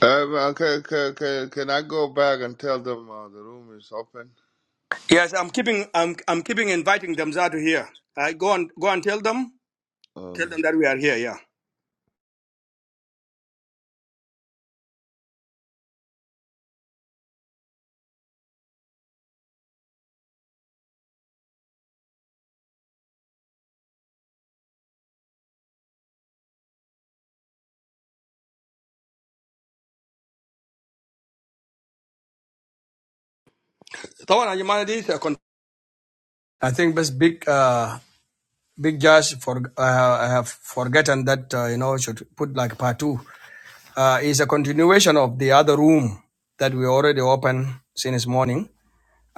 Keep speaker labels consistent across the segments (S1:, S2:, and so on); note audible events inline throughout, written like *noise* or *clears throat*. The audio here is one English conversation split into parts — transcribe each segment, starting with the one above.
S1: Uh, well, can, can, can, can I go back and tell them uh, the room is open?
S2: Yes, I'm keeping I'm I'm keeping inviting them to here. I go and go and tell them tell
S1: Uh,
S2: them that we are here. Yeah. طبعا يا جماعة دي سيكون- I think this big, uh, big judge for uh, I have forgotten that uh, you know should put like part two uh, is a continuation of the other room that we already opened since morning,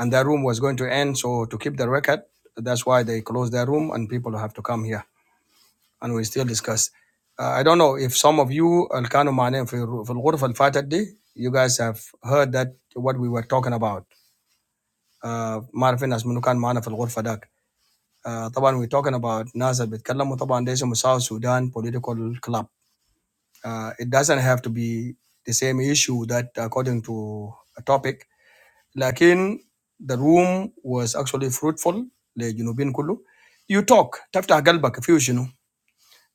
S2: and that room was going to end. So to keep the record, that's why they closed their room and people have to come here. and we still discuss. Uh, I don't know if some of you Al Kanu Mane في الغرفة اللي فاتت دي you guys have heard that what we were talking about. Uh, ما عارفين ناس منو كان معنا في الغرفة داك. Uh, طبعا we talking about ناس اللي بيتكلموا طبعا ده اسمه South Sudan political club. Uh, it doesn't have to be the same issue that according to a topic. لكن the room was actually fruitful لجنوبين كله. You talk تفتح قلبك فيه شنو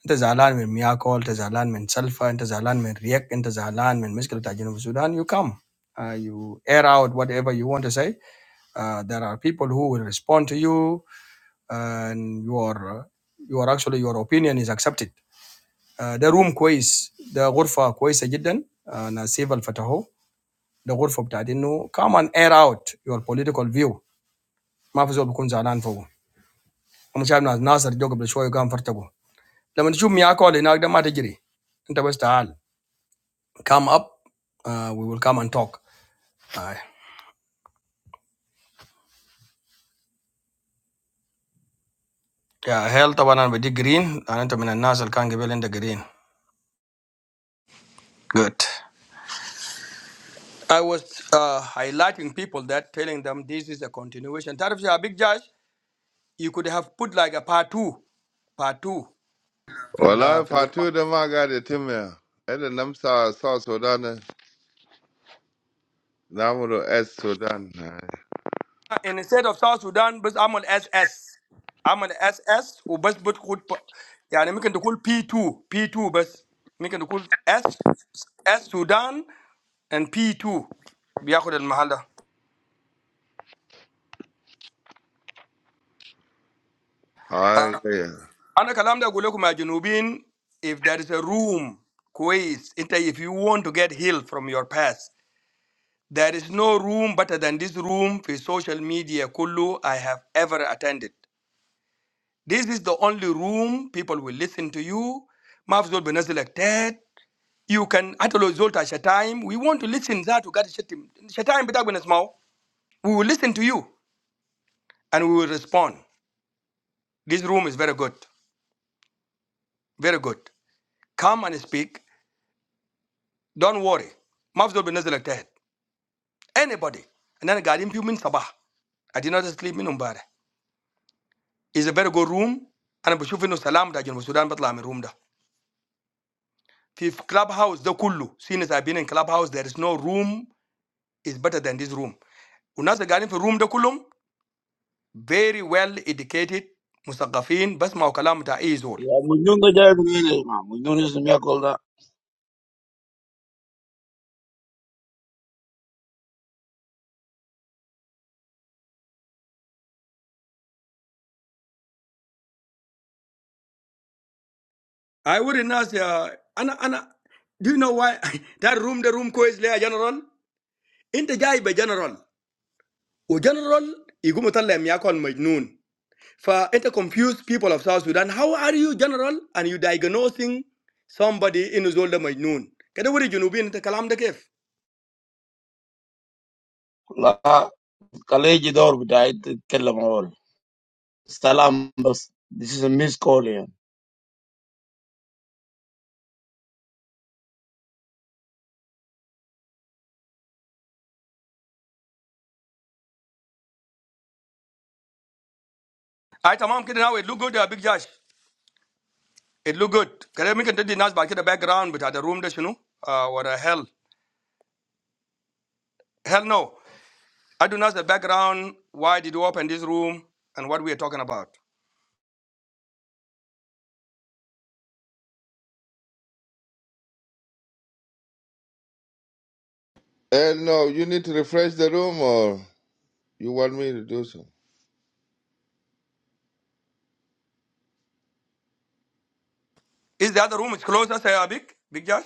S2: Enta zalan men miyakol, enta zalan men sulphur, enta zalan men react, enta zalan men. Misskelu tajenu Soudan, you come, uh, you air out whatever you want to say. Uh, There are people who will respond to you, and your, your actually your opinion is accepted. Uh, The room quiets, the group quiets a bit then, na civil for taho. The group for tajenu, come and air out your political view. Ma fuzo bokun zalan foro. Amu chab na naasir jogbele shwa yu kam furtago. Lemu nchuk miyakol ina akda matijiri. Enta westa al. come up uh, we will come and talk Aye. yeah hell طبعا انا بدي green and انت من الناس اللي كان قبل عندك green good I was uh, highlighting people that telling them this is a continuation تعرف a big judge you could have put like a part two part two في
S1: well,
S2: ال في
S1: if I
S2: العنوان.
S1: told them I got it to me, and then I'm sorry, South Sudan, and I'm going to ask Sudan.
S2: in the state of South Sudan بس عمل اس اس عمل اس اس وبس بتقول ب... يعني ممكن تقول بي 2 بي 2 بس ممكن تقول اس اس سودان and بي 2 بياخد المحل ده
S1: I,
S2: آه،
S1: yeah.
S2: انا كلام ده اقول لكم يا جنوبيين if there is a room كويس انت if you want to get healed from your past there is no room better than this room في social media كله I have ever attended This is the only room people will listen to you. Mafzol benazilek Ted. You can atolo zolta shatim. We want to listen that to get shatim. Shatim bita benazmao. We will listen to you and we will respond. This room is very good. Very good. Come and speak. Don't worry. Mafzol benazilek Ted. Anybody. And then gadim piu min sabah. I did not sleep in umbare. It's a very good room. And بشوف انه سلام دا جنوب السودان بطلع من room da. في clubhouse ده كله since I've been in clubhouse there is no room Is better than this room. Unas gani for room de kulum very well educated, mustaqafin, but ma o kalam uta e is all.
S3: Yeah, I'm going to call you. I'm going
S2: I would unas ya. Ana ana. Do you know why *laughs* that room de room ko is le a general? Into jai be general. O general igu muta le miyakon mijnoon. For into confuse people of South Sudan. How are you general? And you diagnosing somebody inusolder mijnoon. Kada wuri jenu bin into kalam dekef.
S3: to call you. This is a missed call.
S2: Aite mamu kada nawe look good a big judge. It look good. Kare mi kan tadi nas ba kida background but ada room da shinu. Uh, what a hell. Hell no. I do not the background. Why did you open this room and what we are talking about?
S1: And no, you need to refresh the room or you want me to do so?
S2: Is the other room is closer, say Abik? Big Josh?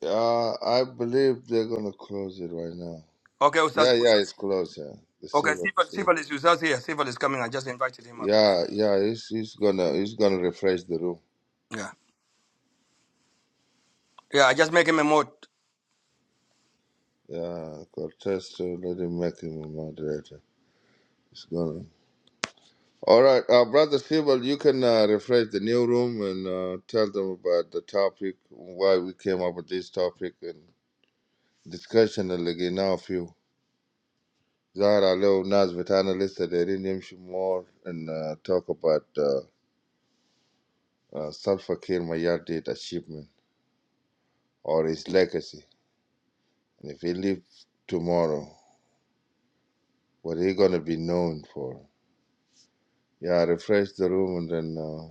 S1: Uh, I believe they're going to close it right now.
S2: Okay, Ustaz.
S1: Yeah, yeah,
S2: Ustaz.
S1: it's closed. Yeah. The
S2: Okay,
S1: silver.
S2: Sifal,
S1: is closed.
S2: Sifal is Ustaz here. Sifal is coming. I just invited him up.
S1: Yeah, yeah, he's, he's gonna he's gonna refresh the room.
S2: Yeah. Yeah, I just make him a mood.
S1: Yeah, Cortez to let him make him a moderator. It's gonna. All right, uh, brother Sibel, you can uh, refresh the new room and uh, tell them about the topic, why we came up with this topic, and discussion اللي لقيناه فيه. ظهر عليه ناس بتاعنا لسه دايرين يمشوا more and uh, talk about uh, uh, Salva Kiir Mayardit achievement or his legacy. And if he live tomorrow, what he gonna be known for? Yeah, refresh the room and then uh,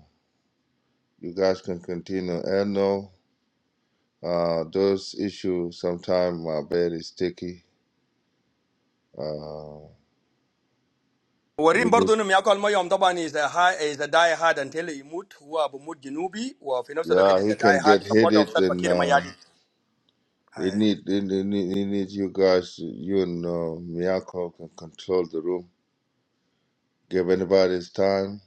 S1: you guys can continue. Erno Uh, those issues sometimes my bed is sticky. Uh,
S2: Warim
S1: we need,
S2: برضو انهم ياكل ميه طبعا is a high is a die hard until he يموت هو بموت جنوبي وفي نفس الوقت
S1: yeah,
S2: is
S1: he
S2: a
S1: can
S2: die hard
S1: get
S2: supporter of
S1: heated,
S2: Salva
S1: and
S2: Kiir
S1: uh,
S2: Mayadit.
S1: it need it need, it need it need you guys, you and uh, Miyako can control the room, give anybody his time,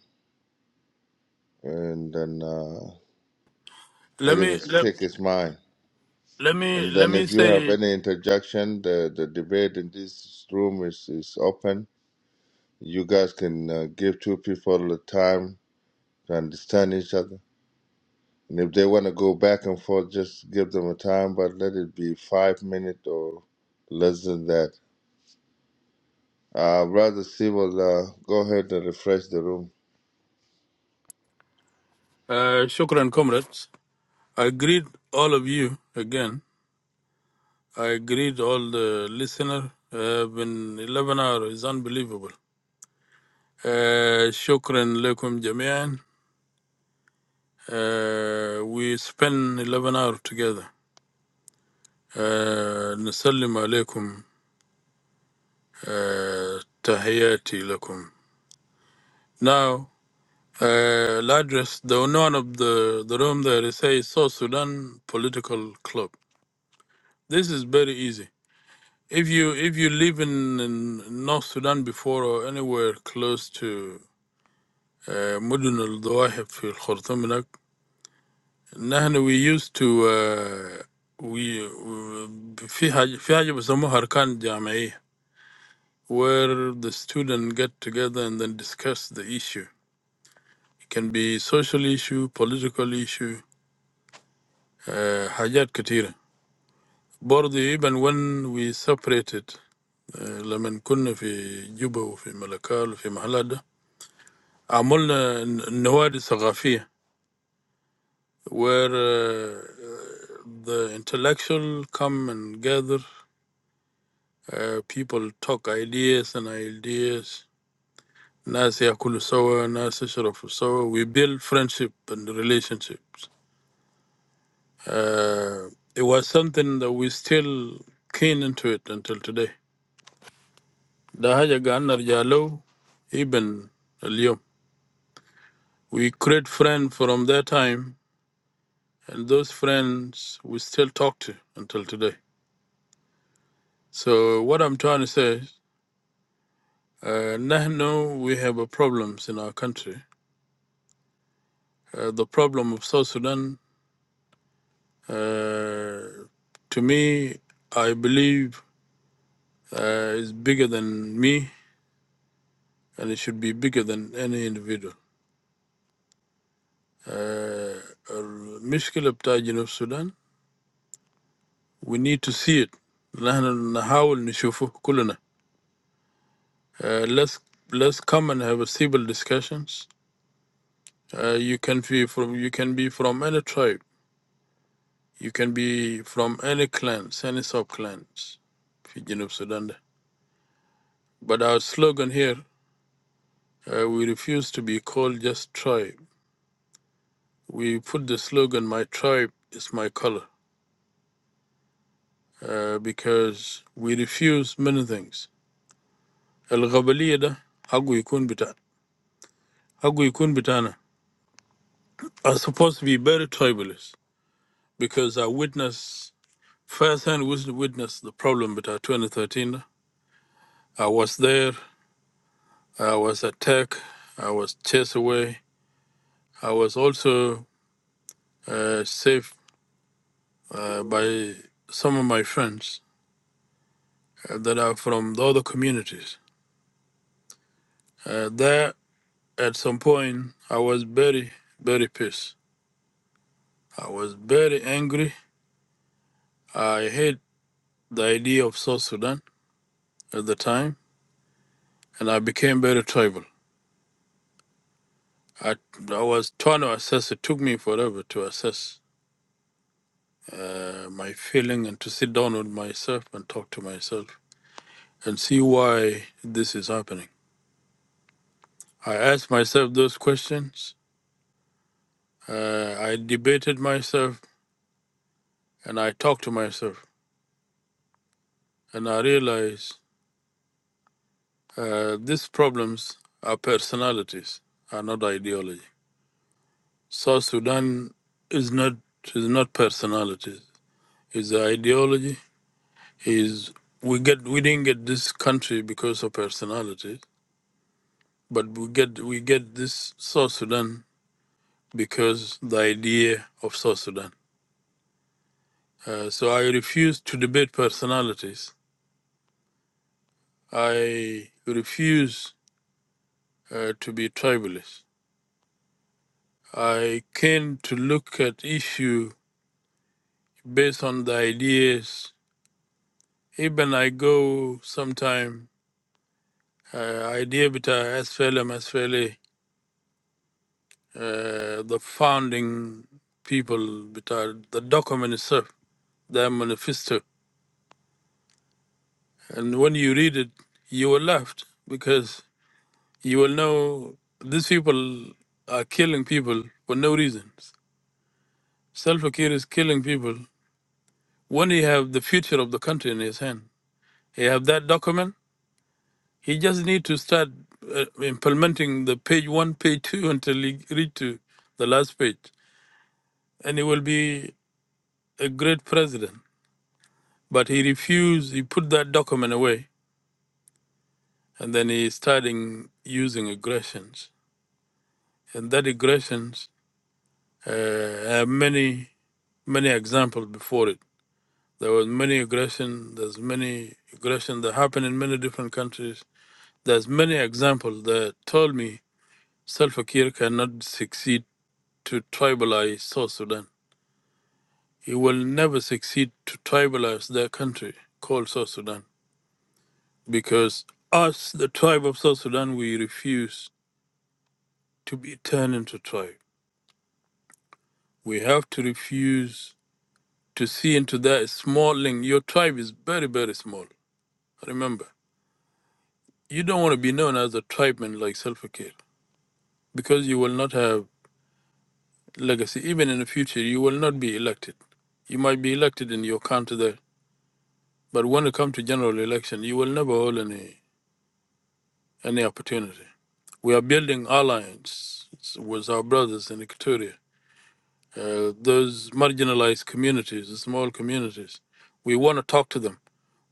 S1: and then uh,
S4: Let
S1: let
S4: me
S1: him
S4: let,
S1: speak his mind.
S4: let me
S1: And
S4: let
S1: then
S4: me
S1: if you have
S4: say
S1: any interjection, the the debate in this room is is open. You guys can uh, give two people the time to understand each other And if they want to go back and forth, just give them a time, but let it be five minutes or less than that. Uh, Brother Sewell, uh, go ahead and refresh the room.
S4: uh, shukran comrades. I greet all of you again. I greet all the listener. Uh, been 11 hours is unbelievable. Uh, shukran lekum jamian. Uh, we spend 11 hours together. Uh, Nasallim alaikum. uh, Tahiyati lakum. Now, uh, I'll address the one of the, the room there. It says South Sudan Political Club. This is very easy. If you if you live in, in North Sudan before or anywhere close to uh, مدن الضواحي في الخرطوم هناك نحن we used to uh, we في حاجة في حاجة بيسموها أركان جامعية where the student get together and then discuss the issue. It can be social issue, political issue, uh, حاجات كتيرة. برضه even when we separated لما كنا في جوبا وفي ملكال وفي محلات ده عملنا النوادي الثقافية where uh, the intellectual come and gather uh, people talk ideas and ideas ناس يأكلوا سوا ناس يشربوا سوا we build friendship and relationships uh, it was something that we still keen into it until today ده حاجة قاعد نرجع له even اليوم We create friends from that time, and those friends we still talk to until today. So what I'm trying to say, is, uh, now we have a problems in our country. Uh, the problem of South Sudan, uh, to me, I believe uh, is bigger than me, and it should be bigger than any individual. Uh, المشكلة بتاع جنوب السودان we need to see it نحن نحاول نشوفه كلنا Uh, let's let's come and have a civil discussions. Uh, you can be from you can be from any tribe. You can be from any clans, any sub clans. Fijian of Sudan. there. But our slogan here, uh, we refuse to be called just tribe. We put the slogan "My tribe is my color" uh, because we refuse many things. الغبلية ده حقه يكون بتاع حقه يكون بتاعنا are supposed to be very tribalist because I witness. firsthand wis- witnessed the problem with our 2013. I was there. I was attacked. I was chased away. I was also uh, saved uh, by some of my friends uh, that are from the other communities. Uh, there, at some point, I was very, very pissed. I was very angry. I hate the idea of South Sudan at the time, and I became very tribal. I, I was trying to assess. It took me forever to assess uh, my feeling and to sit down with myself and talk to myself and see why this is happening. I asked myself those questions. Uh, I debated myself and I talked to myself. And I realized uh, these problems are personalities, are not ideology. South Sudan is not is not personalities. It's the ideology. Is we get we didn't get this country because of personalities, but we get we get this South Sudan because the idea of South Sudan. Uh, so I refuse to debate personalities. I refuse uh, to be tribalist. I came to look at issue based on the ideas. Even I go sometime uh, idea bita SFLM, SFLA, uh, the founding people bita the document itself, their manifesto. And when you read it, you were left because. you will know these people are killing people for no reasons. Self Akir is killing people when he have the future of the country in his hand. He have that document. He just need to start uh, implementing the page one, page two *laughs* until he reach to the last page, and he will be a great president. But he refused. He put that document away, and then he starting using aggressions, and that aggressions uh, have many many examples before it There was many aggression. There's many aggression that happened in many different countries. There's many examples that told me Salva Kiir cannot succeed to tribalize South Sudan. He will never succeed to tribalize their country called South Sudan because us, the tribe of South Sudan, we refuse to be turned into tribe. We have to refuse to see into that small link. Your tribe is very, very small. Remember, you don't want to be known as a tribeman like Self-Care. because you will not have legacy. Even in the future, you will not be elected. You might be elected in your county there, but when it comes to general election, you will never hold any any opportunity. We are building alliance with our brothers in Equatoria, uh, those marginalized communities, the small communities. We want to talk to them.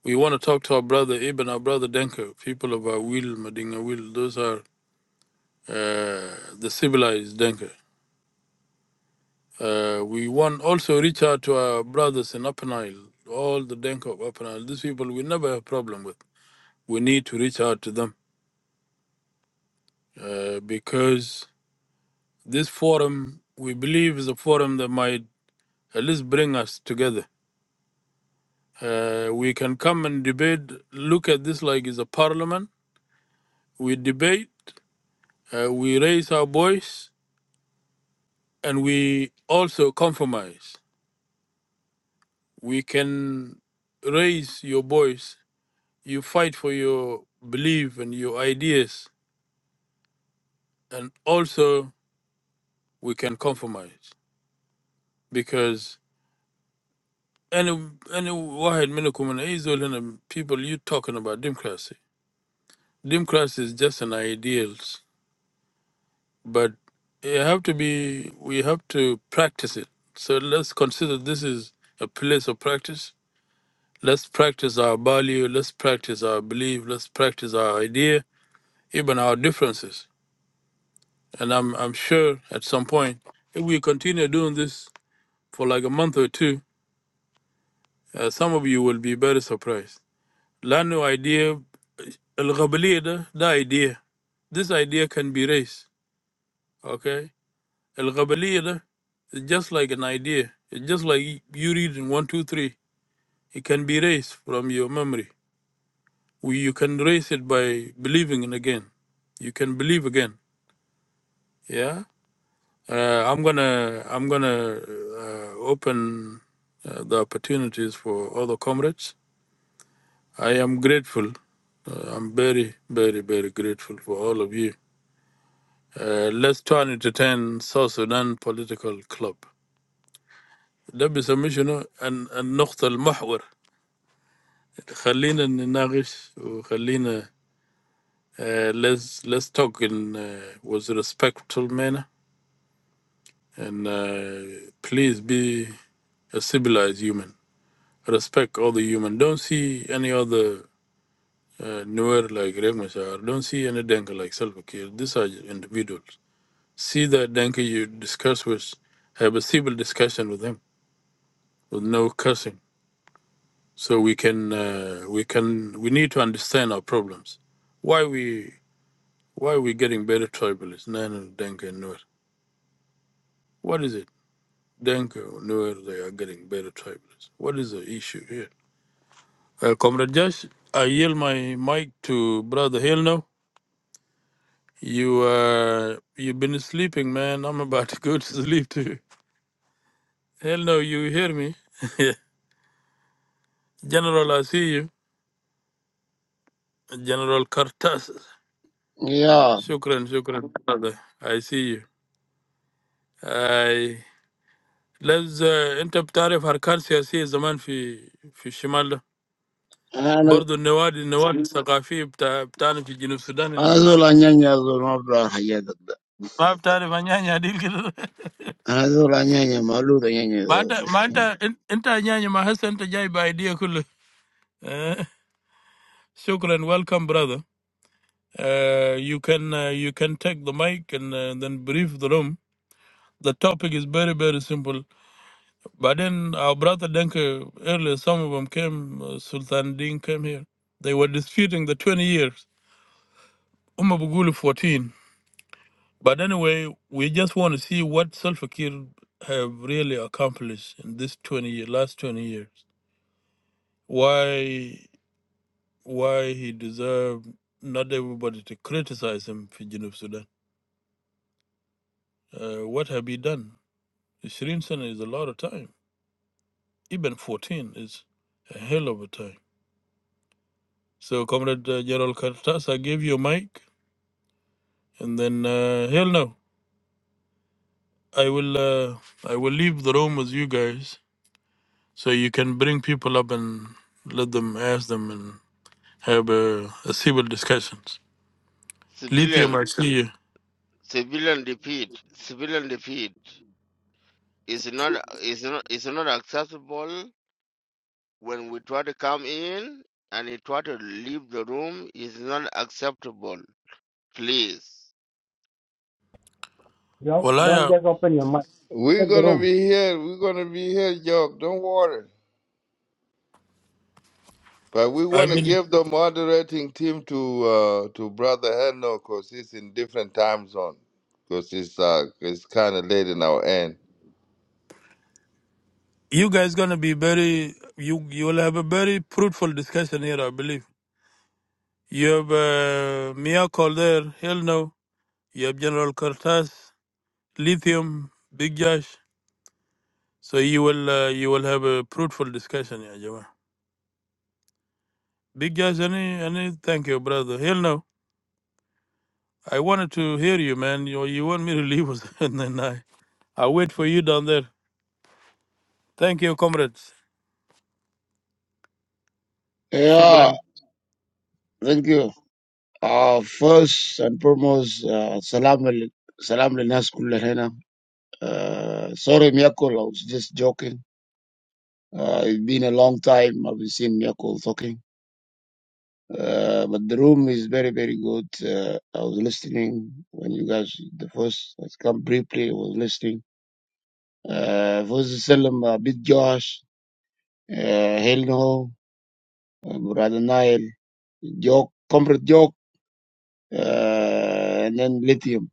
S4: We want to talk to our brother, even our brother Denko, people of our will, Madinga will. Those are uh, the civilized Denko. Uh, we want also reach out to our brothers in Upper Nile, all the Denk of Upper Nile. These people we never have problem with. We need to reach out to them uh, because this forum we believe is a forum that might at least bring us together. Uh, we can come and debate. Look at this like it's a parliament. We debate, uh, we raise our voice, and we also compromise. We can raise your voice you fight for your belief and your ideas and also we can compromise because any any واحد منكم من اي زول هنا people you talking about democracy democracy is just an ideals but it have to be we have to practice it so let's consider this is a place of practice let's practice our value let's practice our belief let's practice our idea even our differences And I'm I'm sure at some point, if we continue doing this for like a month or two, uh, some of you will be very surprised. Lano idea, الغبلية ده, ده idea. This idea can be raised, okay? الغبلية ده is just like an idea. It's just like you reading one, two, three. It can be raised from your memory. We, you can raise it by believing in again. You can believe again, yeah? Uh, I'm gonna I'm gonna uh, open uh, the opportunities for other comrades. I am grateful. Uh, I'm very very very grateful for all of you. Uh, let's turn it to ten South Sudan political club. ده بيسميه شنو ال- النقطة المحور خلينا نناقش وخلينا uh, let's let's talk in uh, with respectful manner and uh, please be a civilized human. respect all the human. Don't see any other uh, newer like Riek Machar. Don't see any Denka like Salva Kiir. These are individuals. See that Denka you discuss with, have a civil discussion with him with no cursing. So we can uh, we can we need to understand our problems. Why we why are we getting better tribalists? No, no, Denka and Nuer. What is it? Denka or Nuer, they are getting better tribalists. What is the issue here? Uh, Comrade Josh, I yield my mic to Brother Hill now. You, uh you've been sleeping, man. I'm about to go to sleep too. Hell no! You hear me, *laughs* General? I see you, General Kartas.
S3: Yeah,
S4: Shukran, shukran, brother. I see you. I let's interrupt. Sorry for canceling the man in
S3: I'm going to
S4: the in the south Sudan.
S3: call you. I'm going to call you.
S4: Now, sorry, my name is Adil.
S3: I'm going to call you. I'm going to call
S4: My
S3: you.
S4: my my my name is Mahesh. My idea, brother. Shukran. *laughs* Welcome, brother. Uh, you can uh, you can take the mic and uh, then brief the room. The topic is very very simple. But then our brother Denke earlier, some of them came. Uh, Sultan Din came here. They were disputing the 20 years. Umar Bugulu 14. But anyway, we just want to see what Salva Kiir have really accomplished in this 20 year, last 20 years. Why why he deserved not everybody to criticize him for Junub Sudan. Uh, what have he done? 20 سنة is a lot of time. Even 14 is a hell of a time. So, Comrade uh, Gerald Cartas, I give you a mic, and then uh, hell no, I will uh, I will leave the room with you guys, so you can bring people up and let them ask them and have a, a civil discussions. Lithium,
S5: civilian
S4: I see you.
S5: civilian defeat civilian defeat is not is not is not acceptable when we try to come in and he try to leave the room is not acceptable please
S6: Don't,
S4: Well, I
S6: don't
S4: uh,
S6: just open your mouth.
S1: We're
S6: Check the
S1: going to
S6: room.
S1: be here. We're going to be here, Jock. Don't worry. But we
S4: I
S1: want to
S4: believe
S1: give the moderating team to uh, to Brother Heno because he's in different time zone. Because it's, uh, it's kind of late in our end.
S4: you guys gonna be very you you will have a very fruitful discussion here. I believe you have uh, Mia there. Hell no. You have General Cortez, Lithium, Big Josh. So you will uh, you will have a fruitful discussion, yeah, Jama. Big Josh, any any thank you, brother. Hell no. I wanted to hear you, man. You you want me to leave us *laughs* and then I I wait for you down there. Thank you, comrades. Shukran.
S3: Yeah, thank you. Uh, First and foremost, uh, salam, al- salam, le, nas kulla hena. Sorry, I'm calling. Just joking. Uh, It's been a long time. I haven't seen you calling. Uh, but the room is very, very good. Uh, I was listening when you guys, the first has come briefly, I was listening. Uh, first Salem, uh, Big Josh, uh, Helno, uh, Brother Nile, Joke, Comrade Joke, uh, and then Lithium.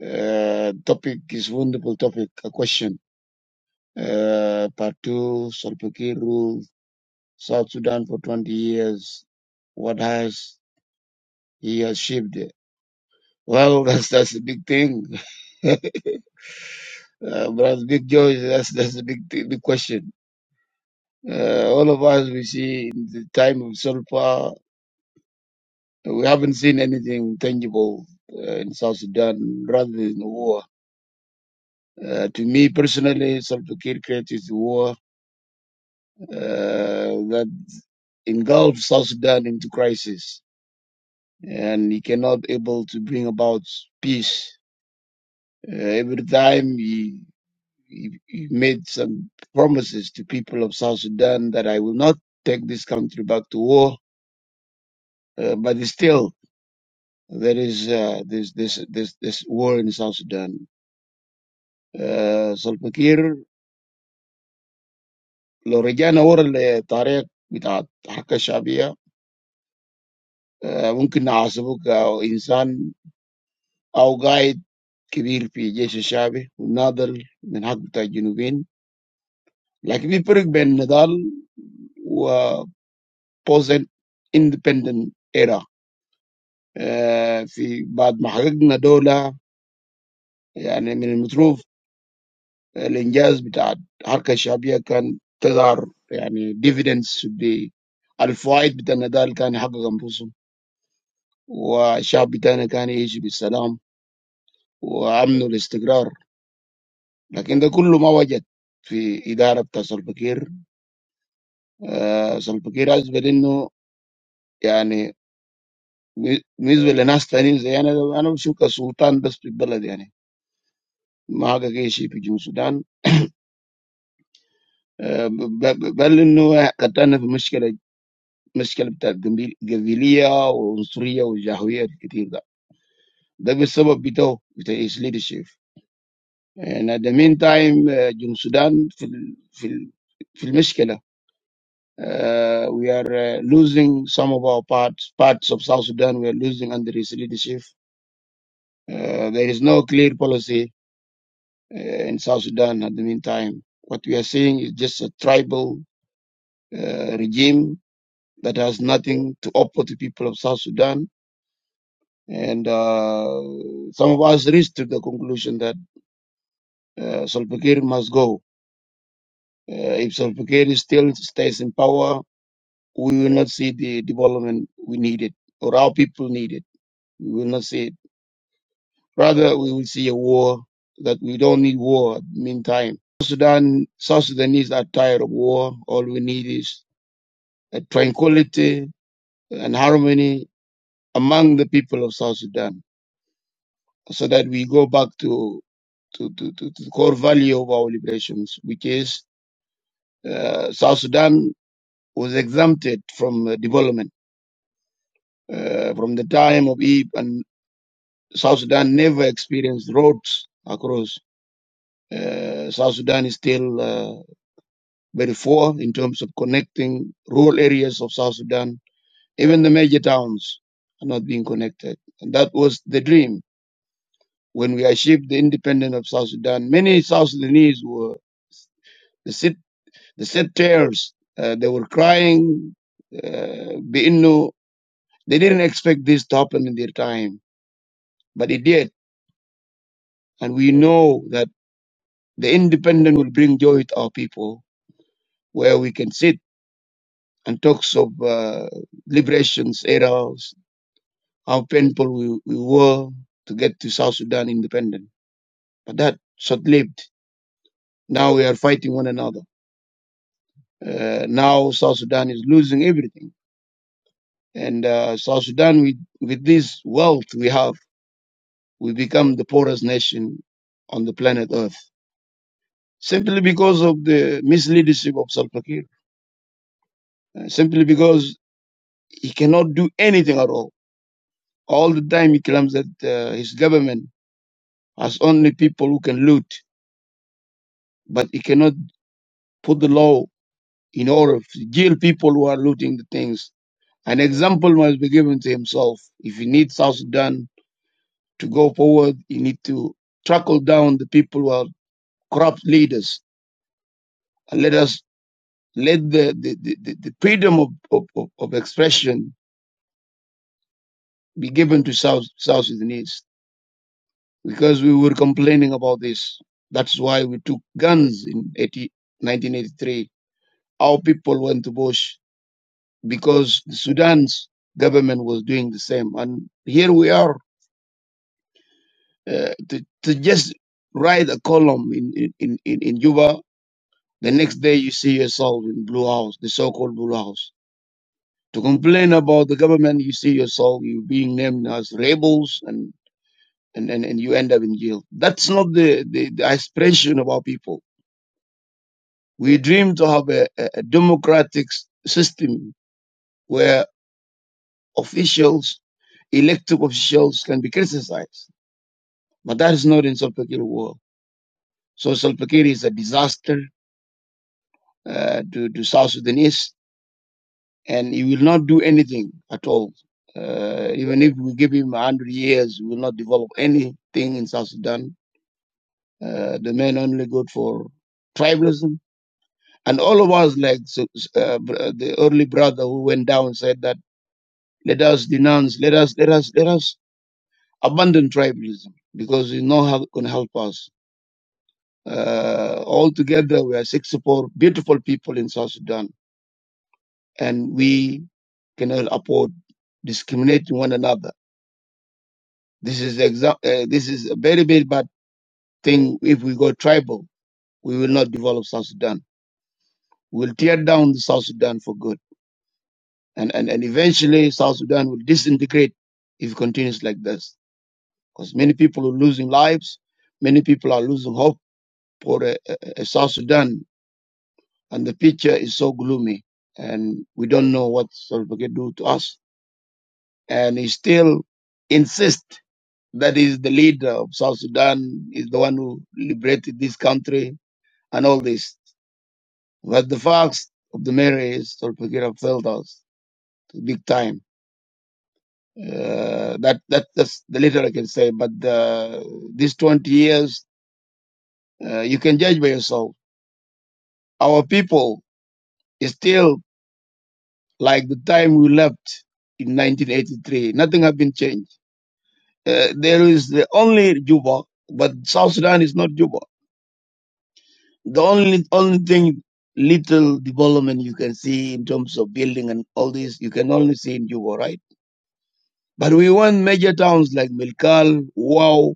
S3: Uh, topic is wonderful topic, a question. Uh, part two, Solpakir ruled South Sudan for 20 years. What has he achieved? Well, *laughs* that's, that's a big thing. *laughs* Uh, brother Big Joy, that's that's the big big question. Uh, all of us we see in the time of so far, we haven't seen anything tangible uh, in South Sudan rather than war. Uh, to me personally, Salva Kiir created the war uh, that engulfed South Sudan into crisis, and he cannot able to bring about peace. Uh, every time he, he he made some promises to people of South Sudan that I will not take this country back to war Uh, But still, there is uh, this this this this war in South Sudan. South Sudan, the region where the Tarek with the Hakka Shabiya, when the Asabuca or the person, our guide, came here, he said, "Shabiya, Nadal, we have to go down there." Like we predict, when Nadal was post independent era, in the bad market, Nadola, I mean, from the trough. الانجاز بتاع الحركه الشعبيه كان تظهر يعني ديفيدنس بالفوائد بتاع النضال كان يحقق انفسهم والشعب بتاعنا كان يعيش بالسلام وامن والاستقرار لكن ده كله ما وجد في اداره بتاع سلفكير آه سلفكير اثبت انه يعني بالنسبه لناس تانيين زي انا انا بشوف كسلطان بس في البلد يعني ما حقق اي شيء في جنوب السودان آه، ب- ب- بل انه قد في مشكله مشكله بتاع قبيل- قبيليه وعنصريه وجهويه كتير ده ده بالسبب بتاعه بتاع his leadership يعني at the meantime آه، جنوب السودان في ال- في ال- في المشكله آه، we are uh, losing some of our parts parts of South Sudan we are losing under his leadership Uh, there is no clear policy uh, in South Sudan at the meantime what we are seeing is just a tribal uh, regime that has nothing to offer to people of South Sudan And uh, some of us reached to the conclusion that uh, Salva Kiir must go. Uh, if Salva Kiir is still stays in power, we will not see the development we needed or our people needed. We will not see it. Rather, we will see a war that we don't need war. Meantime, Sudan, South Sudanese are tired of war. All we need is uh, tranquility and harmony among the people of South Sudan, so that we go back to to, to, to, to the core value of our liberations, which is uh, South Sudan was exempted from uh, development uh, from the time of Eve, and South Sudan never experienced roads across. Uh, South Sudan is still uh, very poor in terms of connecting rural areas of South Sudan. Even the major towns are not being connected. And that was the dream. When we achieved the independence of South Sudan, many South Sudanese were the They said tears. Uh, they were crying. Uh, they didn't expect this to happen in their time, but it did. And we know that the independent will bring joy to our people, where we can sit and talks of uh, liberations, eras, how painful we, we were to get to South Sudan independent. But that short-lived. Now we are fighting one another. Uh, now South Sudan is losing everything, and uh, South Sudan with with this wealth we have. we become the poorest nation on the planet Earth simply because of the misleadership of Salva Kiir, uh, simply because he cannot do anything at all. All the time he claims that uh, his government has only people who can loot, but he cannot put the law in order to jail people who are looting the things. An example must be given to himself. If he needs South Sudan to go forward, he needs to trackle down the people who are corrupt leaders. And let us let the, the, the, the freedom of, of, of expression be given to South, South Sudanese because we were complaining about this. That's why we took guns in 1983. Our people went to Bush because the Sudan's government was doing the same. And here we are uh, to, to just write a column in, in, in, in Juba. The next day you see yourself in Blue House, the so-called Blue House. To complain about the government, you see yourself you being named as rebels and, and, and, and you end up in jail. That's not the, the, the aspiration of our people. We dream to have a, a democratic system where officials, elected officials can be criticized. But that is not in Salva Kiir world. So Salva Kiir is a disaster uh, to, to South Sudanese and he will not do anything at all uh, even if we give him 100 years, we will not develop anything in South Sudan uh, the men only good for tribalism. And all of us, like so- uh, uh, the early brother who went down, said that let us denounce, let us, let us, let us abandon tribalism because it's not going to help us. Uh, all together, we are 64 beautiful people in South Sudan, and we cannot afford discriminating one another. This is exa- uh, this is a very very bad thing. If we go tribal, we will not develop South Sudan. We will tear down the South Sudan for good. And, and, and eventually South Sudan will disintegrate if it continues like this. Because many people are losing lives. Many people are losing hope for a, a, a South Sudan. And the picture is so gloomy. And we don't know what Salva Kiir do to us. And he still insists that he's the leader of South Sudan, is the one who liberated this country and all this. But the facts of the matter is Salva Kiir failed us big time Uh, that that that's the little I can say. But uh, these 20 years, uh, you can judge by yourself. Our people is still like the time we left in 1983. Nothing has been changed. Uh, there is the only Juba, but South Sudan is not Juba. The only only thing little development you can see in terms of building and all this you can only see in Juba, right? But we want major towns like Milkal, Wow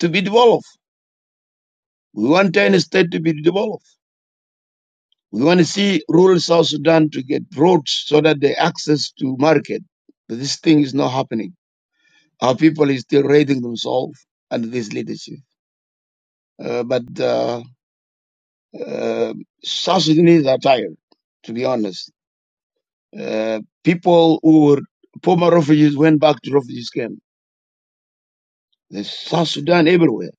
S3: to be developed. We want 10 state to be developed We want to see rural South Sudan to get roads so that they access to market. But this thing is not happening. Our people is still raiding themselves under this leadership. Uh, but uh, uh, South Sudanese are tired, to be honest. Uh, people who were former refugees went back to refugees camp. There's South Sudan everywhere.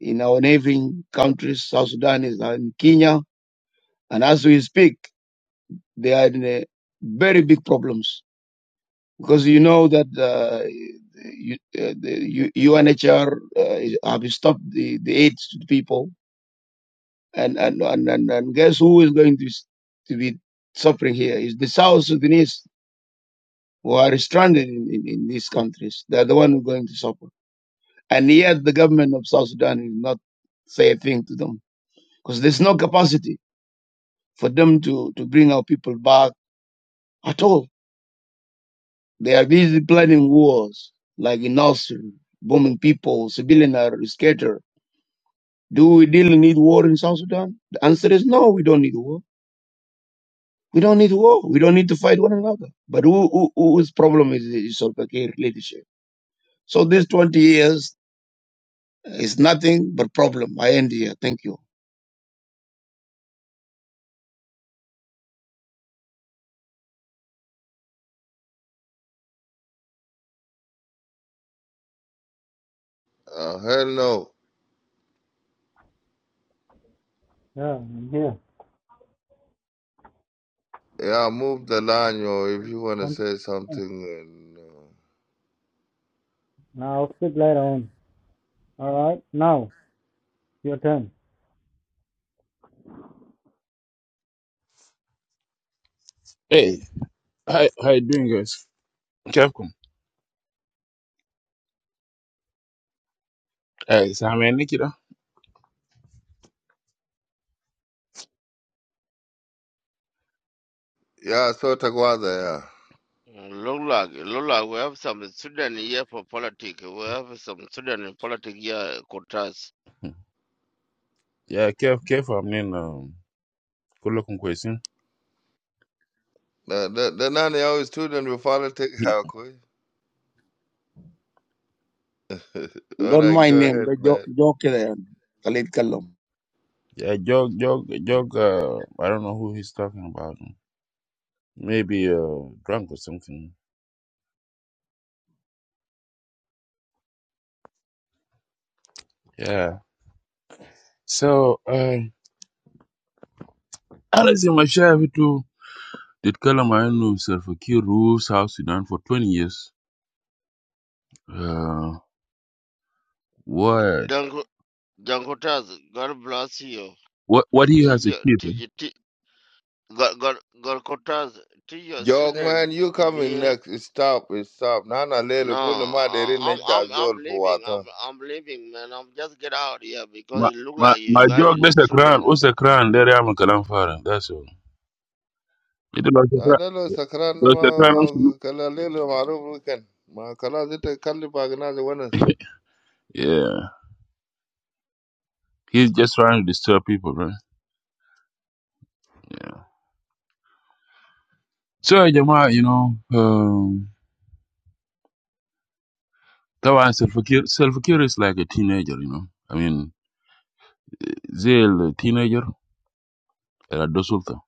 S3: In our neighboring countries, South Sudan is in Kenya. And as we speak, they are in a very big problems because you know that uh, you, uh, the U- UNHR uh, is- have stopped the, the aid to the people, and and, and and and guess who is going to s- to be suffering here is the South Sudanese who are stranded in, in, in these countries. They're the one who are going to suffer, and yet the government of South Sudan is not say a thing to them because there's no capacity for them to to bring our people back at all They are busy planning wars like in Austin, bombing people, civilians are scattered. Do we really need war in South Sudan? The answer is no, we don't need war. We don't need war. We don't need to fight one another. But who, who, whose problem is, is Salva Kiir leadership? So these 20 years is nothing but problem. I end here. Thank you.
S1: Uh, Heno,
S6: Yeah, I'm here.
S1: yeah, move the line, yo, if you want to
S6: Continue.
S1: say something. And, uh,
S6: Now, I'll speak later on. All right, now, your turn.
S7: Hey, hi, how you doing, guys? Kevcom. Hey, Sammy Nikita.
S1: yeah, so Taguada, yeah.
S5: Uh, look like look like we have some student here for politics we have some student in politics here Kotas
S7: Yeah, Kev, Kev, I'm in, um, good looking question.
S1: Nah, that, that none of y'all student follow take how quick. *laughs* All
S3: Don't
S1: right, go
S3: mind him.
S1: ahead,
S3: The
S1: man.
S3: joke there. Khalid Kalam.
S7: Yeah, Jog, Jog, Jog, uh, I don't know who he's talking about. Maybe, uh, drunk or something. Yeah. So, uh, Alice in my share to did Kalamayanu self a key rules South Sudan for 20 years. Uh, what,
S5: John Ko- John Kotas God bless you
S7: what, what he
S5: teach
S7: has
S5: your
S7: achieved.
S5: teach, teach God God God Kotas teach your
S1: Young
S5: student
S1: man, you
S5: to
S1: coming
S5: be
S1: next. It's Stop, it's stop. Nana
S5: No,
S1: lele guna ma
S5: I-
S1: deri
S5: I'm
S1: nejda
S5: I'm I'm
S1: zol
S5: leaving. I'm
S1: puwata.
S5: I'm leaving, man. I'm just get out here because
S7: My,
S5: it look
S7: my,
S5: like you
S7: my
S5: got
S7: Jog,
S5: it,
S7: that's a crown.
S5: student.
S7: What's a crown? There I am a Kalamfara. That's all. It was a tra-
S1: Ada lo
S7: it
S1: sakran ma
S7: was
S1: ma-
S7: a
S1: kala lele maruf weekend. Ma kala zita kalli bagna
S7: travesty. *laughs* yeah. He's just trying to disturb people, right? Yeah. So, Jamal, you know, um, that was self-care. Self-care is like a teenager, you know. I mean, they're a teenager, they're a dosulta.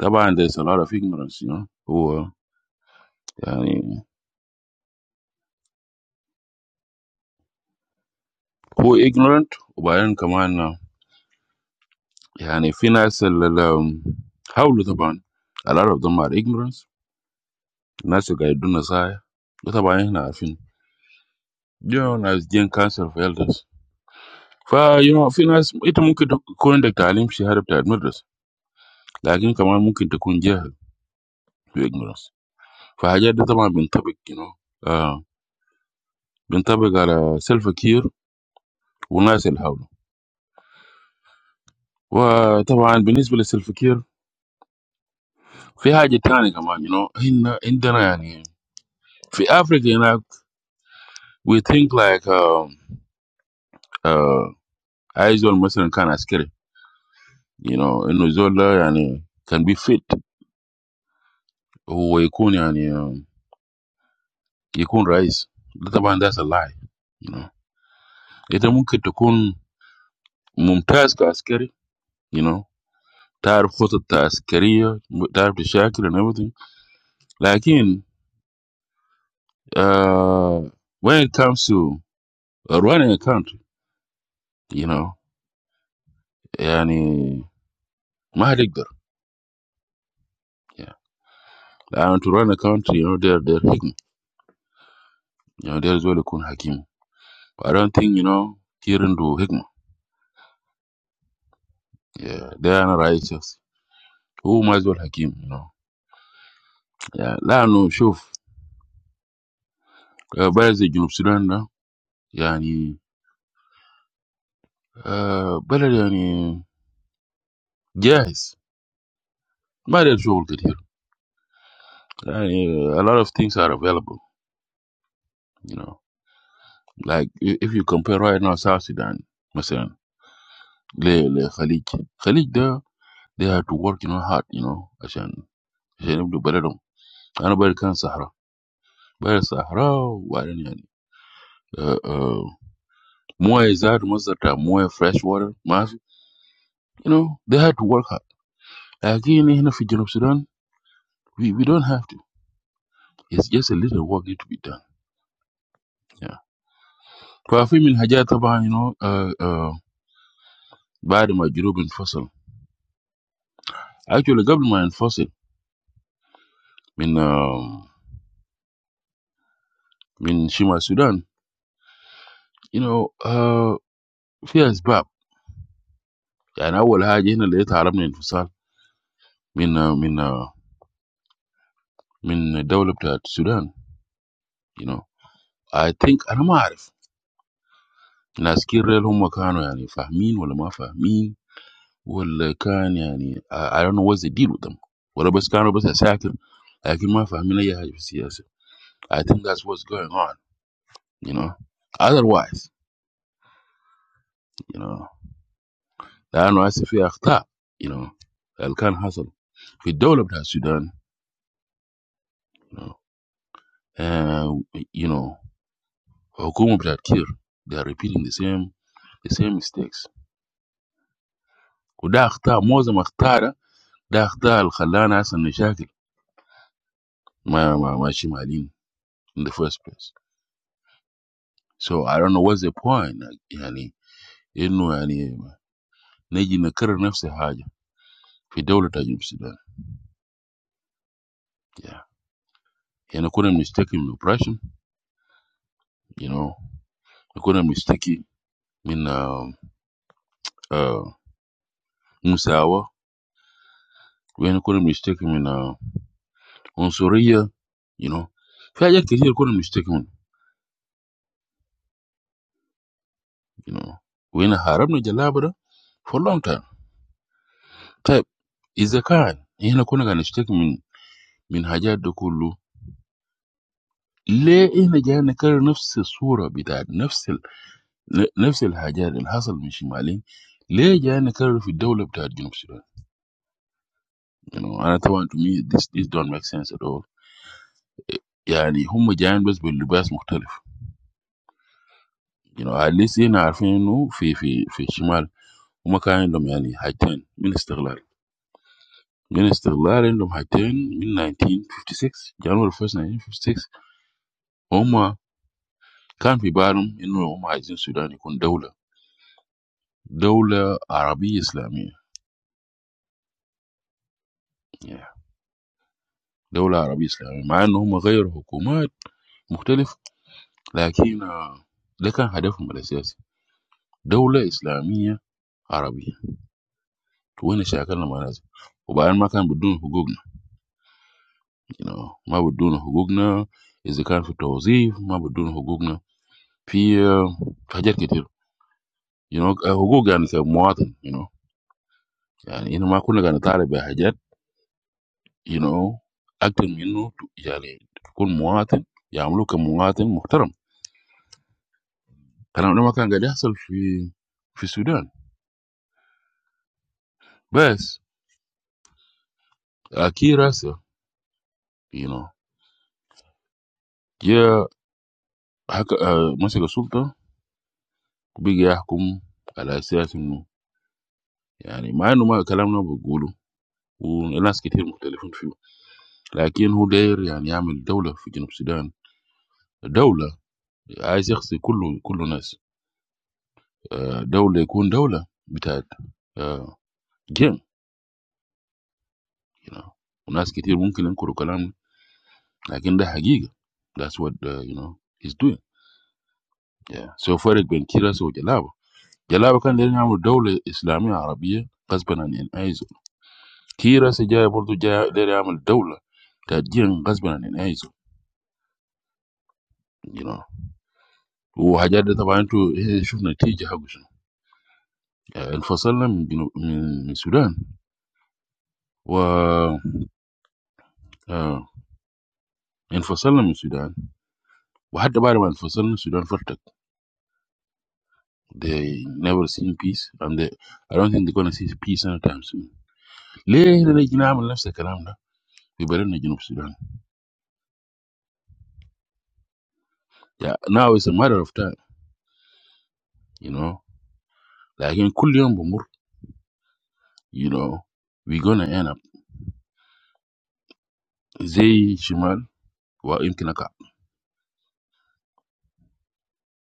S7: That one, there's a lot of ignorance, you know, who, uh, yani, who ignorant, وبعدين كمان uh, يعني في ناس اللي اللي حاولوا طبعا a lot of them are ignorance. الناس اللي قاعدين نصايح ده طبعا احنا عارفين. You know, ناس جين cancer for elders. You know, finally, it's not possible to come and tell him she has to admit this. But we can also do it. So, we have to be in touch. You know, in touch with self-care, wellness, and so on. And, of course, in terms of self-care, there are many things. You know, in Africa, we think like, "Ah, ah, isolation can be scary." You know, isolation can be fit or it can rise. But, of course, that's a lie. you know. It is possible to become a military officer, you know, to have fought the military, to have been a soldier and everything. But when it comes to running a country, you know, I mean, my head is bigger. Yeah, لأن to run a country, you know, they're they're higman, you know, they're as well to become hakim. I don't think, you know, hearing to higman. Yeah, they are not righteous. Who might well hakim, you know? Yeah, let us see. Ah, basically, no Sudan, no. Yeah, ah, but ah, yeah. Yes, might as well get here. I mean, a lot of things are available, you know. Like i- if you compare right now South Sudan, مثلا le le Khalid. Khalid there, they had to work, you know, hard, you know, عشان عشان يبدوا بلدهم. أنا بلد كان صحراء. بلد صحراء وبعدين يعني uh, uh, موية زاد مصدر بتاع موية fresh water ما في. You know, they had to work hard. لكن هنا في جنوب السودان we, we don't have to. It's just a little work need to be done. Yeah. ففي من الحاجات طبعا you know uh, uh, Badly my government enforcement. Actually, government enforcement in in my Sudan, you know, fears back, and I will have seen a lot of Arab enforcement in in in developed Sudan, you know. I think I'm not aware. Now, skilled home workers, I mean, Fahmin or the Mafia, mean or the can, I don't know what they did with them. What about the can? What's a secret? I think my family is serious. I think that's what's going on, you know. Otherwise, you know. That no one is free after, you know, Alkan Hassel. In the whole of Sudan, you know, the government is killing. They are repeating the same, the same mistakes. Who did after? What was the after? After Al Khalan has the problem, ma ma ma Shimalin in the first place. So I don't know what's the point. I mean, it no. I mean, Niger and Cameroon have the same. In the whole of Sudan. Yeah, and I couldn't mistake him. The oppression, you know, I couldn't mistake him in Musawa. When ain't gonna mistake him in uh, on Soria, you know. Fair yet, here gonna mistake him, you know. When a harab no jalabra for a long time. Type is a car. Ain't gonna gonna mistake him in min hajat do kullu. ليه احنا جاي نكرر نفس الصورة بتاعت نفس ال... نفس الحاجات اللي حصل من شمالين ليه جاي نكرر في الدولة بتاعت جنوب السودان؟ you know, أنا طبعا to me this, this don't make sense at all يعني هم جايين بس باللباس مختلف you know, at least هنا عارفين إنه في في في الشمال وما كان عندهم يعني حاجتين من استغلال من استغلال عندهم حاجتين من 1956 جانوري 1 1956 هم كان في بالهم انه هم عايزين السودان يكون دولة دولة عربية إسلامية yeah. دولة عربية إسلامية مع انه هم غيروا حكومات مختلف لكن آه، ده كان هدفهم الأساسي دولة إسلامية عربية وين شاكلنا مع ناس وبعدين ما كان بدون حقوقنا you know. ما بدون حقوقنا إذا كان في التوظيف ما بدون حقوقنا في حاجات كتير you know حقوق يعني كمواطن you know يعني إنه ما كنا قاعد نطالب بحاجات you know أكتر من إنه يعني تكون مواطن يعملوه كمواطن محترم الكلام ده ما كان قاعد يحصل في في السودان بس أكي راسه you know جاء حك... آه، مسك السلطة وبقي يحكم على أساس إنه يعني مع إنه ما كلامنا بقوله وناس كتير مختلفين فيه لكن هو داير يعني يعمل دولة في جنوب السودان دولة عايز يغسل كله كله ناس. آه، دولة يكون دولة بتاعت آه، جيم you know. وناس كتير ممكن ينكروا كلامه لكن ده حقيقة. That's what uh, you know is doing. Yeah. So far, it's been clear as a jellabo. Jellabo can't do anything. The government of the Islamic Arab Republic is doing nothing. Clear as day. What do you do? The government of the Islamic Arab Republic is doing nothing. You know. We have just been talking about the results. Yeah. In the south of Sudan. Wow. In the south of Sudan. We had to buy one for Sudan. Sudan folks, they never seen peace, and they, I don't think they're gonna see peace anytime soon. Lay in the engine, I'm a left second. I'm a we better engine of Sudan. Yeah, now it's a matter of time, you know. Like in Kuliyan Bomor, you know, we're gonna end up. Zay Shiman, what him kinaka?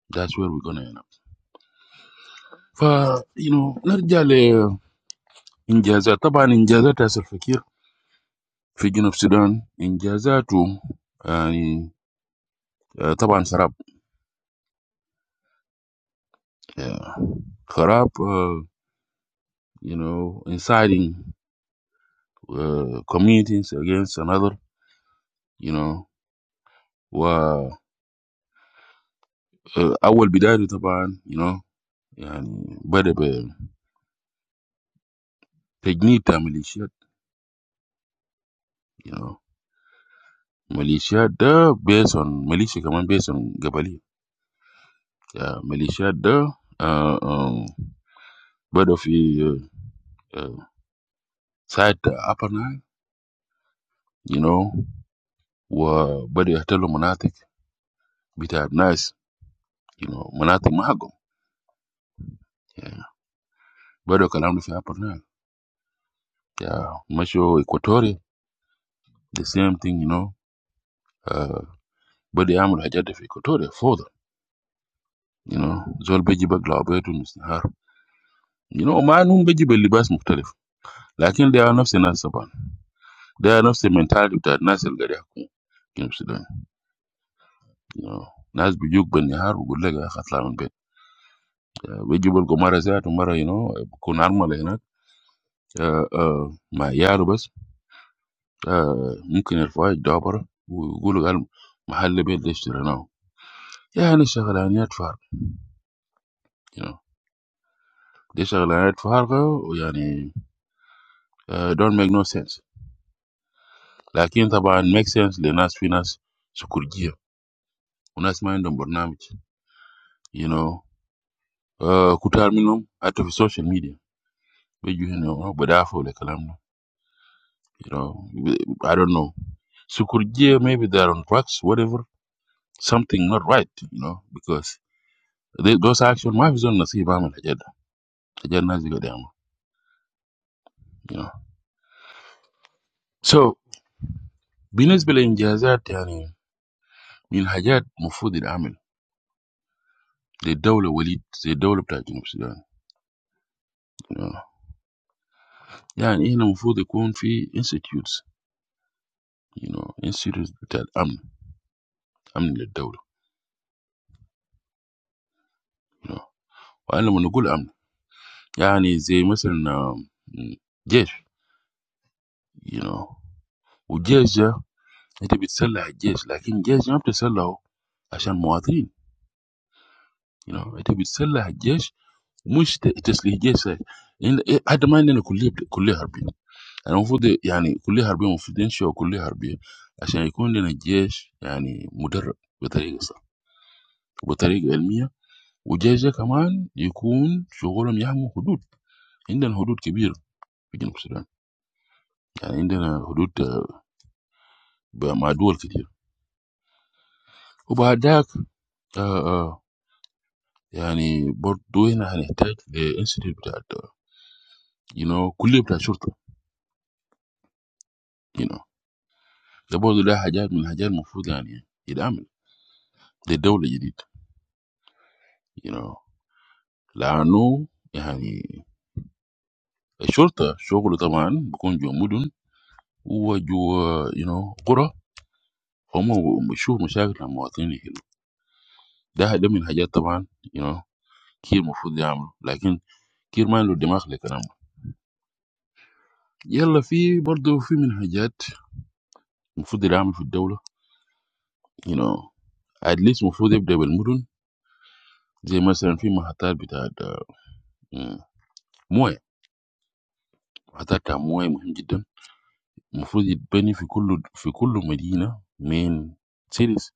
S7: That's where we're gonna end up. For you know, not just leh in jaza, but when in jaza, there's a figure figure of Sudan in jaza too. I mean, uh, but when sharap, yeah, sharap, uh. You know, inciting uh, communities against another. You know, wah, I will be there with the band. You know, and but the technique of militia, you know, militia the based on militia, come on, based on Gabali, yeah, militia the, uh, but of the side that happen, you know, wah, but the hotel monatic, it have nice, you know, monatic mahagum, yeah, but the kalangu fi happen, yeah, macho Equatorial. The same thing, you know, uh, but the amul hajat fi kotore them, you know, zol beji ba glabetu misnahar. You know, ma num beji be libas mukhtalif. Lakin they are nafsi nas saban. They are nafsi mentality ta nas el gari hakum. Kinu you know. Nas bijuk ben nahar u gulle ga khatla min bet. Uh, Beji bol gomara zat mara, you know, kun arma le hinak. Uh, uh, ma yaru bas. Uh, mumkin el fawaid dabara. ويقولوا قال محل بيت ليش ترى نو يعني شغلانيات فارغة you know. Deschare la red social, or yani don't make no sense. Lakin tapan make sense le nas finas sukurigi. Unas maen don burnam, you know. Kutar minum atof social media. Maybe you know, but that for the kalamu, you know. I don't know. Sukurigi maybe they are on drugs, whatever. Something not right, you know, because because actually my vision na si ibamu najeda najeda nasigo dama, you know. So binas bele injazat yani min najeda mufudi dama. The dollar will it the dollar playing in Australia? You know, yeah. And even before the country institutes, you know, institutes that am, am the dollar. You know, and I'm going to go. Am? Yeah, I mean, like, for example, um, jeans, you know, and jeans. You know, you sell like jeans, but jeans you have to sell them so that they're made. You know, you sell like jeans. Most just like jeans. You know, at the moment, we're all, all hurting. يعني المفروض يعني كلية حربية المفروض ينشئوا كلية حربية عشان يكون لنا جيش يعني مدرب بطريقة صح وبطريقة علمية والجيش ده كمان يكون شغلهم يحموا حدود عندنا حدود كبيرة في جنوب السودان يعني عندنا حدود آه، مع دول كتير وبعد ذاك آه، آه، يعني برضو هنا هنحتاج لانستيتيوت بتاع you know كلية بتاع شرطة you know ده برضو ده حاجات من الحاجات المفروض يعني يتعمل للدولة الجديد you know لأنه يعني The shorter, shorter, then become young people who are, you know, grow. How much we show, we struggle with these things. There are many things, you know, who must do the job. But who makes the decision? Yes, there are many things who do the job in the world. You know, at least who do the double job. Because if you have a job, you have a job. Who do the benefits in every city? Main series,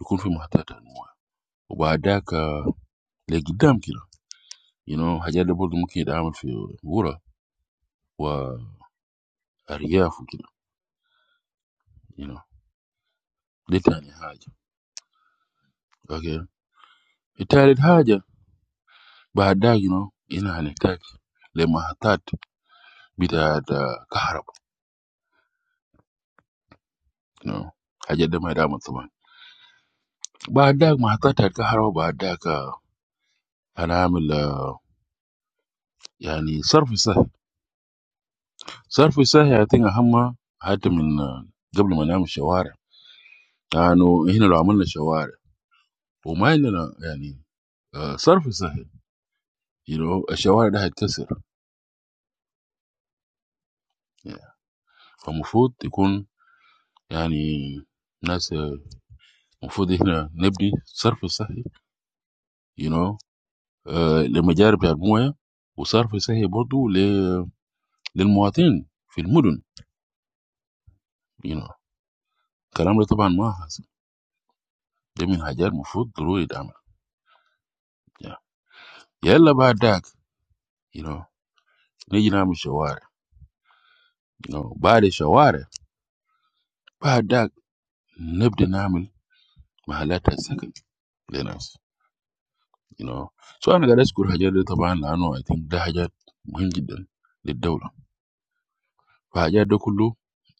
S7: you can have a job. And after that, the second one. You know, how you are supposed to make it. I am going to do it. Whoa, I really have to know. This is hard. Okay, it's a little hard. But I know you know. هنا هنحتاج لمحطات بتاعت كهرباء You know, I'm going to take the matter. Be there to care about. You know, how you are supposed to do it. But I know the matter. Be there to care about. I'm going to make it. You know, surface. Surface. The thing that's important. That's from before we do the show. Because here we do the show. And we don't mean surface. You know, the show is going to break. From food, they come. Yeah, the nice. We food is not just surface, you know. The majority of them, we surface is not to the the content in the food, you know. Language, of course, is not. There are many languages. There are many languages. But the language of the people, the language, you know. So I think that language is the language of the country. Hajjadokulu,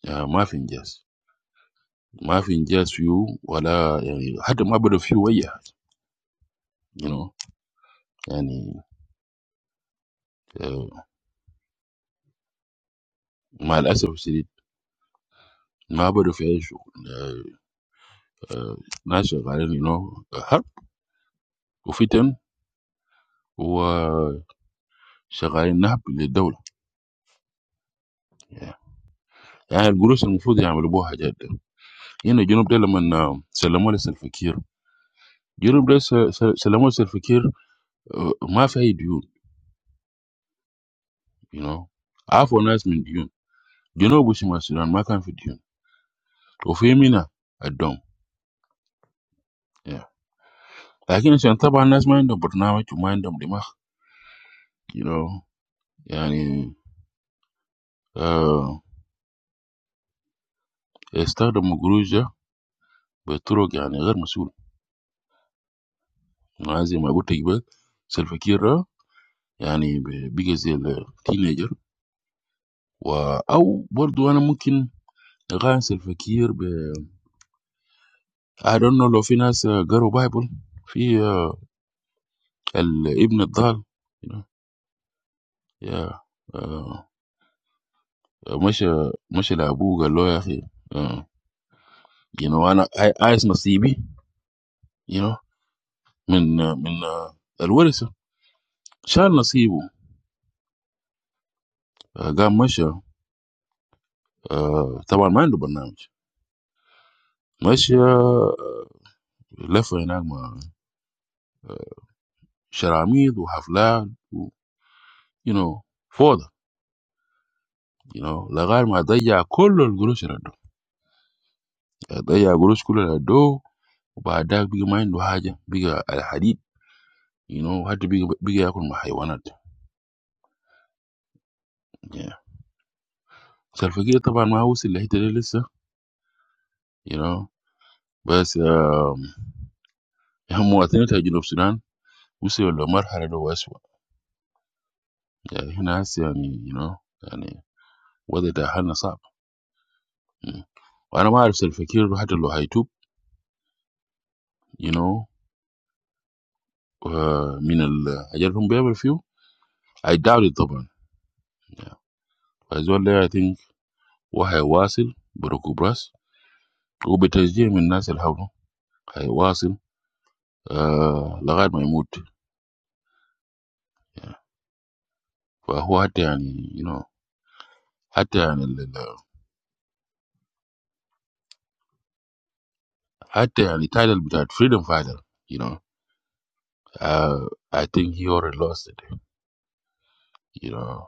S7: mahfingers, mahfingers few, wala, any, hada mahbero few wajer, you know, any, malasa wosirid, mahbero feish, nashe shagari, you know, har, ufitan, wa shagari nappi li dawla. Yeah, the gurus ngufudi yamelbohajjed. Ina jirumbrele man salamale salfakir. Jirumbrele salamale salfakir mahfeidu, you know, afona esmdu, jirumbrele wosimasiyan mahkan feidu. To fame, na I don't. Yeah. Like I said, some people might mind them, but now it's just mind them. Like you know, yeah. Uh, instead of my grudge, be true. Yeah, I'm not sure. I'm just a bit of a self-taught guy. Yeah, I'm a teenager. Or I'm also, I'm maybe a self-taught guy. I don't know if there's a guy Bible. There's the son of God. Yeah. Uh, my my father is a lawyer. You know, and I, I is nasiby. You know, min min alwalee sir. Share nasibu. God mashaa. Uh, tabar main lo banamj. Mashaa left for enagma. Shareamidu hafla. You know, father. You know, lagar ma daya kollo gulucirado. Daya gulucukulado. Ubadak biga main lo haja biga alhadid. You know, hadid biga biga akun mahaywana. Yeah. Serfakir tabar mahusil lahiteri lissa. You know, but um, hamuatinat ayjin obsunan. We say Omar had a voice. Yeah, he knows he's a, you know, and whether that has happened. I'm not sure if the speaker had the lohaitub, you know, mineral. I don't remember a few. I doubt it, but as well, I think what he was in broke up. He didn't change in national house. What he was in, uh, the guy might move. Yeah, but he had, you know, had the, the, had the entitled to that freedom fighter. You know, uh, I think he already lost it. You know.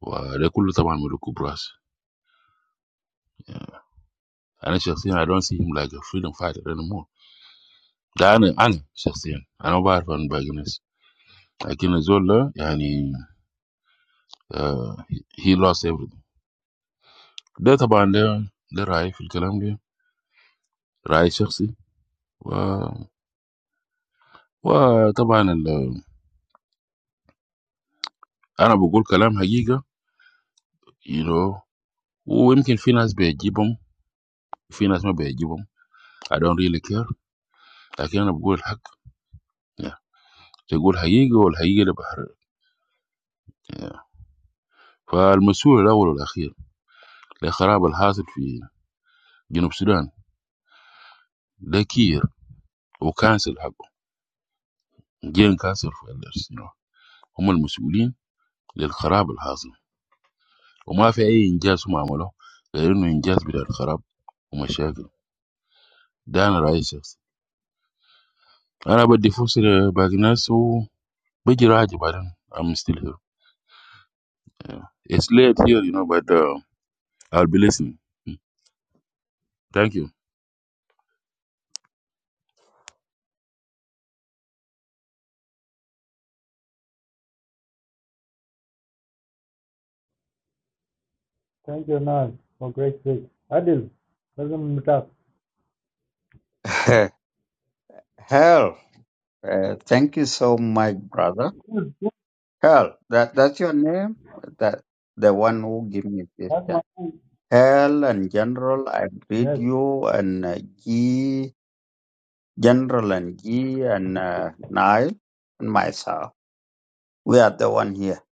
S7: Wow, they could look at him like a brass. I don't see him like a freedom fighter anymore. That's me. Me, sixteen. I know better than begging us. I can't solve that. I mean, he lost everything. That's about the the right in the language. Right, sixteen. Wow, wow. That's about the. I'm not going to talk about money. You know, we can finance by jumping, finance by jumping. I don't really care. I don't really care. I don't really care. I don't really care. I don't really care. I don't really care. الخراب الحاصل في جنوب السودان ده كير وكانسل حقه جين كانسل في you هم المسؤولين للخراب الحاصل وما في اي انجاز هم عملوه غير انه انجاز بتاع الخراب ومشاكل ده انا رايي شخصي انا بدي فرصه لباقي الناس وبجي راجع بعدين I'm still here. Yeah. It's late here, you know, but uh, I'll be listening. Mm. Thank you.
S6: Thank you, Naz, for great speech. Adil, welcome to talk.
S8: *laughs* Hell, uh, thank you so much, brother. Hell, that that's your name. That the one who gave me this
S6: That's my
S8: chance.
S6: name.
S8: Hell and General, I greet
S6: Yes.
S8: you and uh, G General and G and uh, Nile and myself. We are the one here.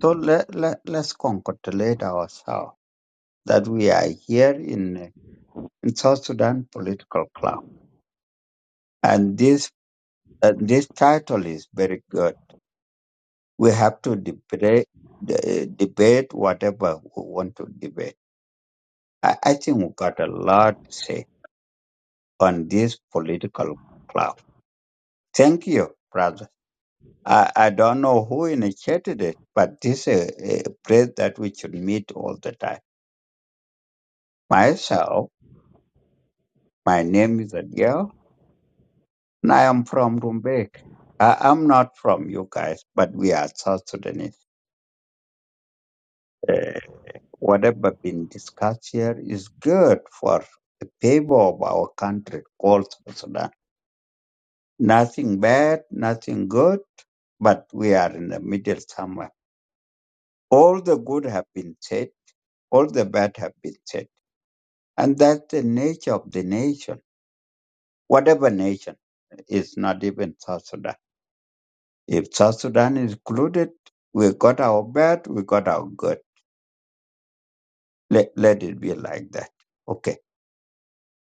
S8: So let let let's congratulate ourselves that we are here in uh, in South Sudan political club. And this uh, this title is very good we have to debate the- debate whatever we want to debate. I, I think we got a lot to say on this political cloud. Thank you, brother. I, I don't know who initiated it, but this is a, a place that we should meet all the time. Myself, my name is Adele, and I am from Rumbek. I, I'm not from you guys, but we are South Sudanese. uh, Whatever been discussed here is good for the people of our country called South Sudan. Nothing bad, nothing good, but we are in the middle somewhere. All the good have been said, all the bad have been said. And that's the nature of the nation. Whatever nation is not even South Sudan. If South Sudan is included, we got our bad, we got our good. Let, let it be like that. Okay.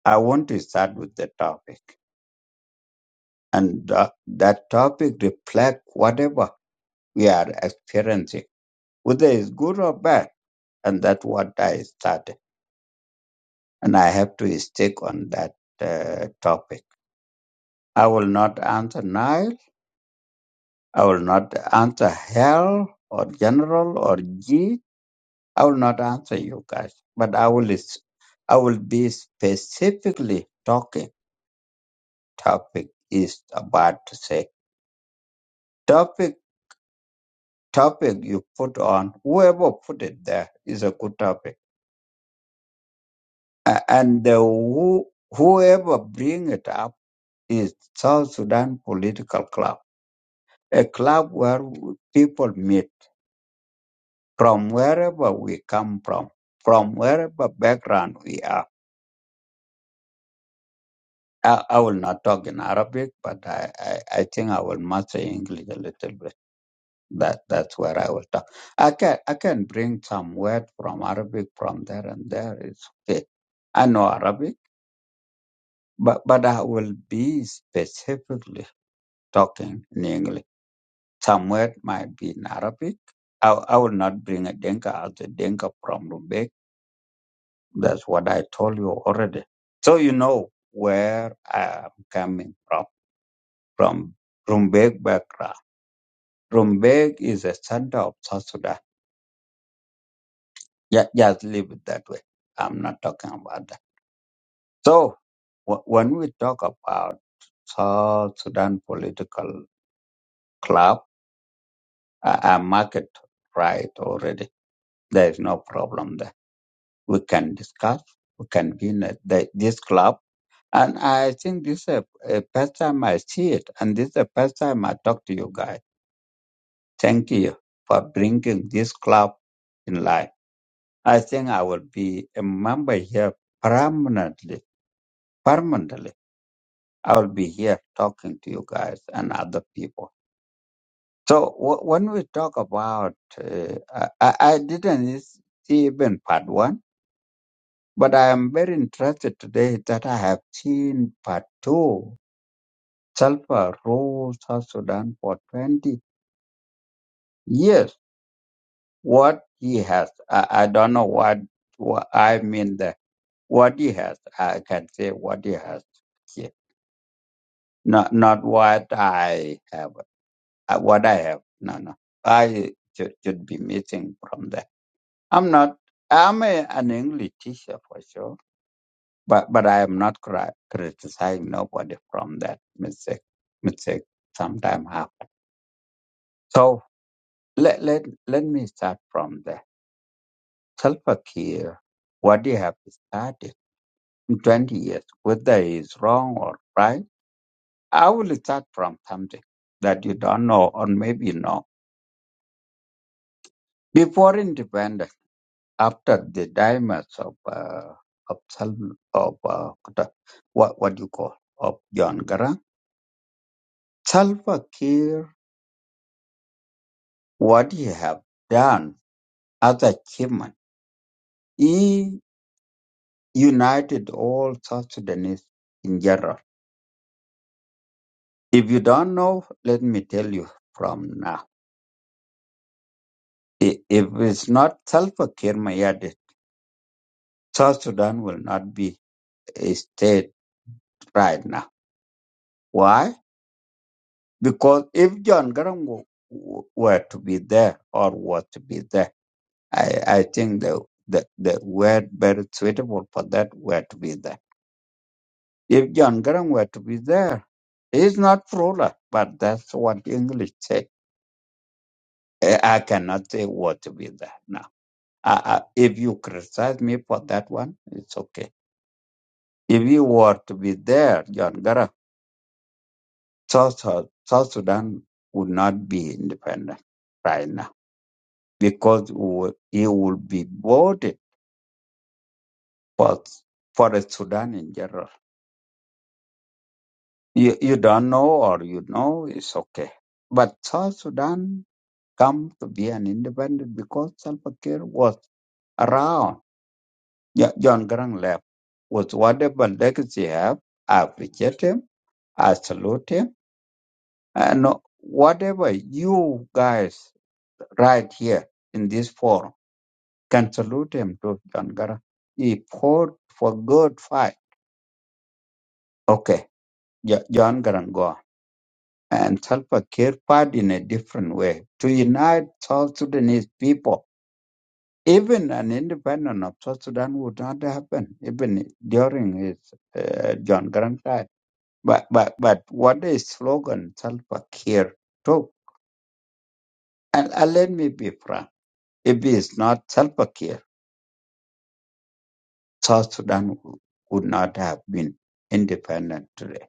S8: I want to start with the topic. and tha- that topic reflect whatever we are experiencing, whether it's good or bad. And that's what I started. And I have to stick on that uh, topic. I will not answer Nile. I will not answer Hell or General or G. I will not answer you guys. But I will, is- I will be specifically talking. Topic is about to say. Topic topic you put on, whoever put it there is a good topic. A- And uh, who, whoever bring it up is South Sudan Political Club, a club where w- people meet from wherever we come from, from wherever background we are. I, I will not talk in Arabic, but I, I, I think I will master English a little bit. That that's where I will talk. I can I can bring some word from Arabic from there and there. It's okay. I know Arabic. But but I will be specifically talking in English. Some word might be in Arabic. I, I will not bring a Dinka as a Dinka from Lubek. That's what I told you already. So you know where I am coming from, from Rumbek background. Rumbek is a center of South Sudan. Yeah, just leave it that way. I'm not talking about that. So wh- when we talk about South Sudan political club, uh, uh, market right already. There is no problem there. We can discuss. We can be in a, the, this club. And I think this is a, a first time I see it. And this is the first time I talk to you guys. Thank you for bringing this club in life. I think I will be a member here permanently. Permanently. I will be here talking to you guys and other people. So w- when we talk about, uh, I, I I didn't see even part one But I am very interested today that I have seen part two. Sulfur ruled South Sudan for 20 years. What he has, I, I don't know what, what I mean the What he has, I can say what he has here. Not, not what I have, uh, what I have. No, no. I should, should be missing from there. I'm not, I'm a, an English teacher for sure But but I am not cri- criticizing nobody from that mistake. Mistake sometimes happen. So let let let me start from the Self care. What you have started in 20 years, whether it's wrong or right, I will start from something that you don't know or maybe know. Before independence, after the diamonds of uh, of self of uh, what what you call of John Garang, self care what he have done as achievement. He united all South Sudanese in general. If you don't know, let me tell you from now. I- If it's not Salva-Kiir Mayardit, South Sudan will not be a state right now. Why? Because if John Garang w- w- were to be there or was to be there, I, I think the, the, the word very suitable for that were to be there If John Grant were to be there, he's not ruler, but that's what English say. Eh, I cannot say what to be there now. I, I, if you criticize me for that one, it's okay. If you were to be there, John Grant, South, South South Sudan would not be independent right now because it would, it would be voted for, for the Sudan in general. You, you don't know or you know, it's okay. But South Sudan come to be an independent because Salva Kiir was around. Jo- John Grant left with whatever legacy he have. I appreciate him. I salute him. And whatever you guys right here in this forum can salute him to John Grant. He fought for good fight. Okay, Jo- John Grant gone. And Salva Kiir fought in a different way to unite South Sudanese people Even an independent of South Sudan would not happen, even during his uh, John Grant time. But but but what is slogan Salva Kiir too? And, and let me be frank, if it's not Salva Kiir, South Sudan w- would not have been independent today.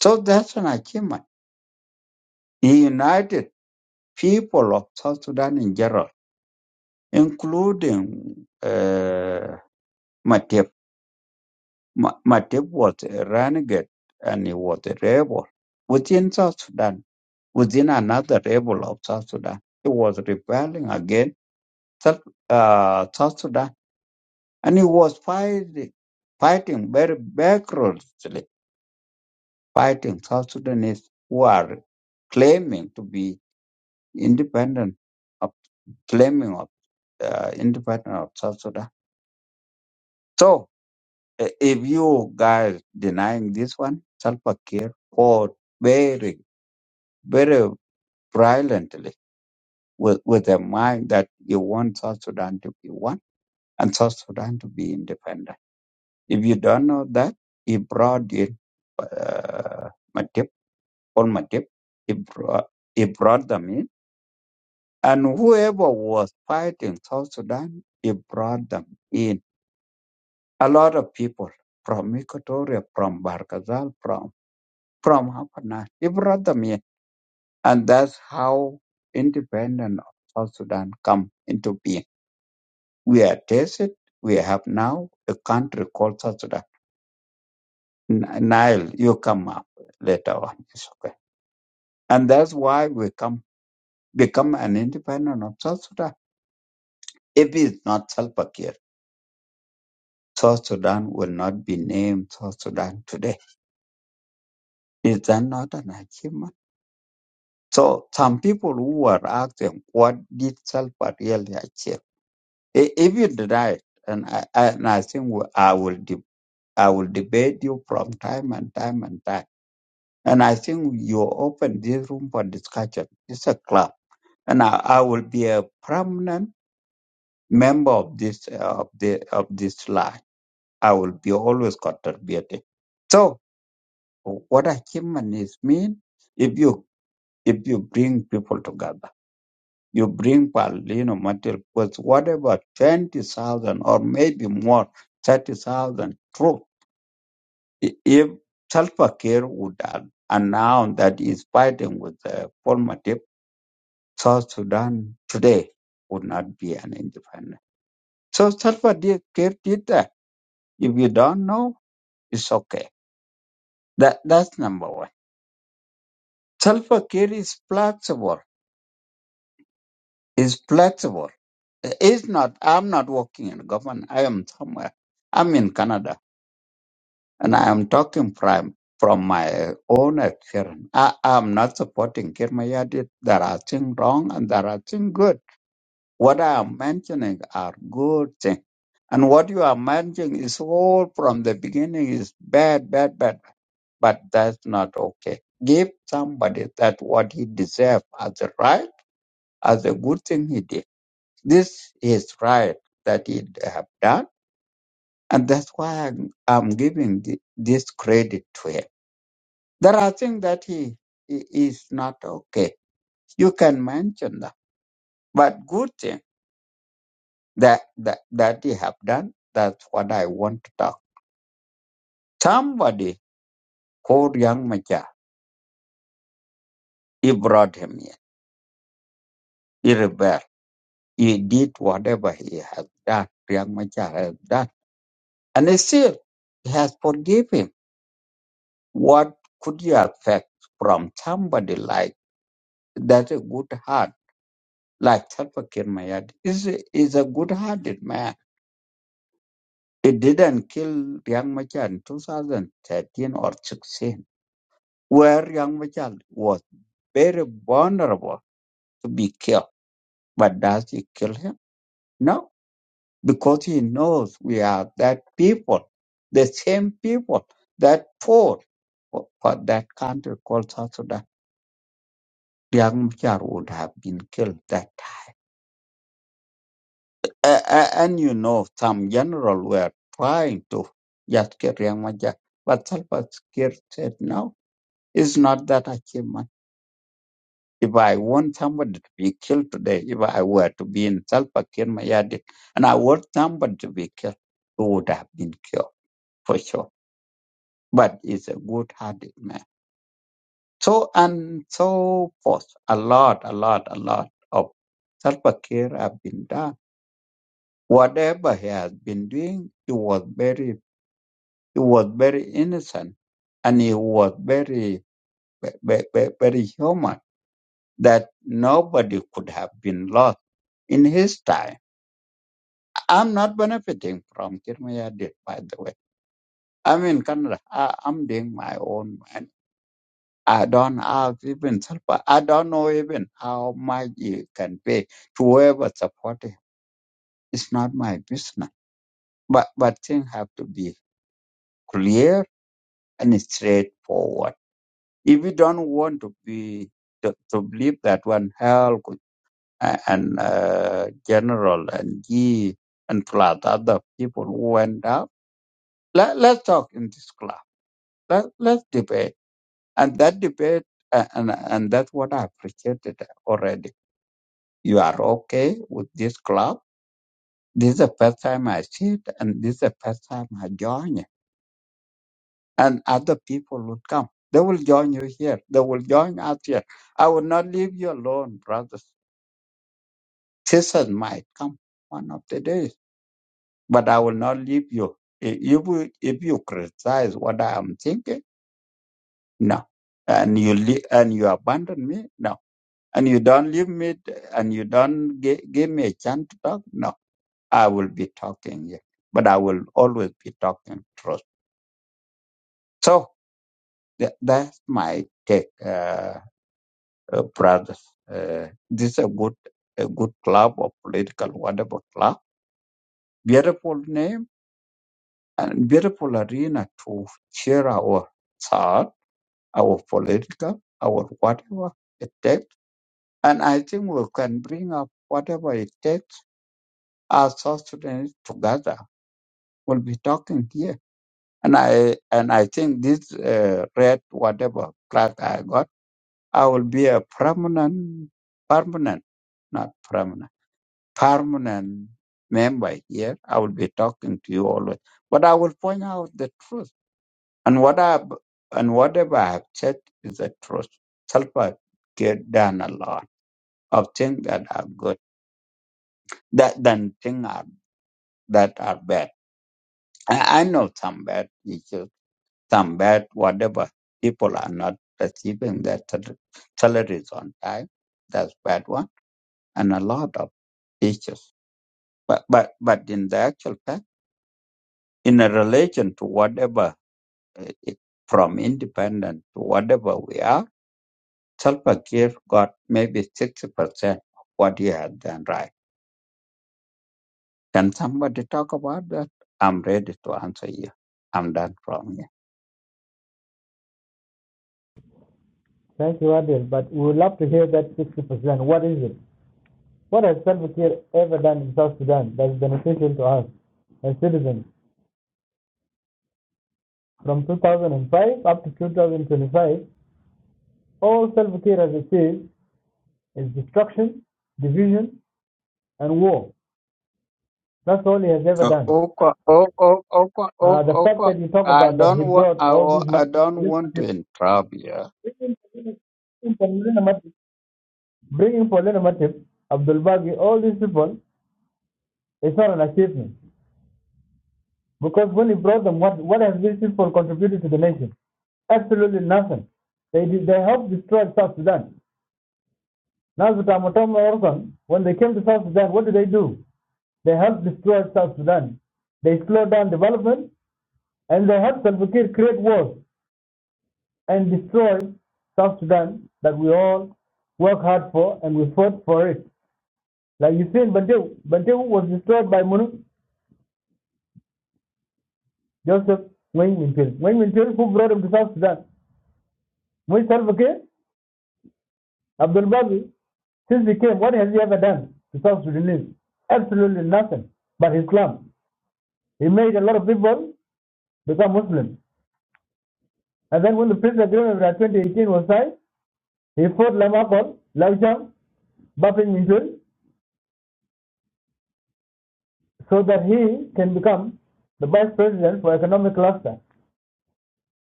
S8: So that's an achievement. He united people of South Sudan in general, including uh, Matiep. Ma- Matip was a renegade and he was a rebel within South Sudan, within another rebel of South Sudan. He was rebelling against South, uh, South Sudan and he was fighting, fighting very vigorously, fighting South Sudanese who are claiming to be independent of claiming of uh, independent of South Sudan. So i- if you guys denying this one, Salva Kiir fought very very violently with, with a mind that you want South Sudan to be one and South Sudan to be independent. If you don't know that, he brought in uh, Matip, Paul Matip, he brought, he brought them in. And whoever was fighting South Sudan, he brought them in. A lot of people from Equatoria, from Barkazal, from from Hapana, he brought them in. And that's how independent of South Sudan come into being We are tested. We have now a country called South Sudan. N- Nile, you come up later on. It's okay. And that's why we come become an independent of South Sudan. If it's not Salva Kiir, South Sudan will not be named South Sudan today. Is that not an achievement? So some people who are asking, what did Salva really achieve? I- If you deny it, and I, I- and I think we- I will, de- I will debate you from time and time and time And I think you open this room for discussion. It's a club, and I, I will be a prominent member of this uh, of the of this line. I will be always contributing. So, what achievement is mean if you if you bring people together, you bring Palestino material with whatever twenty thousand or maybe more thirty thousand troops. I- If Salva Kiir would an- announce that he's fighting with the former South Sudan today would not be an independent. So Salva Kiir did did that. If you don't know, it's okay. That that's number one. Salva Kiir is flexible. Is flexible. It's not. I'm not working in government. I am somewhere. I'm in Canada, and I am talking from from my own experience. I am not supporting Kiir Mayardit. There are things wrong and there are things good. What I am mentioning are good things. And what you are mentioning is all from the beginning is bad, bad, bad. But that's not okay. Give somebody that what he deserves as a right, as a good thing he did. This is right that he have done. And that's why I'm, I'm giving thi- this credit to him. There are things that he, he is not okay. You can mention that. But good thing. that that that you have done. That's what I want to talk. Somebody called young Machar. He brought him here. He rebelled. He did whatever he has done. Young Machar has done, and he still he has forgiven him. What could you expect from somebody like that? A good heart like Salvakir Mayad is a- is a good-hearted man. He didn't kill young Machar in 2013 or 16 where young Machal was very vulnerable to be killed. But does he kill him? No, because he knows we are that people, the same people that fought for, for that country called South Sudan. Young Machal would have been killed that time. A- a- and you know, some general were trying to just kill Young Machal, but Salva Kiir said, no, it's not that achievement. If I want somebody to be killed today, if I were to be in Salva Kiir Mayardit, and I want somebody to be killed, who would have been killed for sure. But he's a good-hearted man. So and so forth. A lot, a lot, a lot of Salva Kiir have been done. Whatever he has been doing, he was very, he was very innocent, and he was very, very, very human. That nobody could have been lost in his time I'm not benefiting from Kirmaya deal, by the way. I'm in Canada. I, I'm doing my own man. I don't have even support. I don't know even how much you can pay to whoever support him. It's not my business. But but things have to be clear and straightforward. If you don't want to be to, to believe that one hell could- and uh, general and G and plus other people who went out, let, let's talk in this class Let, let's debate. And that debate, uh, and, and that's what I appreciated already. You are okay with this club. This is the first time I see it, and this is the first time I join it. And other people will come. They will join you here. They will join us here. I will not leave you alone, brothers. Sisters might come one of the days, but I will not leave you. If you, will- if you criticize what I am thinking, no. And you, le- and you abandon me, no. and you don't leave me t- and you don't gi- give me a chance to talk no i will be talking yeah. but i will always be talking truth so tha- that's my take uh, uh, brothers uh, this is a good a good club or political whatever club beautiful name and beautiful arena to share our thought our political our whatever it takes and i think we can bring up whatever it takes our South Sudanese together will be talking here. And I and I think this uh, red whatever flag I got, I will be a permanent, permanent, not permanent, permanent member here. I will be talking to you always, but I will point out the truth. And what I and whatever I have said is the truth. Self get done a lot of things that are good, that than things are, that are bad. I, I know some bad issues some bad, whatever. People are not receiving their sal- salaries on time. That's bad one. And a lot of issues. But, but, but in the actual fact, in a relation to whatever, uh, it- from independent to whatever we are, Salva Kiir got maybe 60% of what he had done right. Can somebody talk about that? I'm ready to answer you. I'm done from here.
S6: Thank you, Adil. But we would love to hear that 60%. What is it? What has Salva Kiir ever done in South Sudan that is beneficial to us as citizens? From 2005 up to 2025, all Salva Kiir has achieved is destruction, division, and war. That's all he has ever
S8: Uh,
S6: done.
S8: Okwa, ok- ok- Okwa,
S6: Uh,
S8: ok-
S6: the fact
S8: Okwa,
S6: that you talk
S8: I
S6: about that he
S8: don't want,
S6: brought
S8: I,
S6: all these
S8: wa- I
S6: Matip,
S8: don't want to interrupt you.
S6: bringing Paulina Matip, bringing Abdul Baghi, all these people, it's not an achievement. Because when he brought them, what, what have these people contributed to the nation? Absolutely nothing. They did, they helped destroy South Sudan. Now the Tamatoma when they came to South Sudan, what did they do? They helped destroy South Sudan. They slowed down development and they helped Salva Kiir create wars and destroyed South Sudan that we all work hard for and we fought for it. Like you see in Bantu, was destroyed by Munu Joseph Wayne Mintil. Wayne Mintil, who brought him to South Sudan. When Salva Kiir, Abdul Babi, since he came, what has he ever done to South Sudanese? Absolutely nothing but Islam. He made a lot of people become Muslims. And then when the peace agreement of 2018 was signed, he fought Lamakol, Laujang, Bapin Mintil. so that he can become the vice president for economic cluster.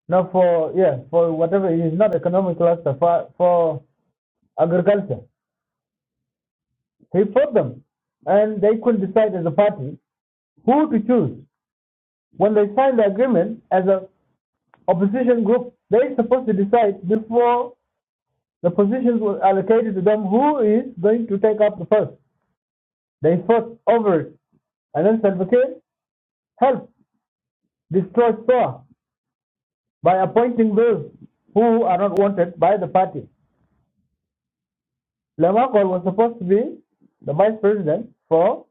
S6: No, for yeah, for whatever it is not economic cluster for for agriculture. He fought them, and they couldn't decide as a party who to choose. When they signed the agreement as a opposition group, they're supposed to decide before the positions were allocated to them who is going to take up the first. They fought over it, and then Salva Kiir helped destroy SOA by appointing those who are not wanted by the party. Lamakol was supposed to be the vice president for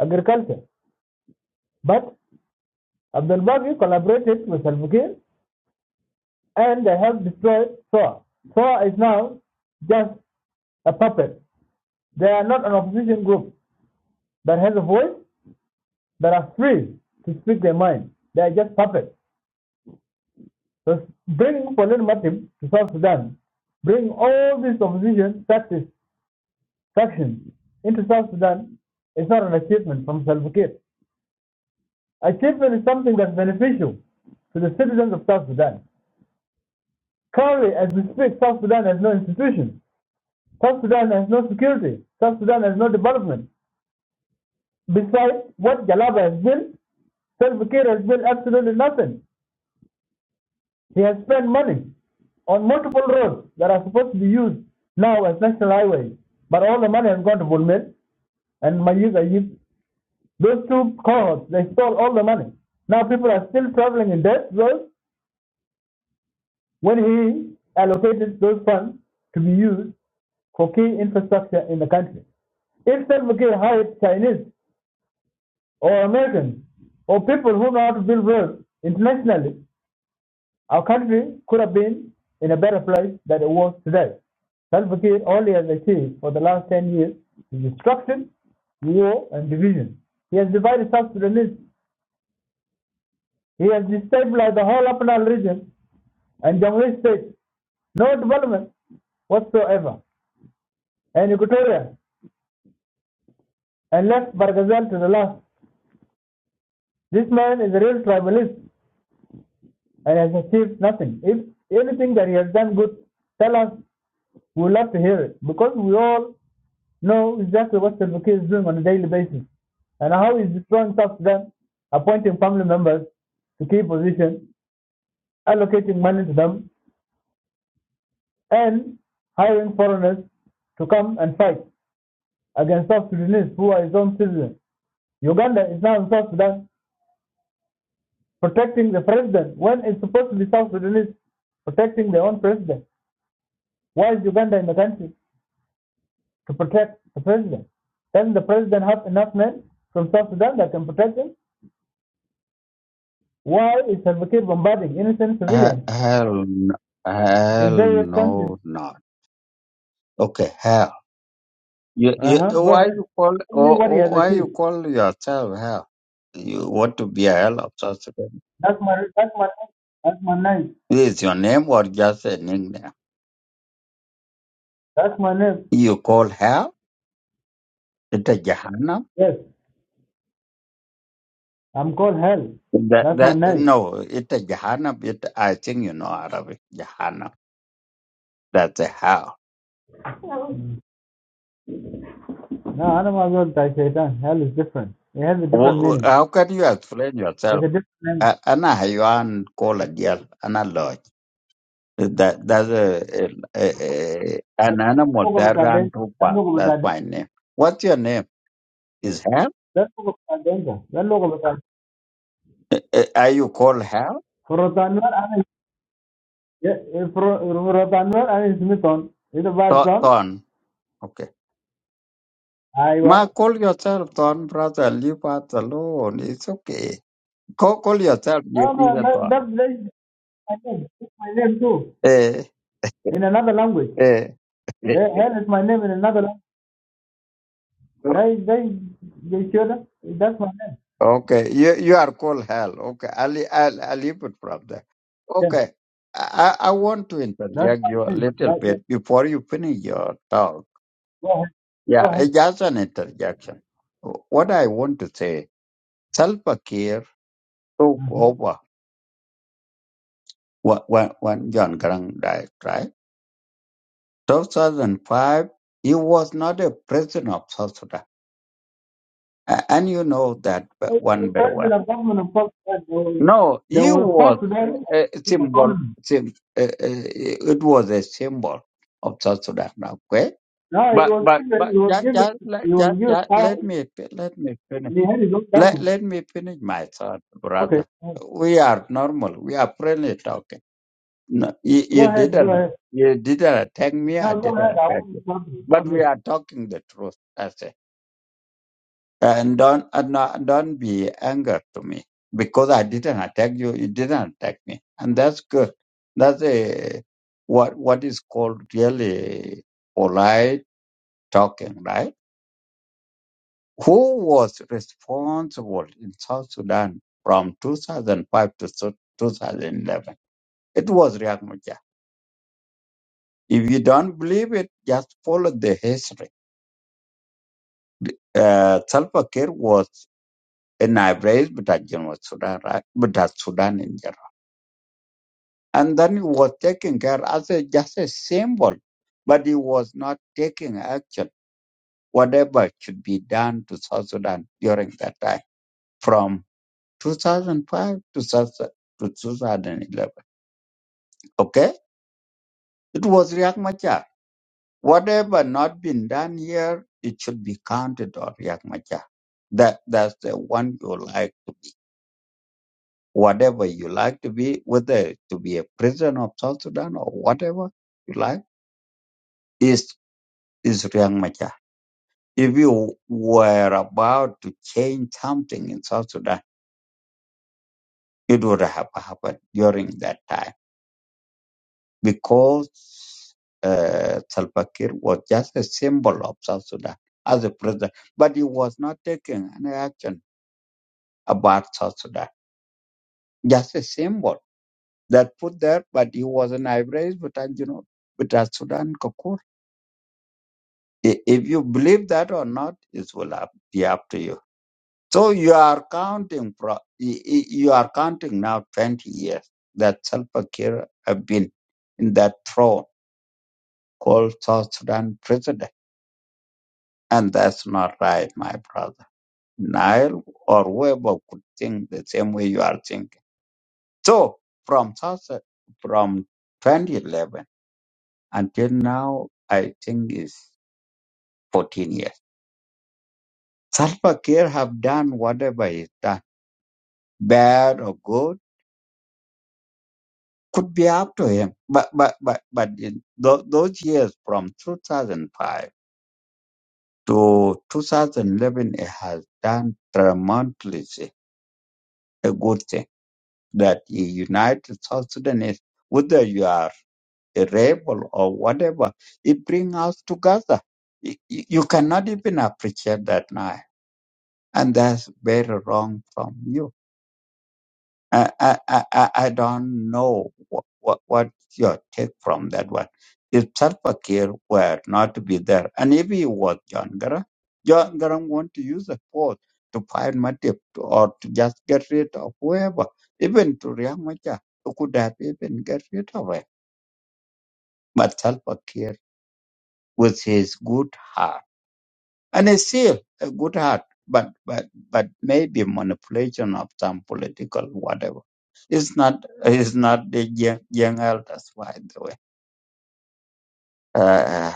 S6: agriculture, but Abdel Babi collaborated with Salva Kiir and they have destroyed SOA. SOA is now just a puppet. They are not an opposition group that has a voice, that are free to speak their mind. They are just puppets. So bringing Pauline Matip to South Sudan, bring all these opposition tactics faction into South Sudan is not an achievement from Salva Kiir. Achievement is something that's beneficial to the citizens of South Sudan. Currently, as we speak, South Sudan has no institutions. South Sudan has no security. South Sudan has no development. Besides what Jalaba has built, Salva Kiir has built absolutely nothing. He has spent money on multiple roads that are supposed to be used now as national highways, but all the money has gone to Bulmer and Mayuga Those two cohorts, they stole all the money. Now people are still traveling in debt zones when he allocated those funds to be used for key infrastructure in the country. If Salva Kiir hired Chinese or Americans or people who know how to build roads internationally, our country could have been in a better place than it was today. Salva Kiir only has achieved for the last 10 years is destruction, war, and division. He has divided South Sudanese He has destabilized the whole Upland region and Jamhuri state. No development whatsoever. And Equatoria and left Barghazal to the last. This man is a real tribalist and has achieved nothing. If anything that he has done good, tell us. We would love to hear it because we all know exactly what Salva Kiir is doing on a daily basis and how he's destroying South Sudan, appointing family members to key positions, allocating money to them and hiring foreigners to come and fight against South Sudanese who are his own citizens. Uganda is now in South Sudan protecting the president when it's supposed to be South Sudanese protecting their own president. Why is Uganda in the country to protect the president? Doesn't the president have enough men from South Sudan that can protect him? Why is Salva Kiir bombarding innocent
S8: He-
S6: civilians
S8: Hell, n-
S6: in
S8: hell
S6: various countries?
S8: no, not. Okay, hell. You, you,
S6: Uh-huh. Go
S8: why
S6: ahead.
S8: you call,
S6: Tell me
S8: oh,
S6: what he
S8: oh,
S6: has
S8: why you
S6: achieved.
S8: call yourself hell? You want to be a hell of South Sudan?
S6: That's my that's my name. that's my name.
S8: Is your name or just a nickname?
S6: That's my name.
S8: You call hell? It a Jahannam?
S6: Yes. I'm called Hell.
S8: That,
S6: That's my
S8: that,
S6: name.
S8: no, it a Jahannam. It, I think you know Arabic. Jahannam. That's a hell.
S6: No. Mm. No, I don't want to go by Hell is different. It has a different
S8: Wh- wh-
S6: meaning.
S8: How can you explain
S6: It's
S8: yourself?
S6: a different name.
S8: A- Ana haywan call a deer, ana lodge. That that's a, a, a, a-
S6: I
S8: an
S6: said,
S8: animal
S6: don't look
S8: that
S6: at
S8: ran
S6: that
S8: too
S6: Don't
S8: fast.
S6: look
S8: That's
S6: at that
S8: my name. What's your name? Is Hell?
S6: Don't look at that Don't look at that
S8: A- Are you called Hell?
S6: For Rotanwar, I mean, yeah, eh, for for Rotanwar, I mean, Smithon. It's a verb
S8: Tho-
S6: from
S8: Thorn. Okay.
S6: Iowa.
S8: Ma, call yourself Thorn, brother. Leave us alone. It's okay. Call, call yourself. You
S6: Oh,
S8: is
S6: no,
S8: a
S6: that,
S8: Thorn.
S6: that, that is my name. It's my name too.
S8: Eh,
S6: In another language.
S8: eh.
S6: Eh,
S8: eh.
S6: Hell is my name in another language. They, they, they should, that's my name.
S8: Okay, you you are called hell. Okay, I'll I'll, I'll leave it from there.
S6: Yeah,
S8: Okay, I I I want to
S6: that's
S8: interject you a
S6: my name.
S8: little
S6: Right there.
S8: bit before you finish your talk.
S6: Go ahead. Go
S8: Yeah,
S6: ahead.
S8: it's just an interjection. What I want to say, Salva Kiir took
S6: Mm-hmm.
S8: over when when when John Grant died, right? 2005. He was not a president of South Sudan, A- and you know that
S6: Hey, The
S8: one better well.
S6: president of government of South Sudan, they will,
S8: No,
S6: they
S8: it
S6: will
S8: was
S6: South Sudan
S8: a, a symbol.
S6: economy.
S8: Sim, uh, uh, it was a symbol of South Sudan. Okay,
S6: No, he
S8: but
S6: was
S8: but
S6: given,
S8: but
S6: he was
S8: just
S6: given,
S8: just
S6: he
S8: let just,
S6: was given
S8: just
S6: power,
S8: let me fi- let me finish.
S6: and he had his own
S8: Let
S6: government.
S8: let me finish my thought,
S6: Okay.
S8: brother.
S6: Uh,
S8: We are normal. We are friendly talking. No, you,
S6: Go
S8: you
S6: ahead, go
S8: didn't
S6: ahead.
S8: you didn't attack me. I
S6: Now go
S8: didn't
S6: ahead, I
S8: attack
S6: want
S8: you.
S6: to talk to you. Go
S8: But we
S6: ahead.
S8: are talking the truth. That's it and don't and not, don't be angry to me because I didn't attack you. You didn't attack me, and that's good. That's a what what is called really polite talking, right? Who was responsible in South Sudan from 2005 to so- 2011? It was Riek Machar. If you don't believe it, just follow the history. Uh, Salva Kiir was in Ivory, but at Sudan, right? But at Sudan in general. And then he was taking care as a, just a symbol, but he was not taking action, whatever should be done to South Sudan during that time from 2005 to, South, to 2011. Okay? It was Riek Machar. Whatever not been done here, it should be counted on Riek Machar. That, that's the one you like to be. Whatever you like to be, whether to be a prisoner of South Sudan or whatever you like, is, is Riek Machar If you were about to change something in South Sudan, it would have happened during that time because uh, Salva Kiir was just a symbol of South Sudan as a president, but he was not taking any action about South Sudan, just a symbol that put there, but he was an Ivory, but uh, you know, but uh, Sudan Kakur. I- If you believe that or not, it will up- be up to you. So you are counting, pro- y- y- you are counting now 20 years that Salva Kiir have been in that throne called South Sudan president. And that's not right, my brother. Nile or whoever could think the same way you are thinking. So from South, Su- from 2011 until now, I think is 14 years. Salva Kiir have done whatever he's done, bad or good could be up to him. But but but but in tho- those years from 2005 to 2011, he has done tremendously a good thing that he united South Sudanese. Whether you are a rebel or whatever, it brings us together. You, you you cannot even appreciate that now, and that's very wrong from you. I, I, I, I don't know what, what, what's your take from that one. If Salva Kiir were not to be there, and if he was John Garang, John Garang want to use the force to find Matip to- or to just get rid of whoever, even to Riek Machar, who could have even get rid of him. But Salva Kiir, with his good heart, and it's still a good heart, but but but maybe manipulation of some political whatever. It's not it's not the young, young elders, by the way. Uh,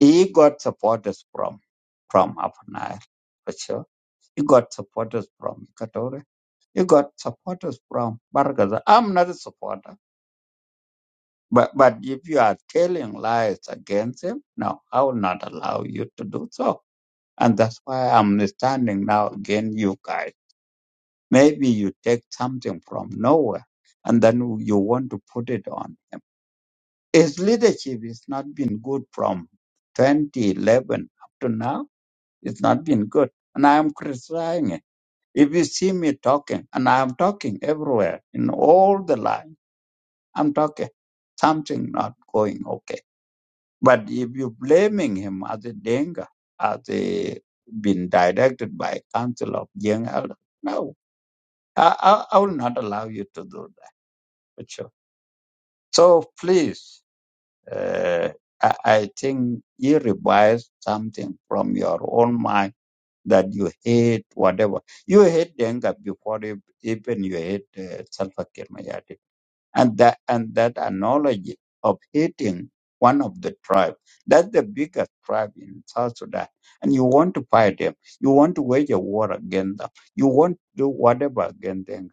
S8: he got supporters from from Upper Nile, for sure. He got supporters from Equatorial. He got supporters from Bargaza. I'm not a supporter. But but if you are telling lies against him, no, I will not allow you to do so. And that's why I'm standing now against you guys Maybe you take something from nowhere and then you want to put it on him. His leadership has not been good from 2011 up to now. It's not been good. And I am criticizing it. If you see me talking, and I am talking everywhere in all the line, I'm talking something not going okay. But if you're blaming him as a danger, as a been directed by council of young elders, no, I, I, I will not allow you to do Sure. So please, uh, I, I think you revise something from your own mind that you hate whatever. You hate Denga before you- even you hate uh, Salva Kiir Mayardit. And that, and that analogy of hating one of the tribe, that's the biggest tribe in South Sudan. And you want to fight them. You want to wage a war against them. You want to do whatever against them.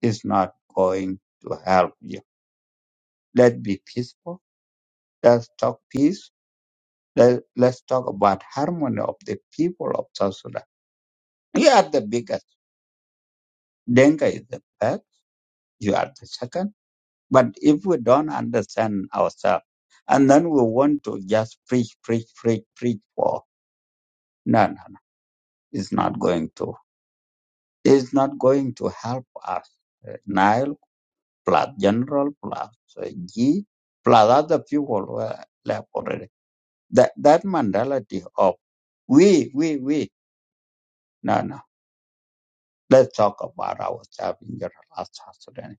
S8: It's not going to help you. Let's be peaceful Let's talk peace. Let, let's talk about harmony of the people of South Sudan. You are the biggest. Denga is the first. You are the second. But if we don't understand ourselves, and then we want to just preach, preach, preach, preach for no, no, no. It's not going to. It's not going to help us. Uh, Nile plus General plus uh, G plus other people were left already. That that mentality of we, we, we. No, no. Let's talk about ourselves in general as South Sudanese.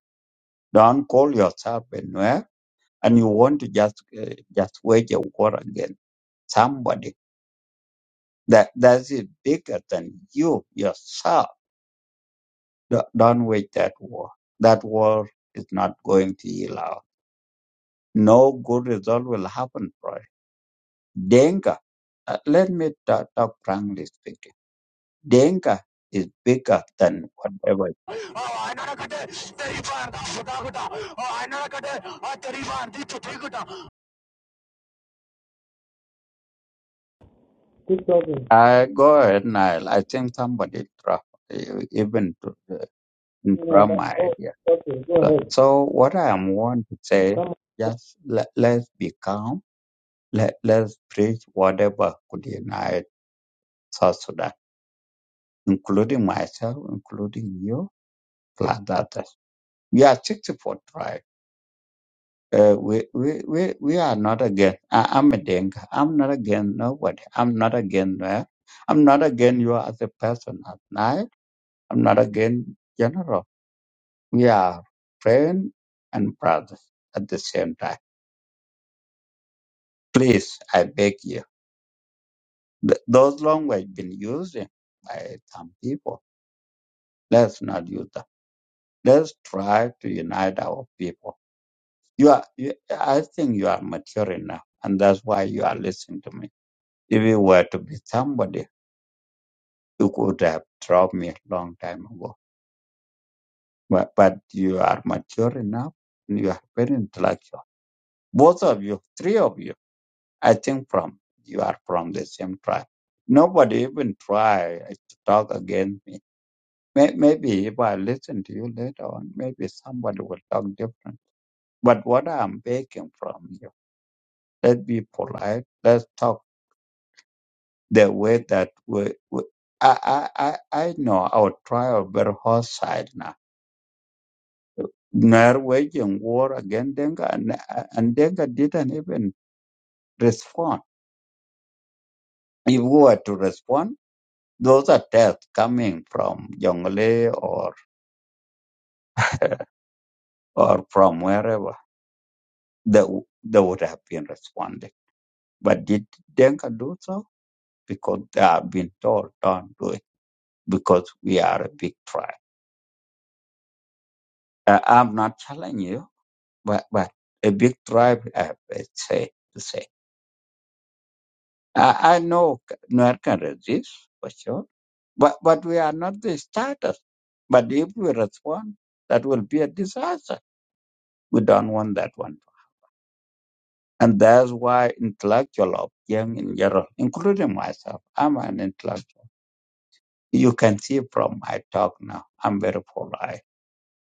S8: Don't call yourself a Nuer and you want to just uh, just wage a war against somebody that that is bigger than you yourself. Don't don't wage that war. That war is not going to yield out. No good result will happen for it. Denga, uh, let me ta- talk frankly speaking. Denga is bigger than whatever.
S9: I'm not gonna turn you down. I'm not gonna turn you down.
S6: Keep talking.
S8: I go ahead, Nile. I think somebody dropped uh, even to the-
S6: You know,
S8: drop
S6: that,
S8: my
S6: oh,
S8: idea.
S6: okay, go
S8: So,
S6: ahead.
S8: so what I am want to say,
S6: Come on.
S8: just let, let's be calm. Let, let's preach whatever could unite South Sudan, including myself, including you, plus others. We are 64 tribe. Uh, we, we, we, we are not against, I, I'm a Dinka. I'm not against nobody. I'm not against, uh, I'm not against you as a person at night. I'm not against general. Yeah, praying and prayer at the same time. Please, I beg you. Th- those language been used by some people. Let's not use them. Let's try to unite our people. You are, you, I think you are mature enough, and that's why you are listening to me. If you were to be somebody, you could have dropped me a long time ago. But, but you are mature enough, and you are very intellectual. Both of you, three of you I think from you are from the same tribe. Nobody even try to talk against me. May- Maybe if I listen to you later on, maybe somebody will talk different. But what I'm begging from you, let's be polite. Let's talk the way that we. we I, I I I know our tribe very hostile now. They're waging war against Denga, and, and Denga didn't even respond. If we were to respond. Those are deaths coming from Jonglei or *laughs* or from wherever they, w- they would have been responding. But did Denka do so? Because they have been told, don't do it, because we are a big tribe. Uh, I'm not telling you, but, but a big tribe have a say to say. I, I know Nuer can resist, for sure, but, but we are not the starters. But if we respond, that will be a disaster. We don't want that one And that's why intellectual of young in general, including myself, I'm an intellectual. You can see from my talk now, I'm very polite.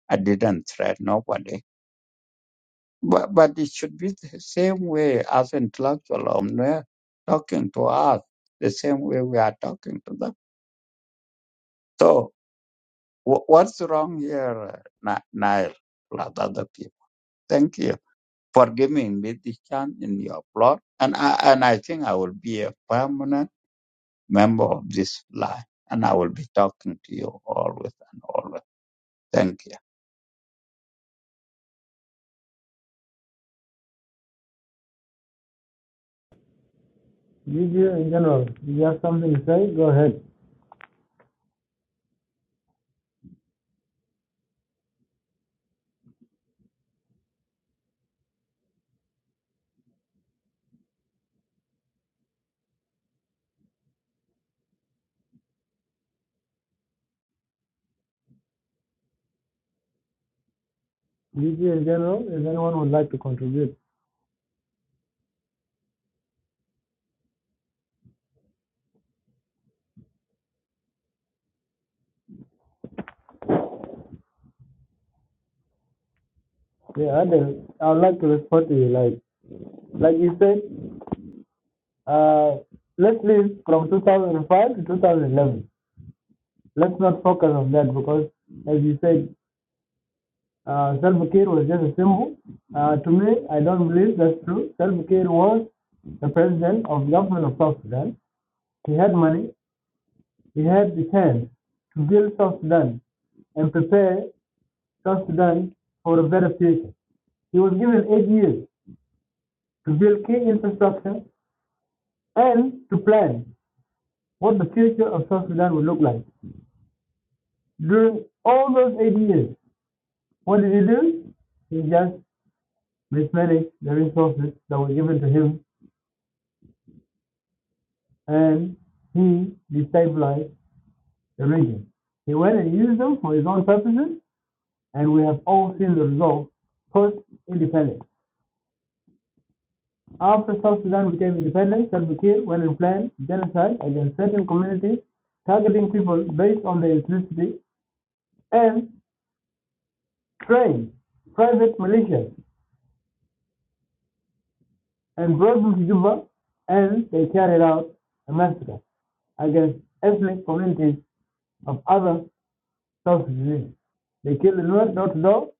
S8: I didn't threaten nobody. But, but it should be the same way as intellectual of Nuer talking to us, the same way we are talking to them. So wh- what's wrong here, uh, Ni- Nile, plus other people? Thank you for giving me this chance in your plot. And I, and I think I will be a permanent member of this line, and I will be talking to you always and always. Thank you.
S6: Media in general, you have something to say? Go ahead. Media in general, if anyone would like to contribute. Yeah, I do. I would like to respond to you. Like, like you said, Uh, let's leave from 2005 to 2011. Let's not focus on that because, as you said, uh, Salva Kiir was just a symbol. Uh, to me, I don't believe that's true. Salva Kiir was the president of the government of South Sudan. He had money. He had the chance to build South Sudan and prepare South Sudan for a better future. He was given eight years to build key infrastructure and to plan what the future of South Sudan would look like. During all those 80 years, what did he do? He just replenished the resources that were given to him and he destabilized the region. He went and used them for his own purposes, and we have all seen the result post independence. After South Sudan became independent, Salva Kiir went and planned genocide against certain communities, targeting people based on their ethnicity, and trained private militias and brought them to Juba, and they carried out a massacre against ethnic communities of other South Sudanese. They killed the Nuer door to door,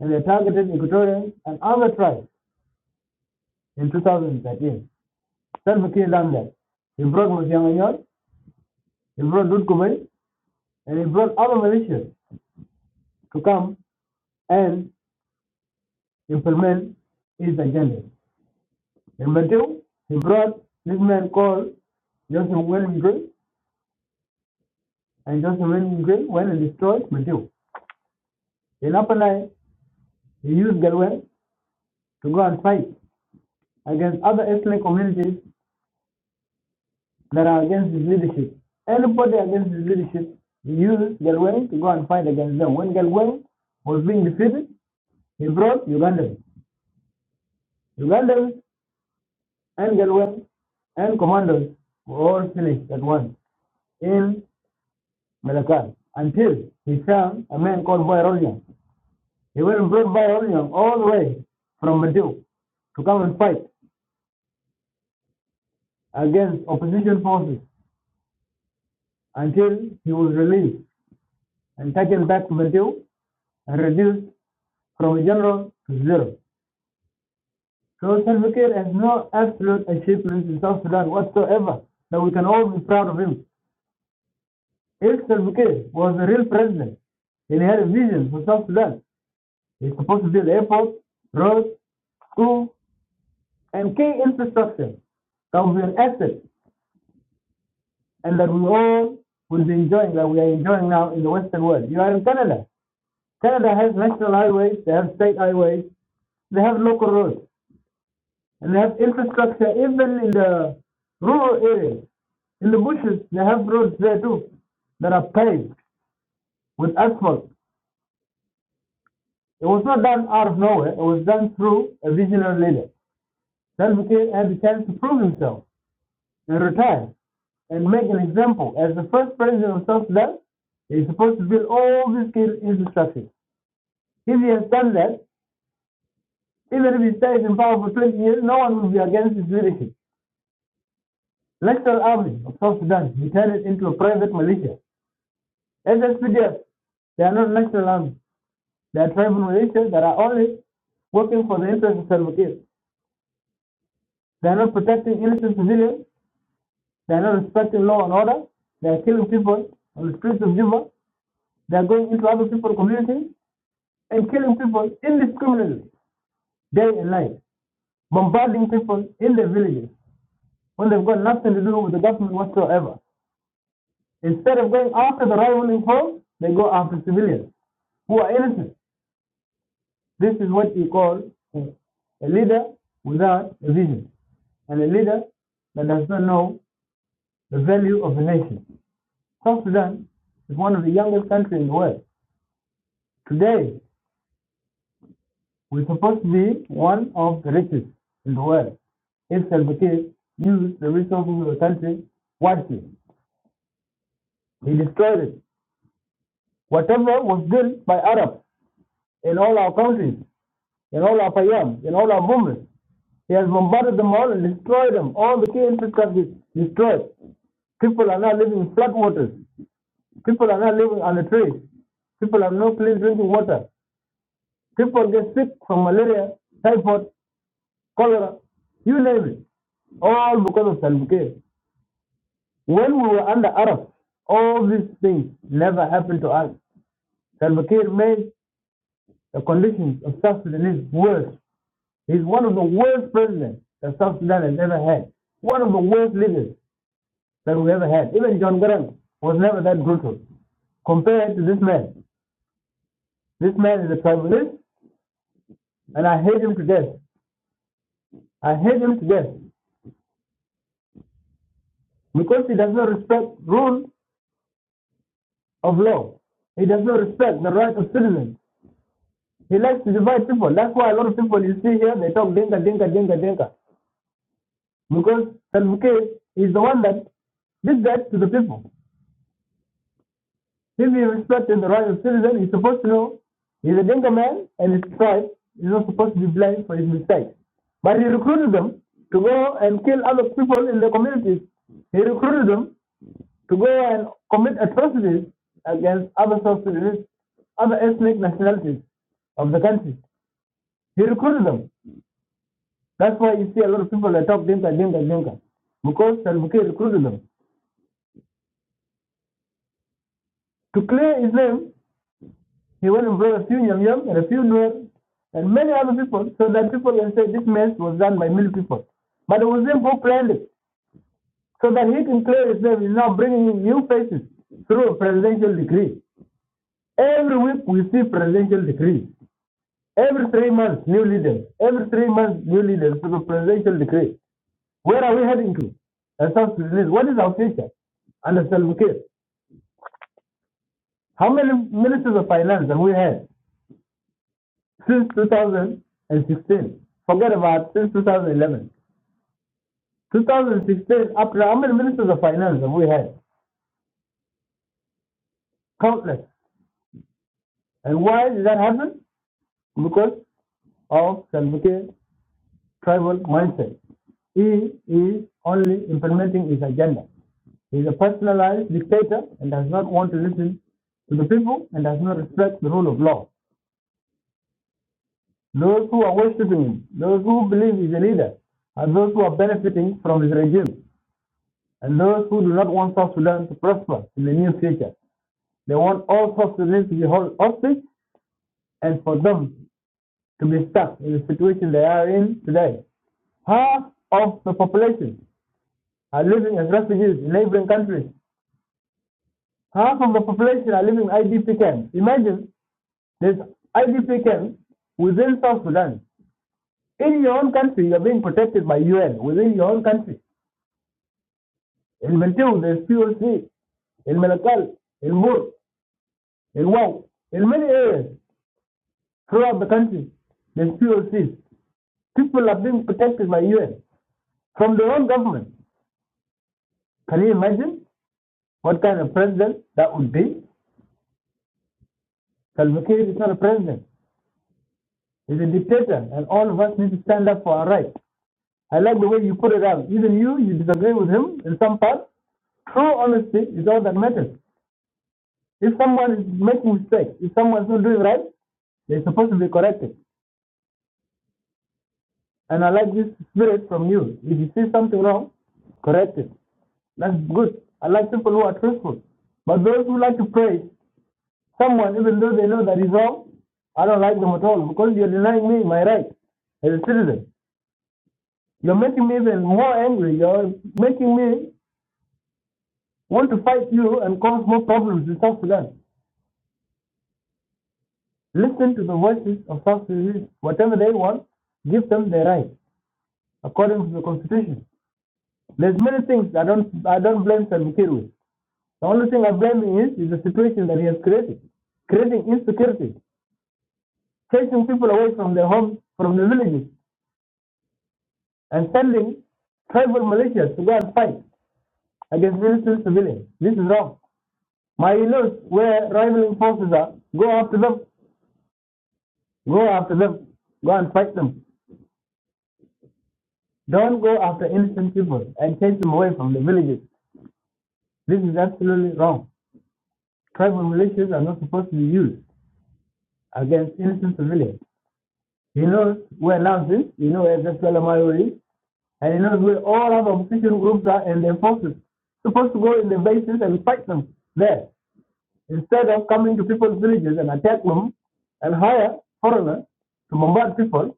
S6: and they targeted Equatorians and other tribes in 2013. Salva Kiir done that. He brought Mosyanganyor, he brought Dutkumen, and he brought other militias to come and implement his agenda. In Matthew, he brought this man called Joseph William Green, and Joseph William Green went and destroyed Matthew. In Upper Nile, he used Galway to go and fight against other ethnic communities that are against his leadership. Anybody against his leadership, he used Galway to go and fight against them. When Galway was being defeated, he brought Ugandans. Ugandans and Galway and commandos were all finished at once in Malakal until he found a man called Bayronian. He went and brought Bayronian all the way from Madhu to come and fight against opposition forces until he was released and taken back to Matthew and reduced from a general to zero. So Salva Kiir has no absolute achievements in South Sudan whatsoever that we can all be proud of him. If Salva Kiir was a real president and he had a vision for South Sudan, he's supposed to build airports, roads, schools, and key infrastructure that will be an asset and that we all will be enjoying, that we are enjoying now in the Western world. You are in Canada. Canada has national highways, they have state highways, They have local roads and they have infrastructure even in the rural areas. In the bushes, they have roads there too that are paved with asphalt. It was not done out of nowhere. It was done through a visionary leader. Salva Kiir had the chance to prove himself and retire and make an example. As the first president of South Sudan, he's supposed to build all these key infrastructure. If he has done that, even if he stays in power for 20 years, no one will be against his leadership. National Army of South Sudan returned into a private militia. SSPDF, they are not national army. They are tribal militias that are only working for the interests of Salva Kiir. They are not protecting innocent civilians. They are not respecting law and order. They are killing people on the streets of Juba. They are going into other people's communities and killing people indiscriminately, day and night, bombarding people in their villages when they've got nothing to do with the government whatsoever. Instead of going after the rivaling cause, they go after civilians who are innocent. This is what you call a, leader without a vision and a leader that does not know the value of the nation. South Sudan is one of the youngest countries in the world. Today, we're supposed to be one of the richest in the world. If Salva Kiir used the resources of the country wisely, he destroyed it. Whatever was built by Arabs in all our countries and all our Payam, and all our homeless. He has bombarded them all and destroyed them. All the key infrastructure is destroyed. People are now living in flood waters. People are now living on the trees. People have no clean drinking water. People get sick from malaria, typhoid, cholera, you name it. All because of Salva Kiir. When we were under Arab, all these things never happened to us. Salva Kiir made the conditions of South Sudanese worse He's one of the worst presidents that South Sudan has ever had. One of the worst leaders that we ever had. Even John Garang was never that brutal compared to this man. This man is a tribalist, and I hate him to death. I hate him to death because he does not respect rules of law. He does not respect the rights of citizens. He likes to divide people. That's why a lot of people you see here, they talk dinka, dinka, dinka, dinka. Because Salva Kiir is the one that did that to the people. If me respect and the right of citizen. He's supposed to know he's a Dinka man and his tribe is not supposed to be blamed for his mistakes. But he recruited them to go and kill other people in the communities. He recruited them to go and commit atrocities against other societies, other ethnic nationalities of the country. He recruited them. That's why you see a lot of people that talk Dinka, Dinka, Dinka, because Salva Salvaki recruited them. To clear his name He went and brought a few Yam Yam and a few Nuer and many other people so that people can say this mess was done by many people. But it was then go plainly so that he can clear himself. He's now bringing in new faces through a presidential decree. Every week we see presidential decree. Every three months, new leaders. Every three months, new leaders through the presidential decree. Where are we heading to? As South Sudanese, what is our future? Under Salva Kiir, how many ministers of finance have we had? since 2016. Forget about since 2011. 2016, up to how many ministers of finance have we had? Countless. And why did that happen? Because of Salvakir tribal mindset. He is only implementing his agenda. He is a personalized dictator and does not want to listen to the people and does not respect the rule of law. Those who are worshipping him, those who believe he's a leader, are those who are benefiting from his regime. and those who do not want South Sudan to prosper in the near future. They want all South Sudanese to be held hostage and for them to be stuck in the situation they are in today. Half of the population are living as refugees in neighboring countries. Half of the population are living in IDP camps. Imagine there's IDP camps within South Sudan. In your own country, you're being protected by UN within your own country. In Bentiu, there's POC. In Malakal, in Mur, in Wau, in many areas, throughout the country, the there's POCs. People are being protected by UN from their own government. Can you imagine what kind of president that would be? Salva Kiir is not a president. He's a dictator, and all of us need to stand up for our rights. I like the way you put it out. Even you, you disagree with him in some parts. True honesty is all that matters. If someone is making mistakes, if someone's not doing right, they're supposed to be corrected. And I like this spirit from you. If you see something wrong, correct it. That's good. I like people who are truthful. But those who like to praise someone, even though they know that is wrong, I don't like them at all because you're denying me my right as a citizen. You're making me even more angry. You're making me want to fight you and cause more problems in South Sudan. Listen to the voices of South Sudan. Whatever they want, give them their right according to the constitution. There's many things I don't I don't blame Salva Kiir with. The only thing I blame him is is the situation that he has created, creating insecurity Chasing people away from their homes, from the villages, and sending tribal militias to go and fight against innocent civilians. This is wrong. My in-laws, where rivaling forces are, go after them, go after them, go and fight them. Don't go after innocent people and chase them away from the villages. This is absolutely wrong. Tribal militias are not supposed to be used against innocent civilians. You know where Lance is, you know where Zesela Mayo is, And you know, we all have opposition groups that- and their forces. Supposed to go in the bases and fight them there instead of coming to people's villages and attack them and hire foreigners to bombard people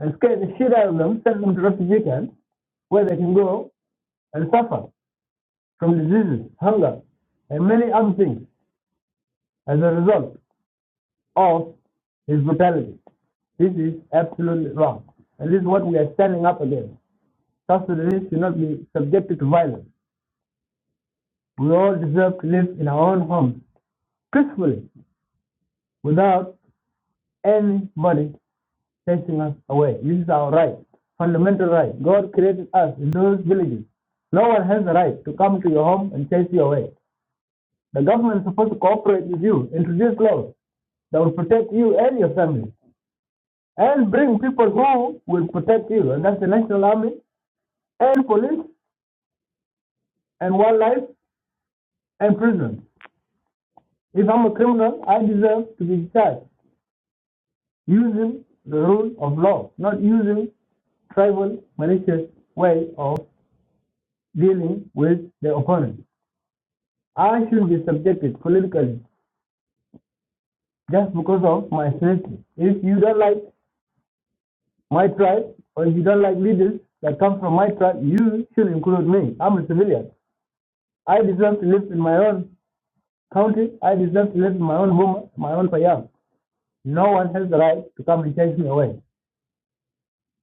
S6: and scare the shit out of them, send them to refugee camps where they can go and suffer from diseases, hunger, and many other things as a result of his brutality. This is absolutely wrong. And this is what we are standing up against. South Sudanese should not be subjected to violence. We all deserve to live in our own homes peacefully without anybody chasing us away. This is our right, fundamental right. God created us in those villages. No one has the right to come to your home and chase you away. The government is supposed to cooperate with you, introduce laws that will protect you and your family, and bring people who will protect you, and that's the National Army, and police, and wildlife, and prisons. If I'm a criminal, I deserve to be charged Using the rule of law, not using tribal malicious way of dealing with the opponent. I should be subjected politically just because of my ethnicity. If you don't like my tribe or if you don't like leaders that come from my tribe, you should include me. I'm a civilian. I deserve to live in my own country. I deserve to live in my own home, my own payam. No one has the right to come and chase me away.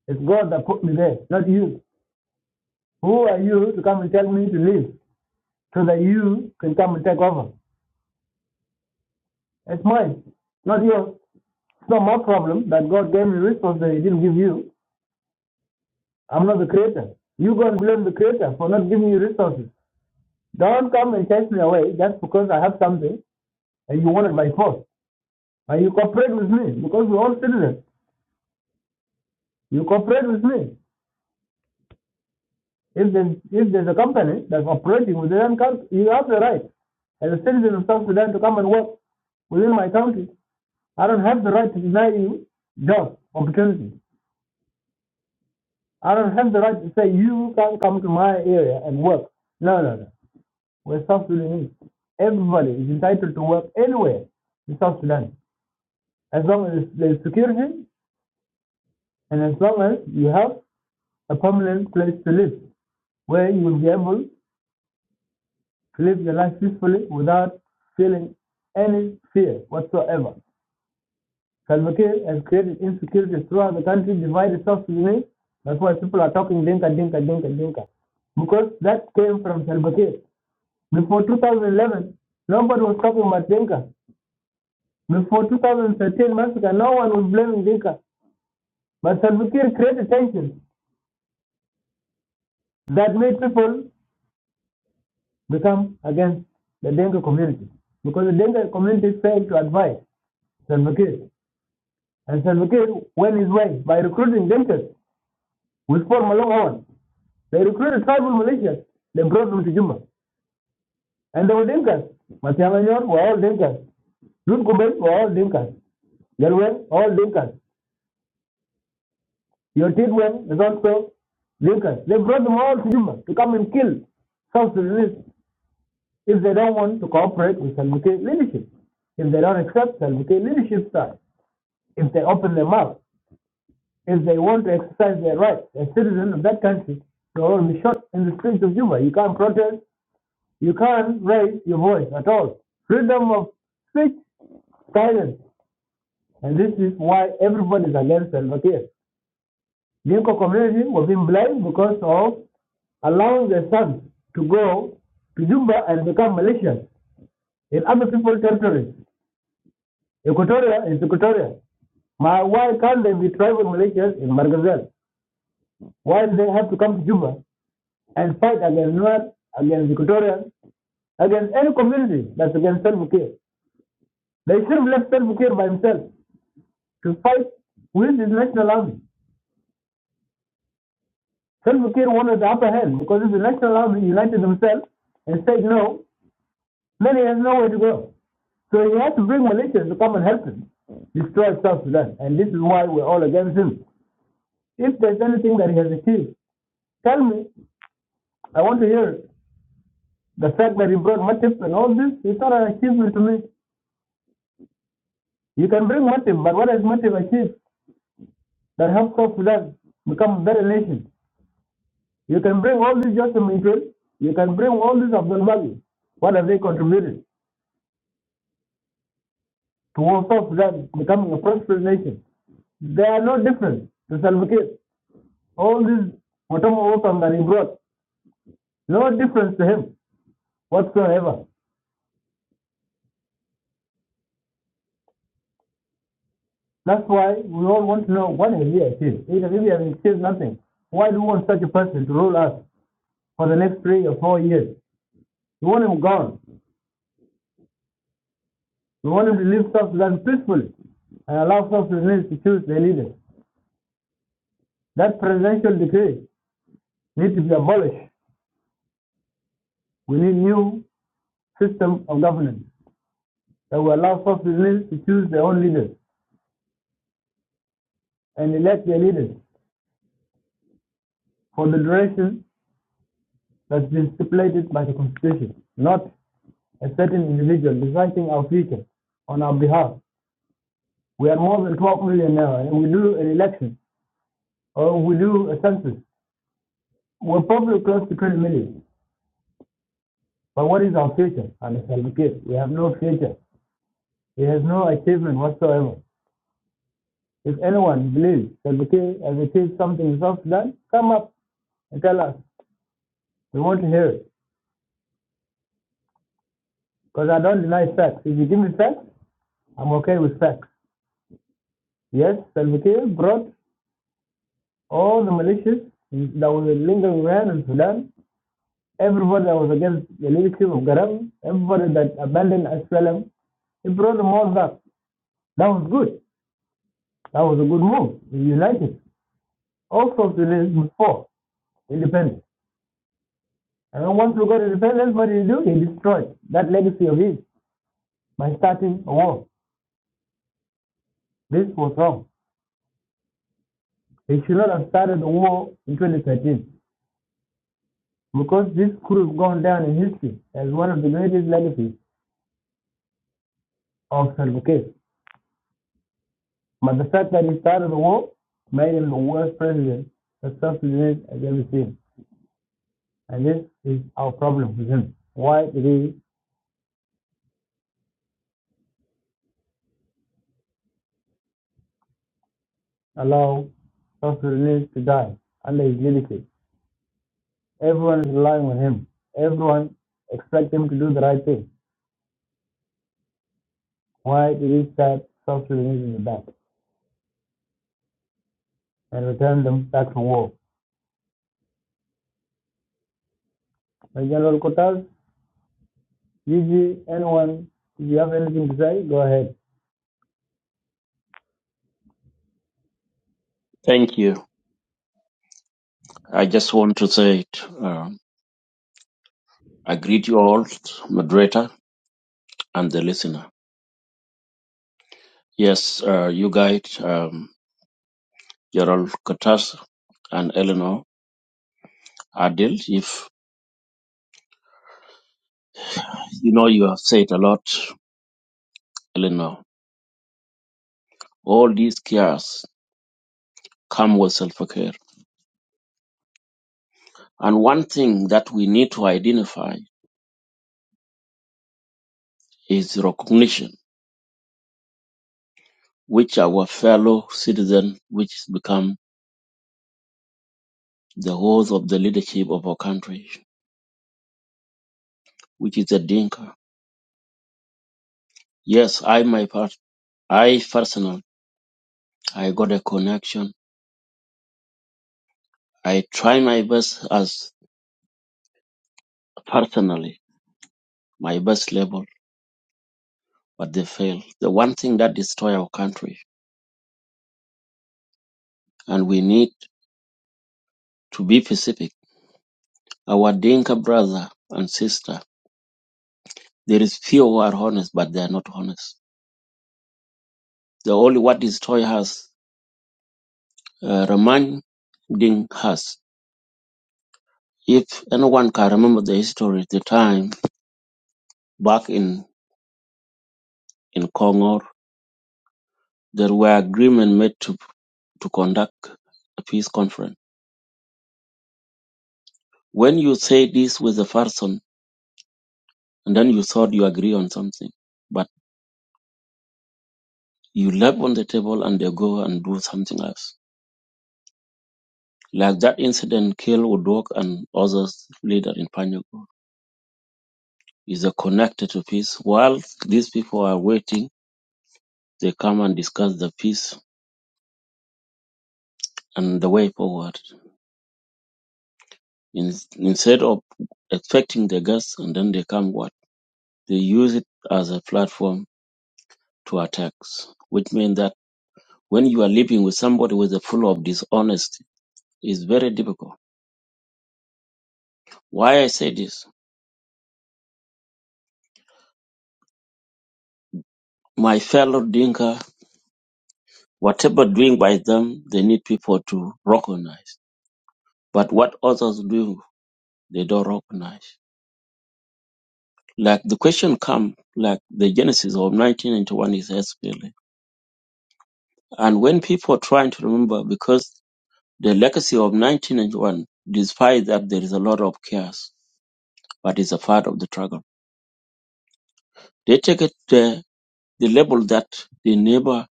S6: It's God that put me there, not you. Who are you to come and tell me to leave? so that you can come and take over. It's mine, not yours. It's not my problem that God gave me resources that He didn't give you. I'm not the creator. You go and blame the creator for not giving you resources. Don't come and chase me away just because I have something and you want it by force. And you cooperate with me because we're all citizens. You cooperate with me. If there's, if there's a company that's operating within that country, you have the right as a citizen of South Sudan to come and work within my country. I don't have the right to deny you jobs, opportunities. I don't have the right to say you can't come to my area and work. No, no, no. We're South Sudanese. Everybody is entitled to work anywhere in South Sudan, as long as there's security and as long as you have a permanent place to live, where you will be able to live your life peacefully without feeling any fear whatsoever. Salva Kiir has created insecurity throughout the country, divided South Sudanese. That's why people are talking dinka, dinka, dinka, dinka because that came from Salva Kiir. Before 2011, nobody was talking about Dinka. Before 2013 massacre, no one was blaming Dinka. But Salva Kiir created tension that made people become against the Dinka community. Because the Dinka community failed to advise Salva Kiir. And Salva Kiir went his way by recruiting Dinkas with Paul Malong Owen. They recruited tribal militias. They brought them to Juba. And they were Dinkas. Matianganyor were all Dinkas. Ruth Gobel were all Dinkas. They were all Dinkas. Your treatment is also Lucas. They brought them all to Juba to come and kill South Sudanese if they don't want to cooperate with Salva Kiir leadership, if they don't accept Salva Kiir leadership style, if they open their mouth, if they want to exercise their rights as citizens of that country, they will be shot in the streets of Juba. You can't protest. You can't raise your voice at all. Freedom of speech, silence. And this is why everybody is against Salva Kiir. Dinka community was being blamed because of allowing their sons to go to Juba and become Malaysians in other people's territories. Equatoria is Equatoria. why can't they be tribal Malaysians in Margazel? Why do they have to come to Juba and fight against North, against Equatoria, against any community that's against Self Care? They should have left Self Care by himself to fight with the National Army. Self Care wanted the upper hand because if the National Army united themselves and said no, Then he has nowhere to go. So he has to bring militias to come and help him destroy South Sudan. And this is why we're all against him. If there's anything that he has achieved, tell me. I want to hear it. The fact that he brought Matip and all this, it's not an achievement to me. You can bring Matip, but what has Matip achieved that helps South Sudan become a better nation? You can bring all these Joseph Mitchell, you can bring all these Abdul Mahdi. What have they contributed towards South Sudan becoming a prosperous nation? They are no different to Salva Kiir. all these whatever outcomes that he brought, no difference to him whatsoever. That's why we all want to know what has he achieved. he has achieved nothing, why do we want such a person to rule us for the next three or four years? We want him gone. We want him to live South Sudan peacefully and allow South Sudanese to choose their leaders. That presidential decree needs to be abolished. We need new system of governance that will allow South Sudanese to choose their own leaders and elect their leaders for the duration that's been stipulated by the Constitution, not a certain individual deciding our future on our behalf. We are more than 12 million now, and we do an election or we do a census. We're probably close to 20 million. But what is our future under Salva Kiir? We have no future. He has no achievement whatsoever. If anyone believes Salva Kiir has achieved something in South Sudan, come up and tell us. We want to hear it. Because I don't deny facts. If you give me facts, I'm okay with facts. Yes, Salva Kiir brought all the militias that were lingering around in Sudan, everybody that was against the leadership of Gaddafi, everybody that abandoned SLM, he brought them all back. That was good. That was a good move. He united. Also, to this before independence. And then once we got independence, what did he do? He destroyed that legacy of his by starting a war. This was wrong. He should not have started a war in 2013 because this could have gone down in history as one of the greatest legacies of Salva Kiir. But the fact that he started the war made him the worst president that South Sudan has ever seen. And this is our problem with him. Why did he allow South Sudanese to die under his leadership? Everyone is relying on him. Everyone expects him to do the right thing. Why did he stab South Sudanese in the back and return them back to war? My General Kotas, Gigi, anyone, if you have anything to say, go ahead.
S10: Thank you. I just want to say it. Uh, I greet you all, moderator and the listener. Yes, uh, you guys, um, Gerald Katas and Eleanor Adil, if you know you have said a lot, Eleanor, all these cares come with self-care. And one thing that we need to identify is recognition, which our fellow citizen, which has become the host of the leadership of our country, which is a dinka. Yes, I myself. I personal, I got a connection. I try my best as personally, my best level, but they fail. The one thing that destroy our country, and we need to be specific. Our Dinka brother and sister, there is few who are honest, but they are not honest. The only what destroy us, uh, reminding us. If anyone can remember the history, the time back in in Congo, there were agreement made to to conduct a peace conference When you say this with a person and then you thought you agree on something, but you left on the table and they go and do something else. Like that incident kill Udok and others later in Panyago is a connected to peace. While these people are waiting, they come and discuss the peace and the way forward. In, instead of expecting the guests and then they come what? They use it as a platform to attacks, which means that when you are living with somebody with a full of dishonesty, It's very difficult. Why I say this? My fellow Dinka, whatever doing by them, they need people to recognize. But what others do, they don't recognize. Like the question come, like the genesis of 1991 is SPLA. And when people are trying to remember, because the legacy of 1991, despite that there is a lot of chaos, but it's a part of the struggle. They take it to the level that they never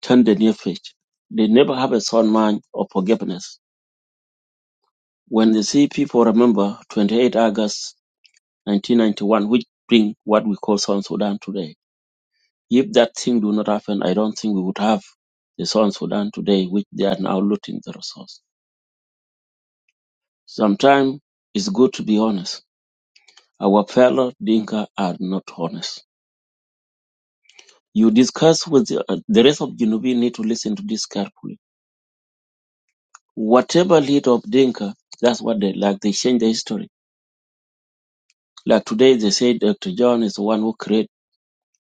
S10: turn the near page. They never have a sound mind of forgiveness when they see people remember 28 August 1991, which bring what we call South Sudan today. If that thing do not happen, I don't think we would have the South Sudan today, which they are now looting the resource. Sometimes it's good to be honest. Our fellow Dinka are not honest. You discuss with the, uh, the rest of Junubi need to listen to this carefully. Whatever lead of Dinka, that's what they like. They change the history. Like today, they say Dr. John is the one who created.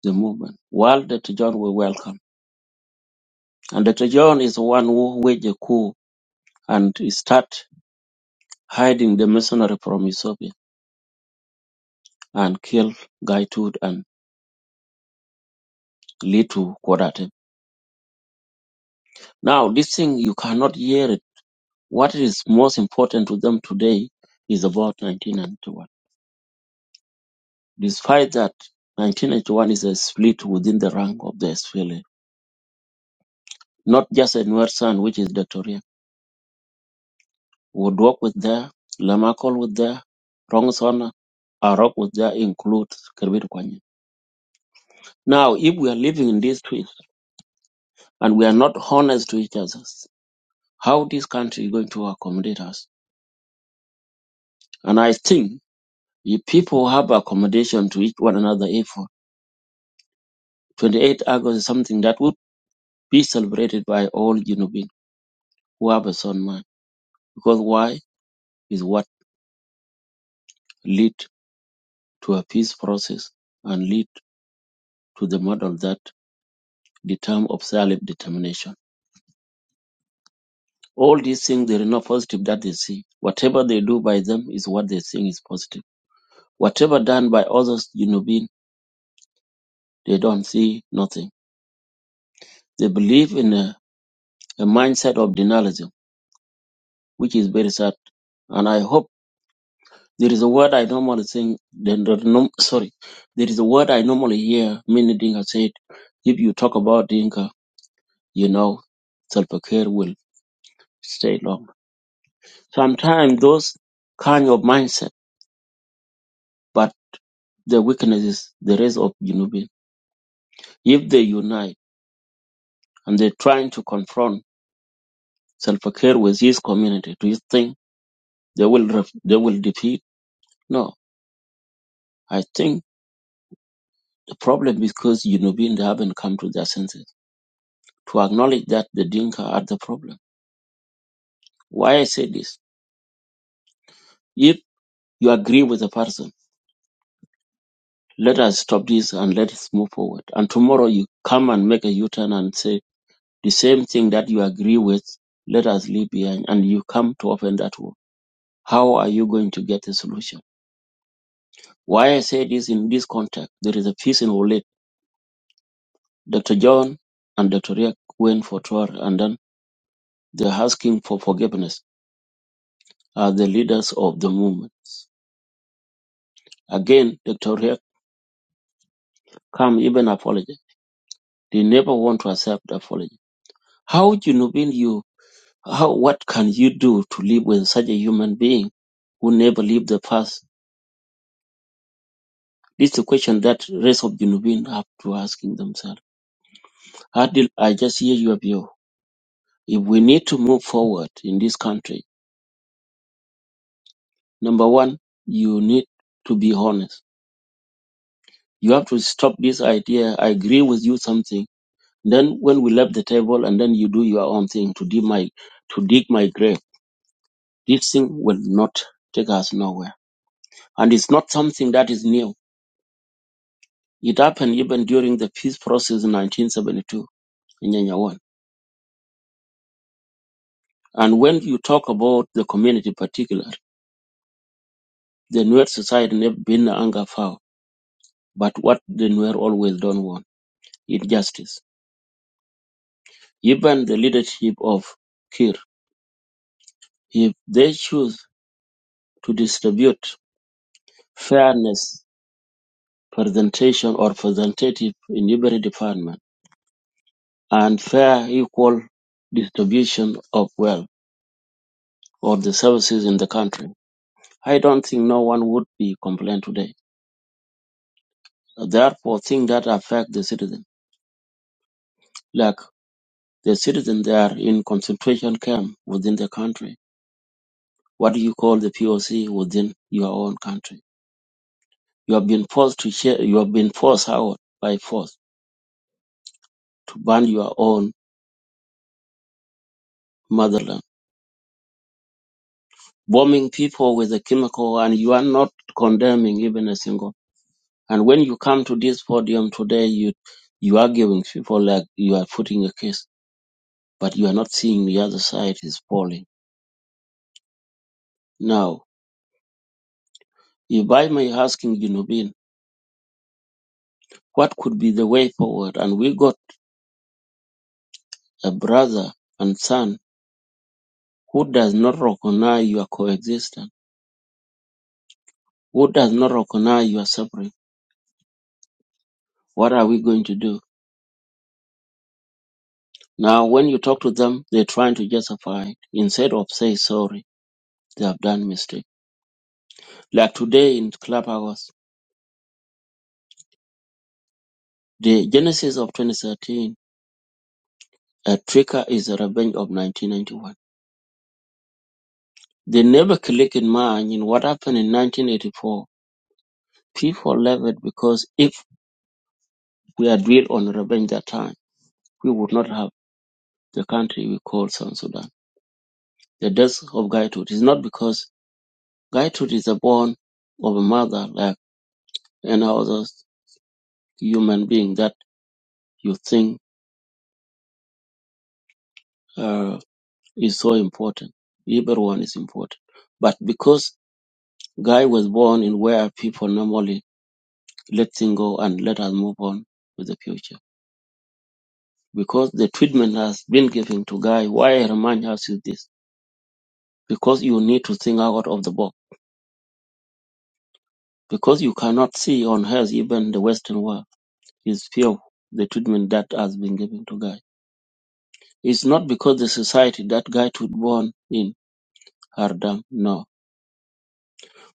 S10: the movement. While Dr. John will welcome. And Dr. John is the one who waged a coup and start hiding the mercenary from Ethiopia and kill Gaitud and lead to Kodate. Now, this thing, you cannot hear it. What is most important to them today is about 1991. Despite that, 1991 is a split within the rank of the SPLA, not just a Nuer San, which is Dr. Woodwork was there, Lemacol was there, Rongson, Arok was there, include Kerbit Kwanye. Now, if we are living in this twist and we are not honest to each other, how this country is going to accommodate us? And I think if people have accommodation to each one another, if 28th August is something that would be celebrated by all Junubin who have a son man. Because why is what lead to a peace process and lead to the model that the term of self determination. All these things they are not positive that they see. Whatever they do by them is what they think is positive. Whatever done by others, you know, being they don't see nothing. They believe in a, a mindset of denialism, which is very sad. And I hope there is a word I normally think. Then the, no, sorry, there is a word I normally hear. Many Dinka said, if you talk about Dinka, you know, self-care will stay long. Sometimes those kind of mindset, but the weakness is the rest of you Junubi If they unite and they're trying to confront Salva Kiir with his community, do you think they will ref- they will defeat? No. I think the problem is because Unubin they haven't come to their senses to acknowledge that the Dinka are the problem. Why I say this? If you agree with a person, let us stop this and let us move forward. And tomorrow you come and make a U-turn and say the same thing that you agree with, let us leave behind, and you come to open that door. How are you going to get a solution? Why I say this in this context, there is a piece in Olet. Dr. John and Dr. Riak went for tour and then they're asking for forgiveness as the leaders of the movement. Again, Dr. Riak come even apology. They never want to accept apology. How you know when you how what can you do to live with such a human being who never lived the past? This is the question that rest of Junubin have to asking themselves. Adil, I just hear your view. If we need to move forward in this country, Number one, you need to be honest. You have to stop this idea. I agree with you something. Then when we left the table and then you do your own thing to dig my, to dig my grave, this thing will not take us nowhere. And it's not something that is new. It happened even during the peace process in 1972 in Nyanyawan. And when you talk about the community particular, the Nuer society never been anger foul. But what the Nuer always don't want is justice given the leadership of Kir, if they choose to distribute fairness presentation or representative in every department and fair equal distribution of wealth or the services in the country, I don't think no one would be complained today. Therefore, things that affect the citizen, like the citizen they are in concentration camp within the country, what do you call the POC within your own country? You have been forced to share, you have been forced out by force to burn your own motherland, bombing people with a chemical, and you are not condemning even a single. And when you come to this podium today, you you are giving people like you are putting a case, but you are not seeing the other side is falling. Now, if I may asking Junubin, what could be the way forward? And we got a brother and son who does not recognize your coexistence, who does not recognize your suffering What are we going to do? Now, when you talk to them, they're trying to justify it instead of say sorry. They have done mistake. Like today in Clubhouse, the genesis of 2013, a trigger is a revenge of 1991. They never click in mind in what happened in 1984. People left it because if we had real on revenge that time, we would not have the country we call South Sudan. The death of Gaitut is not because Gaitut is a born of a mother like and others. human being that you think uh, is so important. Everyone is important. But because Guy was born in where people normally let things go and let us move on with the future. Because the treatment has been given to Guy, why I remind us is this? Because you need to think out of the box. Because you cannot see on earth, even the Western world, is few the treatment that has been given to Guy. It's not because the society that Guy was born in are dumb, no.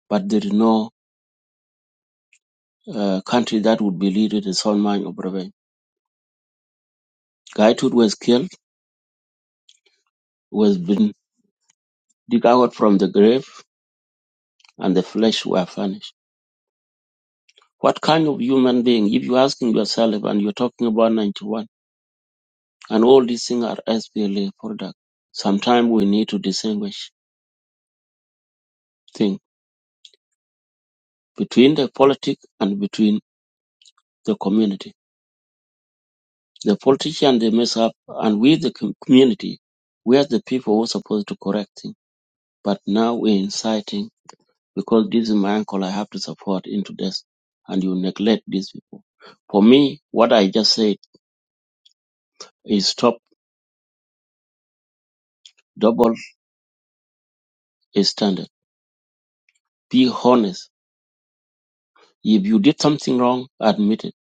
S10: But there is no uh, country that would be led with the sole mind of revenge. Guy Tut was killed, was been dig out from the grave, and the flesh were furnished. What kind of human being, if you're asking yourself and you're talking about 91, and all these things are SPLA product, sometimes we need to distinguish things between the politic and between the community. The politician, they mess up, and we, the com- community, we are the people who are supposed to correct things. But now we're inciting because this is my uncle I have to support into this and you neglect these people. For me, what I just said is stop double standard. Be honest. If you did something wrong, admit it.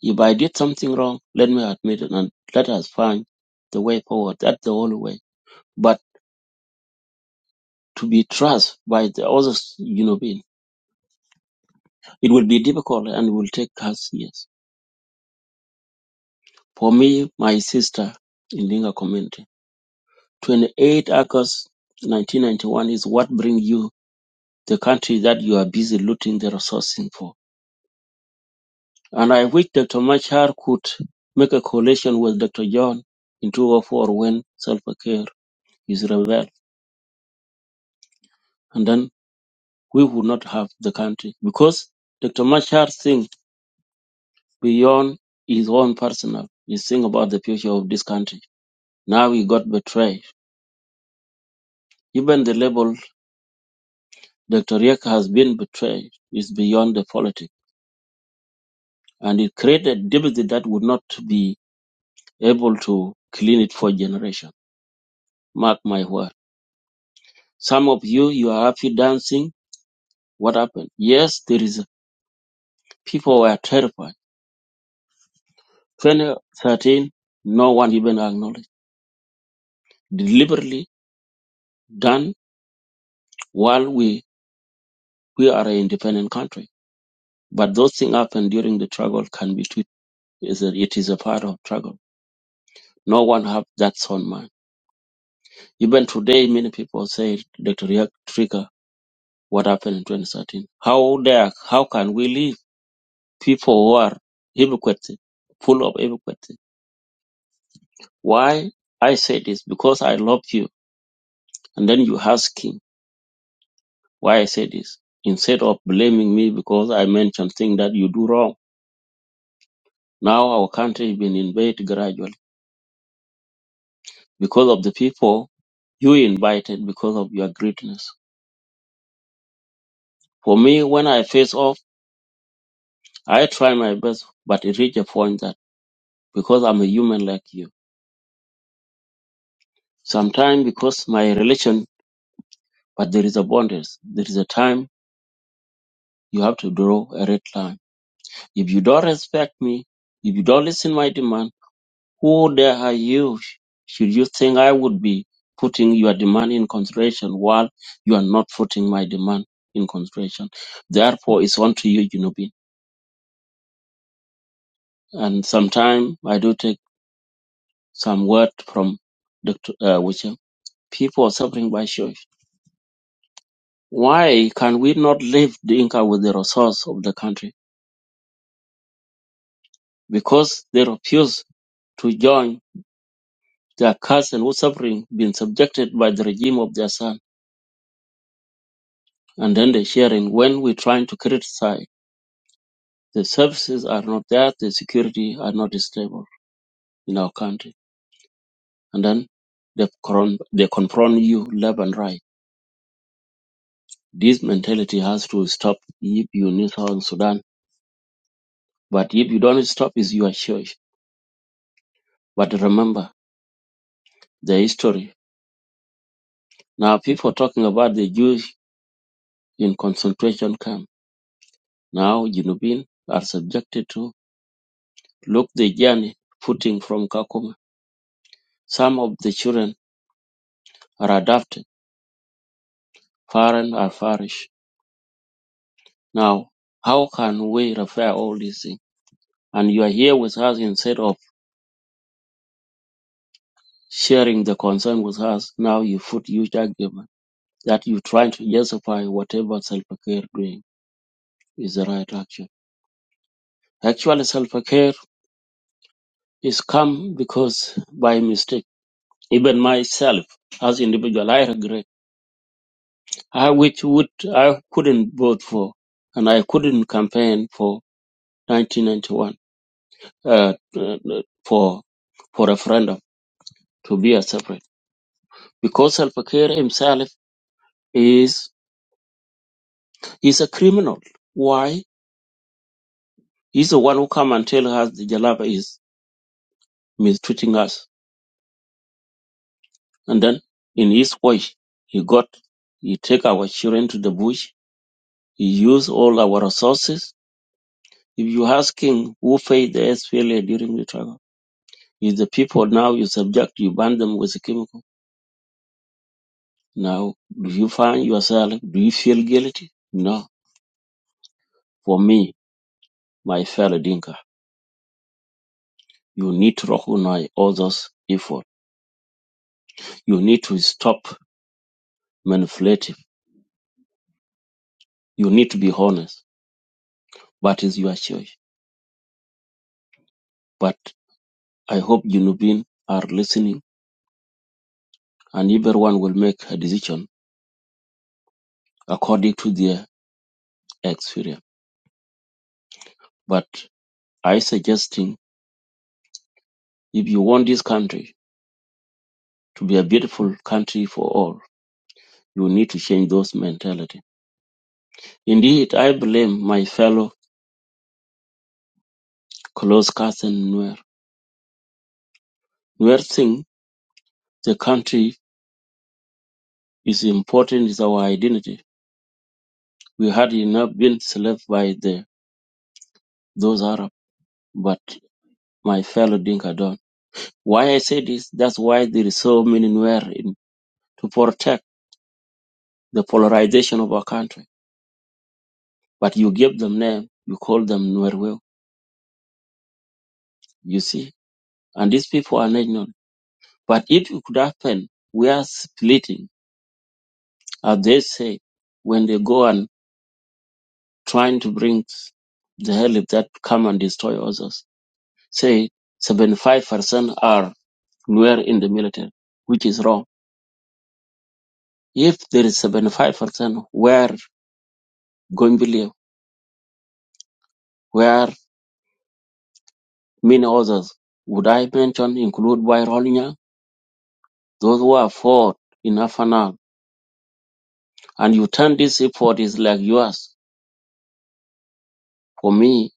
S10: If I did something wrong, let me admit it and let us find the way forward. That's the only way. But to be trusted by the others, you know, being, it will be difficult and will take us years. For me, my sister in Linga community, 28 August 1991 is what brings you the country that you are busy looting the resources for. And I wish Dr. Machar could make a coalition with Dr. John in 2004 when self-care is rebel. And then we would not have the country because Dr. Machar thinks beyond his own personal. He thinks about the future of this country. Now he got betrayed. Even the label Dr. Riek has been betrayed is beyond the politics. And it created deficit that would not be able to clean it for generation. Mark my word. Some of you, you are happy dancing. What happened? Yes, there is, people were terrified. 2013, no one even acknowledged. Deliberately done while we, we are an independent country. But those things happen during the struggle can be tweeted. Is that It is a part of struggle. No one have that sound mind. Even today, many people say, Dr. Yak Trigger, what happened in 2013? How dare, how can we live? People who are hypocrites, full of hypocrisy Why I say this? Because I love you. And then you ask him why I say this. Instead of blaming me because I mentioned things that you do wrong. Now our country has been invaded gradually because of the people you invited because of your greatness. For me, when I face off, I try my best, but it reach a point that because I'm a human like you, sometimes because my relation, but there is a boundaries. There is a time you have to draw a red line. If you don't respect me, if you don't listen my demand, Who the are you? Should you think I would be putting your demand in consideration while you are not putting my demand in consideration? Therefore, it's on to you, Junubin. And sometimes I do take some word from Dr. Uh, Wichem. People are suffering by shortage. Why can we not leave the Inca with the resource of the country? Because they refuse to join their cousin who's suffering, being subjected by the regime of their son. And then they're sharing when we're trying to criticize The services are not there. The security are not stable in our country. And then they, con- they confront you left and right. This mentality has to stop if you need South Sudan. But if you don't stop, it's your choice. But remember the history. Now people talking about the Jews in concentration camp. Now Junubin are subjected to look the journey footing from Kakuma. Some of the children are adopted. Foreign are far Now, how can we refer all these things? And you are here with us instead of sharing the concern with us. Now you put huge argument that you trying to justify whatever self-care doing is the right action. Actually, self-care is come because by mistake. Even myself, as individual, I regret. I which would I couldn't vote for, and I couldn't campaign for 1991 uh, uh, for for referendum to be a separate. because Salva Kiir himself is is a criminal. Why? He's the one who come and tell us the Jalaba is mistreating us, and then in his way, he got he take our children to the bush. He use all our resources. If you asking who paid the SPLA during the trial, is the people now you subject, you burn them with a chemical. Now, do you find yourself? Do you feel guilty? No. For me, my fellow Dinka, you need to recognize all those effort You need to stop manipulative. You need to be honest. But it's your choice. But I hope Junubin are listening and everyone will make a decision according to their experience. But I suggesting if you want this country to be a beautiful country for all, you need to change those mentality. Indeed, I blame my fellow close cousin Nuer. Nuer think the country is important is our identity. We had enough been slaves by the those Arabs. but my fellow Dinka don't. Why I say this, that's why there is so many Nuer in to protect the polarization of our country. But you give them name, you call them Nuer will, you see. And these people are ignorant. But if it could happen, we are splitting, as they say, when they go and trying to bring the help that come and destroy others. Say 75% are Nuer in the military, which is wrong. If there is 75% where Gombilia where many others would I mention include Byronia, those who have fought in Afanal. And you turn this effort is like yours. For me,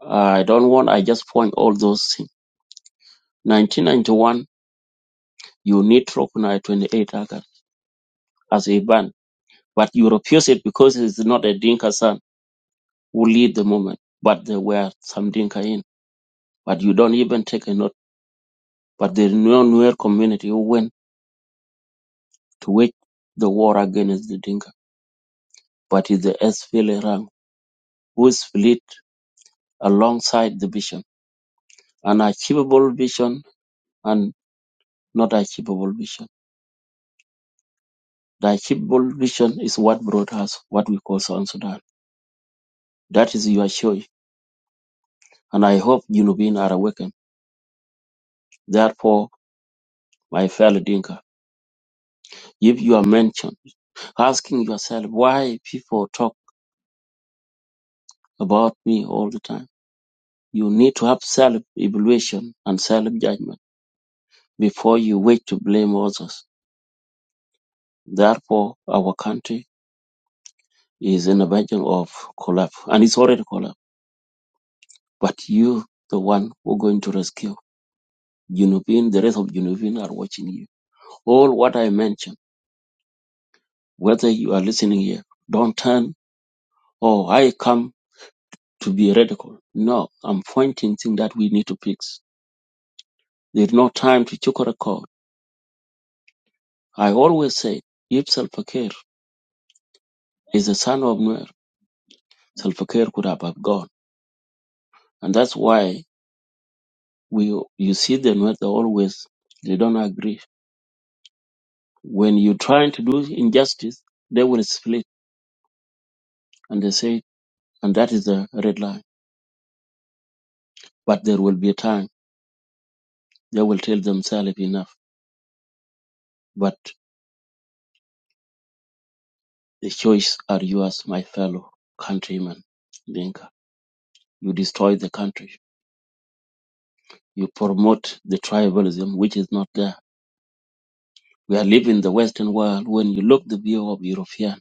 S10: I don't want, I just point all those things. 1991, you need to recognize 28 August as a ban, but you refuse it because it's not a Dinka son who lead the movement, but there were some Dinka in. But you don't even take a note. But the non-Nuer community who went to wage the war against the Dinka, but it's the SPLA rank whose fleet alongside the vision, an achievable vision and not achievable vision. The achievable vision is what brought us what we call South Sudan. That is your choice. And I hope Junubin are awakened. Therefore, my fellow Dinka, if you are mentioned, asking yourself why people talk about me all the time, you need to have self-evaluation and self-judgment before you wait to blame others. Therefore, our country is in a version of collapse and it's already collapsed. But you, the one who going to rescue Junubin, the rest of Junubin are watching you. All what I mentioned, whether you are listening here, don't turn, oh, I come to be radical. No, I'm pointing things that we need to fix. There's no time to choke a record. I always say, if Salva Kiir is the son of Nuer, Salva Kiir could have have gone. And that's why we, you see the Nuer, they always, they don't agree When you're trying to do injustice, they will split and they say, and that is the red line. But there will be a time they will tell themselves enough. But the choice are yours, my fellow countrymen. Dinka, you destroy the country. You promote the tribalism, which is not there. We are living in the Western world. When you look the view of European,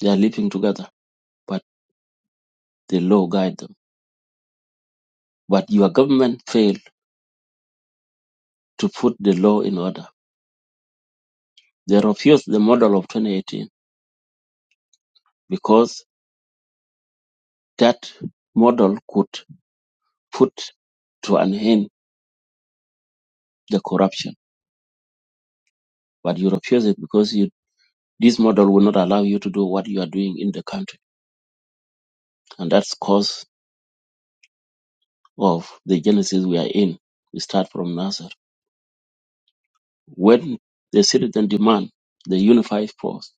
S10: they are living together, but the law guide them. But your government failed to put the law in order. They refused the model of 2018 because That model could put to an end the corruption, but you refuse it because you, this model will not allow you to do what you are doing in the country. And that's cause of the genesis we are in. We start from Nazareth. When the citizen demand the unified force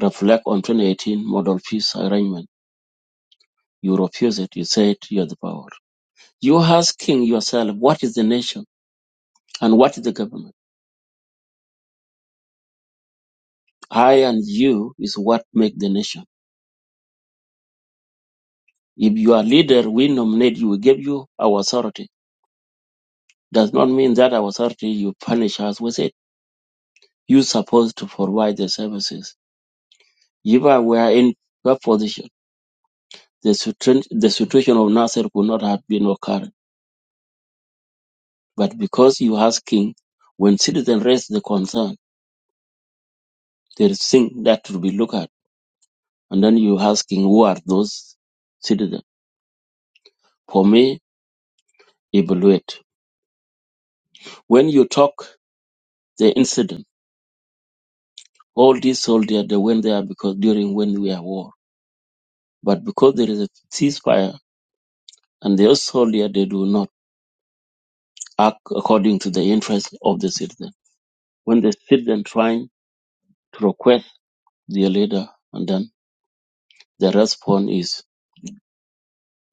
S10: reflect on 2018 model peace arrangement, you refuse it. You said you are the power. You asking yourself, what is the nation and what is the government? I and you is what make the nation. If you are leader we nominate you, we give you our authority. Does not mean that our authority you punish us with it. you supposed to provide the services. If I were in your position, the, situ- the situation of Nasser could not have been occurred. But because you asking, when citizens raise the concern, there is thing that will be looked at. And then you asking who are those citizens. For me, evaluate. When you talk the incident, all these soldiers they went there because during when we are war But because there is a ceasefire and they are soldier, they do not act according to the interests of the citizen. When the citizen trying to request their leader, and then the response is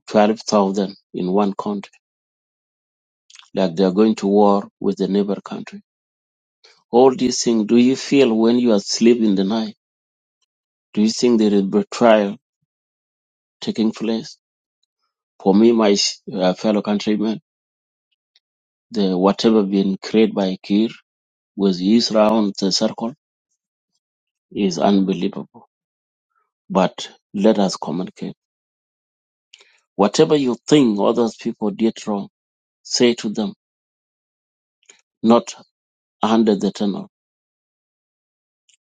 S10: 12,000 in one country, like they are going to war with the neighbor country. All these things, do you feel when you are asleep in the night? Do you think there is betrayal taking place? For me, my uh, fellow countrymen, the whatever been created by Kir with his round the circle is unbelievable But let us communicate. Whatever you think others people did wrong, say to them, not under the tunnel.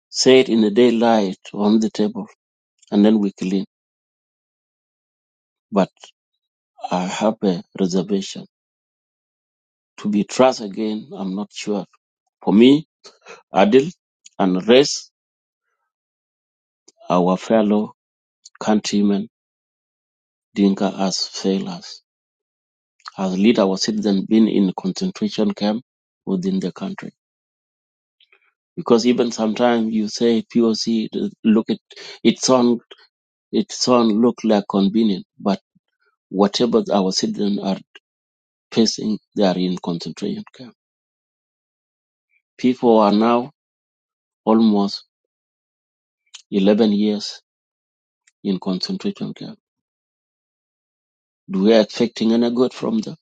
S10: Say it in the daylight on the table, and then we clean. But I have a reservation. To be trust again, I'm not sure. For me, Adil and rest our fellow countrymen, Dinka has failed us. Has lead our citizens been in concentration camp within the country? because even sometimes you say POC th- look it it sound it sound look like convenient, but whatever our citizens are facing, they are in concentration camp. People are now almost eleven years in concentration camp. Do we expecting any good from them?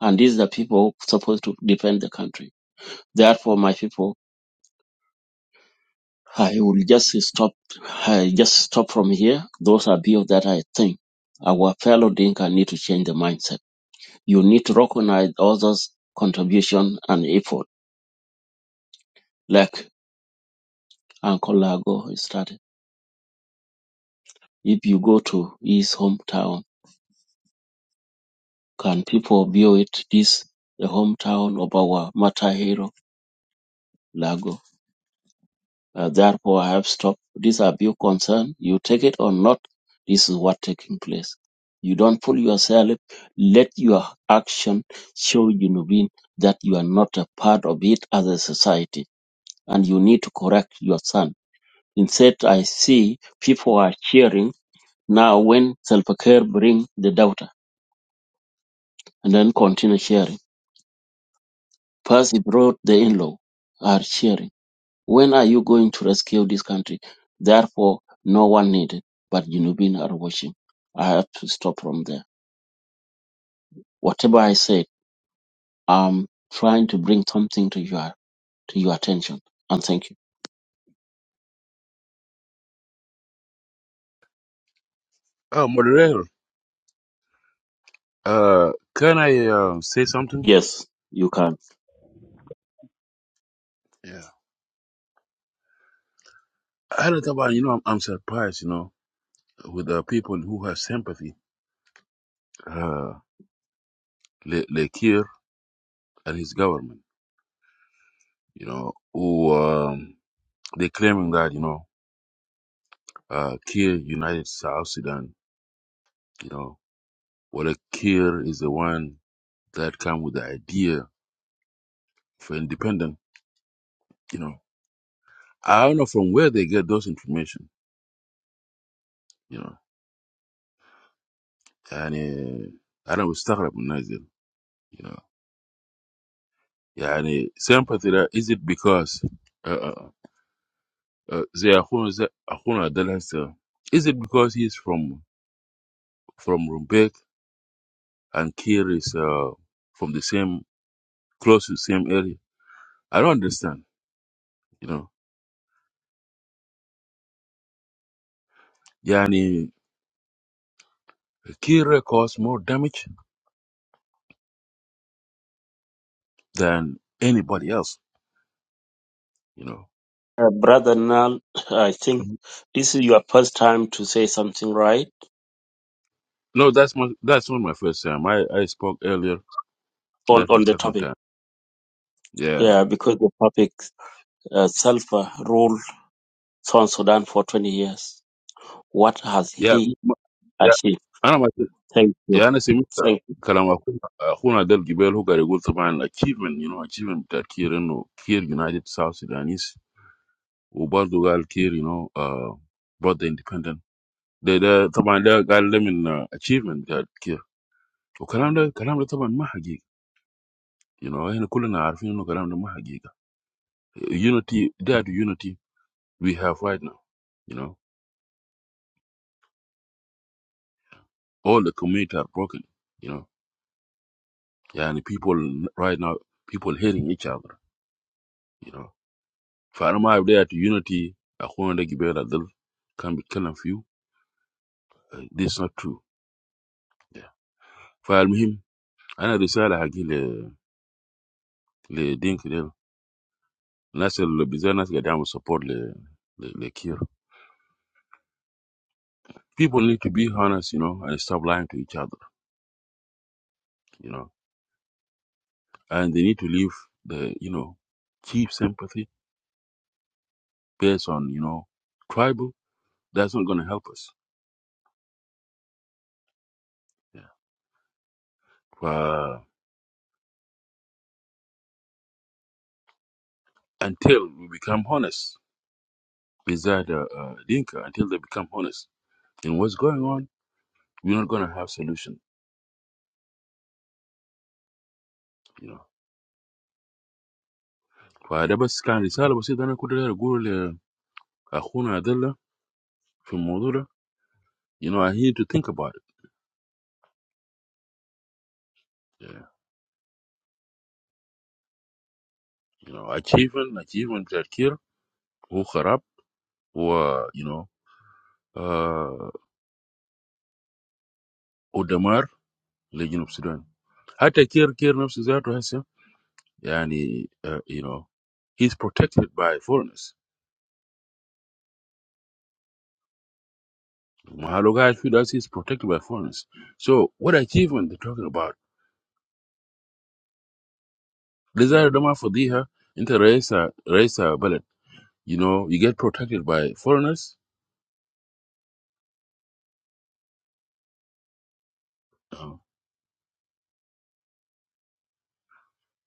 S10: And these are people supposed to defend the country. Therefore, my people, I will just stop. I just stop from here. Those are bills that I think our fellow Dinka need to change the mindset You need to recognize others' contribution and effort, like Uncle Lago started. If you go to his hometown, can people view it this the hometown of our matter hero Lago? Uh, therefore, I have stopped. These are your concern. You take it or not. This is what taking place. You don't fool yourself. Let your action show you know, that you are not a part of it as a society, and you need to correct your son Instead I see people are cheering now when Salva Kiir bring the daughter and then continue cheering. First he brought the in-law are cheering. When are you going to rescue this country? Therefore, no one needed, but Junubin are watching. I have to stop from there. Whatever I said, I'm trying to bring something to your to your attention. And thank you.
S7: Oh, moderator, uh, can I uh, say something?
S10: Yes, you can.
S7: Yeah. I don't know, you know, I'm, I'm surprised, you know. with the people who have sympathy, uh, Le, Le Kiir and his government, you know, who um, they claiming that, you know, uh, Kiir united South Sudan, you know, well, uh, Kiir is the one that come with the idea for independence, you know. I don't know from where they get those information, you know, and uh, I don't start with Nazir, you know. yeah, and sympathy ده- is it because uh, uh, uh, they are زي أخونا زي أخونا ده لسه- is it because he's from from Rumbek and Kir is uh, from the same, close to the same area. I don't understand, you know. Yani, Kir caused more damage than anybody else, you know.
S10: Uh, Brother Nal, I think this is your first time to say something right
S7: No, that's my, that's not my first time. I, I spoke earlier.
S10: on,
S7: That's my
S10: on the
S7: second
S10: topic.
S7: time. Yeah.
S10: Yeah, because the topic uh, sulfur ruled South Sudan for 20 years. What has
S7: Yeah. m-
S10: he
S7: m- Yeah.
S10: achieved?
S7: أنا ما
S10: Thank you.
S7: يعني أنا سمعت
S10: Thank you.
S7: كلام أخونا أخونا ده الجبال هو قاعد يقول طبعا achievement you know achievement that كير إنه كير united South Sudanese We both got here, you know. Both the independent. They're the, but they got them in achievement that here. We can't, we can't, we can't be. You know, I know, I know, I know. We can't be. You know, they are the unity we have right now. You know, all the communities are broken. You know, yeah, and people right now, people hating each other. You know, if I'm there to unity, I can't be kind of few. This is not true. For him, I decided to give the the drink there. Unless the business get down with support the, the, the cure. People need to be honest, you know, and stop lying to each other, you know. And they need to leave the, you know, cheap sympathy based on, you know, tribal. That's not going to help us. Yeah. Uh, until we become honest beside uh, uh, Dinka, until they become honest in what's going on, we're not going to have solution, you know. فده بس كان رسالة بسيطة أنا كنت داير أقول لأخونا عبد الله في الموضوع ده. You know, I need to think about it. you know, achievement, achievement بتاع كير هو خراب و you know آه ودمار لجنوب السودان حتى كير كير نفسه ذاته هسه يعني uh, you know he's protected by foreigners Mahalo guys with us he's protected by foreigners so what achievement they're talking about desire dama fadiha into raisa raisa ballot you know you get protected by foreigners uh,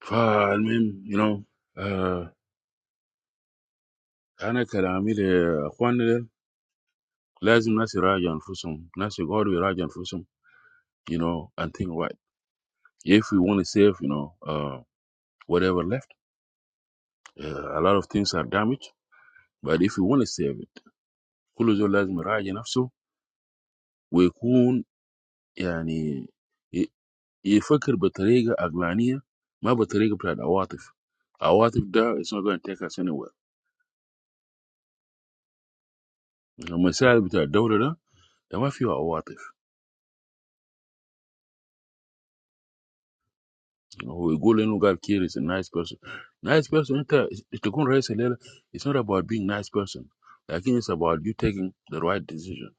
S7: فالمهم you know uh, انا كلامي لاخواننا Lazim nasi raja anfusum. Nasi God we raja anfusum. You know, and think right. If we want to save, you know, uh, whatever left, uh, a lot of things are damaged. But if we want to save it, كل زول لازم يراجع نفسه ويكون يعني ي- يفكر بطريقة عقلانية ما بطريقة بتاعت عواطف. عواطف ده it's not going to take us anywhere. المسائل بتاع الدولة ده ده ما فيه عواطف. هو يقول انه قال كير is a nice person nice person انت تكون رئيس الليله it's not about being nice person لكن it's about you taking the right decision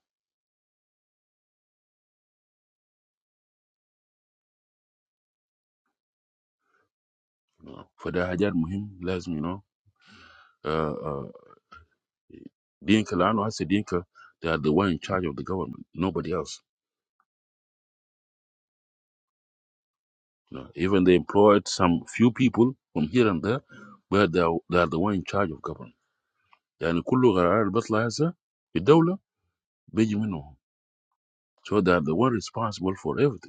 S7: you know. فده حاجات مهم لازم you know uh, uh, دينك لانه هسه دينك they are the one in charge of the government nobody else you know. even they employed some few people from here and there but they are, they are the one in charge of government يعني كل قرار بيطلع هسه في الدوله بيجي منهم so they are the one responsible for everything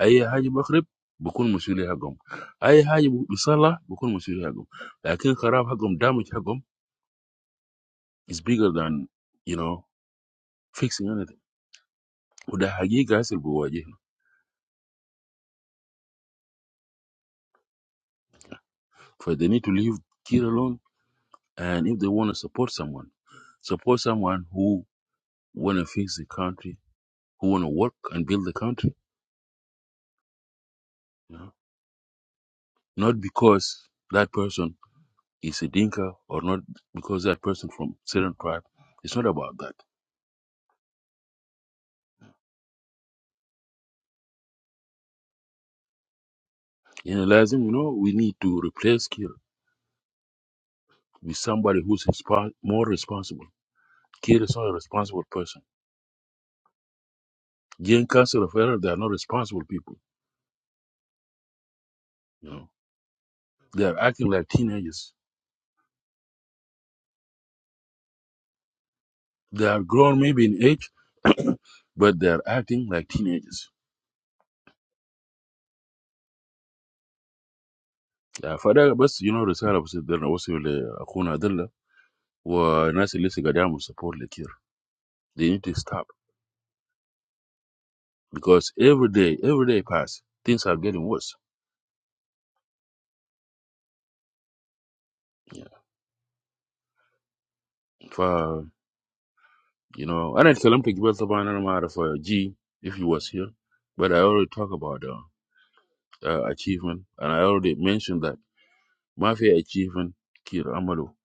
S7: اي حاجه بخرب بكون مسؤوليه حقهم اي حاجه بيصلح بكون مسؤوليه حقهم لكن خراب حقهم دامج حقهم is bigger than you know fixing anything وده حقيقه هسه بيواجهنا ف they need to leave Kira alone and if they want to support someone support someone who want to fix the country who want to work and build the country you know? not because that person is a dinka or not because that person from certain tribe it's not about that you know, Lazim, you know, we need to replace Kir. be somebody who's respon more responsible. Kid is not a responsible person. Jane Council of Elder, they are not responsible people. You know, they are acting like teenagers. They are grown maybe in age, but they are acting like teenagers. Yeah, فده بس you know رسالة بس بدنا نوصل لأخونا دلة والناس اللي لسه قاعدين يعملوا support لكير. They need to stop because every day, every day pass, things are getting worse. Yeah. ف you know أنا اتكلمت قبل طبعا أنا ما أعرف uh, G if he was here, but I already talk about uh, uh, achievement, and I already mentioned that mafia achievement, Kir Amado,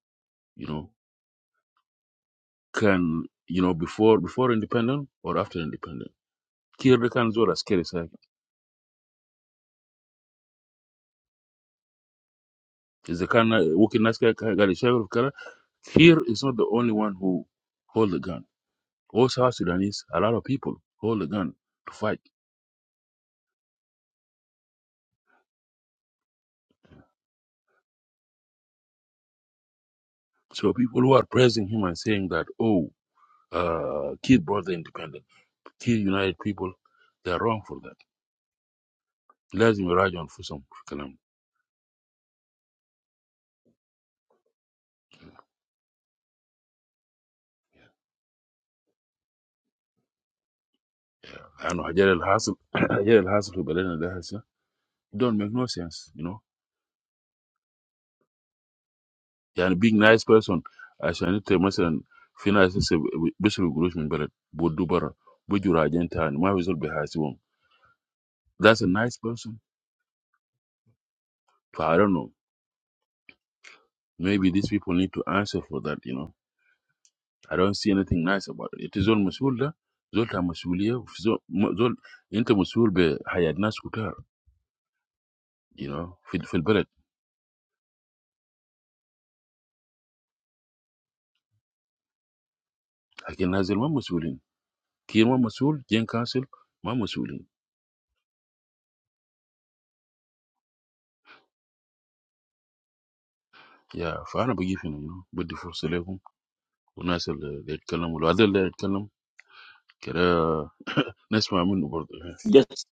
S7: you know, can you know before before independent or after independent. Kir the can do as scary side. Is the kind of working as guy got a share of color. Kir is not the only one who hold the gun. Also, South Sudanese, a lot of people hold the gun to fight. So people who are praising him and saying that, oh, uh, Kir brought the independent, Kir united people, they are wrong for that. لازم يراجعوا أنفسهم And Hajar al Hassel, *coughs* Hajar *clears throat* al Hassel, who Belena Dahasa, don't make no sense, you know. And being nice person, I shall not tell myself, Fina is a bishop Gurush Mimbelet, Bodubara, Bujura Genta, and my result behind him. That's a nice person. But I don't know. Maybe these people need to answer for that, you know. I don't see anything nice about it. It is all Masulda, Zolta Masulia, Zol, Inter Masul be Hayad Naskutar, you know, Fil Fil Beret. I can Hazel one Masulin. Kirma Masul, Jen Council, one Masulin. يا فانا بجي هنا you know، بدي فرصه لكم والناس اللي يتكلموا وهذا اللي يتكلم كده نسمع منه برضه
S10: Just,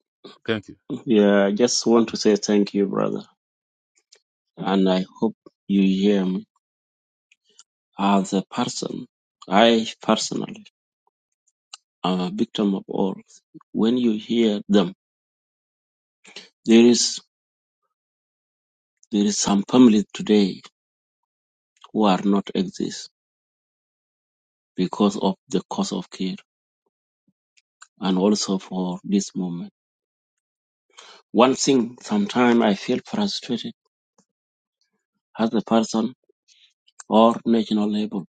S7: ثانك يو
S10: yeah, I just want to say thank you, brother. And I hope you hear me. As a person, I personally am a victim of all. When you hear them, there is, there is some family today who are not exist because of the cause of care and also for this movement. One thing, sometimes I feel frustrated as a person or national level.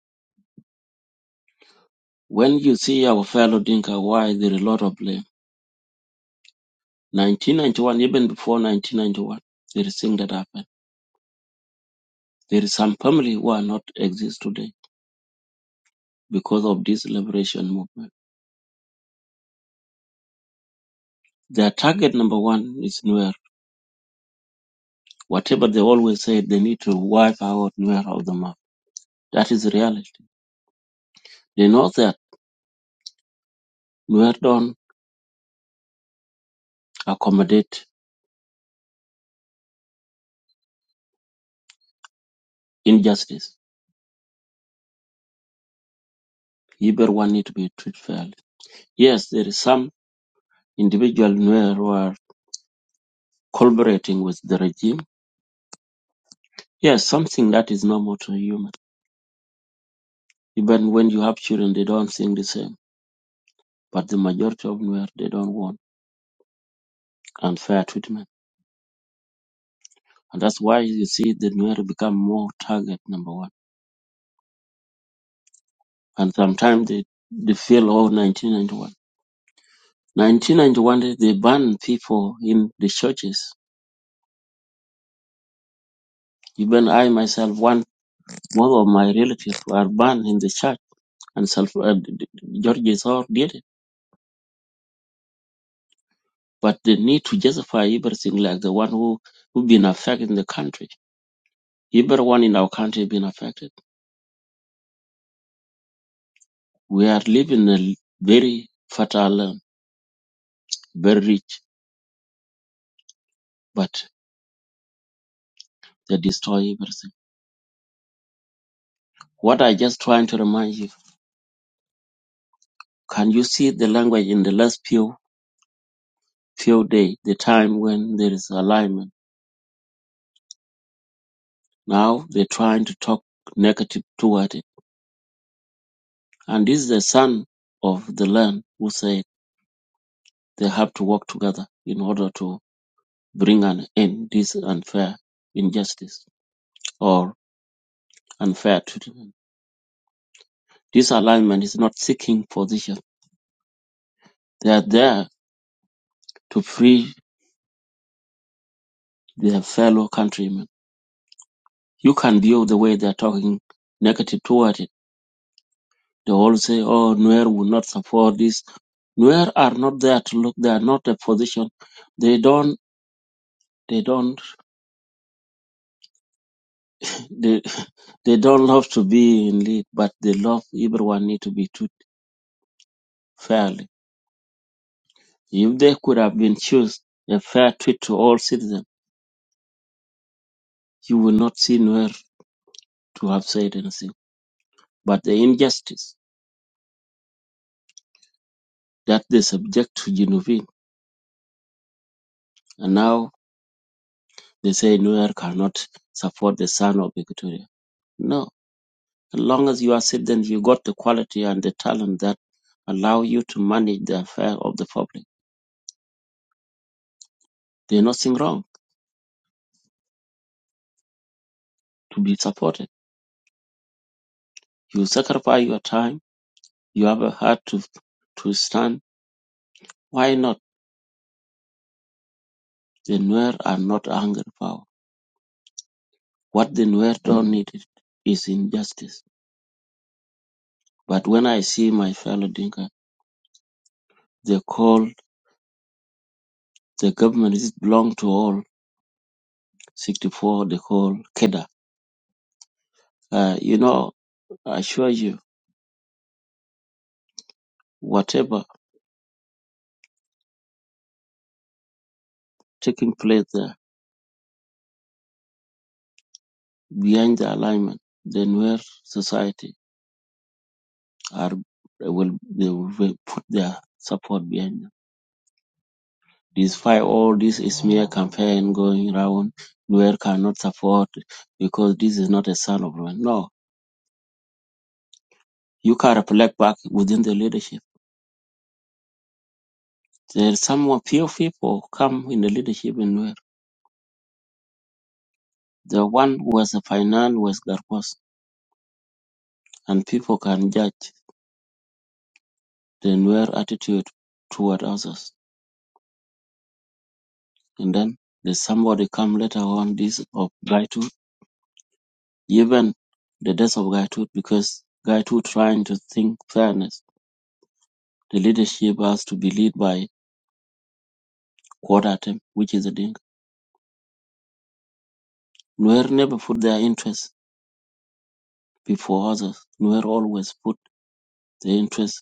S10: When you see our fellow Dinka, why there is a lot of blame? 1991, even before 1991, there is thing that happened. There is some family who are not exist today because of this liberation movement. Their target number one is Nuer. Whatever they always say, they need to wipe out Nuer of the map. That is reality. They know that Nuer don't accommodate injustice. Everyone need to be treated fairly Yes, there is some individual Nuer who are collaborating with the regime. Yes, something that is normal to a human. Even when you have children, they don't think the same. But the majority of Nuer, they don't want unfair treatment. And that's why you see the Nuer become more target number one. And sometimes they, they feel, oh, 1991. 1991, they banned people in the churches. Even I myself, one, one of my relatives were banned in the church. And self, uh, George Thor did it but they need to justify everything like the one who who been affected in the country. Everyone in our country been affected. We are living in a very fertile land, very rich, but they destroy everything. What I just trying to remind you, can you see the language in the last few few days, the time when there is alignment? Now they're trying to talk negative toward it. And this is the son of the land who said they have to work together in order to bring an end this unfair injustice or unfair treatment. This alignment is not seeking position. They are there to free their fellow countrymen. You can view the way they are talking negative toward it. They all say, oh, Nuer will not support this. Nuer are not there to look. They are not a position. They don't, they don't, they, *laughs* they don't love to be in lead, but they love everyone need to be treated fairly If they could have been choose a fair treat to all citizens, you will not see Nuer to have said anything. But the injustice that they subject to Genovese, and now they say Nuer cannot support the son of Equatoria. No, as long as you are citizen, you got the quality and the talent that allow you to manage the affair of the public. There's nothing wrong to be supported. You sacrifice your time. You have a heart to to stand. Why not? The Nuer are not angry power What the Nuerto needed is injustice. But when I see my fellow Dinka, they call the government is belong to all 64, they call Keda. Uh, you know, I assure you, whatever taking place there behind the alignment, the Nuer society are will they will put their support behind them. Despite all this smear campaign going around, Nuer cannot support because this is not a son of Nuer. No, You can reflect back within the leadership. There are some of few people who come in the leadership in Nuer. The one who was a finance was Garkwas, and people can judge the Nuer attitude toward others. And then there's somebody come later on this of Gaitut, even the death of Gaitut, because Gaitut trying to think fairness. The leadership has to be led by Quadatem, which is a Dinka. Nuer never put their interests before others. Nuer always put the interest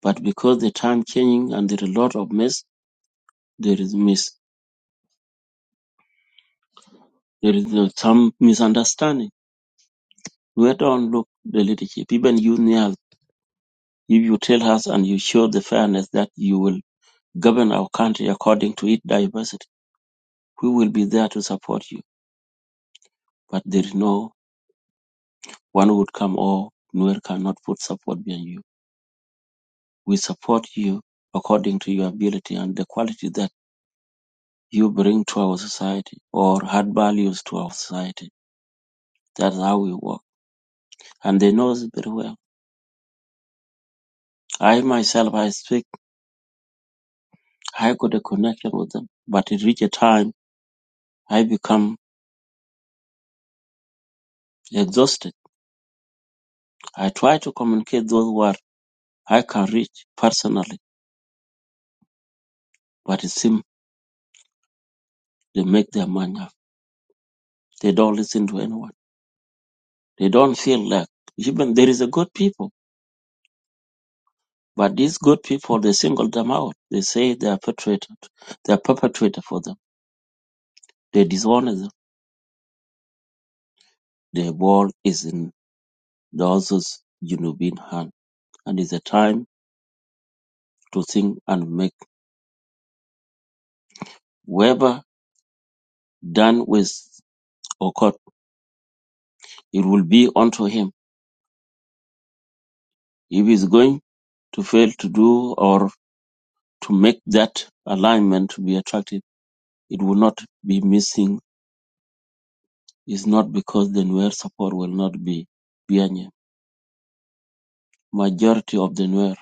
S10: But because the time changing and there is a lot of mess, there is mis there is uh, some misunderstanding. We don't look the leadership. Even you Niall, if you tell us and you show the fairness that you will govern our country according to its diversity, we will be there to support you. But there is no one would come or Nuer cannot put support behind you. We support you according to your ability and the quality that you bring to our society or add values to our society. That's how we work. and they know us very well. I myself, I speak, I got a connection with them, but it reached a time I become exhausted. I try to communicate those words I can reach personally, but it seems they make their mind up. They don't listen to anyone. They don't feel like even there is a good people, but these good people they single them out. They say they are perpetrated, they are perpetrator for them. They disown them. The ball is in the other's you hand, and it's a time to think and make. Whoever done with or caught, it will be unto him. If he's going to fail to do or to make that alignment to be attractive, it will not be missing. It's not because the Nuer support will not be behind him. Majority of the Nuer,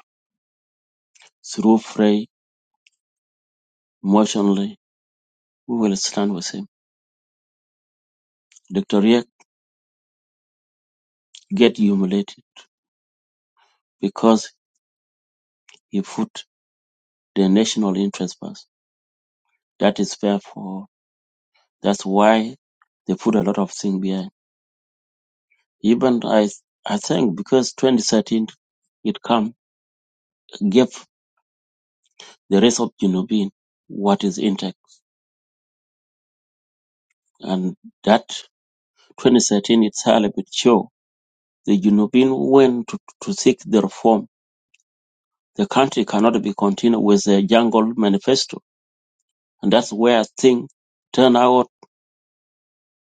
S10: through Frey, emotionally, we will stand with him. Dr. Riek get humiliated because he put the national interest first. That is fair for That's why they put a lot of things behind. Even I, I think because 2013 it come gave the rest of Junubin what is intact, and that 2013 itself it show the Junubin went to, to seek the reform. The country cannot be continued with the jungle manifesto, and that's where things turn out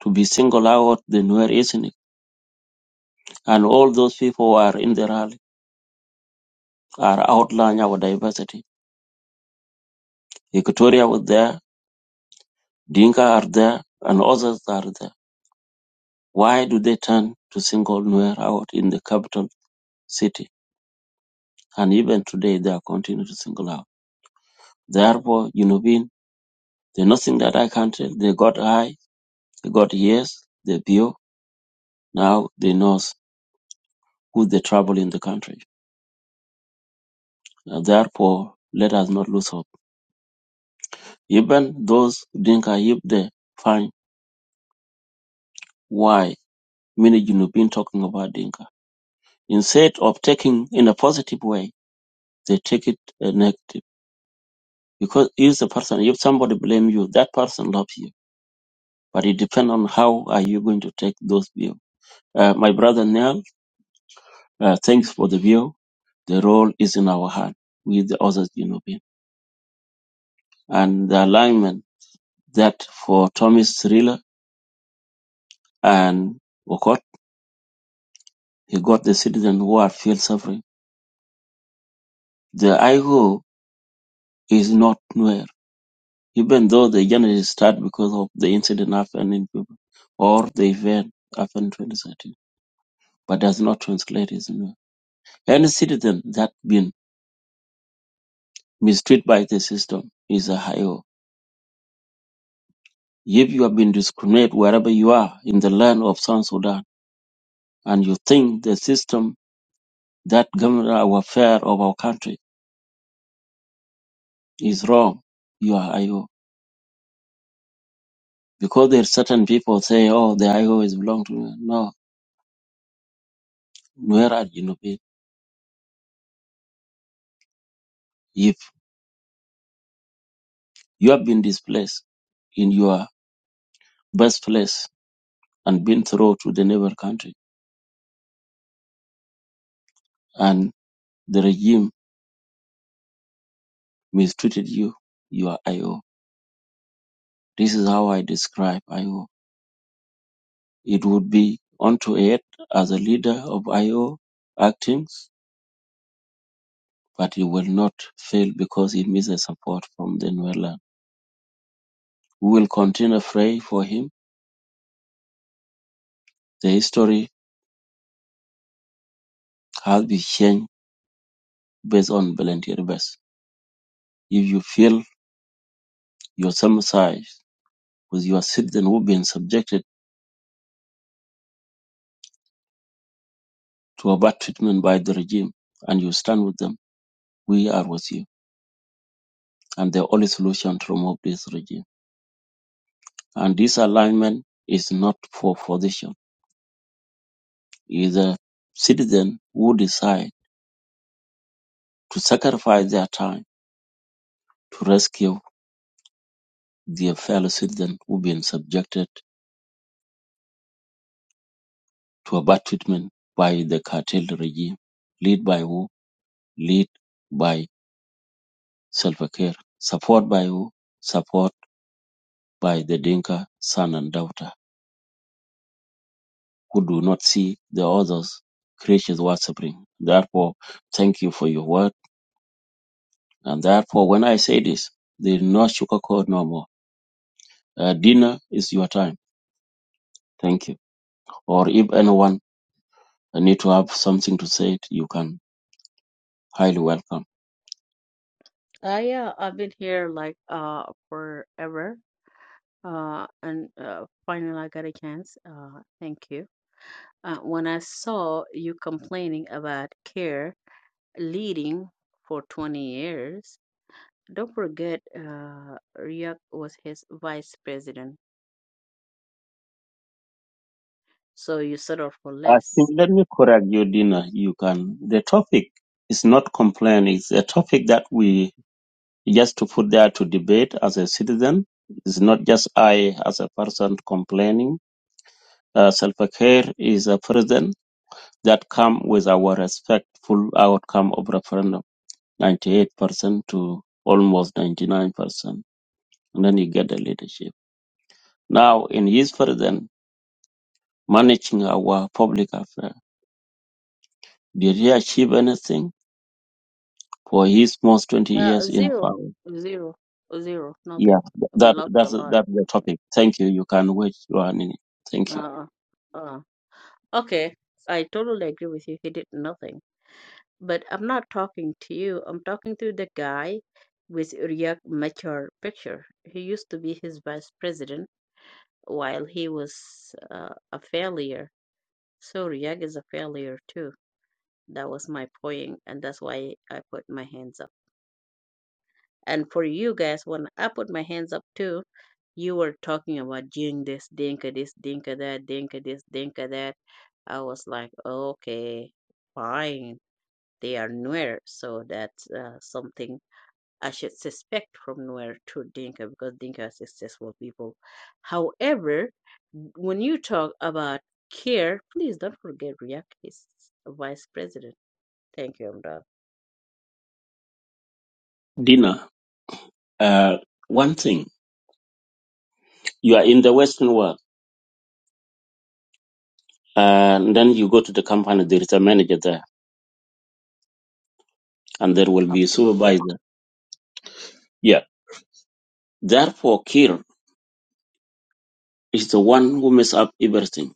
S10: to be single out the Nuer ethnic, and all those people who are in the rally are outlining our diversity. Equatoria was there, Dinka are there, and others are there. Why do they turn to single Nuer out in the capital city? And even today, they are continuing to single out. Therefore, you know, being the nothing that I can tell. They got eye, they got ears, they view. Now they know who they trouble in the country. Now, therefore, let us not lose hope. Even those Dinka, if they find why many you know been talking about Dinka, instead of taking in a positive way, they take it uh, negative. Because if the person, if somebody blame you, that person loves you but it depends on how are you going to take those views. Uh, my brother Neil, uh, thanks for the view. The role is in our hand with the other Genovian. And the alignment that for Thomas Thriller and Okot, he got the citizen who are feel suffering. The IGO is not nowhere, even though the journey start because of the incident happened in Juba or the event happened in 2013, but does not translate is nowhere. Any citizen that been mistreated by the system is a IGO If you have been discriminated wherever you are in the land of South Sudan and you think the system that governs our affair of our country is wrong, you are IO. Because there are certain people say, oh, the IO is belong to me. No, where are you? Nubi? If you have been displaced in your birthplace and been thrown to the neighbor country and the regime mistreated you, you are IO. This is how I describe IO. It would be unto it as a leader of Io Actings, but he will not fail because he misses support from the Nuerland. We will continue pray for him. The history has been changed based on volunteer base. If you feel your sympathize with your citizen who've been subjected to a bad treatment by the regime and you stand with them, we are with you. And the only solution to remove this regime. And this alignment is not for position is a citizen who decide to sacrifice their time to rescue their fellow citizens who've been subjected to a bad treatment by the cartel regime, lead by who? lead by Salva Kiir. Support by who? Support by the Dinka son and daughter who do not see the others creatures were suffering. Therefore, thank you for your word. And therefore, when I say this, there is no sugarcoat no more. Uh, dinner is your time. Thank you. or if anyone need to have something to say, it, you can highly welcome.
S11: Uh, yeah, I've been here like uh forever. Uh, and uh, finally I got a chance. Uh, thank you. Uh, when I saw you complaining about care leading for 20 years, don't forget uh Ryuk was his vice president, so you settled for
S10: I think
S11: less.
S10: let me correct you, Dina. You can. The topic is not complaint. It's a topic that we just to put there to debate as a citizen. It's not just I as a person complaining. Uh, self-care is a president that come with our respectful outcome of referendum, 98% to almost 99%. And then you get the leadership. Now, in his president, managing our public affairs. Did he achieve anything for his most 20
S11: Uh,
S10: years in
S11: zero,
S10: power?
S11: zero, zero,
S10: Yeah,
S11: nothing. We
S10: that,
S11: lost a
S10: that's,
S11: lot.
S10: that's the topic. Thank you. You can wait one minute. Thank you.
S11: Uh, uh, okay, I totally agree with you. He did nothing. But I'm not talking to you. I'm talking to the guy with Riek Machar picture. He used to be his vice president while he was uh, a failure. So Riek is a failure too. That was my point, and that's why I put my hands up. And for you guys, when I put my hands up too, you were talking about doing this, dinka this, dinka that, dinka this, dinka that. I was like, okay, fine. They are nowhere, so that's uh, something I should suspect from nowhere to Dinka because Dinka are successful people. However, when you talk about care, please don't forget Riek is vice president. Thank you, Amdal.
S10: Dina, uh, one thing, you are in the Western world, and then you go to the company, there is a manager there, and there will be a
S11: Absolutely.
S10: supervisor. Yeah. Therefore, Kir is the one who messes up everything.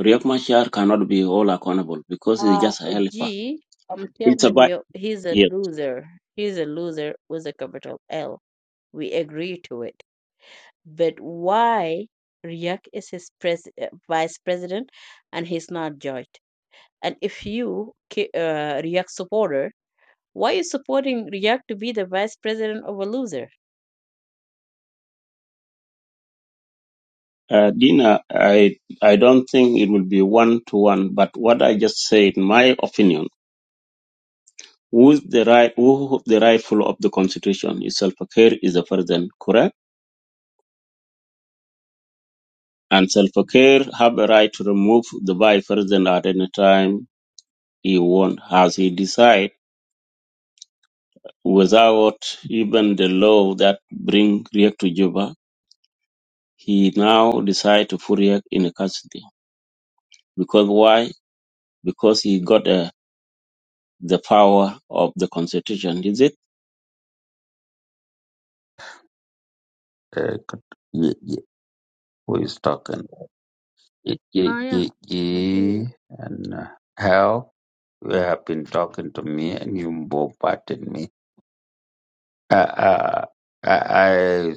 S10: Riek Machar cannot be all accountable because he's
S11: Uh,
S10: just a helper.
S11: G, I'm
S10: It's
S11: telling
S10: about,
S11: you, he's a
S10: yes.
S11: loser. He's a loser with a capital L. We agree to it. But why Riek is his pres- uh, vice president and he's not judged? And if you, ki- uh, Riek supporter, Why is supporting React to be the vice president of a loser?
S10: Uh, Dina, I I don't think it will be one to one, but what I just said, in my opinion, who's the right who the rightful of the constitution is Self-Fakir is the president, correct? And Self-Fakir have a right to remove the vice president at any time he want, as he decide, without even the law that bring Riek to Juba. He now decide to put Riek in custody because why? Because he got uh, the power of the constitution, is it?
S8: Uh, could- ye- ye- who is talking? Ye, ye,
S11: Ah, yeah,
S8: ye,
S11: I hear you.
S8: ye, and uh, how you have been talking to me and you bombarded me. Uh, uh, I, I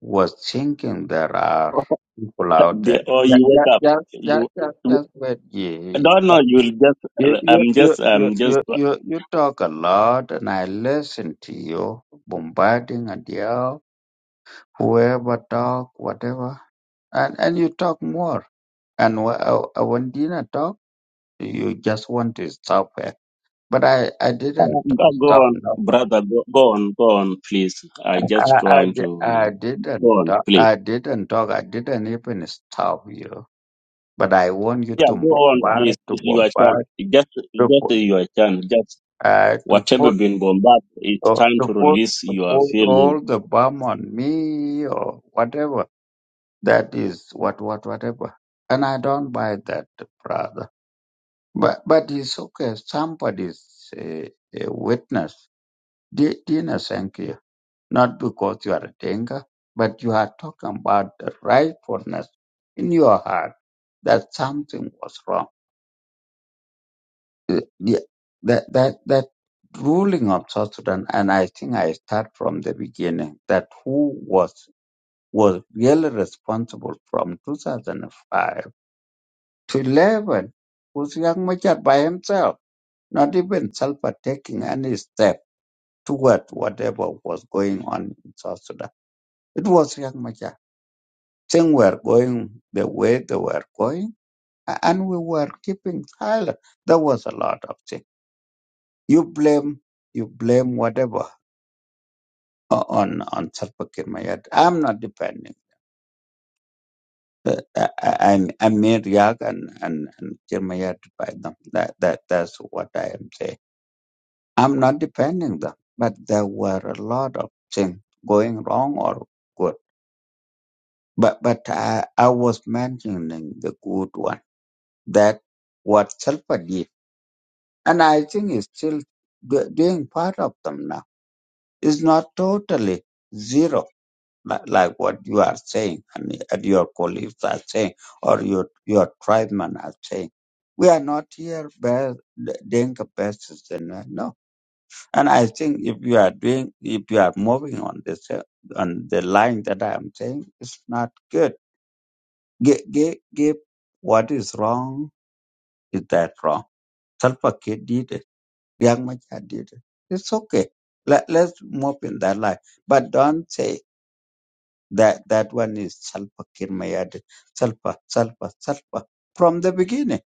S8: was thinking there are people out there.
S10: They, or
S8: Yeah,
S10: you
S8: yeah,
S10: wake up.
S8: yeah, yeah,
S10: You,
S8: yeah,
S10: you
S8: yeah, wait, yeah.
S10: no, no. You'll just.
S8: You, you,
S10: I'm
S8: you,
S10: just.
S8: you,
S10: I'm just.
S8: you, you, you talk a lot and I listen to you, bombarding and yell, whoever talk, whatever. And, and you talk more. And wh- uh, uh, when Dina talk, you just want to stop her. But I, I didn't
S10: Go go
S8: stop
S10: on,
S8: nobody.
S10: brother. Go, go on. Go on, please. I just
S8: I, I,
S10: trying
S8: di- I
S10: to. Go
S8: didn't
S10: on,
S8: talk.
S10: please.
S8: I didn't talk. I didn't even stop you. But I want you
S10: Yeah,
S8: to
S10: go on,
S8: bombard,
S10: please.
S8: to
S10: It's your chance.
S8: bombard,
S10: Just,
S8: to
S10: just
S8: put,
S10: your chance. Just
S8: uh, to
S10: whatever
S8: put
S10: been bombarded. It's
S8: or
S10: time
S8: to
S10: to
S8: put
S10: release
S8: to
S10: your
S8: put
S10: feeling.
S8: all the bomb on me or whatever. That is what what whatever. And I don't buy that, brother. But but it's okay. Somebody's a, a witness. Di- Dina, thank you. Not because you are a danger, but you are talking about the rightfulness in your heart that something was wrong. Uh, yeah, that that that ruling of South Sudan, and I think I start from the beginning that who was was really responsible from 2005 to 11 was Young Machar by himself, not even Salva taking any step toward whatever was going on in South Sudan. It was Young Machar. Things were going the way they were going, a- and we were keeping silent. There was a lot of things. You blame, you blame whatever o- on on Salva Kiir Mayardit. I'm not defending. Uh, I, I- I'm I'm near Yag and and, and Jeremiah to buy them. That that that's what I am saying. I'm not defending them, but there were a lot of things going wrong or good. But but I I was mentioning the good one that what Salpa did, and I think it's still do- doing part of them now. It's not totally zero li- like what you are saying and, and your colleagues are saying or your your tribesmen are saying. We are not here bas- doing capacity, no. And I think if you are doing, if you are moving on this uh, on the line that I am saying, it's not good. Give, give, give what is wrong is that wrong. Salva Kiir did it. Young Machar did it. It's okay. Let, let's move in that line, but don't say. That that one is Salpa Kirmayadi. Salpa, Salpa, Salpa. From the beginning.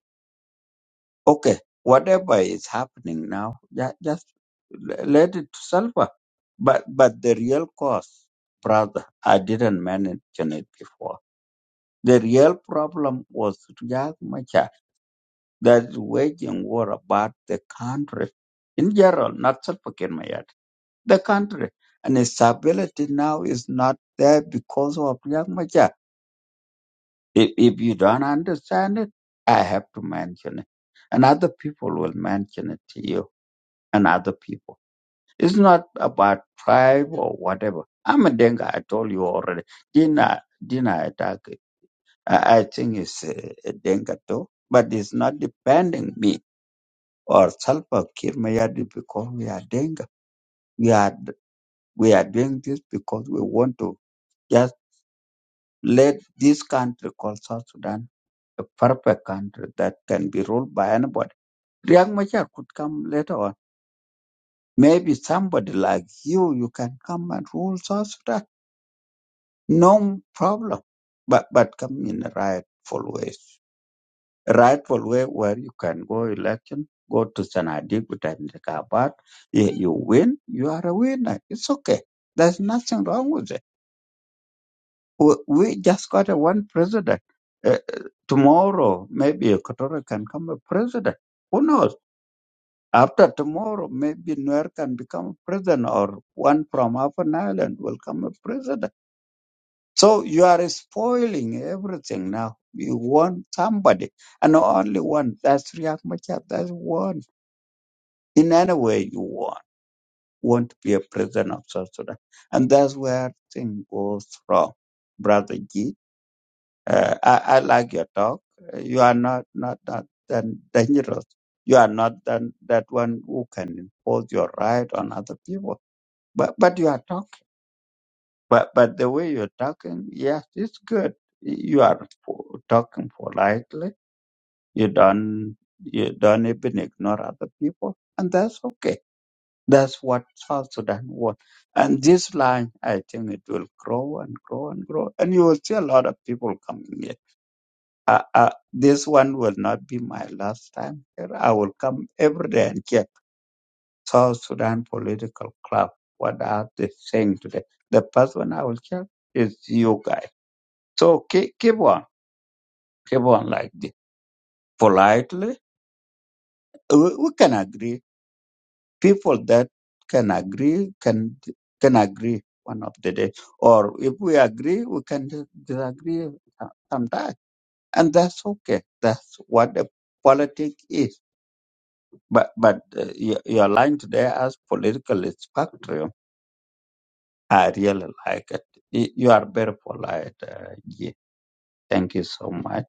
S8: Okay, whatever is happening now, ju- just le- let it to Salpa. But but the real cause, brother, I didn't mention it before. The real problem was Riyad Machar that is waging war about the country in general, not Salpa Kirmayadi. The country. And its stability now is not there because of Riyad Machar If, if you don't understand it, I have to mention it. And other people will mention it to you and other people. It's not about tribe or whatever. I'm a Denga, I told you already. Dina, Dina attack it. I, I think it's a, a Denga too, but it's not depending me or Salpa Kirmayadi because we are Denga. We are, we are doing this because we want to just let this country called South Sudan a perfect country that can be ruled by anybody Riek Machar could come later on. Maybe somebody like you, you can come and rule South Sudan. No problem. But but come in a rightful way. A rightful way where you can go election, go to Sanadik with Kabat. You you win, you are a winner. It's okay. There's nothing wrong with it. We, we just got a one president. Uh, uh, tomorrow, maybe Equatorial can come a president. Who knows? After tomorrow, maybe Nuer can become president or one from Afan Island will come a president. So you are spoiling everything now. You want somebody and only one. That's Riek Machar. That's one. In any way you want, want to be a president of South Sudan. And that's where thing goes wrong. Brother G, uh, I, I like your talk. You are not, not, not that dangerous. You are not that, that one who can impose your right on other people But but you are talking. But but the way you're talking, yes, it's good. You are po- talking politely. You don't you don't even ignore other people, and that's okay. That's what South Sudan wants. And this line, I think it will grow and grow and grow, and you will see a lot of people coming here. Uh, uh, this one will not be my last time here. I will come every day and care. South Sudan political club. What are they saying today? The person I will check is you guys. So keep, keep on, keep on like this. Politely, we, we can agree. People that can agree can can agree one of the day. Or if we agree, we can dis- disagree sometimes, and that's okay. That's what the politics is. But but uh, your, your line today as political spectrum I really like it. Y- You are very polite. Uh, yeah. Thank you so much.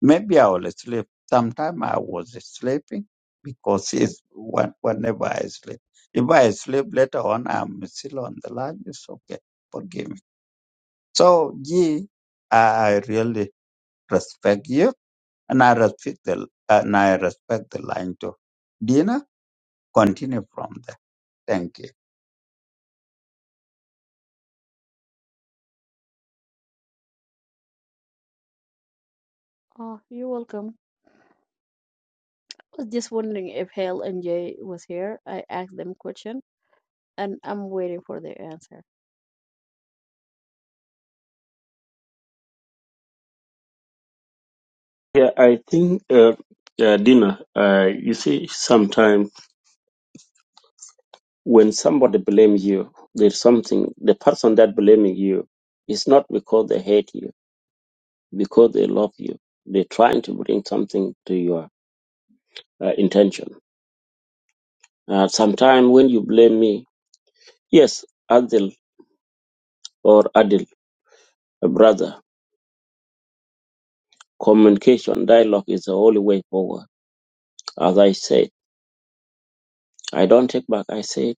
S8: Maybe I will sleep. Sometime I was sleeping because it's when, whenever I sleep. If I sleep later on, I'm still on the line. It's okay. Forgive me. So, yeah, I really respect you and I respect the, and I respect the line too. Dina, continue from there. Thank you.
S11: Oh, you're welcome. I was just wondering if Hale and Jay was here. I asked them question, and I'm waiting for their answer.
S10: Yeah, I think. Uh, uh, dinner. Uh, you see, sometimes. when somebody blames you, there's something, the person that blaming you is not because they hate you, because they love you. They're trying to bring something to your uh, intention. Uh, Sometimes when you blame me, yes, Adil or Adil, a brother, communication, dialogue is the only way forward. As I said, I don't take back. I said,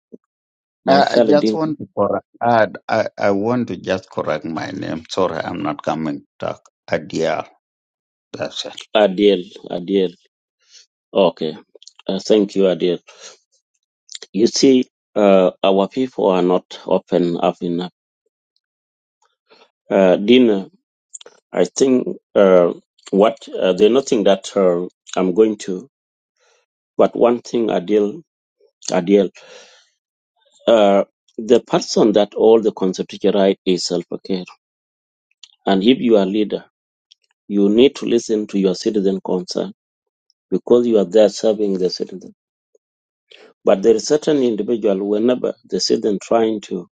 S10: my
S8: I, I
S10: fellow
S8: just
S10: Dinka,
S8: want to correct. I, I, I want to just correct my name. Sorry, I'm not coming back. Adia. That's
S10: Adil, Adil. Okay. Uh, thank you, Adil. You see, uh, our people are not open up enough Uh, Dina, I think uh, what uh, there's nothing that uh, I'm going to, but one thing Adil, Adil, uh, the person that all the constitutional right is self care, and if you are leader, you need to listen to your citizen concern because you are there serving the citizen. But there is certain individual whenever the citizen trying to,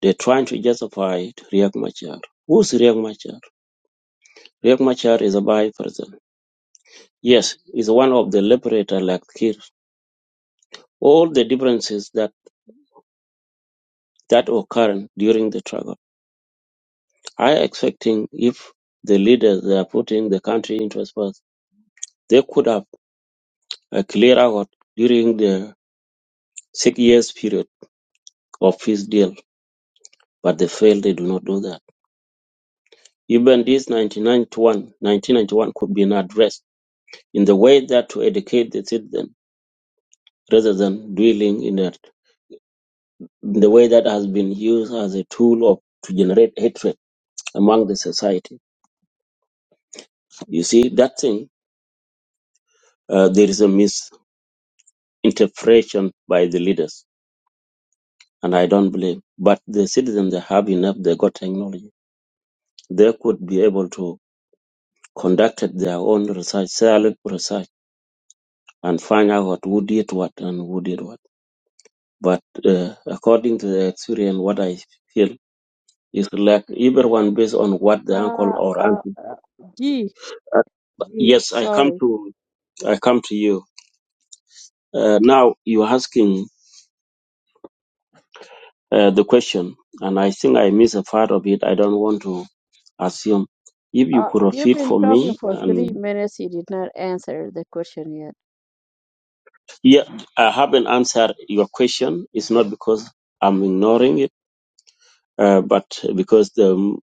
S10: they're trying to justify to Riek Machar. Who's Riek Machar? Riek Machar is a by person. Yes, he's one of the liberator like Kir all the differences that, that occur during the struggle. I expecting if the leaders they are putting the country into first, they could have a clear out during the six years period of peace deal, but they failed. They do not do that. Even this 1991, 1991 could be addressed in the way that to educate the citizen rather than dwelling in it, in the way that has been used as a tool of to generate hatred among the society. You see, that thing, uh, there is a miscommunication interpretation by the leaders, and I don't blame. But the citizens they have enough, they got technology. They could be able to conduct their own research, silent research, and find out who did what and who did what. But uh, according to the experience, what I feel is like everyone based on what the uncle
S11: Uh,
S10: or
S11: uh,
S10: auntie.
S11: uh gee,
S10: Uh,
S11: gee,
S10: yes, I come
S11: sorry.
S10: to I come to you uh, now. You're asking uh, the question, and I think I miss a part of it. I don't want to assume. If you
S11: Uh,
S10: could have
S11: you've
S10: fit
S11: been
S10: for me,
S11: talking for three
S10: and
S11: minutes. You did not answer the question yet.
S10: yeah, I haven't answered your question. It's not because I'm ignoring it, uh, but because the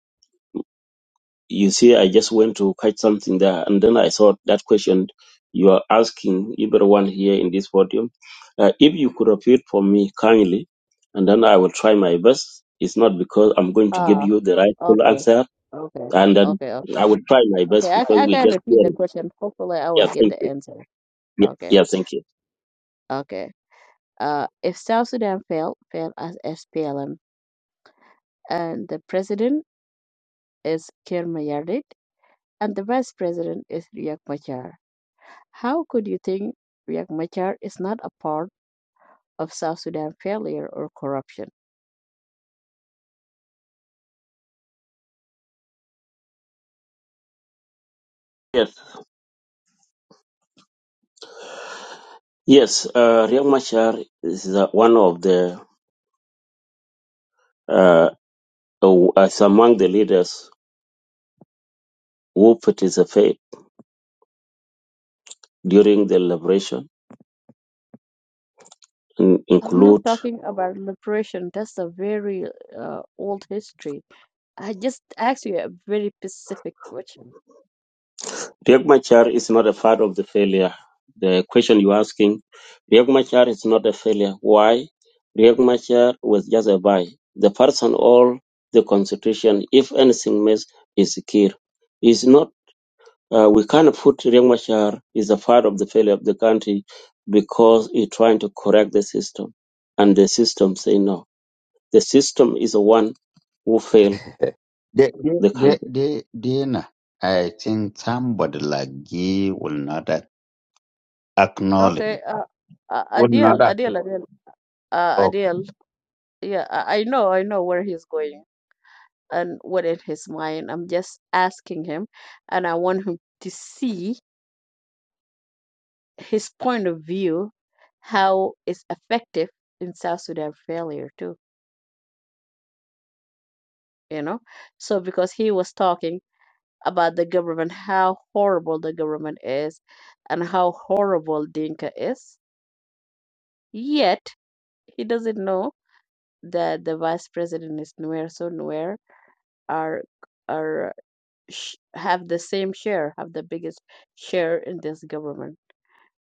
S10: you see, I just went to catch something there, and then I saw that question you are asking everyone here in this podium. Uh, if you could have fit for me kindly, and then I will try my best. It's not because I'm going to give
S11: Ah,
S10: you the right full
S11: okay,
S10: answer,
S11: okay,
S10: and then
S11: okay, okay,
S10: I will try my
S11: okay.
S10: best
S11: I, ca-
S10: because
S11: I
S10: we
S11: can
S10: just hear
S11: repeat the
S10: it.
S11: question. Hopefully, I
S10: Yeah,
S11: will get
S10: thank
S11: the
S10: you.
S11: answer.
S10: Yeah,
S11: Okay,
S10: yeah, thank you.
S11: okay. Uh, if South Sudan failed, failed as SPLM, and the president is Kir Mayardit, and the vice president is Riek Machar. How could you think Riek Machar is not a part of South Sudan failure or corruption?
S10: Yes. Yes, uh, Riek Machar is uh, one of the uh, uh, uh, is among the leaders who participated during the liberation, and
S11: I'm not
S10: include
S11: talking about liberation. That's a very uh, old history. I just asked you a very specific question.
S10: Riek Machar is not a part of the failure. The question you're asking, Riek Machar is not a failure. Why? Riek Machar was just a by the person all the constitution, if anything, miss is secure. Is not Uh, we can't put Riek Machar is a part of the failure of the country because he's trying to correct the system. And the system say no. The system is the one who failed
S8: it. *laughs* De, de,
S10: the
S8: de,
S10: country.
S8: de, Dina, I think somebody like you will not ac- acknowledge.
S11: Okay, uh, uh,
S8: Will not
S11: Adele, Adele,
S8: acknowledge.
S11: Adele, uh,
S8: Okay.
S11: Adele. Yeah, I, I know, I know where he's going. and what in his mind. I'm just asking him, and I want him to see his point of view, how it's effective in South Sudan failure too. You know, so because he was talking about the government, how horrible the government is, and how horrible Dinka is, yet he doesn't know that the vice president is Nuer, so Nuer are are sh- have the same share, have the biggest share in this government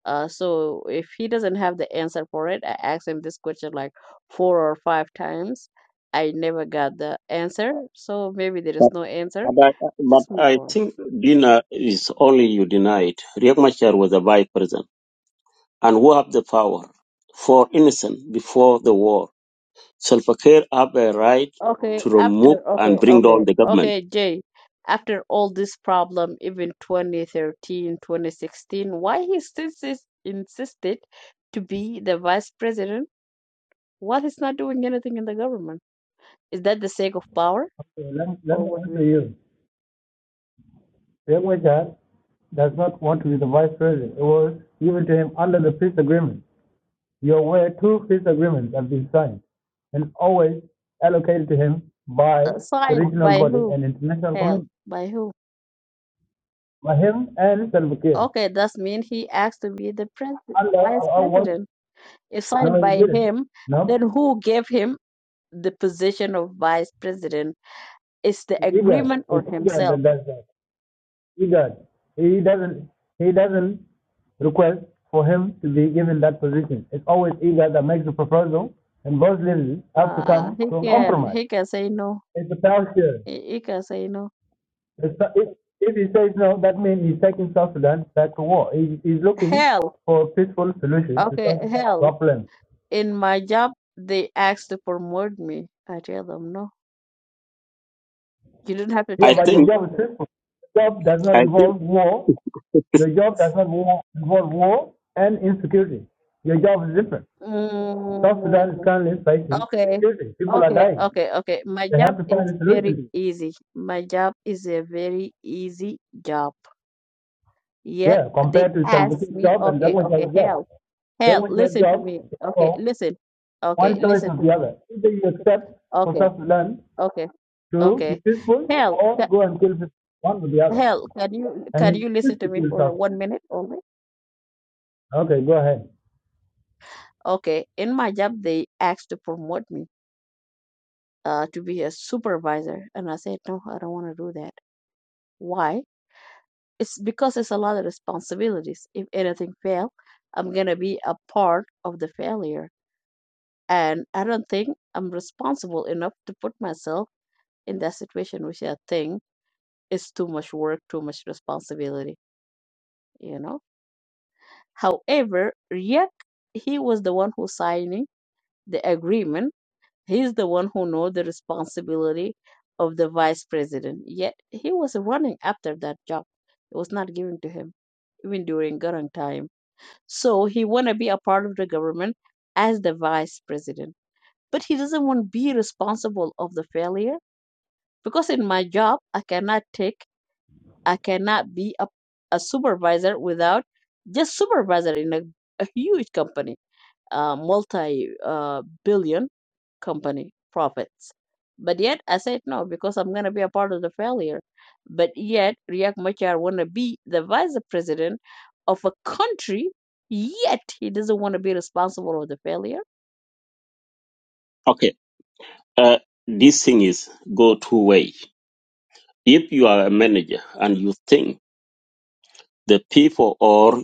S11: Uh, so if he doesn't have the answer for it, I asked him this question like four or five times. I never got the answer. So maybe there is
S10: But,
S11: no answer.
S10: but, I, but
S11: Just move
S10: I
S11: on.
S10: think Dina is only you denied. Riek Machar was a vice president and who have the power for innocent before the war. Self care have a right
S11: Okay,
S10: to remove
S11: after, okay,
S10: and bring down
S11: okay,
S10: the government.
S11: okay, Jay, after all this problem, even 2013, 2016, why he still sis- insisted to be the vice president while he's not doing anything in the government? Is that the sake of power?
S6: Okay, let, let
S11: For
S6: me
S11: what
S6: answer
S11: reason?
S6: you. Same way, sir. does not want to be the vice president, it was given to him under the peace agreement. You're aware two peace agreements have been signed and always allocated to him by
S11: Uh,
S6: the
S11: Signed
S6: regional
S11: by
S6: body
S11: who?
S6: and international
S11: Hell,
S6: community.
S11: by who?
S6: By him and Salva Kiir.
S11: Okay, that means he asked to be the pres-
S6: Under the
S11: vice
S6: oh, what?
S11: president. If signed
S6: No, he
S11: by
S6: didn't.
S11: him,
S6: No,
S11: then who gave him the position of vice president? Is the
S6: it's IGAD.
S11: agreement or
S6: It's IGAD
S11: himself?
S6: that does that. IGAD. He doesn't. He doesn't request for him to be given that position. It's always IGAD that makes the proposal, and both leaders have to
S11: Uh,
S6: come
S11: he
S6: to a
S11: can
S6: compromise.
S11: he can say no.
S6: It's a passion.
S11: He, he can say no.
S6: It's, if, if he says no, that means he's taking South Sudan back to war. He, he's looking
S11: Hell,
S6: for a peaceful solution to
S11: okay,
S6: South Sudan's
S11: hell.
S6: problem.
S11: In my job, they asked to promote me. I tell them no. You don't have to
S6: Yeah,
S11: take
S10: I
S11: a
S6: but your
S10: think,
S6: job is
S11: promotion.
S6: peaceful. Your job does not
S10: I think,
S6: involve war. Your job does not war, involve war and insecurity. Your job is different. South Sudan is
S11: Mm,
S6: currently fighting
S11: Okay,
S6: insecurity. People are
S11: okay,
S6: dying.
S11: okay, okay. My
S6: They
S11: job
S6: have to find
S11: is
S6: a
S11: very
S6: solution. to it.
S11: easy. My job is a very easy job. Yet
S6: Yeah,
S11: they
S6: compared to Salva
S11: ask
S6: Kiir's
S11: me,
S6: job and
S11: okay, okay,
S6: Dengwajar's job.
S11: hell, hell,
S6: Dengwajar's
S11: listen to
S6: job
S11: me.
S6: is
S11: Okay,
S6: for
S11: listen.
S6: one
S11: Okay,
S6: choice
S11: listen
S6: or
S11: to
S6: the
S11: me.
S6: other. Either you accept for
S11: Okay,
S6: South Sudan
S11: okay,
S6: to be
S11: okay.
S6: peaceful
S11: Hell, ca
S6: or go and kill people, one or the other.
S11: hell, can you can
S6: And
S11: you
S6: it's
S11: listen
S6: just
S11: to
S6: to
S11: me
S6: kill
S11: for
S6: something.
S11: one minute only?
S6: Okay, go ahead.
S11: Okay, in my job they asked to promote me uh to be a supervisor, and I said, no, I don't want to do that. Why? it's because it's a lot of responsibilities. If anything fails, I'm gonna be a part of the failure, and I don't think I'm responsible enough to put myself in that situation, which I think is too much work, too much responsibility. You know. However, Riek, he was the one who signing the agreement. He's the one who know the responsibility of the vice president. Yet he was running after that job. It was not given to him, even during Garang time So he want to be a part of the government as the vice president, but he doesn't want to be responsible of the failure because in my job I cannot take, I cannot be a, a supervisor without just supervisor in a, a huge company uh, multi uh, billion company profits. But yet I said no because I'm going to be a part of the failure. But yet Riek Machar want to be the vice president of a country, yet he doesn't want to be responsible of the failure
S10: okay, uh, this thing is go two way If you are a manager and you think the people or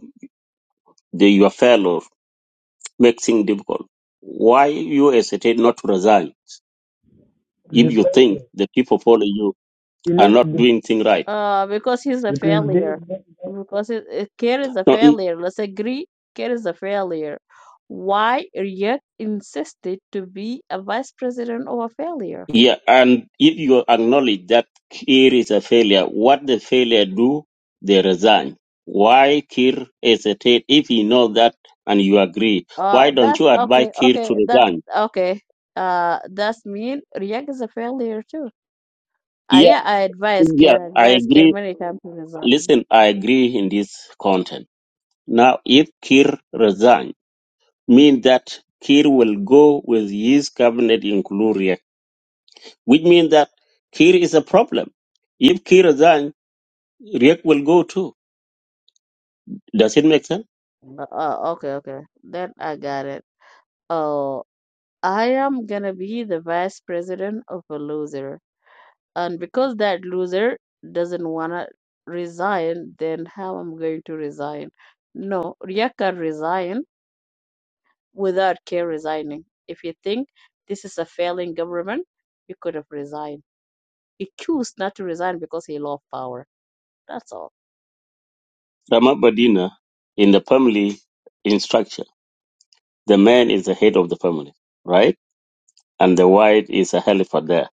S10: the, your fellow makes things difficult, why you hesitate not to resign if
S6: The
S10: you think
S6: person,
S10: the people following you
S6: he
S10: are
S6: lives
S10: not
S6: be-
S10: doing things right?
S11: uh, because he's a
S6: between
S11: failure.
S6: being
S11: Because it, it carries a
S10: No, mm,
S11: failure. Let's agree, carries a failure. Why Riek insisted to be a vice president of a failure?
S10: yeah, and if you acknowledge that Kir is a failure, what the failure do, they resign. Why Kir hesitate if he knows that and you agree? Why
S11: Uh,
S10: don't
S11: that's
S10: you advise
S11: okay,
S10: Kir
S11: okay,
S10: to
S11: that's
S10: resign?
S11: okay. Uh, that's mean React is a failure too. Uh,
S10: Yeah,
S11: yeah, I advise
S10: yeah,
S11: care,
S10: I
S11: advise care
S10: agree.
S11: many times to resign.
S10: Listen, I agree in this content. Now, if Kir resign, mean that Kir will go with his cabinet, include Riek, which means that Kir is a problem. If Kir resign, Riek will go too. Does it make sense?
S11: Uh, uh, okay, okay, then I got it. Oh, I am gonna be the vice president of a loser, and because that loser doesn't wanna resign, then how i am going to resign? No, React can resign without care resigning. If you think this is a failing government, you could have resigned. He chose not to resign because he loved power. That's all.
S10: Ramabadina, in the family in structure, the man is the head of the family, right? And the wife is a helper there,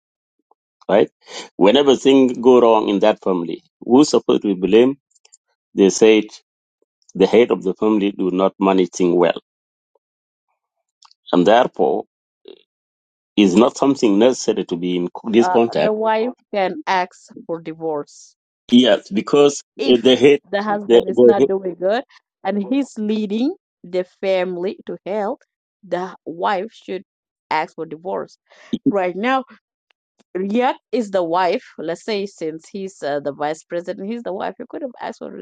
S10: right? Whenever things go wrong in that family, who's supposed to be blamed? They said the head of the family do not manage things well. And therefore, is not something necessary to be in co- this
S11: Uh, the
S10: contact.
S11: wife can ask for divorce
S10: Yes, because uh,
S11: if
S10: the head,
S11: the
S10: the,
S11: husband is
S10: the head-
S11: not doing good and he's leading the family to hell. The wife should ask for divorce. Right now, Riyadh is the wife. Let's say since he's uh, the vice president, he's the wife. He could have asked for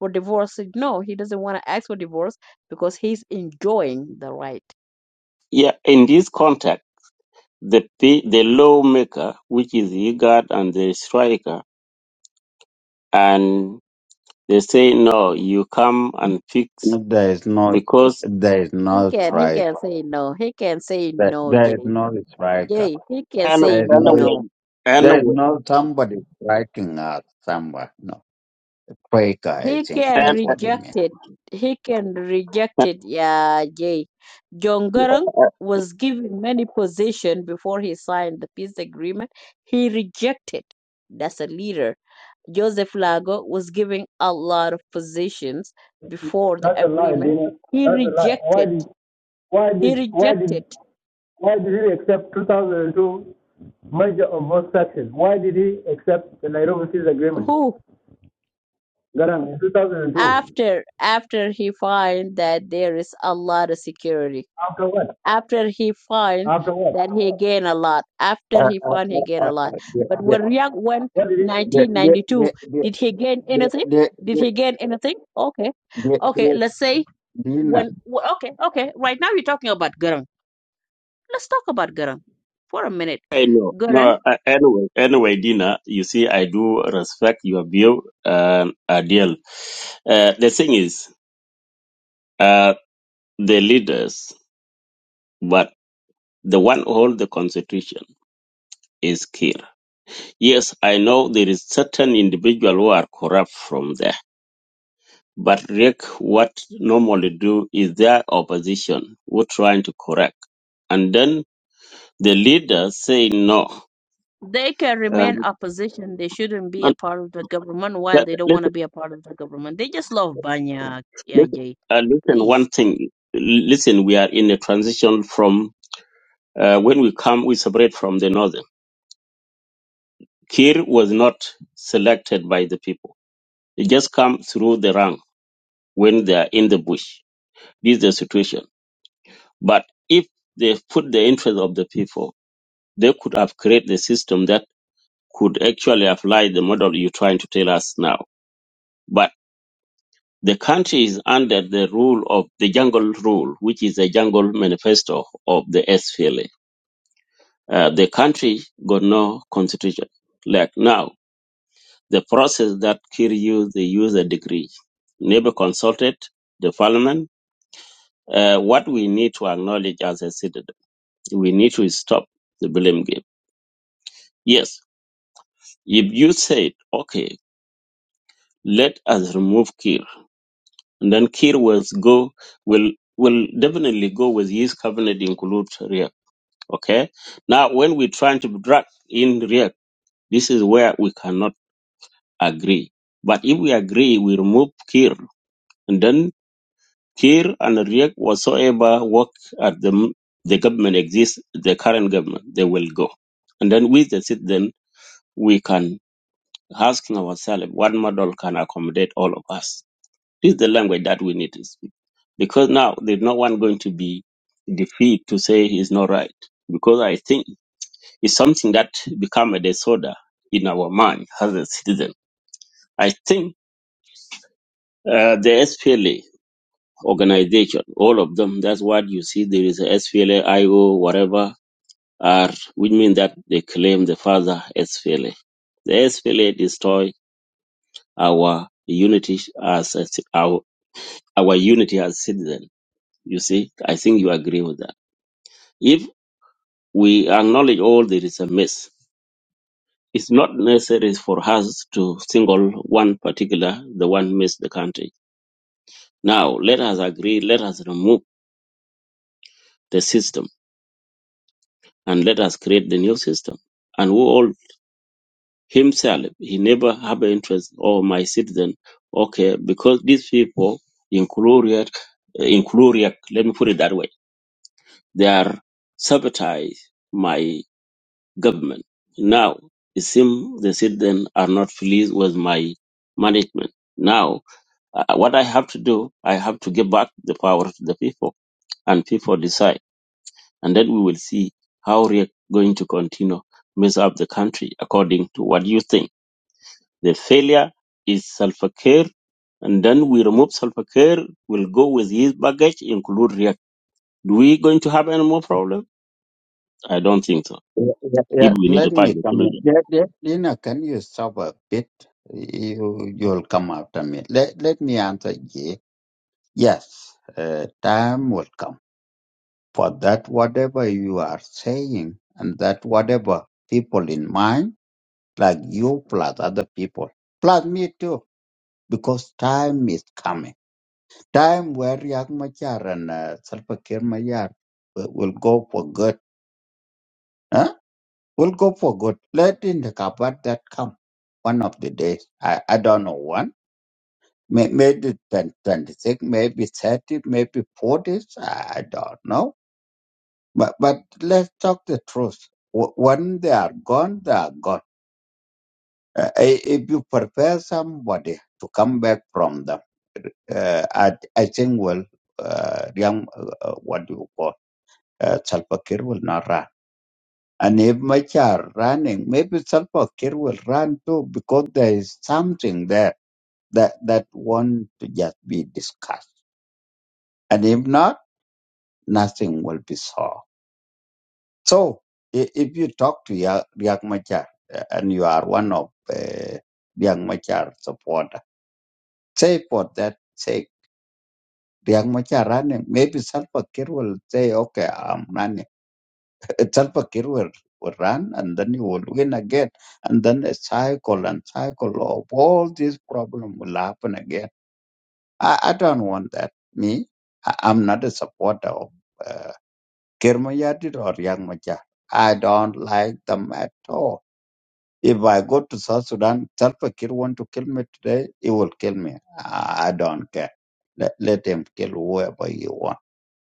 S11: for divorce. No, he doesn't want to ask for divorce because he's enjoying the right.
S10: yeah, in this contact, the p- the lawmaker, which is the guard and the striker, and they say no, you come and fix
S8: There is no,
S10: because
S8: there is
S11: He
S8: no
S11: can he can
S8: striker.
S11: say no. He can say
S8: There,
S11: no,
S8: there is
S11: Jay.
S8: no striker.
S11: Jay, he can
S10: and
S11: say
S8: There is no,
S10: anyway,
S11: no.
S8: there is
S10: anyway,
S8: no somebody striking us somewhere. No. Striker, I
S11: He
S8: think
S11: can
S10: and,
S8: that's what you mean.
S11: reject it. He can reject
S10: and
S11: it, yeah, Jay. John was given many positions before he signed the peace agreement. He rejected. That's a leader. Joseph Lago was given a lot of positions before the
S6: that's a lie,
S11: agreement.
S6: Dina.
S11: He
S6: That's a lie. Why
S11: rejected.
S6: did why
S11: He
S6: did why did
S11: rejected.
S6: why did he accept two thousand and two merger of both sections? Why did he accept the Nairobi Peace Agreement?
S11: Who?
S6: Garang in two thousand and two.
S11: after after he find that there is a lot of security
S6: After what?
S11: after he find
S6: After what?
S11: that he gain a lot after
S8: I,
S11: he find he gain
S8: I, I,
S11: a lot but
S8: I,
S11: when Riyadh went
S6: What did he say?
S8: Yeah, yeah,
S11: 1992
S8: yeah, yeah,
S11: did he gain anything
S8: yeah, yeah,
S11: did
S8: yeah,
S11: he gain anything okay
S8: yeah,
S11: okay
S8: yeah.
S11: let's say
S8: Lina,
S11: when wh- okay okay right now we're talking about Garang let's talk about Garang for a minute
S10: I know
S11: Garang
S10: no uh, anyway, anyway, Dina, you see, I do respect your view and ideal. Uh, the thing is, uh, the leaders. but. The one who holds the constitution is Kir. Yes, I know there is certain individual who are corrupt from there. But Riek, what normally do is their opposition who trying to correct. And then the leader say no.
S11: They can remain
S10: Um,
S11: opposition. They shouldn't be a
S10: and
S11: part of the government. Why
S10: that-
S11: they don't want to
S10: listen,
S11: be a part of the government? They just love Banya, yeah,
S10: listen,
S11: Jay.
S10: uh, listen, one
S11: Please.
S10: thing. Listen, we are in a transition from uh, when we come, we separate from the northern. Kir was not selected by the people. He just come through the rank when they are in the bush. This is the situation. But if they put the interest of the people, they could have created a system that could actually apply the model you're trying to tell us now. But the country is under the rule of the jungle rule, which is the jungle manifesto of the SPLA. Uh, the country got no constitution. Like now, the process that Kir used, they use a degree. Never consulted the parliament. Uh, what we need to acknowledge as a citizen, we need to stop the blame game Yes, if you said, okay, let us remove Kir, and then Kir will go will will definitely go with his cabinet include React. Okay, now when we're trying to drag in React, this is where we cannot agree. But if we agree, we remove Kir, and then Kir and React whatsoever work at the the government exists, the current government, they will go, and then with the citizen we can asking ourselves what model can accommodate all of us This is the language that we need to speak. Because now there's no one going to be defeated to say it's not right. Because I think it's something that become a disorder in our mind as a citizen. I think uh, the SPLA organization, all of them, that's what you see. There is a SPLA, IO, whatever, are, which means that they claim the father SPLA. The SPLA destroy our unity as a, ci- our, our unity as citizen. You see, I think you agree with that. If we acknowledge all there is a miss, it's not necessary for us to single one particular, the one miss the country. Now, let us agree, let us remove the system and let us create the new system. And who all himself, he never have an interest or my citizen, okay, because these people in Kuluriak, in Kuluriak, let me put it that way, they are sabotage government. Now it seems the citizens are not pleased with my management. Now, uh, what I have to do, I have to give back the power to the people, and people decide, and then we will see how we are going to continue mess up the country according to what you think. The failure is Salva Kiir and then we remove Salva Kiir We'll go with his baggage, include React. Do we going to have any more problem? I don't think so.
S8: yeah, yeah, yeah,
S10: If we need
S8: let
S10: to
S8: me
S10: find a
S8: come in.
S10: solution.
S8: Yeah, yeah, Lina, can you stop a bit? You, you'll come after me. Let, let me answer ye. Yes, uh, time will come for that whatever you are saying and that whatever people in mind, like you plus other people, plus me too, because time is coming time where Riek Machar and uh, Salva Kiir Mayar will, will go for good. Huh? Will go for good. Let in the cupboard that come one of the days. I, I don't know when. May- Maybe 20, 26, maybe 30, maybe 40. I I don't know. But, but let's talk the truth. Wh- When they are gone, they are gone. Uh, i- if you prepare somebody to come back from them, uh, I, I think, well, uh, Riek- uh, uh, what do you call? uh, Salva Kiir will not run. And if Machar running, maybe Salva Kiir will run too because there is something there that, that want to just be discussed. And if not, nothing will be solved. So i- if you talk to Ya- Riek Machar uh, and you are one of uh, Riek Machar supporter, say for that sake, Riek Machar running, maybe Salva Kiir will say, okay, I'm running Itself A Kiir will, will run and then he will win again. And then a cycle and cycle of all these problems will happen again. I, I don't want that. Me, I, I'm not a supporter of uh, Kir or Young Machar. I don't like them at all. If I go to South Sudan, Salva Kiir want to kill me today, he will kill me. I, I don't care. Let, let him kill whoever he wants.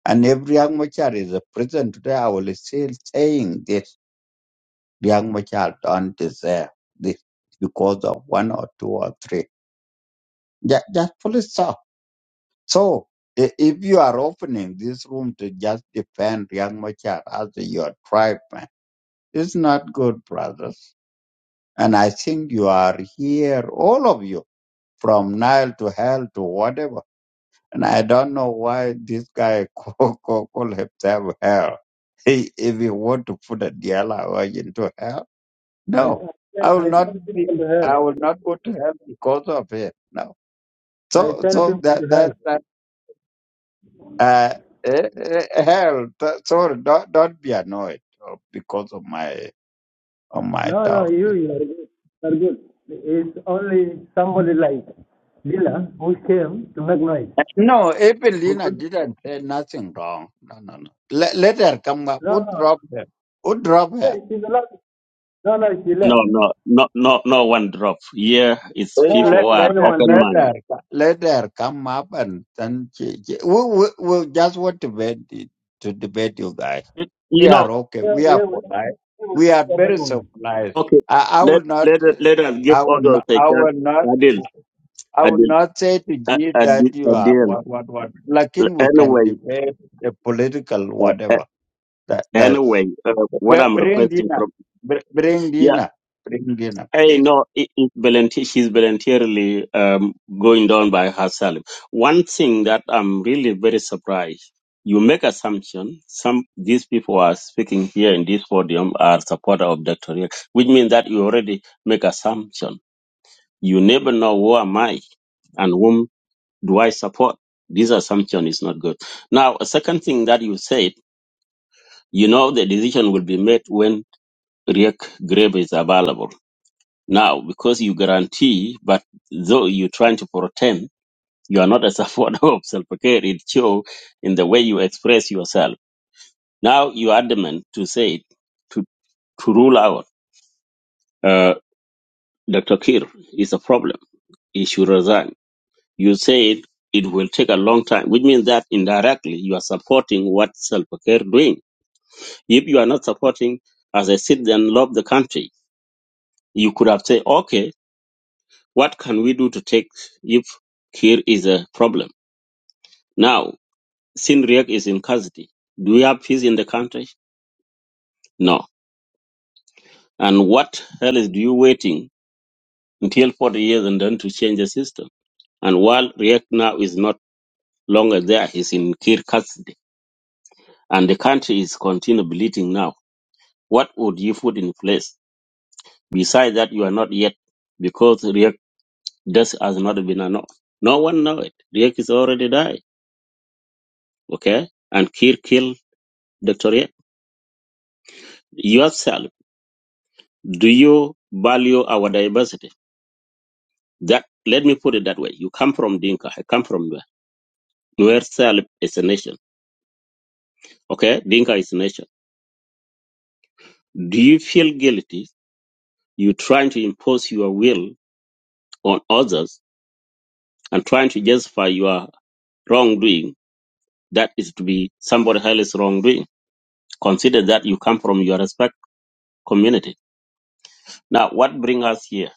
S8: And if Young Machar is a prison today, I will still saying this young child don't deserve this because of one or two or three. Just, just pull it so. So i- if you are opening this room to just defend young child as your tribe, man, it's not good, brothers. And I think you are here, all of you, from Nile to hell to whatever. And I don't know why this guy *laughs* call, call, call himself hell. He, if he want to put a DLR into hell
S6: I I
S8: No,
S6: sent
S8: I
S6: I
S8: will not
S6: sent
S8: be.
S6: people to
S8: I
S6: hell.
S8: will not go to hell because of it. No.
S6: I
S8: So
S6: sent
S8: so
S6: people to
S8: that that
S6: hell.
S8: that uh, eh, eh, hell. That, sorry, don't don't be annoyed uh, because of my of my
S6: No, no,
S8: talk.
S6: you, you are good. You are good. It's only somebody like Dila who came to make noise.
S8: No, Evelina
S6: Because,
S8: didn't say nothing wrong. No, no, no. Let, let her come back. Who
S6: no, no,
S8: drop her? Who drop her?
S6: yeah, she's allowed. No, no, she
S10: No,
S6: left.
S10: no, no, no, no one drop. Here is
S6: No
S8: Let
S6: one
S10: people
S8: let
S10: who
S6: of
S10: are
S8: let her
S6: anyone
S10: open
S6: here.
S8: let
S10: mind.
S8: her let her come up and then she, she- we we we just want to debate it- to debate you guys.
S10: You
S8: We
S10: know,
S8: are okay.
S6: Here,
S8: We are
S6: here we
S8: polite.
S6: here we
S8: We are
S6: don't
S8: very
S6: anyone.
S8: civilized.
S10: okay.
S8: I, I
S10: Let
S8: will not.
S10: let let us give
S8: I will
S10: others
S8: not.
S10: a
S8: I
S10: chance.
S8: will not.
S10: Adil,
S8: I will
S10: Adil,
S8: not say to
S10: A-
S8: you
S10: Adil,
S8: that you are
S10: Adil.
S8: what what what. Like in we can
S10: Anyway,
S8: debate the political
S10: uh, uh,
S8: whatever. That that's.
S10: anyway, uh, what
S8: But
S10: I'm
S8: bring
S10: requesting
S8: dinner.
S10: from
S8: Br- Bring
S10: yeah,
S8: dinner. Bring dinner,
S10: Hey,
S8: please.
S10: no, it, it volunteer, she's voluntarily um, going down by herself. One thing that I'm really very surprised, you make assumption some these people are speaking here in this podium are supporter of Dr. Riek, which means that you already make assumption. You never know who am I and whom do I support. This assumption is not good. Now, a second thing that you said, you know the decision will be made when Riek grave is available Now, because you guarantee, but though you're trying to pretend you are not a supporter *laughs* of self care, it shows in the way you express yourself. Now you're adamant to say it, to, to rule out uh, Dr. Kir is a problem. He should resign. You say it, it will take a long time, which means that indirectly you are supporting what self care doing. If you are not supporting as I said, then love the country, you could have said, okay, what can we do to take if Kir is a problem? Now, Sinriak is in custody. Do we have peace in the country? No. And what hell is do you waiting until 40 years and then to change the system? And while Riek now is not longer there, he's in Kir custody. And the country is continue bleeding now. What would you put in place? Besides that, you are not yet, because Riek death has not been announced. No one know it. Riek is already died. Okay? And Kir killed Dr. Riek. Yourself, do you value our diversity? That let me put it that way. You come from Dinka. I come from Nuer. Nuer self is a nation. Okay, Dinka is a nation. Do you feel guilty? You trying to impose your will on others and trying to justify your wrongdoing. That is to be somebody else's wrongdoing. Consider that you come from your respect community. Now, what brings us here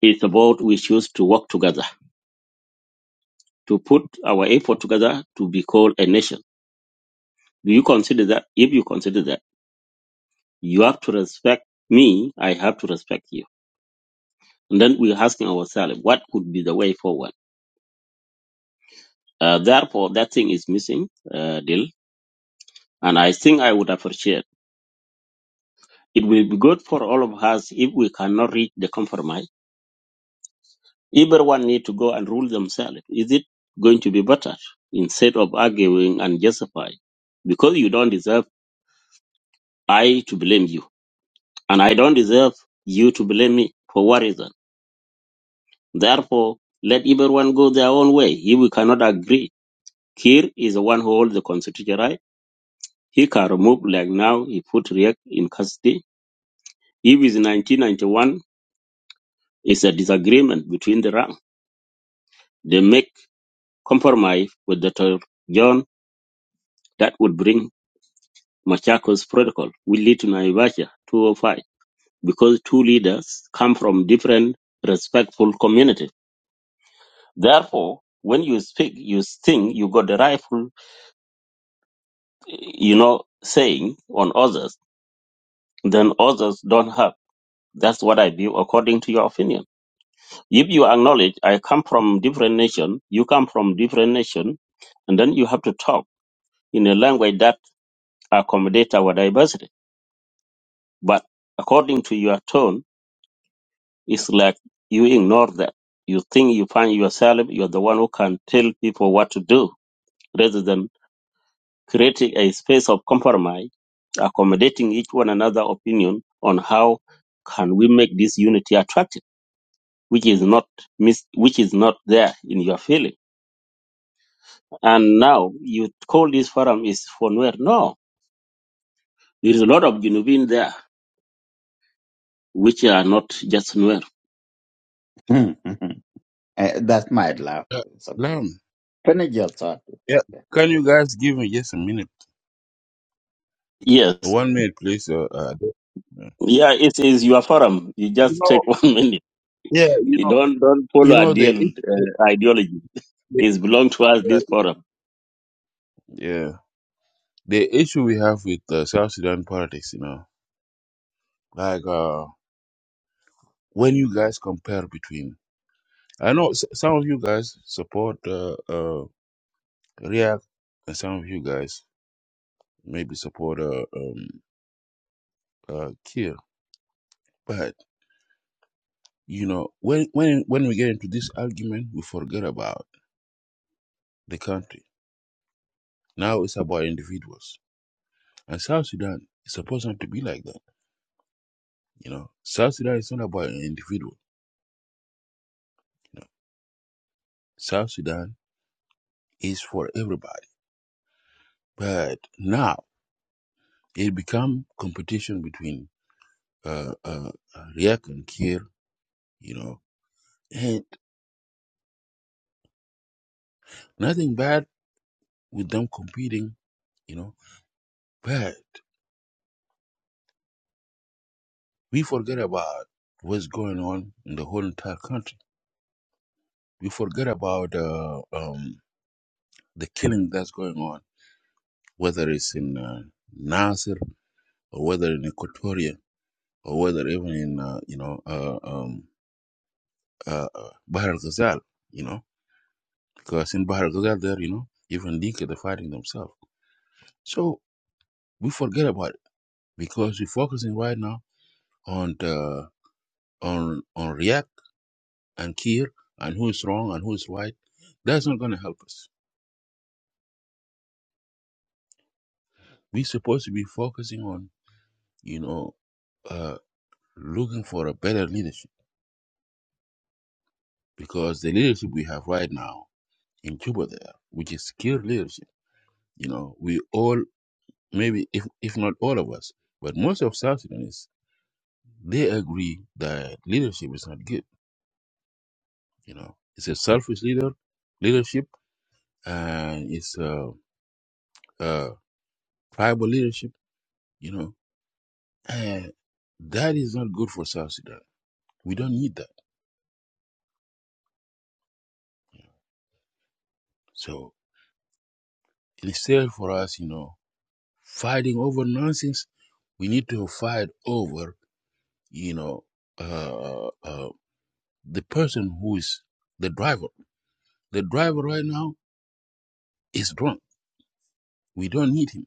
S10: is about we choose to work together, to put our effort together to be called a nation. Do you consider that? If you consider that. You have to respect me. I have to respect you. And then we're asking ourselves, what could be the way forward? Uh, therefore, that thing is missing, uh, Dil. And I think I would appreciate. It will be good for all of us if we cannot reach the compromise. Everyone need to go and rule themselves. Is it going to be better instead of arguing and justify? Because you don't deserve I to blame you, and I don't deserve you to blame me for what reason. Therefore, let everyone go their own way if we cannot agree Kiir is the one who holds the constitutional right. He can remove, like now, he put Riek in custody. If it's 1991, it's a disagreement between the rank. They make compromise with Dr. John that would bring Machako's protocol, will lead to Naivasha 205, because two leaders come from different respectful communities. Therefore, when you speak, you think you got the rightful, you know, saying on others, then others don't have. That's what I view according to your opinion. If you acknowledge I come from different nation, you come from different nation, and then you have to talk in a language that accommodates our diversity. But according to your tone, it's like you ignore that. You think you find yourself, you're the one who can tell people what to do rather than creating a space of compromise, accommodating each one another opinion on how can we make this unity attractive, which is not mis- which is not there in your feeling And now you call this forum is for Nuer. No, there is a lot of Junubin there, which are not just Nuer.
S8: *laughs* Uh, that's my love.
S7: Uh,
S8: So
S7: Lam,
S8: finish your thought. It's
S7: yeah,
S8: okay.
S7: can you guys give me just a minute?
S10: Yes,
S7: One minute, please. Uh, uh, the-
S10: yeah, it is your forum. You
S7: you
S10: just
S7: know,
S10: take *laughs* one minute.
S7: yeah, you
S10: You
S7: know,
S10: don't don't
S7: you
S10: follow
S7: know the,
S10: ideal
S7: i- the,
S10: uh, ideology.
S7: the
S10: It belongs to us. This
S7: uh,
S10: forum.
S7: yeah the issue we have with uh, South Sudan politics. You know, like uh, when you guys compare between, I know s- some of you guys support uh, uh, React, and some of you guys. maybe support uh, um uh Kiir. But you know, when when when we get into this argument, we forget about the country. Now it's about individuals, and South Sudan is supposed not to be like that. You know, South Sudan is not about an individual. You know, South Sudan is for everybody. But now it become competition between uh, uh, uh, Riek and Kiir. You know, and nothing bad with them competing. You know, but We forget about what's going on in the whole entire country. We forget about uh, um, the killing that's going on, whether it's in uh, Nasir or whether in Equatoria or whether even in uh, you know uh, um, uh, uh, Bahr al Ghazal, you know, because in Bahr al Ghazal there, you know, even Dinka they're fighting themselves. So we forget about it because we're focusing right now on the, on on React and Kir and who is wrong and who is right. That's not going to help us We're supposed to be focusing on, you know, uh, looking for a better leadership because the leadership we have right now in Cuba there, which is skilled leadership, you know, we all maybe if if not all of us, but most of South Sudanese, they agree that leadership is not good. You know, it's a selfish leader leadership and it's a, a tribal leadership. You know, and that is not good for South Sudan. We don't need that. So instead for us, you know. fighting over nonsense. We need to fight over, you know, uh, uh, the person who is the driver. The driver right now is drunk. We don't need him.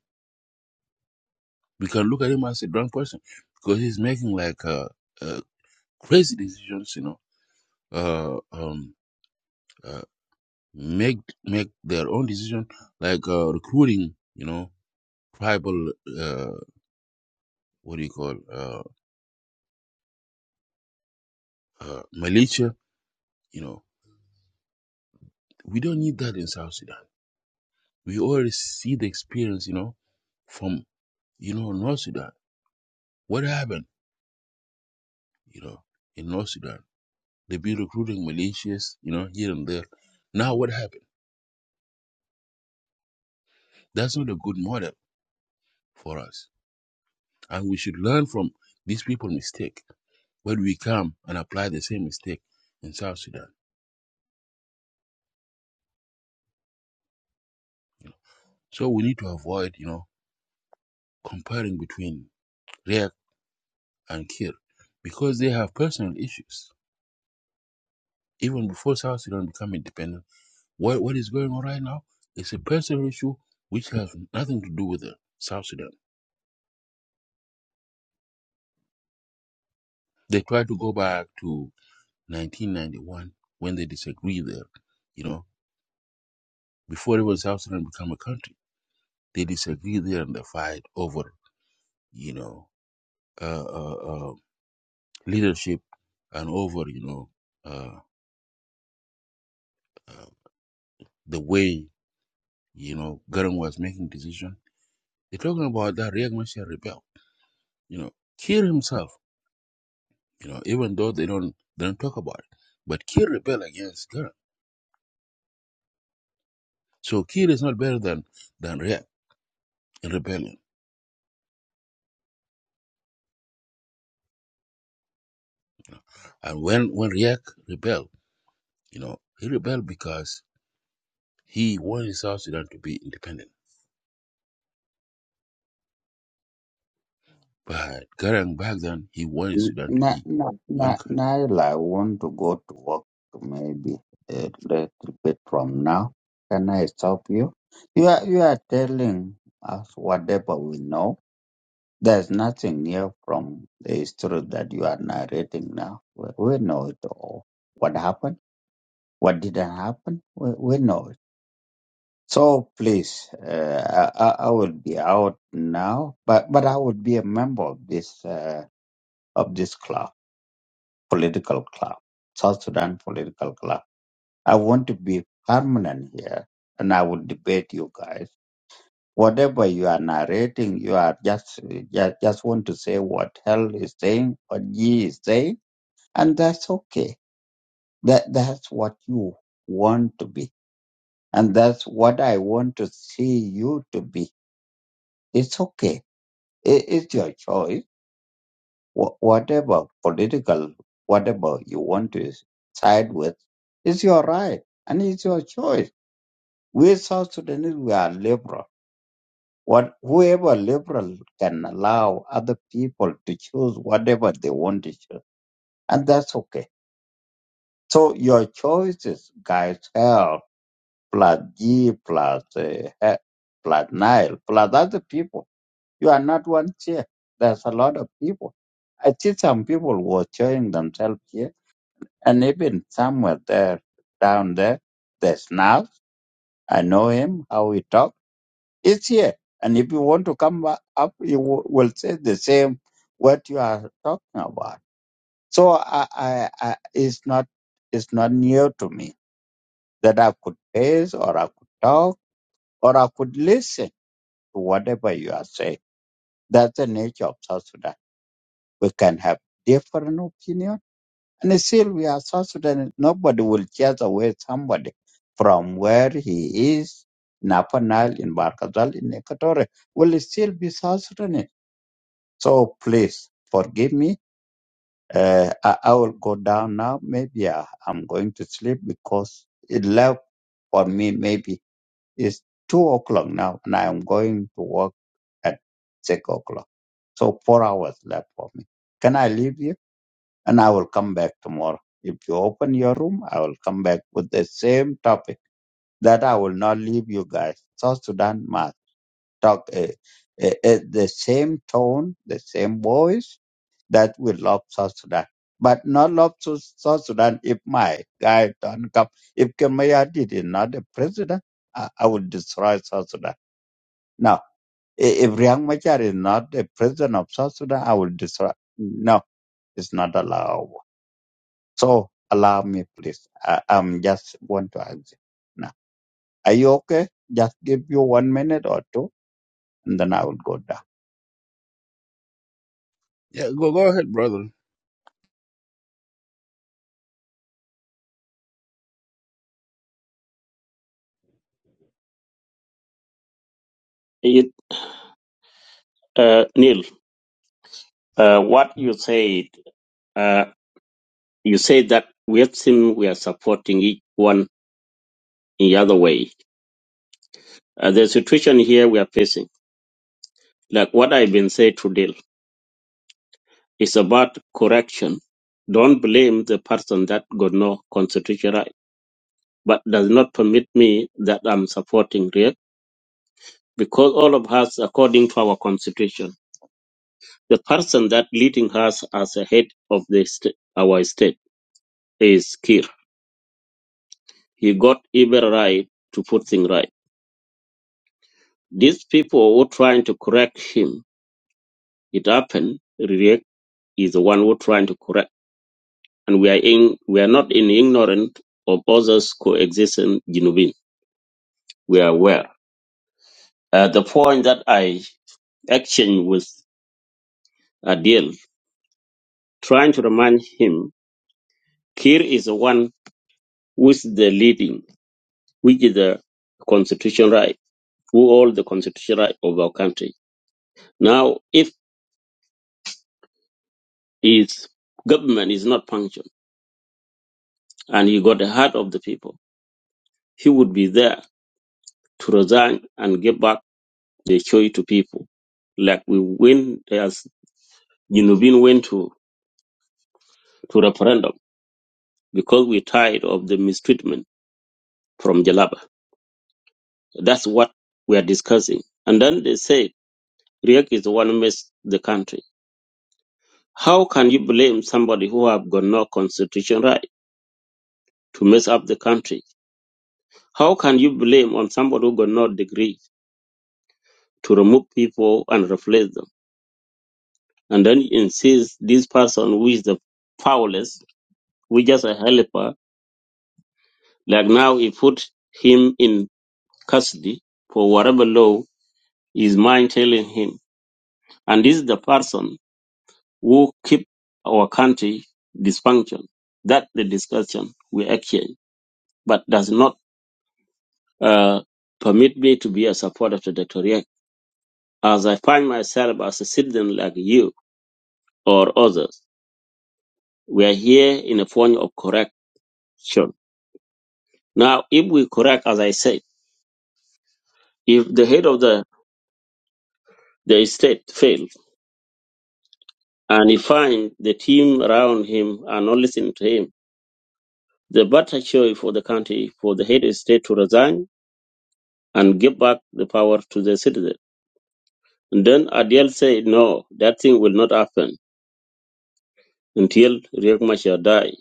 S7: We can look at him as a drunk person because he's making like uh, uh, crazy decisions, you know, uh, um, uh, make make their own decision, like uh, recruiting, you know, tribal, uh, what do you call, uh, uh, militia, you know. We don't need that in South Sudan We already see the experience, you know, from, you know, North Sudan. What happened, you know, in North Sudan? They've been recruiting militias, you know, here and there. Now what happened? That's not a good model for us. And we should learn from these people's mistake when we come and apply the same mistake in South Sudan. So we need to avoid, you know, comparing between React and Kir because they have personal issues. Even before South Sudan became independent What what is going on right now is a personal issue which has nothing to do with the South Sudan. They try to go back to 1991 when they disagree there. You know, before even South Sudan become a country, they disagree there and they fight over you know uh, uh, uh, leadership and over you know uh, uh, the way you know Garang was making decision. They're talking about that Riek Machar rebel. You know, Kiir himself. you know, even though they don't they don't talk about it. But Kir rebelled against Garang. So Kir is not better than than Riek in rebellion. And when when Riek rebelled, you know, he rebelled because he wanted South Sudan to be independent. But Garang back then he wanted Sudan to
S8: Now,
S7: be
S8: now,
S7: one
S8: now.
S7: country.
S8: Naila, I want to go to work maybe a little bit from now. Can I stop you? You are you are telling us whatever we know. There's nothing new from the history that you are narrating now. We, we know it all. What happened? What didn't happen? We, we know it. So please, uh, I, I I will be out now, but but I would be a member of this uh, of this club, political club, South Sudan political club. I want to be permanent here, and I will debate you guys. Whatever you are narrating, you are just just, just want to say what hell is saying, what ye is saying, and that's okay. That that's what you want to be, and that's what I want to see you to be. It's okay It is your choice. Wha whatever political, whatever you want to side with, it's your right and it's your choice. We South Sudanese, we are liberal. What whoever liberal can allow other people to choose whatever they want to choose, and that's okay. So your choices, guys, hell plus G plus uh, He- plus Nile plus other people. You are not one chair. There's a lot of people. I see some people were showing themselves here, and even somewhere there, down there, there's now. I know him, how he talk. It's here. And if you want to come back up, you wi- will say the same what you are talking about. So I, I, I, it's not, it's not new to me that I could pace or I could talk or I could listen to whatever you are saying. That's the nature of South Sudan We can have different opinion, and still we are South Sudanese. Nobody will chase away somebody from where he is, in Upper Nile, in Barkazal, in Equatorial, will still be South Sudanese. So please forgive me. Uh, I, I will go down now. Maybe I, I'm going to sleep because it left for me maybe it's two o'clock now, and I am going to work at six o'clock. So four hours left for me. Can I leave you? and I will come back tomorrow. If you open your room, I will come back with the same topic that I will not leave you guys. South Sudan must talk uh, uh, uh, the same tone, the same voice that we love South Sudan. But not love Su- South Sudan if my guy don't come. If Kemayadi is not the president, I, I will destroy South Sudan. No. i- If Riang Machar is not the president of South Sudan, I will destroy. No, it's not allowed. So allow me, please. I, I'm just want to ask. you. Now, are you okay? Just give you one minute or two, and then I will go down.
S7: Yeah, go go ahead, brother.
S10: It, uh, Neil, uh, what you said, uh, you said that we have seen we are supporting each one in the other way. Uh, the situation here we are facing, like what I've been saying today. It's about correction. Don't blame the person that got no constitutional, right, but does not permit me that I'm supporting Riek because all of us, according to our constitution, the person that leading us as a head of the sta- our state is Kir. He got every right to put things right. These people who trying to correct him, it happened. Riek is the one who trying to correct, and we are in, we are not in ignorant of others coexisting. Jinubin, we are aware. Uh, the point that I exchanged with Adil, trying to remind him, Kir is the one who is the leading, which is the constitution right, who hold the constitution right of our country. Now, if his government is not functioning and he got the heart of the people, he would be there to resign and give back the choice to people. Like we win, as Jinubin went to, to referendum because we're tired of the mistreatment from Jalaba That's what we are discussing. And then they say Riek is the one who messed the country. How can you blame somebody who have got no constitution right to mess up the country? How can you blame on somebody who got no degree to remove people and replace them? And then you insist this person who is the powerless, who is just a helper, like now he put him in custody for whatever law his mind telling him. And this is the person who keep our country dysfunction. That the discussion we exchange, but does not uh, permit me to be a supporter to Dr. Riek. As I find myself as a citizen like you or others, we are here in a form of correction. Now, if we correct, as I said, if the head of the, the state fails and he finds the team around him are not listening to him, the better choice for the country for the head of state to resign and give back the power to the citizen And then Adiel said, no, that thing will not happen until Riek Machar die.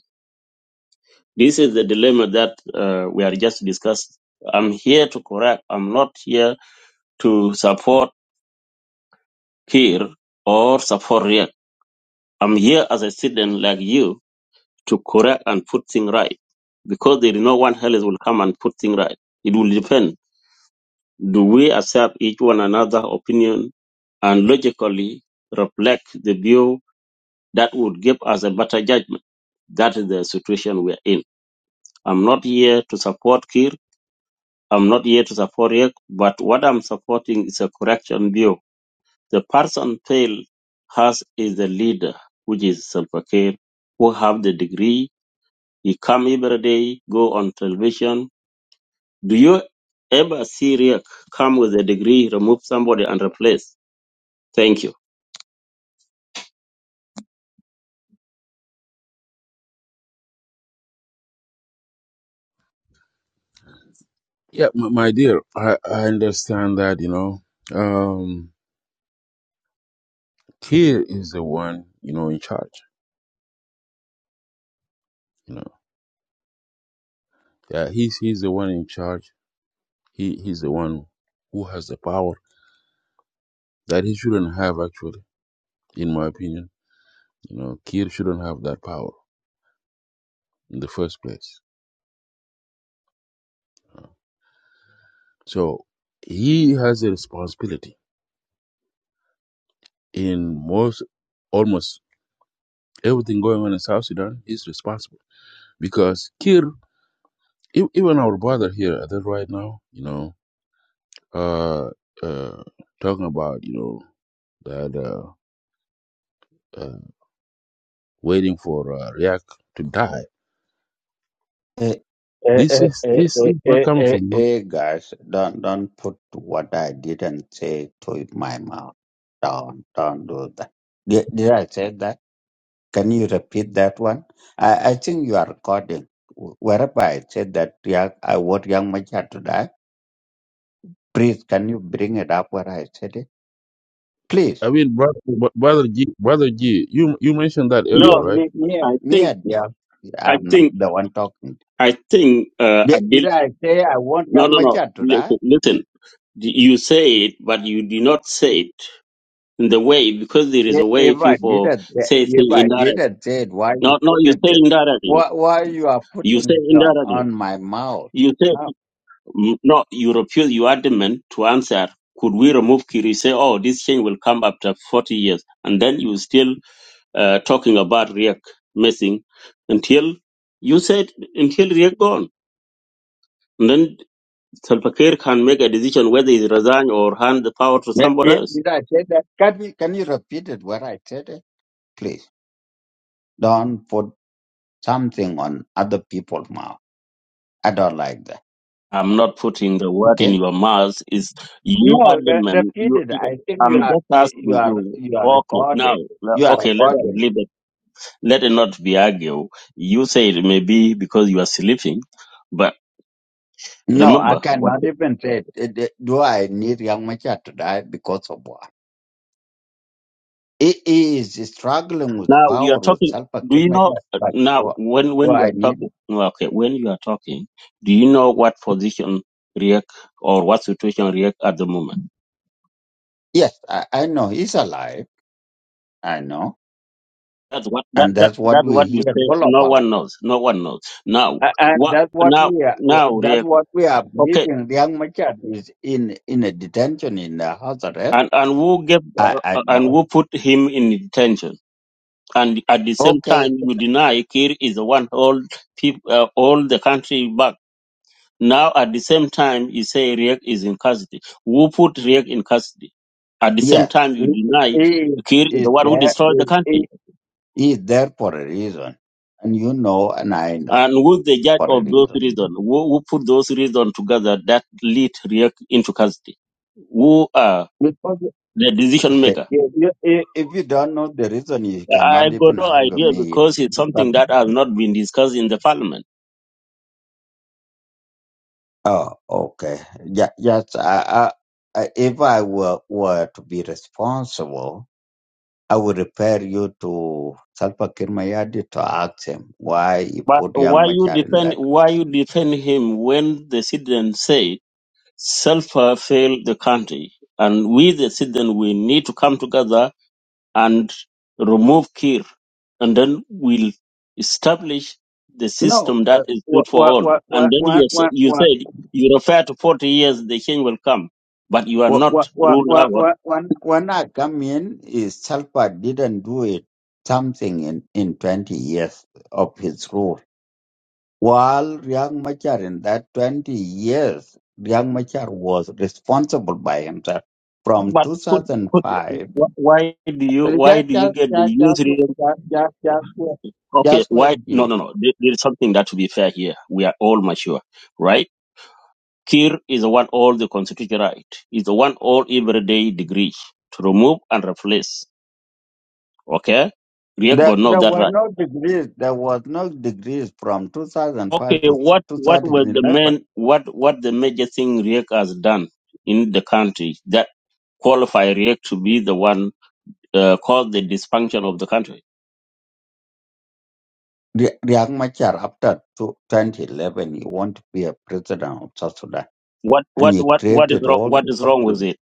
S10: This is the dilemma that uh, we are just discussing. I'm here to correct. I'm not here to support Kir or support Riek. I'm here as a student like you to correct and put things right because there is no one else will come and put things right. It will depend. Do we accept each one another opinion and logically reflect the view that would give us a better judgment? That is the situation we're in. I'm not here to support Kir. I'm not here to support Riek, but what I'm supporting is a correction view. The person failed has is the leader, which is Salva Kiir, who have the degree. He come every day, go on television. Do you ever see Riek come with a degree, remove somebody and replace? Thank you.
S7: Yeah, my, my dear, I, I understand that, you know. Um Kir is the one, you know, in charge. You know. Yeah, he's he's the one in charge He he's the one who has the power that he shouldn't have actually, in my opinion. You know, Kir shouldn't have that power in the first place. Uh, So he has a responsibility in most almost everything going on in South Sudan He's responsible. Because Kir e- even our brother here that right now, you know, uh uh talking about, you know, that uh, uh waiting for uh, React to die.
S8: Hey, hey,
S7: This
S8: hey,
S7: is
S8: hey,
S7: this
S8: hey,
S7: is not
S8: hey,
S7: coming
S8: hey,
S7: from
S8: hey, guys, don't don't put what I didn't say to my mouth. Don't don't do that. Did, did I say that? Can you repeat that one? I, I think you are recording. Wh- Wherever I said that, yeah, I want young Machar to die. Please, can you bring it up where I said it? Please.
S7: I mean, brother, brother G, brother G, you you mentioned that earlier,
S10: Yes,
S8: No, me,
S7: right?
S8: me,
S10: I
S8: me,
S10: think,
S8: uh, dear.
S10: I
S8: I'm not
S10: think,
S8: the one talking.
S10: I think, uh,
S8: Did,
S10: Adil,
S8: did I say I want
S10: no,
S8: young
S10: no, no,
S8: Machar to die?
S10: listen, listen. You say it, but you do not say it in the way because there is
S8: I-
S10: a way
S8: If I
S10: people
S8: didn't, say-
S10: say
S8: if
S10: things
S8: I
S10: indirectly.
S8: didn't say it, why you
S10: No, no,
S8: put
S10: you
S8: it
S10: say
S8: there?
S10: indirectly.
S8: Why, why you are
S10: You
S8: putting
S10: say
S8: it on,
S10: indirectly.
S8: on my mouth?
S10: You say
S8: No.
S10: Mm, no. You refuse. You adamant to answer. Could we remove Kiri? You Say, oh, this change will come after forty years, and then you still uh, talking about Riek missing until you said until Riek gone, and then Salva Kiir can make a decision whether he resign or hand the power to
S8: Did,
S10: somebody
S8: did,
S10: else.
S8: did I say that? Can we, can you repeat it where I said it? Please. Don't put something on other people's mouth. I don't like that.
S10: I'm not putting the word in
S8: Okay?
S10: your mouth. Is you are
S8: No,
S10: the
S8: re-
S10: man.
S8: repeat
S10: You,
S8: it.
S10: you-
S8: I think you
S10: I'm
S8: are,
S10: just
S8: you you
S10: asking
S8: are,
S10: you.
S8: you are
S10: Okay, now,
S8: recorded.
S10: le-
S8: You are
S10: okay, let us
S8: recorded.
S10: leave it. Let it not be argue. You say it may be because you are sleeping, but
S8: No, I
S10: remember what.
S8: cannot even say, it. It- do I need Young Machar to die because of war? He he is struggling with
S10: Now you are
S8: power, with
S10: talking.
S8: self
S10: Do you know
S8: Majar, but
S10: now
S8: do,
S10: when
S8: do
S10: when you
S8: I
S10: are
S8: need
S10: talking?
S8: it?
S10: no, Okay, when you are talking, do you know what position react or what situation react at the moment?
S8: Yes, I, I know he's alive. I know.
S10: That's what that,
S8: And
S10: that
S8: that's what
S10: that's
S8: we
S10: what you
S8: hear
S10: say.
S8: all
S10: No
S8: about.
S10: one knows. No one knows. Now
S8: A- And
S10: what?
S8: that's what
S10: Now
S8: we are,
S10: now
S8: that's
S10: Riek,
S8: what we are
S10: okay.
S8: believing. Young Machar is in, in a detention in the house arrest.
S10: And and who gave
S8: I, I
S10: uh, and
S8: know.
S10: who put him in detention? And at the same time,
S8: Okay.
S10: you deny Kir is the one hold people uh, all the country back. Now at the same time, you say Riek is in custody. Who put Riek in custody? At the same
S8: Yes.
S10: time, you
S8: He,
S10: deny
S8: he
S10: Kir is
S8: is
S10: the one who
S8: there.
S10: destroyed the country.
S8: He is there for a reason. And you know, and I know
S10: And who's the judge
S8: for a
S10: of those
S8: reason.
S10: reasons? Who, who put those reasons together that lead Riek into custody? Who are
S8: Because
S10: the decision
S8: *laughs* if
S10: maker?
S8: you, if you don't know the reason, you
S10: I
S8: cannot
S10: got
S8: even
S10: no
S8: argue
S10: idea
S8: me.
S10: because it's something that has not been discussed in the parliament.
S8: oh, okay. Yeah, yes. I, I, I- if I were, were to be responsible, I would refer you to Salva Kirmayadi to ask him why he
S10: But
S8: put
S10: why
S8: young
S10: you
S8: Machar in
S10: defend
S8: that.
S10: why you defend him when the citizens say Self failed the country and we the citizens we need to come together and remove Kir, and then we'll establish the
S8: No,
S10: system
S8: uh,
S10: that is
S8: what,
S10: good for all. And then you
S8: what,
S10: s- you
S8: what,
S10: said you refer to forty years, the change will come, but you are
S8: What what
S10: not
S8: what
S10: ruled
S8: what
S10: out.
S8: what when when I come in is Salpa didn't do it something in in twenty years of his rule. While Riek Machar in that twenty years, Riek Machar was responsible by himself from
S10: But
S8: two
S10: could,
S8: thousand
S10: could
S8: five.
S10: wh- why do you why
S8: Just
S10: do you
S8: just
S10: get the
S8: just
S10: youth?
S8: just
S10: re-
S8: just just just wait.
S10: Okay,
S8: Just wait,
S10: why no
S8: yeah.
S10: no no? There, there is something that to be fair here. We are all mature, right? Kir is the one all the constitutional right. Is the one all everyday degree to remove and replace. Okay, Riek
S8: There,
S10: got know
S8: there
S10: that
S8: were
S10: right.
S8: no degrees. There was no degrees from
S10: Okay,
S8: 2005 to
S10: what what were the
S8: 2011.
S10: main what what the major thing Riek has done in the country that qualify Riek to be the one uh, called the dysfunction of the country?
S8: Ri- Riek Machar, after two- 2011, he wanted to be a president of South Sudan,
S10: What
S8: and
S10: what
S8: he
S10: what what is
S8: created
S10: wrong?
S8: all
S10: What
S8: the
S10: is wrong with
S8: problem.
S10: it?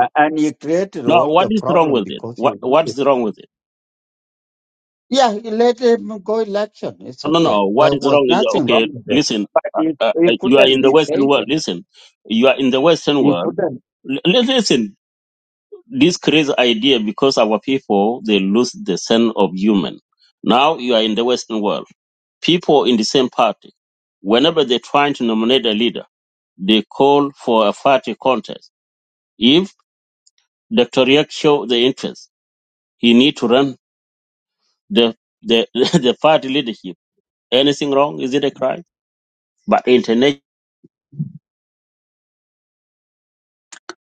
S8: A- And he created
S10: No,
S8: all
S10: what
S8: the
S10: is wrong
S8: problem
S10: with it?
S8: because he
S10: What what
S8: wanted.
S10: is wrong with it?
S8: Yeah, he let him go election. It's
S10: No, no,
S8: okay.
S10: no. What
S8: There
S10: is
S8: was
S10: wrong is
S8: nothing wrong
S10: okay.
S8: with it,
S10: Listen,
S8: but
S10: uh,
S8: he,
S10: uh,
S8: he
S10: you are
S8: couldn't
S10: in the
S8: be
S10: Western world.
S8: patient.
S10: Listen, you are in the Western
S8: He
S10: world.
S8: couldn't.
S10: L- listen. this crazy idea because our people they lose the sense of human. Now you are in the Western world. People in the same party, whenever they're trying to nominate a leader, they call for a party contest. If Dr. Riak show the interest, he need to run the the, *laughs* the party leadership. Anything wrong? Is it a crime? But internationally,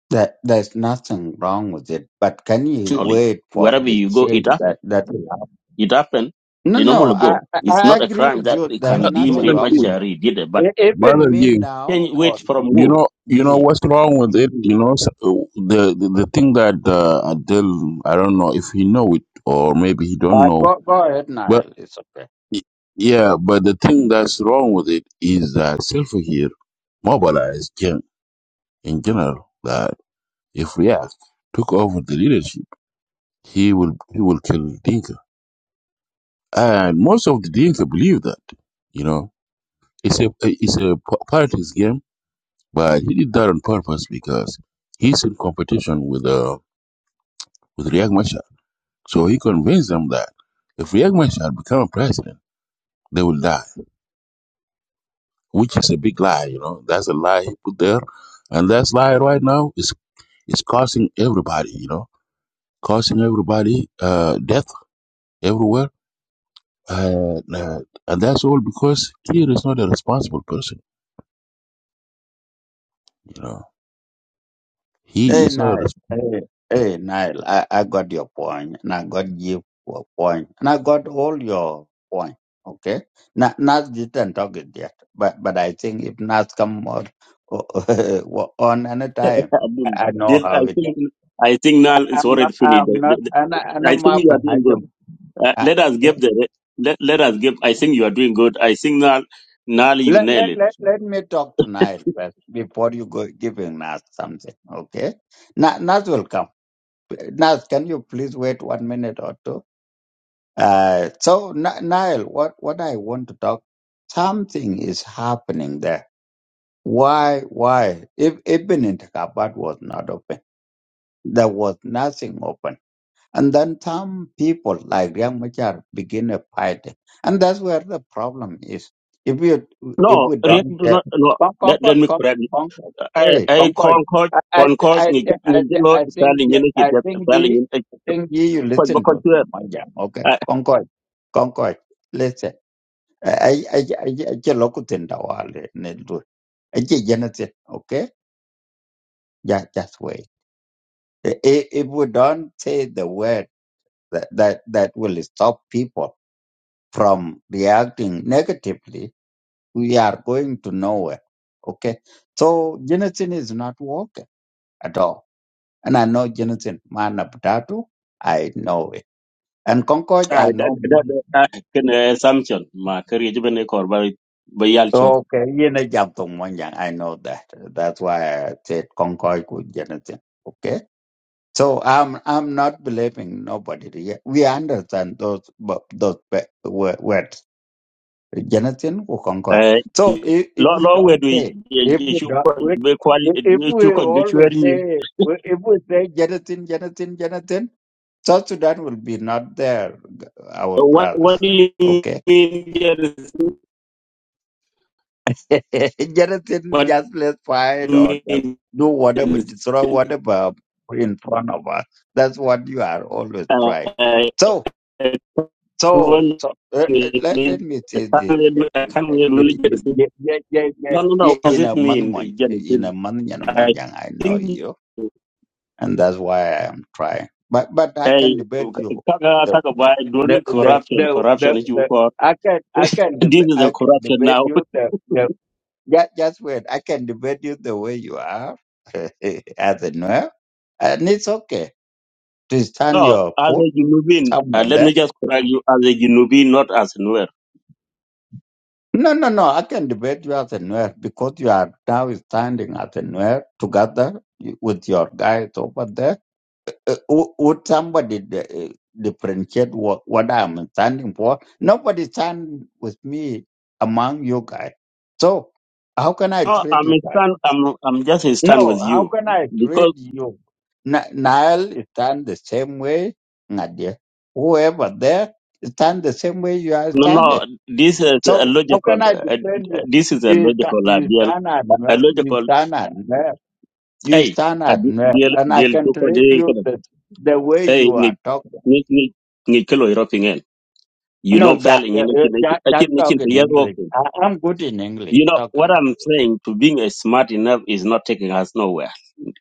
S8: There, there's nothing wrong with it, but can you wait for
S10: wherever
S8: the
S10: you go,
S8: change
S10: it happens.
S8: that that will happen?
S10: It happened.
S8: No,
S10: They
S8: no,
S10: normally
S8: I,
S10: go.
S8: I
S10: It's
S8: I
S10: not a
S8: agree
S10: crime
S8: with
S10: that
S8: you.
S10: they
S8: There
S7: Yeah,
S8: is
S10: can deem
S8: nothing
S7: brother
S10: Riek
S8: wrong with it.
S7: G,
S10: Machar did it, but
S8: E- Even
S7: brother
S8: me
S7: G.
S10: can
S8: now
S10: you
S8: or
S10: wait from
S7: You
S10: who?
S8: you,
S7: know, you know
S8: ye,
S7: what's wrong with it.
S8: ye.
S7: You know, so, the the, the thing that uh, Adele, I don't know if he know it or maybe he don't
S8: Uh,
S7: know,
S8: go, go ahead,
S7: but
S8: Nile. It's okay.
S7: y- yeah, but the thing that's wrong with it is that Silver here mobilized gen- in general that if React took over the leadership, he will he will kill Dinka, and most of the Dinka believe that. You know, It's a it's a p- politics game, but he did that on purpose because he's in competition with uh with Riek Machar. So he convinced them that if Riek Machar become president, they will die, which is a big lie. You know, that's a lie he put there, and that's lie right now is is causing everybody. You know, causing everybody uh death everywhere. Uh, uh, and that's all because he is not a responsible person. You know, he
S8: Hey,
S7: is not a
S8: Nile.
S7: responsible.
S8: Hey, hey, Nile. I, I got your point, and I got your point, and I got all your point. Okay. Not not didn't talk it yet, but but I think if Nas come on *laughs* on any time,
S10: Abdul,
S8: I I know
S10: this- I
S8: how it.
S10: think I think now it's
S8: I'm not.
S10: already finished.
S8: I'm
S10: The-
S8: not.
S10: the-
S8: And I- and
S10: the- I
S8: I'm
S10: think
S8: up
S10: you are doing
S8: behind
S10: good.
S8: him.
S10: Uh, let us give the let, let us give. I think you are doing good. I think now now you
S8: Let,
S10: nail
S8: let,
S10: it.
S8: let, let me talk to Nile first before you go giving Nas something, okay? Na, Nas will come. Nas, can you please wait one minute or two? Uh, so, Na- Nile, what, what I want to talk, something is happening there. Why, why? If, even in Takabat was not open, there was nothing open. And then some people like Riek Machar begin a fight. And that's where the problem is. If we
S10: No,
S8: if we
S10: Riek,
S8: don't
S10: do
S8: uh,
S10: not. No,
S8: con-
S10: let, let
S8: conquer,
S10: me
S8: con-
S10: correct. you.
S8: conquer,
S10: I
S8: hey,
S10: I
S8: conquer.
S10: concord
S8: I
S10: concord.
S8: I
S10: Ni
S8: I
S10: ni
S8: I,
S10: jelo
S8: I think
S10: starting
S8: ye-
S10: ni kit
S8: I think
S10: starting
S8: ye,
S10: ni
S8: I think ye, you
S10: ko ba
S8: listen
S10: ko
S8: to
S10: tuer.
S8: them, my jam, okay?
S10: I
S8: Concord, concord. Listen, I I I I I I look at the wall. I just okay? Yeah, that's way. I- i- If we don't say the word that that, that will stop people from reacting negatively, we are going to nowhere. Okay. So Jensen is not working at all. And I know Jensen, man of tattoo, I know it. And Concord,
S10: I
S8: I
S10: that
S8: know
S10: that
S8: man.
S10: uh, can uh, assumption ma kari jibe ne kor ba ba yal
S8: Okay, you know, jump to one young, I know that. That's why I said Concord with Jensen. Okay. So I'm I'm not blaming nobody here. We understand those bu- those pe- wo- words. Jonathan Kukonkoch.
S10: Eh,
S8: So if, if
S10: lo
S8: we
S10: lo
S8: don't
S10: wedo
S8: say, if
S10: ye
S8: we don't,
S10: shuko
S8: we,
S10: be kwal
S8: if if
S10: ye
S8: we
S10: shuko be
S8: always
S10: chweri ni
S8: say, we- if we say Jonathan, Jonathan, Jonathan, South Sudan will be not there, our
S10: what what
S8: brothers.
S10: do you mean
S8: Okay?
S10: there is-
S8: *laughs* Jonathan
S10: what
S8: just let's fight
S10: do
S8: or
S10: you
S8: just
S10: mean
S8: do
S10: there
S8: whatever,
S10: is-
S8: destroy whatever in front of us. That's what you are always trying.
S10: eh,
S8: So,
S10: eh,
S8: So,
S10: one
S8: so uh, uh, let, let
S10: mean
S8: me
S10: I
S8: say
S10: can't
S8: this. Yeah,
S10: really I can't really get it.
S8: yeah, yeah, yeah.
S10: No, no, no.
S8: yeah.
S10: What does
S8: In
S10: it
S8: a man,
S10: mean?
S8: mon- in a
S10: Genesis?
S8: man, and
S10: I
S8: monjang, I know
S10: think
S8: you, and that's why I am trying. But, but I
S10: hey,
S8: can debate you.
S10: kaga
S8: The,
S10: kaga by
S8: the,
S10: don't
S8: the,
S10: corruption,
S8: the, the,
S10: corruption is you
S8: the
S10: call.
S8: I can,
S10: *laughs*
S8: I
S10: this
S8: can, deb-
S10: is the
S8: I can
S10: corruption
S8: debate
S10: now.
S8: you. The, the, yeah, just wait. I can debate you the way you are, *laughs* as a nerve, and it's okay to stand
S10: No,
S8: your
S10: as
S8: foot
S10: a Junubin, uh,
S8: somewhere there.
S10: let me just correct you as a Junubin, not as Nuer.
S8: No, no, no. I can debate you as a Nuer because you are now standing as a Nuer together with your guys over there. Uh, wou- would somebody di- uh, differentiate what, what I'm standing for? Nobody stand with me among you guys. So how can I
S10: No,
S8: treat
S10: I'm
S8: you
S10: a
S8: guys?
S10: stand, I'm, I'm just a stand with
S8: No, how
S10: you
S8: can I treat
S10: because
S8: you? N- Nile stand the same way, Nadia. Whoever there stand the same way you are
S10: no,
S8: standing.
S10: no, this is a
S8: So how
S10: logical,
S8: can I
S10: uh,
S8: defend
S10: uh,
S8: you?
S10: this is a
S8: You, sta-
S10: logical
S8: you
S10: ideal,
S8: stand at mer-
S10: a
S8: you
S10: logical,
S8: stand at mer- you
S10: hey,
S8: stand
S10: a
S8: at mer,
S10: deal,
S8: and I
S10: deal,
S8: can treat you the, the way
S10: hey,
S8: you are
S10: ni,
S8: talking.
S10: ni, ni, ni kilo European, end. you
S8: No,
S10: know,
S8: yeah,
S10: failing,
S8: yeah,
S10: you know,
S8: yeah,
S10: you know,
S8: yeah,
S10: I
S8: just
S10: keep
S8: talk
S10: making the
S8: in
S10: year
S8: English.
S10: working.
S8: I, I'm good in English
S10: You know, what
S8: talking.
S10: I'm saying to being a smart enough is not taking us nowhere.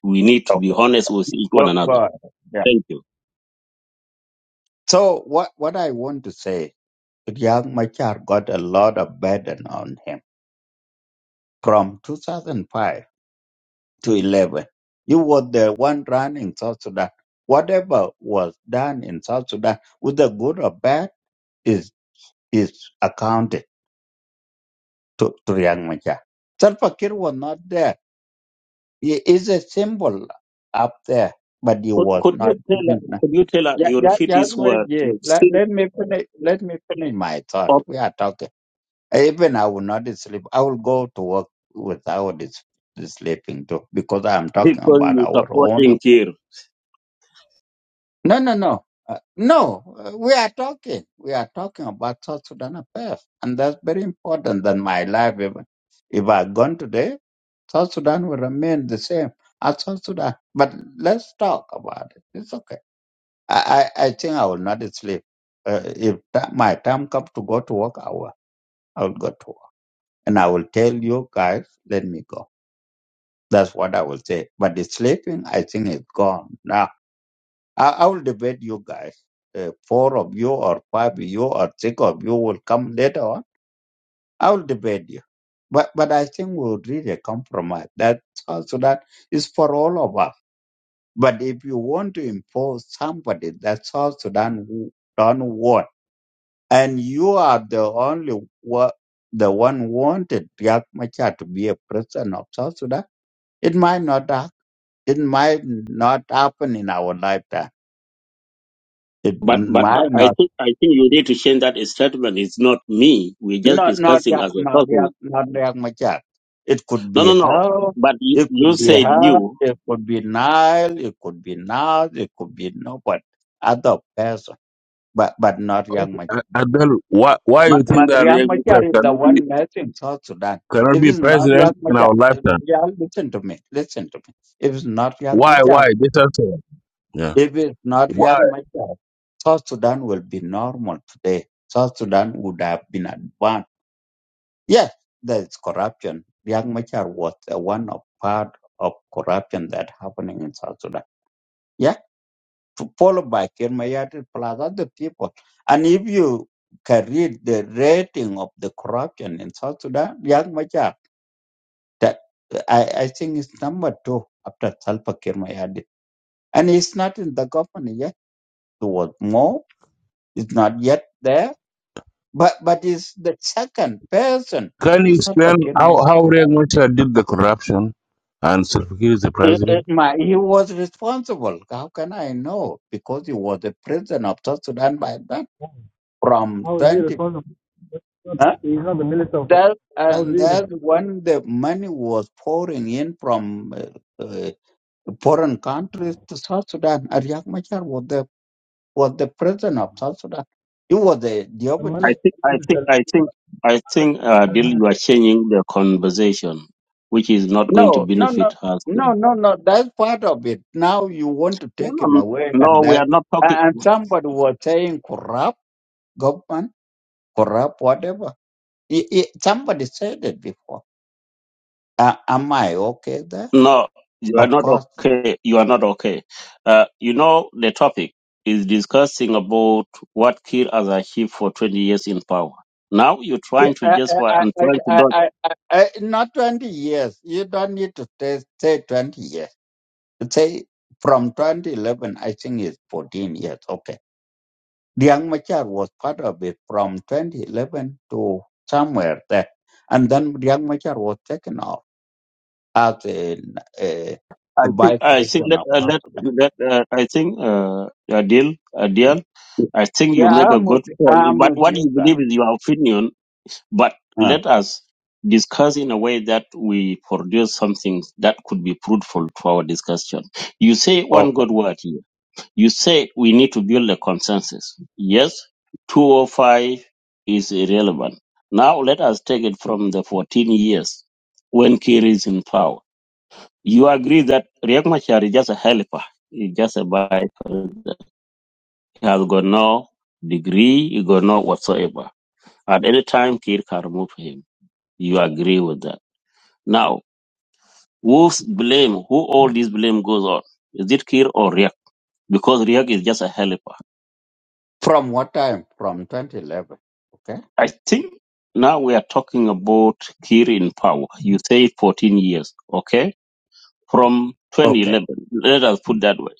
S10: We need to be
S8: Okay,
S10: honest with each one
S8: but,
S10: another.
S8: but yeah.
S10: Thank you.
S8: So what what I want to say, Young Machar got a lot of burden on him from 2005. to 11. You were the one running South Sudan. Whatever was done in South Sudan, whether good or bad, is is accounted to, to Riyang Machar. Salva Kiir was not there. He is a symbol up there, but he
S10: Could,
S8: was
S10: could
S8: not.
S10: you tell us, could you tell us,
S8: Yeah,
S10: your
S8: yeah,
S10: repeat
S8: just
S10: this
S8: wait.
S10: word,
S8: Yeah.
S10: you
S8: Let,
S10: think
S8: let me finish. Let me finish my thought.
S10: of
S8: We are talking. Even I will not sleep. I will go to work without this, this sleeping too, because I am talking
S10: people
S8: about
S10: you
S8: our own
S10: supporting here.
S8: No, no, no. Uh, no, uh, we are talking. We are talking about South Sudan affairs. And that's very important than my life. If, if I gone today, South Sudan will remain the same as South Sudan. But let's talk about it. It's okay. I, I, I think I will not sleep. Uh, if that, my time comes to go to work, I will, I will go to work. And I will tell you guys, let me go. That's what I will say. But the sleeping, I think, is gone now I, I will debate you guys. Uh, four of you or five of you or six of you will come later on. I will debate you. But but I think we would reach a compromise. That South Sudan is for all of us. But if you want to impose somebody that South Sudan w- don't want, and you are the only wa- the one wanted Riek Machar to be a president of South Sudan, it might not hap- it might not happen in our lifetime. It
S10: But but
S8: might
S10: I
S8: not.
S10: think I think you need to change that statement. It's not me. We're just
S8: Not not
S10: discussing
S8: Yak
S10: as a
S8: not
S10: person.
S8: Yak not Yak Machar. It could
S10: No
S8: be
S10: no no.
S8: Hell,
S10: But you,
S8: it
S10: you
S8: could be
S10: said
S8: Hell,
S10: you.
S8: it could be Nile, it could be Naz, it could be nobody. Other person. But but not Yak
S7: Uh,
S8: Machar.
S7: Adel, why why
S8: Ma,
S7: you
S8: Ma,
S7: think that
S8: Yak
S7: Riek Machar
S8: Machar is the
S7: cannot be
S8: one messing South Sudan.
S7: cannot
S8: If
S7: be
S8: it's not
S7: president
S8: Yak
S7: in
S8: Machar,
S7: our
S8: uh,
S7: lifetime?
S8: y'all listen to me. Listen to me. If it's not Yak
S7: Why
S8: Machar,
S7: why this answer? Yeah.
S8: if it's not Yak
S7: Why?
S8: Machar, South Sudan will be normal today. South Sudan would have been advanced Yes, there's corruption. Young Machar was uh, one of part of corruption that happening in South Sudan. Yeah, f- followed by Kirmayati plus other people. And if you can read the rating of the corruption in South Sudan, Young Machar, that, I, I think it's number two after Salva Kirmayadi. And he's not in the government yet. He was more. It's not yet there. But but he's the second person
S7: Can you
S8: to
S7: explain
S8: Salva
S7: how how
S8: Kirmayadi.
S7: Riek Machar did the corruption and Silvakir is the
S8: It,
S7: president?
S8: it, my, he was responsible. How can I know? Because he was the president of South Sudan by that from
S6: How is he
S8: 20.
S6: responsible? He's not,
S8: Huh?
S6: he's not the minister of finance.
S8: That,
S6: How is
S8: and
S6: he responsible?
S8: that's when the money was pouring in from uh, uh, foreign countries to South Sudan. Ariak Machar was the, was the president of South Sudan. He was the
S6: The man of
S10: I
S8: deputy.
S10: think I
S6: the
S10: think I
S6: people.
S10: think I think uh, Dil, you are changing the conversation, which is not going to
S8: No, no, no.
S10: benefit us.
S8: No,
S10: No,
S8: no, no. That's part of it. Now you want to take
S10: no,
S8: him
S10: no,
S8: away, and
S10: No, we
S8: that,
S10: are not talking.
S8: and somebody was saying corrupt government. corrupt, whatever. I- I- somebody said it before. Uh, am I okay there?
S10: No, you are
S8: Of
S10: not
S8: course.
S10: okay. You are not okay. Uh, you know, the topic is discussing about what Kir has achieved for 20 years in power. Now you're
S8: Yeah,
S10: trying to
S8: I,
S10: justify
S8: I,
S10: and
S8: I,
S10: trying to
S8: I,
S10: do
S8: I, I, I- not 20 years. You don't need to say, say 20 years. Say from 2011, I think it's 14 years. Okay. The Young Machar was part of it from 2011 to somewhere there. And then the Young Machar was taken off as a, a,
S10: I
S8: a
S10: think,
S8: vice
S10: I think
S8: president
S10: that,
S8: of
S10: uh,
S8: South
S10: that,
S8: Sudan.
S10: that, uh, I think, uh, a deal, a deal. I think you
S8: Yeah,
S10: make a
S8: I'm with,
S10: good point,
S8: I'm
S10: but
S8: with
S10: what you
S8: you.
S10: believe is your opinion, but
S8: Uh,
S10: let us discuss in a way that we produce something that could be fruitful to our discussion. You say one
S8: okay.
S10: good word. You say we need to build a consensus. Yes, 205 is irrelevant. Now let us take it from the 14 years when Kir is in power. You agree that Riek Machar is just a helper. He's just a by He has got no degree, he got no whatsoever. At any time, Kir can remove him. You agree with that. Now, who's blame? Who all this blame goes on? Is it Kir or Riek? Because Riek is just a helper
S8: From what time? From 2011. Okay.
S10: I think now we are talking about Kir in power. You say 14 years, okay? From
S8: Okay.
S10: 2011, let us put that way.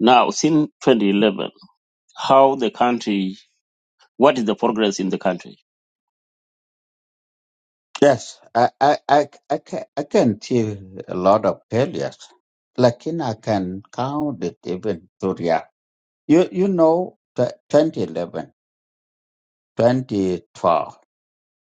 S10: Now, since 2011, how the country, what is the progress in the country?
S8: Yes, I, I, I, I, can, I can see a lot of failures. Like, in I can count it even to real. You, you know, t- 2011, 2012,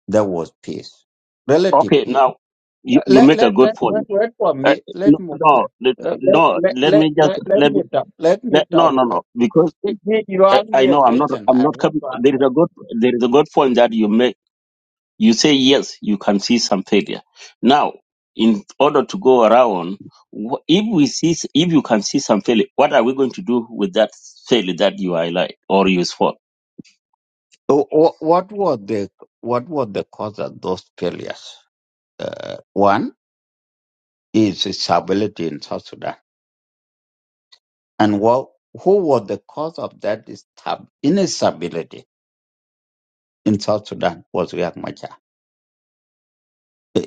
S8: there was peace, relative
S10: Okay,
S8: peace.
S10: now you, you
S8: Let,
S10: make a
S8: let, let,
S10: good
S8: let,
S10: point.
S8: let for
S10: Uh,
S8: me, let,
S10: no,
S8: mo- uh,
S10: no, let-
S8: let,
S10: no,
S8: let,
S10: let
S8: let,
S10: me just,
S8: let, let
S10: let me,
S8: me talk, let me
S10: let, no,
S8: talk.
S10: no,
S8: Uh,
S10: no, because
S8: You you
S10: uh,
S8: asked
S10: I
S8: me a
S10: know I'm not,
S8: question.
S10: I'm
S8: I
S10: not
S8: want
S10: coming.
S8: to
S10: There is a good, there is a good point that you make You say, yes, you can see some failure. Now, in order to go around, wh- if we see, if you can see some failure, what are we going to do with that failure that you highlight or you spot?
S8: So wh- What were the what were the cause of those failures? Uh, one is instability in South Sudan, and what who was the cause of that instab- instability in South Sudan was Riek Machar.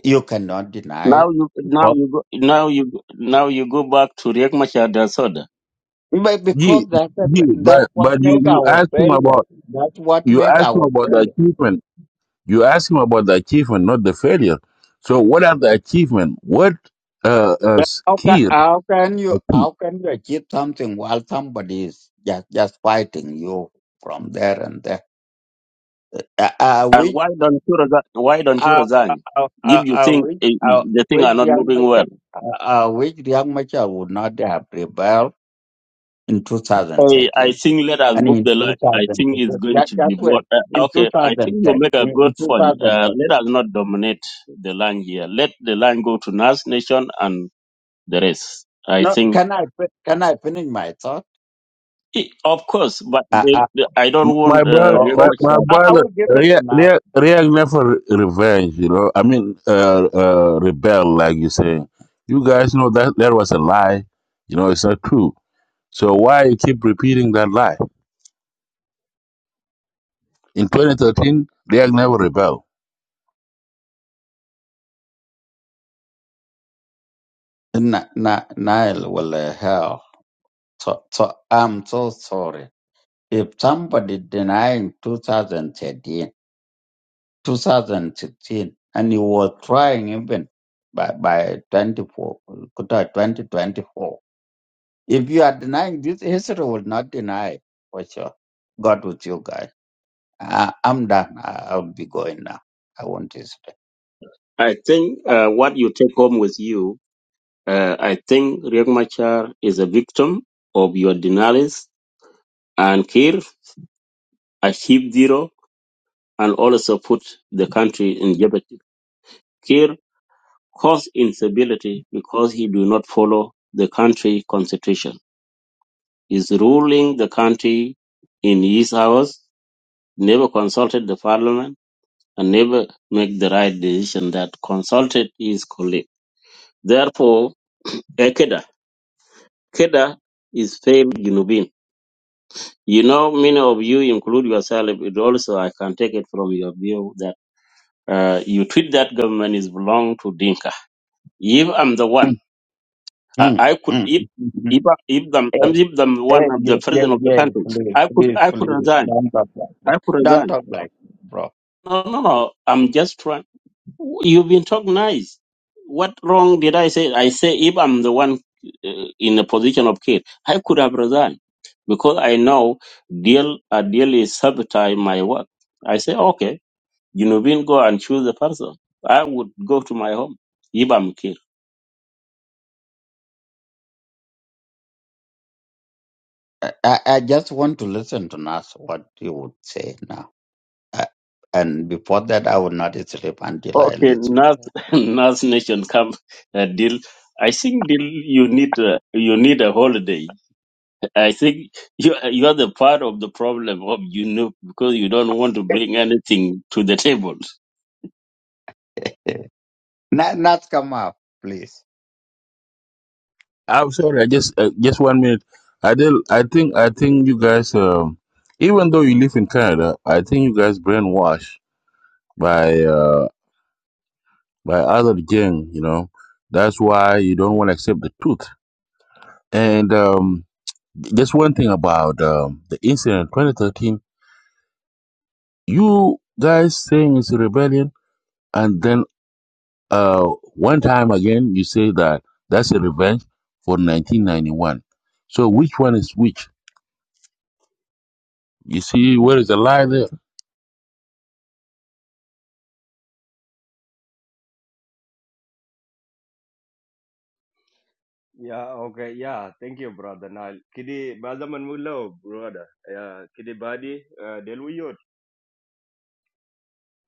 S8: You cannot deny
S10: Now
S8: it,
S10: you, now
S8: but
S10: you go, now you, go- now you go back to Riek Machar Soda.
S8: but
S7: Gee,
S8: because that's a-
S7: gee,
S8: that's
S7: but
S8: what
S7: but you
S8: make
S7: you
S8: our
S7: asked him
S8: failure.
S7: about
S8: That's what
S7: you
S8: make
S7: asked him
S8: our
S7: about the
S8: failure.
S7: achievement. You asked him about the achievement, not the failure. So what are the achievement? What uh, uh
S8: That- How can,
S7: key?
S8: how can you how can you achieve something while somebody is just, just fighting you from there and there? I, I
S10: And
S8: wish
S10: why don't you resign? Why don't you
S8: I,
S10: resign?
S8: I,
S10: If
S8: I,
S10: you
S8: I
S10: think
S8: wish
S10: eh,
S8: I
S10: the thing
S8: wish
S10: are not
S8: Riyad
S10: moving well.
S8: Machar I, I wish Riyad Machar would not have rebelled in
S10: I I
S8: 2013
S10: think let us
S8: and
S10: move
S8: in
S10: the line. I
S8: 2015.
S10: think it's going
S8: That,
S10: to
S8: that's
S10: be
S8: where
S10: what. Uh,
S8: in
S10: okay, I think you
S8: 2013
S10: make a
S8: in,
S10: good
S8: in
S10: point. Uh,
S8: 2013.
S10: let us not dominate the line here. Let the line go to Nas Nation and the rest. I
S8: No,
S10: think,
S8: can I fi- can I finish my thought?
S10: Eh, of course, but
S8: I,
S10: they,
S8: I,
S10: the I don't
S7: my
S10: want
S7: brother,
S10: uh, Riek
S8: oh,
S7: my,
S8: okay,
S7: my
S10: Machar.
S8: I, I
S7: brother,
S8: will give it
S7: real,
S8: to Nile.
S7: real, real never revenge, you know. I mean, uh, uh, rebel, like you say. You guys know that that was a lie. You know, it's not true. So why you keep repeating that lie? In 2013, real never rebel.
S8: Na, na, Nile will uh, hell. So, so I'm so sorry if somebody denying 2013. 2016, and he was trying even by by 24, Qatar 2024. If you are denying this, history will not deny it, for sure. God with you guys. I, I'm done. I, I'll be going now. I want to stay.
S10: I think uh, what you take home with you. Uh, I think Riek Machar is a victim of your denials and Kir, a sheep zero, and also put the country in jeopardy. Cause instability because he do not follow the country constitution. He's ruling the country in his hours, never consulted the parliament, and never make the right decision that consulted his colleague. Therefore, a Keda, Keda is failed Junubin. You know, many of you include yourself, it also, I can take it from your view that uh, you treat that government is belong to Dinka. If I'm the one
S8: Mm,
S10: I,
S8: mm,
S10: I could
S8: mm,
S10: if
S8: mm, mm.
S10: if I- if them
S8: Hey,
S10: if them one
S8: hey,
S10: of
S8: yeah,
S10: the
S8: yeah,
S10: president of the
S8: yeah,
S10: country,
S8: please,
S10: I could
S8: please,
S10: I could
S8: please,
S10: resign.
S8: don't talk like that.
S10: I could
S8: Don't
S10: resign.
S8: talk like that, bro.
S10: No, no, no. I'm just trying. You've been talking nice. What wrong did I say? I say if I'm the one uh, in a position of care, I could have resigned because I know deal a deal is sabotage my work. I say okay, you know, go and choose the person. I would go to my home if I'm care.
S8: I, I I just want to listen to Nas, what you would say now. Uh, and before that, I would not sleep until I
S10: Okay,
S8: listen
S10: North
S8: to
S10: *laughs* North Nation come uh, deal. I think deal you need uh, you need a holiday. I think you you are the part of the problem of you know because you don't want to bring anything to the table.
S8: it. Not, not come up, please.
S7: I'm sorry. I just, uh, just one minute. I del I think, I think you guys, um, even though you live in Canada, I think you guys brainwashed by, uh, by other gang, you know. That's why you don't want to accept the truth And um, just one thing about um, the incident 2013, you guys saying it's a rebellion, and then uh, one time again you say that that's a revenge for 1991. So which one is which? You see, where is the lie there?
S12: Yeah, okay, yeah, thank you, brother Nile. Kidi bazaman mulo, brother. Yeah, kidi badi uh, delwiyot.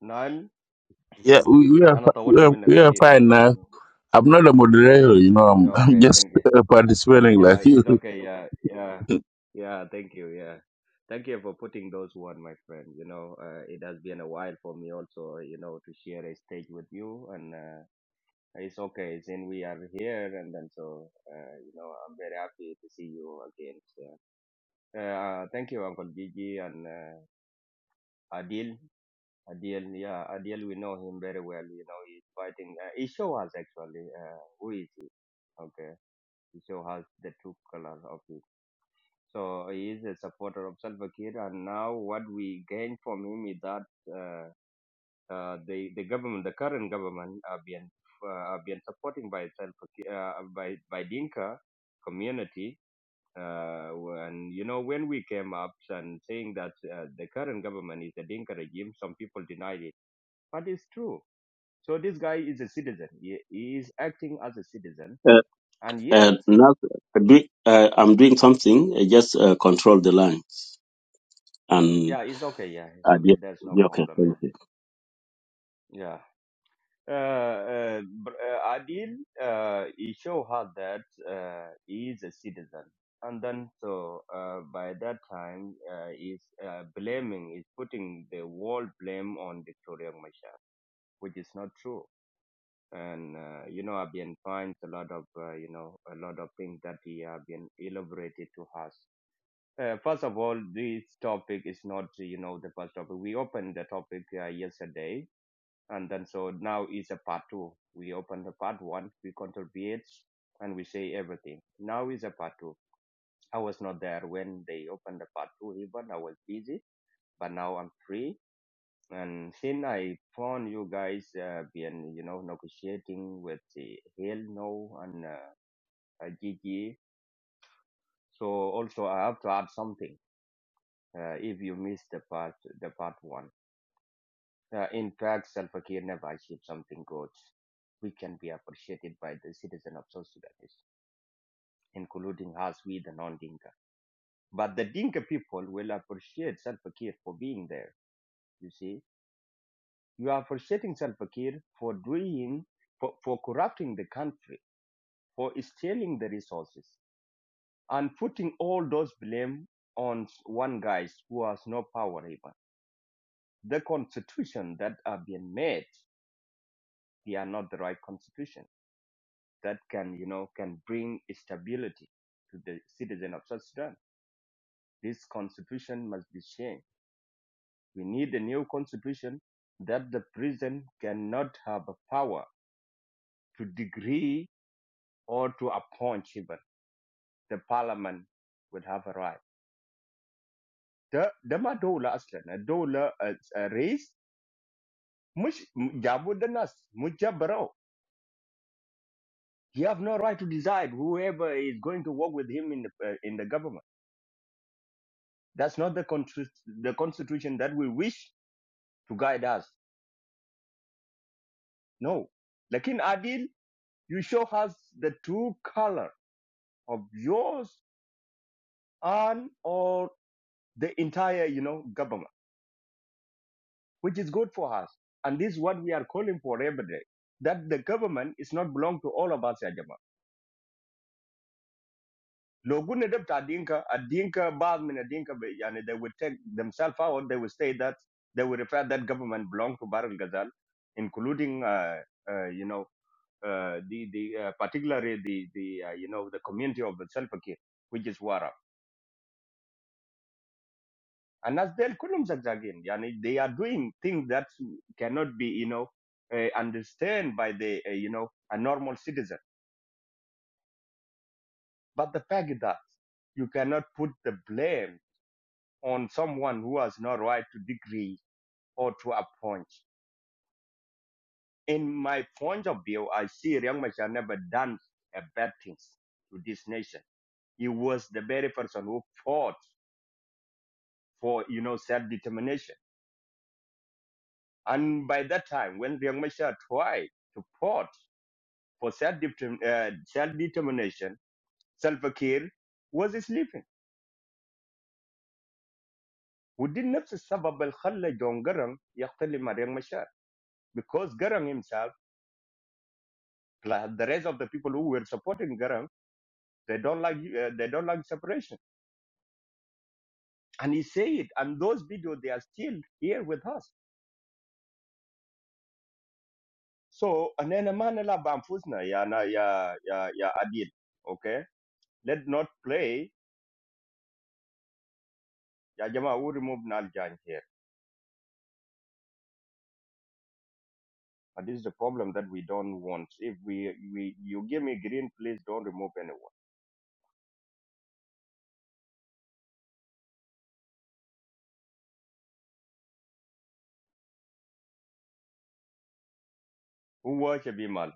S12: Nile,
S7: Yeah, we, we are
S12: أنا
S7: fi- we
S12: طولت
S7: are, we
S12: منك
S7: are
S12: كتير
S7: fine
S12: يعني.
S7: now. I'm not a moderator, you know. I'm, *laughs* I'm
S12: Okay,
S7: just
S12: thank you.
S7: uh, participating like
S12: Yeah,
S7: you.
S12: it's okay. Yeah, yeah,
S7: *laughs*
S12: yeah. Thank you. Yeah, thank you for putting those one, my friend. You know, uh, it has been a while for me also. You know, to share a stage with you, and uh, it's okay. Since we are here, and then so uh, you know, I'm very happy to see you again. So, uh, thank you, Uncle Gigi, and. Uh, Adil, Adil, yeah, Adil, we know him very well. You know, he's fighting. Uh, he show us actually uh, who is he. Okay, he show us the true color of it. So he is a supporter of Salva Kiir, and now what we gain from him is that uh, uh, the the government, the current government, are being uh, are being supporting by Salva Kiir, uh, by by Dinka community. Uh, and you know when we came up and saying that uh, the current government is a Dinka regime, some people denied it but it's true. So this guy is a citizen. He, he is acting as a citizen,
S10: Uh,
S12: and
S10: uh,
S12: yet,
S10: North, uh, do, uh, I'm doing something. uh, Just uh, control the line and
S12: yeah, it's okay. Yeah, it's
S10: uh,
S12: okay.
S10: yeah,
S12: There's no
S10: yeah, okay.
S12: problem.
S10: Thank you.
S12: Yeah, yeah. Uh, uh, br- uh, Adil, uh, he show her that uh, he is a citizen, and then so uh, by that time, uh, he's uh, blaming, is putting the whole blame on Victoria Machar, which is not true. And uh, you know, I've been finds a lot of uh, you know a lot of things that he have been elaborated to us Uh, first of all, this topic is not, you know, the first topic. We opened the topic uh, yesterday, and then so now is a part two. We opened the part one, we contribute, and we say everything. Now is a part two. I was not there when they opened the part two, even I was busy, but now I'm free. And since I found you guys uh, been, you know, negotiating with the Hell No and uh, uh, Gigi, so also I have to add something. Uh, if you missed the part, the part one. Uh, in fact, Salva Kiir never achieved something good. We can be appreciated by the citizen of South Sudanese, including us, we the non-Dinka. But the Dinka people will appreciate Salva Kiir for being there. You see, you are appreciating Salva Kiir for doing, for, for corrupting the country, for stealing the resources, and putting all those blame on one guy who has no power even. The constitution that have been made, they are not the right constitution that can, you know, can bring stability to the citizen of South Sudan. This constitution must be changed. We need a new constitution that the president cannot have a power to degree or to appoint even. The parliament would have a right. The ده ما دولة أصلا dola a race جابوا jabu الناس مش جبروه. He have no right to decide whoever is going to work with him in the, uh, in the government. That's not the, con the constitution that we wish to guide us. No. Lakin Adil, you show us the true color of yours and or the entire, you know, government, which is good for us. And this is what we are calling for every day, that the government is not belong to all of us, ya jamaa. Lo gunne Adinka, ta dinka, a yani they will take themselves out, they will say that, they will refer that government belong to Barul including, uh, uh, you know, uh, the the uh, particularly the the uh, you know the community of the Salva Kiir, which is Warab. And as they're Kulum Zagzagin, yani they are doing things that cannot be you know uh, understand by the uh, you know a normal citizen. But the fact that you cannot put the blame on someone who has no right to degree or to appoint. In my point of view, I see Riyang Machar never done a bad things to this nation. He was the very person who fought for you know self-determination. And by that time, when Riek Machar tried to port for self-determ- uh, self-determination, Salva Kiir was sleeping. ودي نفس السبب اللي خلى جون جرن يقتل مع ريك مشار because Garang himself plus the rest of the people who were supporting Garang they don't like uh, they don't like separation and he said it and those videos they are still here with us so أنا ما نلعب بأنفسنا يا نا- يا يا يا عديل okay let's not play Yeah, Jama, who removed Nal Jan here. But this is the problem that we don't want. If we, we you give me green, please don't remove anyone. Who was Shabimal?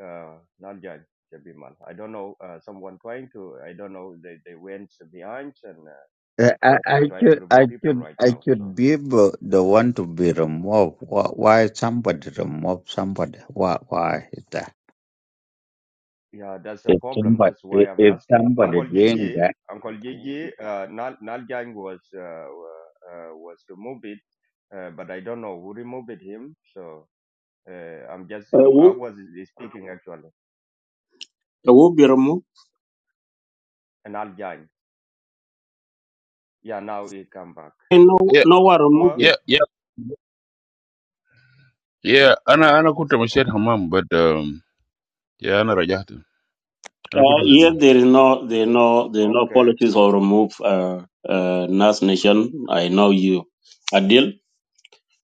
S12: Uh, Nal Jan, Shabimal. I don't know. Uh, someone trying to, I don't know. They, they went behind and uh,
S8: Uh, I, I
S12: they're trying to
S8: should, I
S12: remove people
S8: should,
S12: right
S8: I
S12: now.
S8: should
S12: So,
S8: be able the one to be removed. Why, why somebody remove somebody? Why, why is that?
S12: yeah, that's the
S8: If
S12: problem.
S8: somebody,
S12: That's why
S8: if
S12: I'm
S8: if
S12: asking.
S8: somebody
S12: Uncle Yeah, yeah,
S8: doing
S12: Gigi,
S8: that,
S12: Uncle Gigi, uh, Nal, Nal Jan was, uh, uh, uh, was removed it, uh, but I don't know who removed him. So, uh, I'm just,
S10: uh,
S12: I
S10: will,
S12: was speaking actually.
S10: be removed.
S12: an Aljain. Yeah, now he come back.
S10: And no,
S7: yeah,
S10: no one remove
S12: Well,
S10: it.
S7: yeah, yeah, yeah. Ana ana kuta mashahid hamam, but um, yeah, ana rajahtu. أنا كنت
S10: Uh, here
S7: فاهمه.
S10: there is no, there is no, there is no
S12: okay.
S10: policies or remove uh, uh, Nas Nation. I know you, Adil.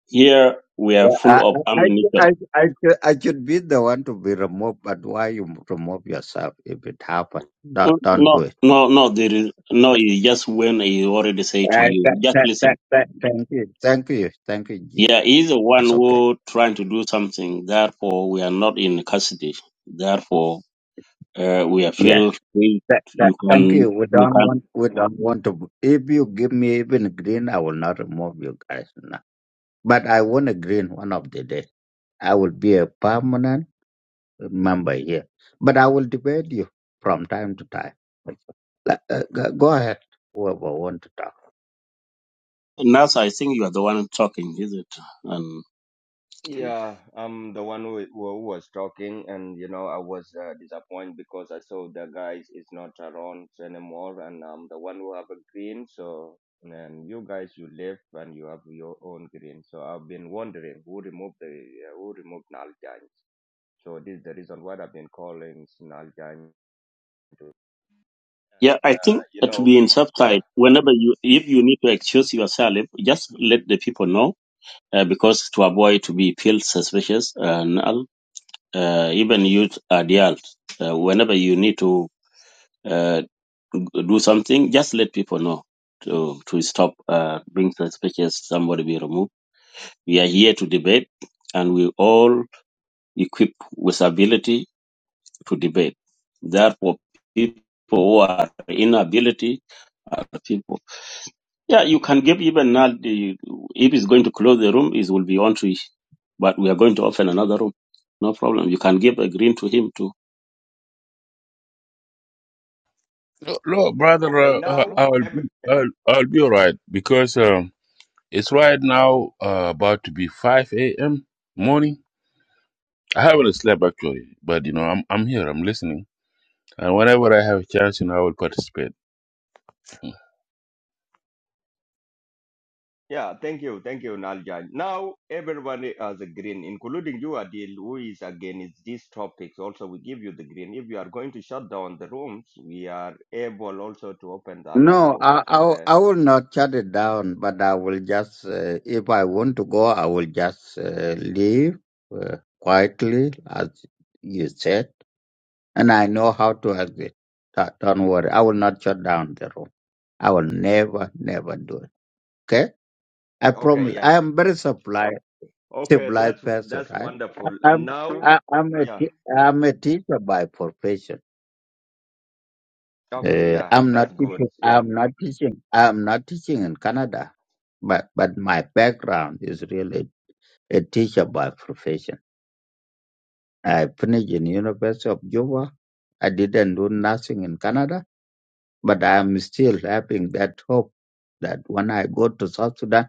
S10: Here we are
S8: yeah, I,
S10: full of
S8: I, I,
S10: ammunition.
S8: I, I should, I should be the one to be removed. But why you remove yourself if it happen?
S10: Uh,
S8: Don't, don't do
S10: No,
S8: it.
S10: no, no. There is no.
S8: Uh,
S10: It's just when he already say to you,
S8: th-
S10: just
S8: th- th-
S10: listen.
S8: th- thank you, thank you, thank you, G.
S10: Yeah, he's the one
S8: It's okay.
S10: who trying to do something. Therefore, we are not in custody. Therefore, uh, we are
S8: Yes.
S10: feel free.
S8: That, that,
S10: You
S8: thank
S10: can
S8: you. We
S10: you
S8: don't
S10: can.
S8: want. We don't want to. If you give me even a green, I will not remove you guys. now. But I want a green one of the day. I will be a permanent member here. But I will debate you from time to time. Like, uh, go go ahead, whoever want to talk.
S10: Nasa, I think you are the one talking, is it? And
S12: Yeah, I'm the one who, who was talking, and you know I was uh, disappointed because I saw the guys is not around anymore, and I'm the one who have a green. So and you guys you left and you have your own green. So I've been wondering who removed the uh, who removed Naljan. So this is the reason why I've been calling Naljan.
S10: yeah, I think
S12: You
S10: that to
S12: know,
S10: be in
S12: yeah.
S10: subside, whenever you, if you need to excuse yourself, just let the people know, uh, because to avoid to be feel suspicious and all, uh, even youth adults, uh, whenever you need to uh, do something, just let people know to to stop uh, being suspicious. Somebody be removed. We are here to debate, and we all equipped with ability to debate. Therefore, people who are inability are people. Yeah, you can give even now, the, if he's going to close the room, it will be on to it. But we are going to open another room. No problem. You can give a green to him too.
S7: No, no, brother,
S12: Okay,
S7: uh, uh,
S12: now
S7: I'll be, I'll, I'll be alright because um, it's right now uh, about to be 5 a.m. morning. I haven't slept actually, but you know, I'm I'm here, I'm listening, and whenever I have a chance, you know, I will participate.
S12: Yeah, thank you, thank you, Naljan. Now everyone uh, has a green, including you, Adil, who is against these topics. Also, we give you the green. If you are going to shut down the rooms, we are able also to open the another
S8: No,
S12: rooms.
S8: I, I
S12: Okay,
S8: I will not shut it down. But I will just, uh, if I want to go, I will just uh, leave uh, quietly, as you said and I know how to exit. Don't don't worry. I will not shut down the room. I will never, never do it. Okay? I
S12: okay,
S8: promise.
S12: yeah,
S8: I am very supplied,
S12: okay. That's
S8: civilized person,
S12: that's
S8: right?
S12: wonderful. And
S8: I'm,
S12: now,
S8: I, I'm a,
S12: yeah,
S8: te- I'm a teacher by profession.
S12: okay,
S8: Uh,
S12: yeah,
S8: I'm not
S12: that's good.
S8: teaching.
S12: Yeah.
S8: I'm not teaching. I'm not teaching in Canada, but, but my background is really a teacher by profession. I finished in University of Juba. I didn't do nothing in Canada But I'm still having that hope that when I go to South Sudan,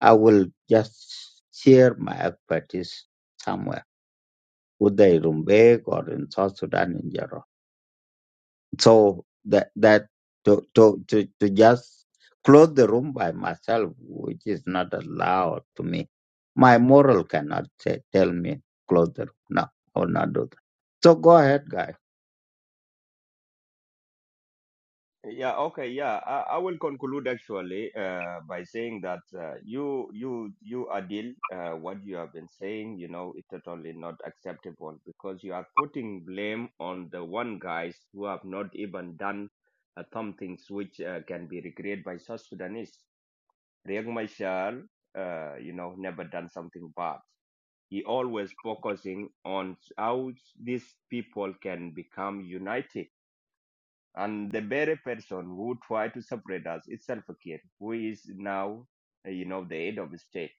S8: I will just share my expertise somewhere, whether in Rumbek or in South Sudan in general. So that that to to to, to just close the room by myself, which is not allowed to me. My moral cannot say, tell me close the room. No, I will not do that. So go ahead, guys.
S12: Yeah, okay, yeah. I, I will conclude actually uh, by saying that uh, you you you Adil, uh, what you have been saying, you know, it's totally not acceptable because you are putting blame on the one guys who have not even done uh, some things which uh, can be regretted by South Sudanese. Riek Machar, uh, you know, never done something bad. He always focusing on how these people can become united and the very person who tried to separate us is Salva Kiir, who is now, uh, you know, the head of the state.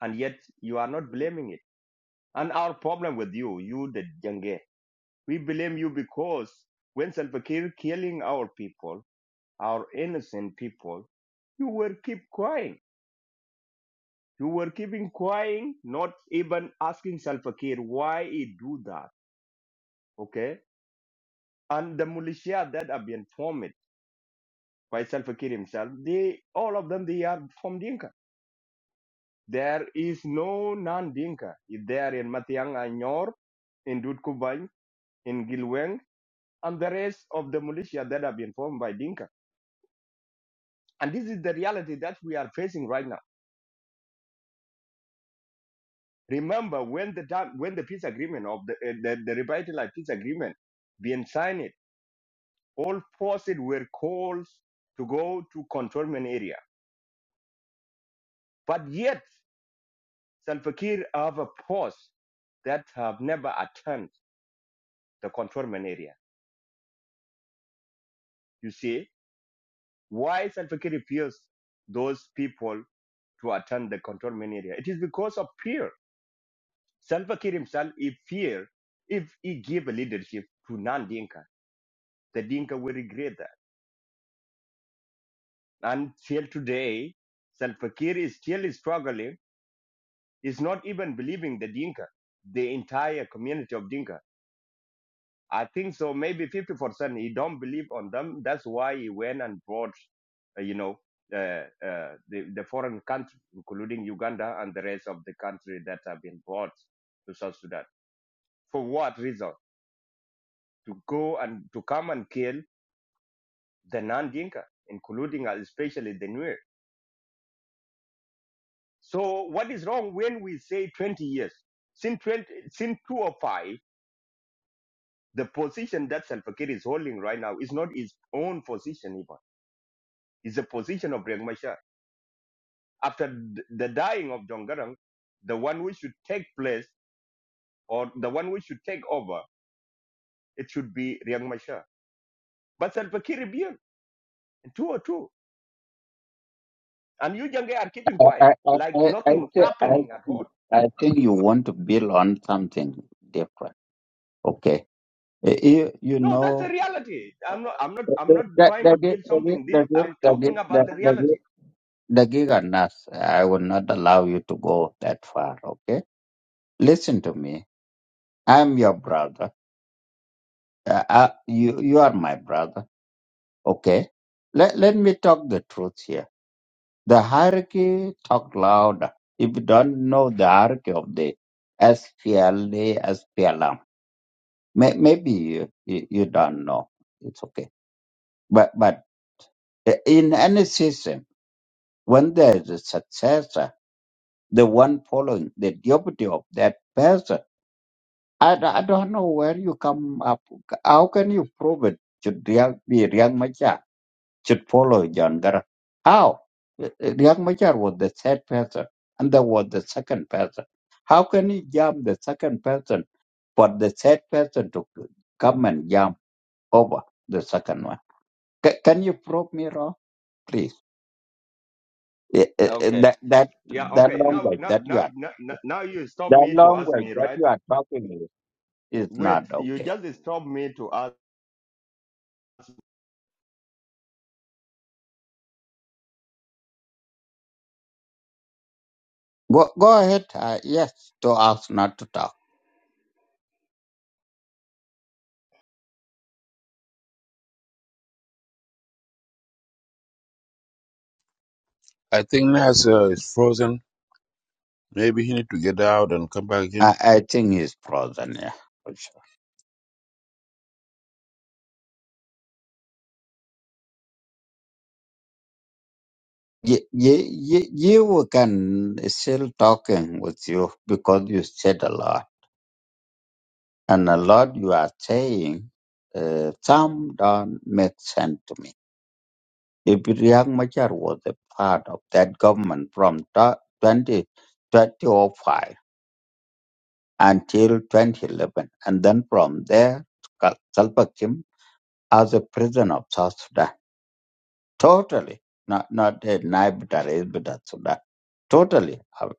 S12: And yet you are not blaming it. And our problem with you, you the Jange, we blame you because when Salva Kiir killing our people, our innocent people, you were keep crying. You were keeping crying, not even asking Salva Kiir why he do that. Okay? And the militia that have been formed by Salva Kiir himself, they all of them they are from Dinka There is no non-Dinka there in Matiang and Nyor, in Dutkubang, in Gilweng, and the rest of the militia that have been formed by Dinka. And this is the reality that we are facing right now. Remember, when the time, when the peace agreement of the, uh, the, the revitalized peace agreement being signed, all forces were called to go to controlment area. But yet, Salva Kiir have a force that have never attained the controlment area. You see, Why Salva Kiir refused those people to attend the controlment area? It is because of fear. Salva Kiir himself, he fear if he give leadership to non-Dinka, the Dinka will regret that. Until today, Salva Kiir is still struggling. He's not even believing the Dinka, the entire community of Dinka. I think so. Maybe fifty percent. He don't believe on them. That's why he went and brought, uh, you know, uh, uh, the the foreign country, including Uganda and the rest of the country that have been brought to South Sudan. For what reason? To go and to come and kill the non-Dinka, including uh, especially the Nuer. So what is wrong when we say twenty years? Since twenty, since two or five, the position that Salva Kiir is holding right now is not his own position even. It's the position of Riek Machar after the dying of Jongarang, the one which should take place or the one which should take over, it should be Riang Machar. But Salva Kiir rebelled in 202, and you Jange are keeping
S8: I,
S12: quiet,
S8: I,
S12: like
S8: I, I,
S12: nothing is
S8: thi- I,
S12: happening at all.
S8: I think you want to build on something different. Okay. Eh, You, you
S12: No, that's the
S8: know,
S12: reality. I'm not. I'm not. I'm
S8: the
S12: not
S8: the
S12: trying to
S8: the
S12: build
S8: the
S12: something. This,
S8: the
S12: I'm talking
S8: the
S12: about the
S8: the
S12: reality.
S8: the giganas. I will not allow you to go that far. Okay. Listen to me. I'm your brother. Uh, uh, you you are my brother. Okay. Let let me talk the truth here. The hierarchy talk louder. If you don't know the hierarchy of the SPLA, SPLM. May, maybe you, you, you don't know. It's okay. But but eh, in any system, when there is a successor, the one following the deputy of that person, I, d- I don't know where you come up. How can you prove it? Should Riyang, be Riyang Machar should follow John Garang? How? Riyang Machar was the third person, and there was the second person. How can you jump the second person for the third person to come and jump over the second one? Ca can you prove me wrong, please? Eh, eh, eh,
S12: Okay.
S8: That that
S12: Yeah.
S8: that
S12: Okay. Now,
S8: language
S12: now,
S8: that you
S12: now,
S8: are
S12: now, now you stop
S8: that
S12: me to ask
S8: language
S12: me,
S8: that
S12: right?
S8: you are talking is is
S12: Wait.
S8: not
S12: You
S8: okay.
S12: just stop me to ask.
S8: Go go ahead. Uh, yes, to ask not to talk.
S7: I think Nas uh, is frozen. Maybe he need to get out and come back in.
S8: I, I think he's frozen. Yeah, for sure. You, you, you, you can still talking with you because you said a lot, and a lot you are saying uh, some don't make sense to me. Ibrahim Machar was a part of that government from ta- 2005 until 2011, and then from there, Sal- Salva Kiir as a president of South Sudan. Totally, not not a Naibitar, Isbitar Sudan. Totally. Uh,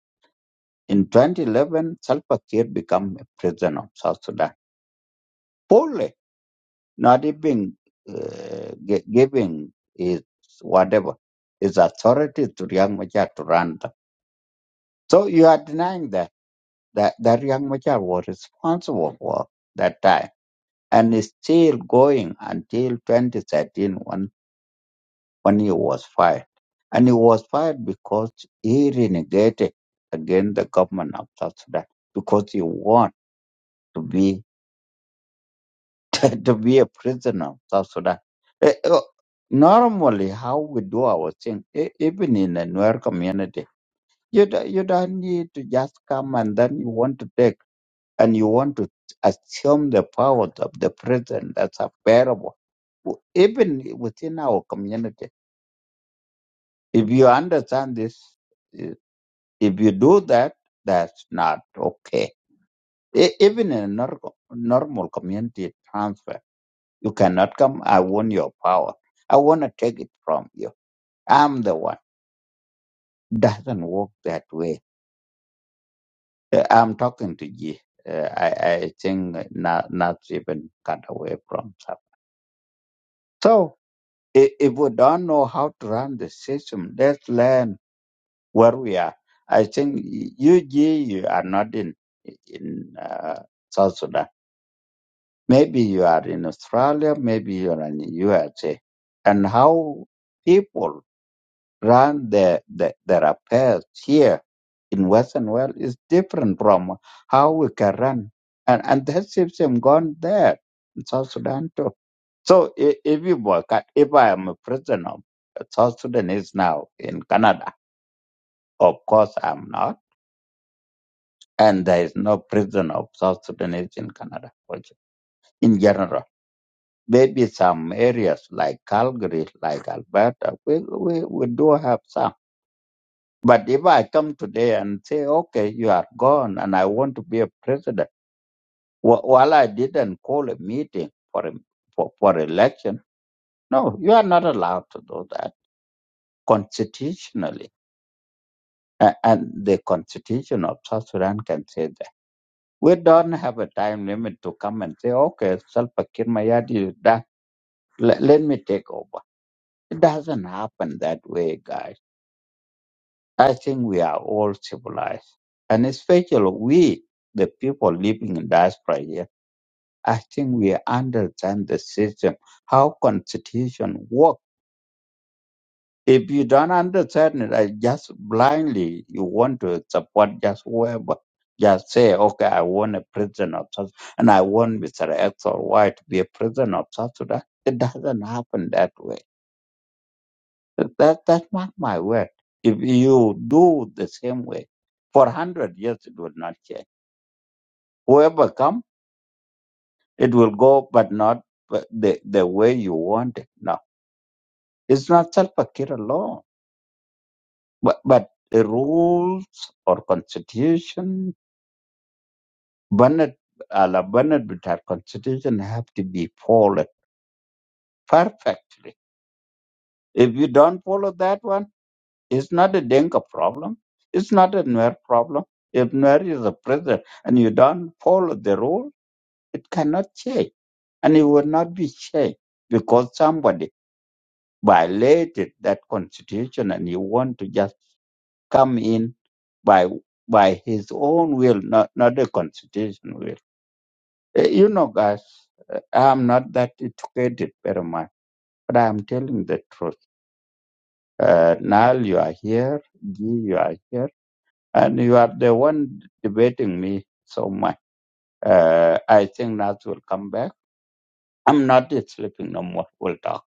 S8: In 2011, Salva Kiir became a president of South Sudan. Fully, not even uh, gi- giving his whatever, his authority to Riek Machar to run So you are denying that, that, that young Machar was responsible for that time and is still going until 2013 when, when he was fired. And he was fired because he renegated against the government of South Sudan because he want to be, *laughs* to be a prisoner of South Sudan. Eh, eh, Normally, how we do our thing, e- even in a Nuer community, you, do, you don't need to just come and then you want to take and you want to assume the powers of the president that's available, w- even within our community. If you understand this, i- if you do that, that's not okay. E- Even in a nor- normal community transfer, you cannot come, I want your power. I want to take it from you. I'm the one. Doesn't work that way. Uh, I'm talking to you. Uh, I, I think uh, not, not even cut away from that. So I- If we don't know how to run the system, let's learn where we are. I think you, G, you are not in in uh, South Sudan. Maybe you are in Australia. Maybe you are in USA. And how people run their their, their affairs here in Western world is different from how we can run. And and that system gone there in South Sudan too. So i- if you work, at- if I am a prisoner of South Sudanese now in Canada, of course I'm not, and there is no prisoner of South Sudanese in Canada also, in general. Maybe some areas like Calgary, like Alberta, we, we, we do have some. But if I come today and say, okay, you are gone and I want to be a president, wh- while I didn't call a meeting for, a- for, for election, no, you are not allowed to do that constitutionally A- and the constitution of South Sudan can say that. We don't have a time limit to come and say, okay, Salva Kiir Mayadi is done. Let, let me take over. It doesn't happen that way, guys. I think we are all civilized. And especially we, the people living in diaspora here, I think we understand the system, how constitution works If you don't understand it, I just blindly you want to support just whoever. Just say, okay, I want a president of South, and I want Mr. X or Y to be a president of South Sudan. It doesn't happen that way. That that's not my word. If you do the same way, for hundred years it will not change. Whoever come, it will go, but not but the the way you want it. No, it's not self-care alone, but but the rules or constitution Bernard, uh, Bernard Bittar constitution have to be followed perfectly. If you don't follow that one, it's not a Denka problem. It's not a Nuer problem. If Nuer is a president and you don't follow the rule, it cannot change. And it will not be changed because somebody violated that constitution and you want to just come in by by his own will, not, not the constitution will. Eh, You know, guys, eh, I'm not that educated very much, but I'm telling the truth. Uh, Nal, you are here. Guy, you are here. And you are the one debating me so much. Uh, I think Nal will come back. I'm not sleeping no more. We'll talk.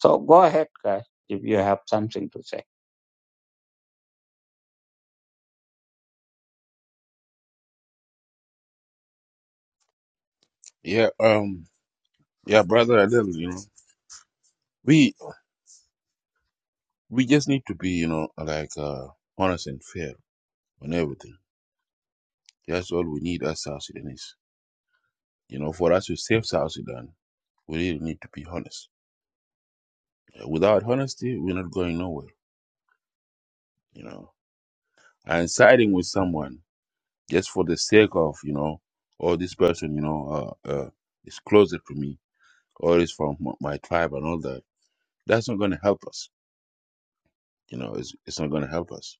S8: So go ahead, guys, if you have something to say.
S7: Yeah, um, yeah, brother Adele, you know, we we just need to be, you know, like uh, honest and fair on everything. That's all we need as South Sudanese. You know, for us to save South Sudan, we really need to be honest. Without honesty, we're not going nowhere. You know, and siding with someone just for the sake of, you know, oh, this person, you know, uh, uh, is closer to me or is from m- my tribe and all that. That's not going to help us. You know, it's it's not going to help us.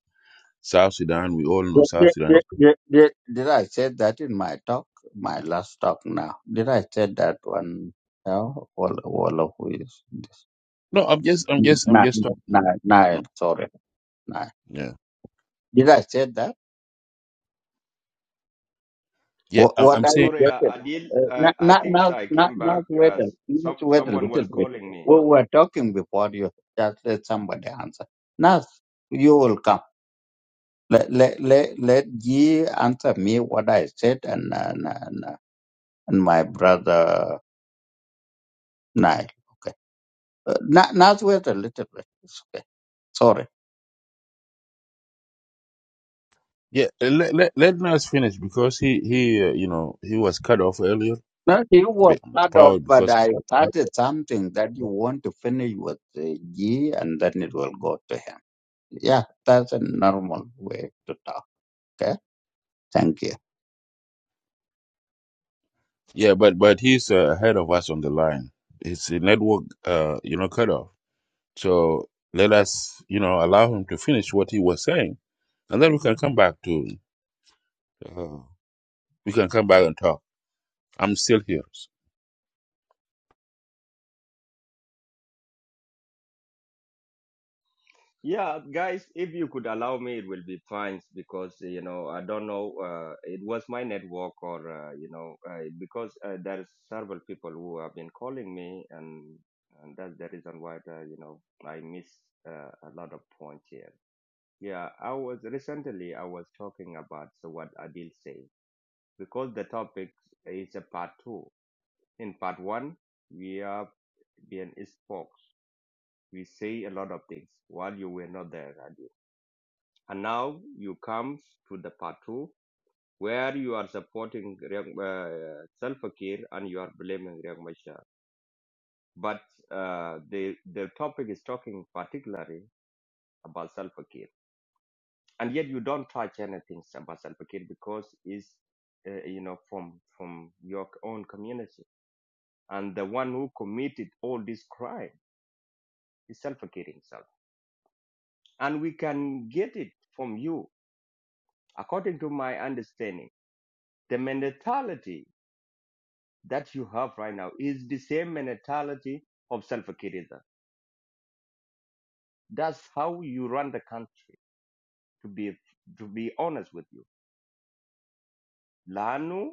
S7: South Sudan, we all know
S8: Did,
S7: South
S8: did,
S7: Sudan
S8: did, did, did did I say that in my talk, my last talk now? Did I say that one? Yeah, all, all of you.
S7: No, I'm just, I'm just, I'm
S8: No,
S7: just talking.
S8: no,
S7: You
S8: no,
S7: know.
S8: sorry. No.
S7: Yeah.
S8: Did I say that?
S7: Yeah.
S8: What,
S7: I-
S8: what
S7: I'm
S8: are
S7: saying.
S8: you
S12: Sorry, uh,
S8: getting?
S12: Adil.
S8: Uh,
S12: Uh,
S8: not,
S12: I
S8: not,
S12: think
S8: not,
S12: I
S8: not,
S12: came back.
S8: not wait,
S12: Uh,
S8: a-
S12: s-
S8: not
S12: some
S8: wait a
S12: someone
S8: little
S12: was
S8: bit.
S12: calling me.
S8: We were talking before you just let somebody answer. Now you will come. Let, let, let, let ye answer me what I said and, and, and, and my brother Nile. Okay. Uh, not, not wait a little bit. It's okay. Sorry.
S7: Yeah. uh, Let let let Nas finish because he he uh, you know he was cut off earlier,
S8: No, you were
S7: be-
S8: part of,
S7: probably
S8: but
S7: because.
S8: I started something that you want to finish with the G and then it will go to him. Yeah, that's a normal way to talk. Okay? Thank you.
S7: Yeah, but but he's uh, ahead of us on the line. It's a network, uh, you know, cut off. So let us, you know, allow him to finish what he was saying, and then we can come back to. Uh, we can come back and talk. I'm still here.
S12: Yeah, guys, if you could allow me, it will be fine because you know I don't know. Uh, it was my network, or uh, you know, uh, because uh, there are several people who have been calling me, and, and that's the reason why uh, you know I miss uh, a lot of points here. Yeah, I was recently I was talking about so what Adil said because the topic is a part two. In part one, we have being spoke. We say a lot of things while you were not there, Radio. And now you come to the part two where you are supporting Riek- uh, Salva Kiir and you are blaming Riek Machar. But uh, the the topic is talking particularly about Salva Kiir, and yet you don't touch anything about Salva Kiir because it's uh, you know from from your own community, and the one who committed all this crime is Salva Kiir himself, and we can get it from you According to my understanding, the mentality that you have right now is the same mentality of Salva Kiir. That's how you run the country. To be to be honest with you, Lanu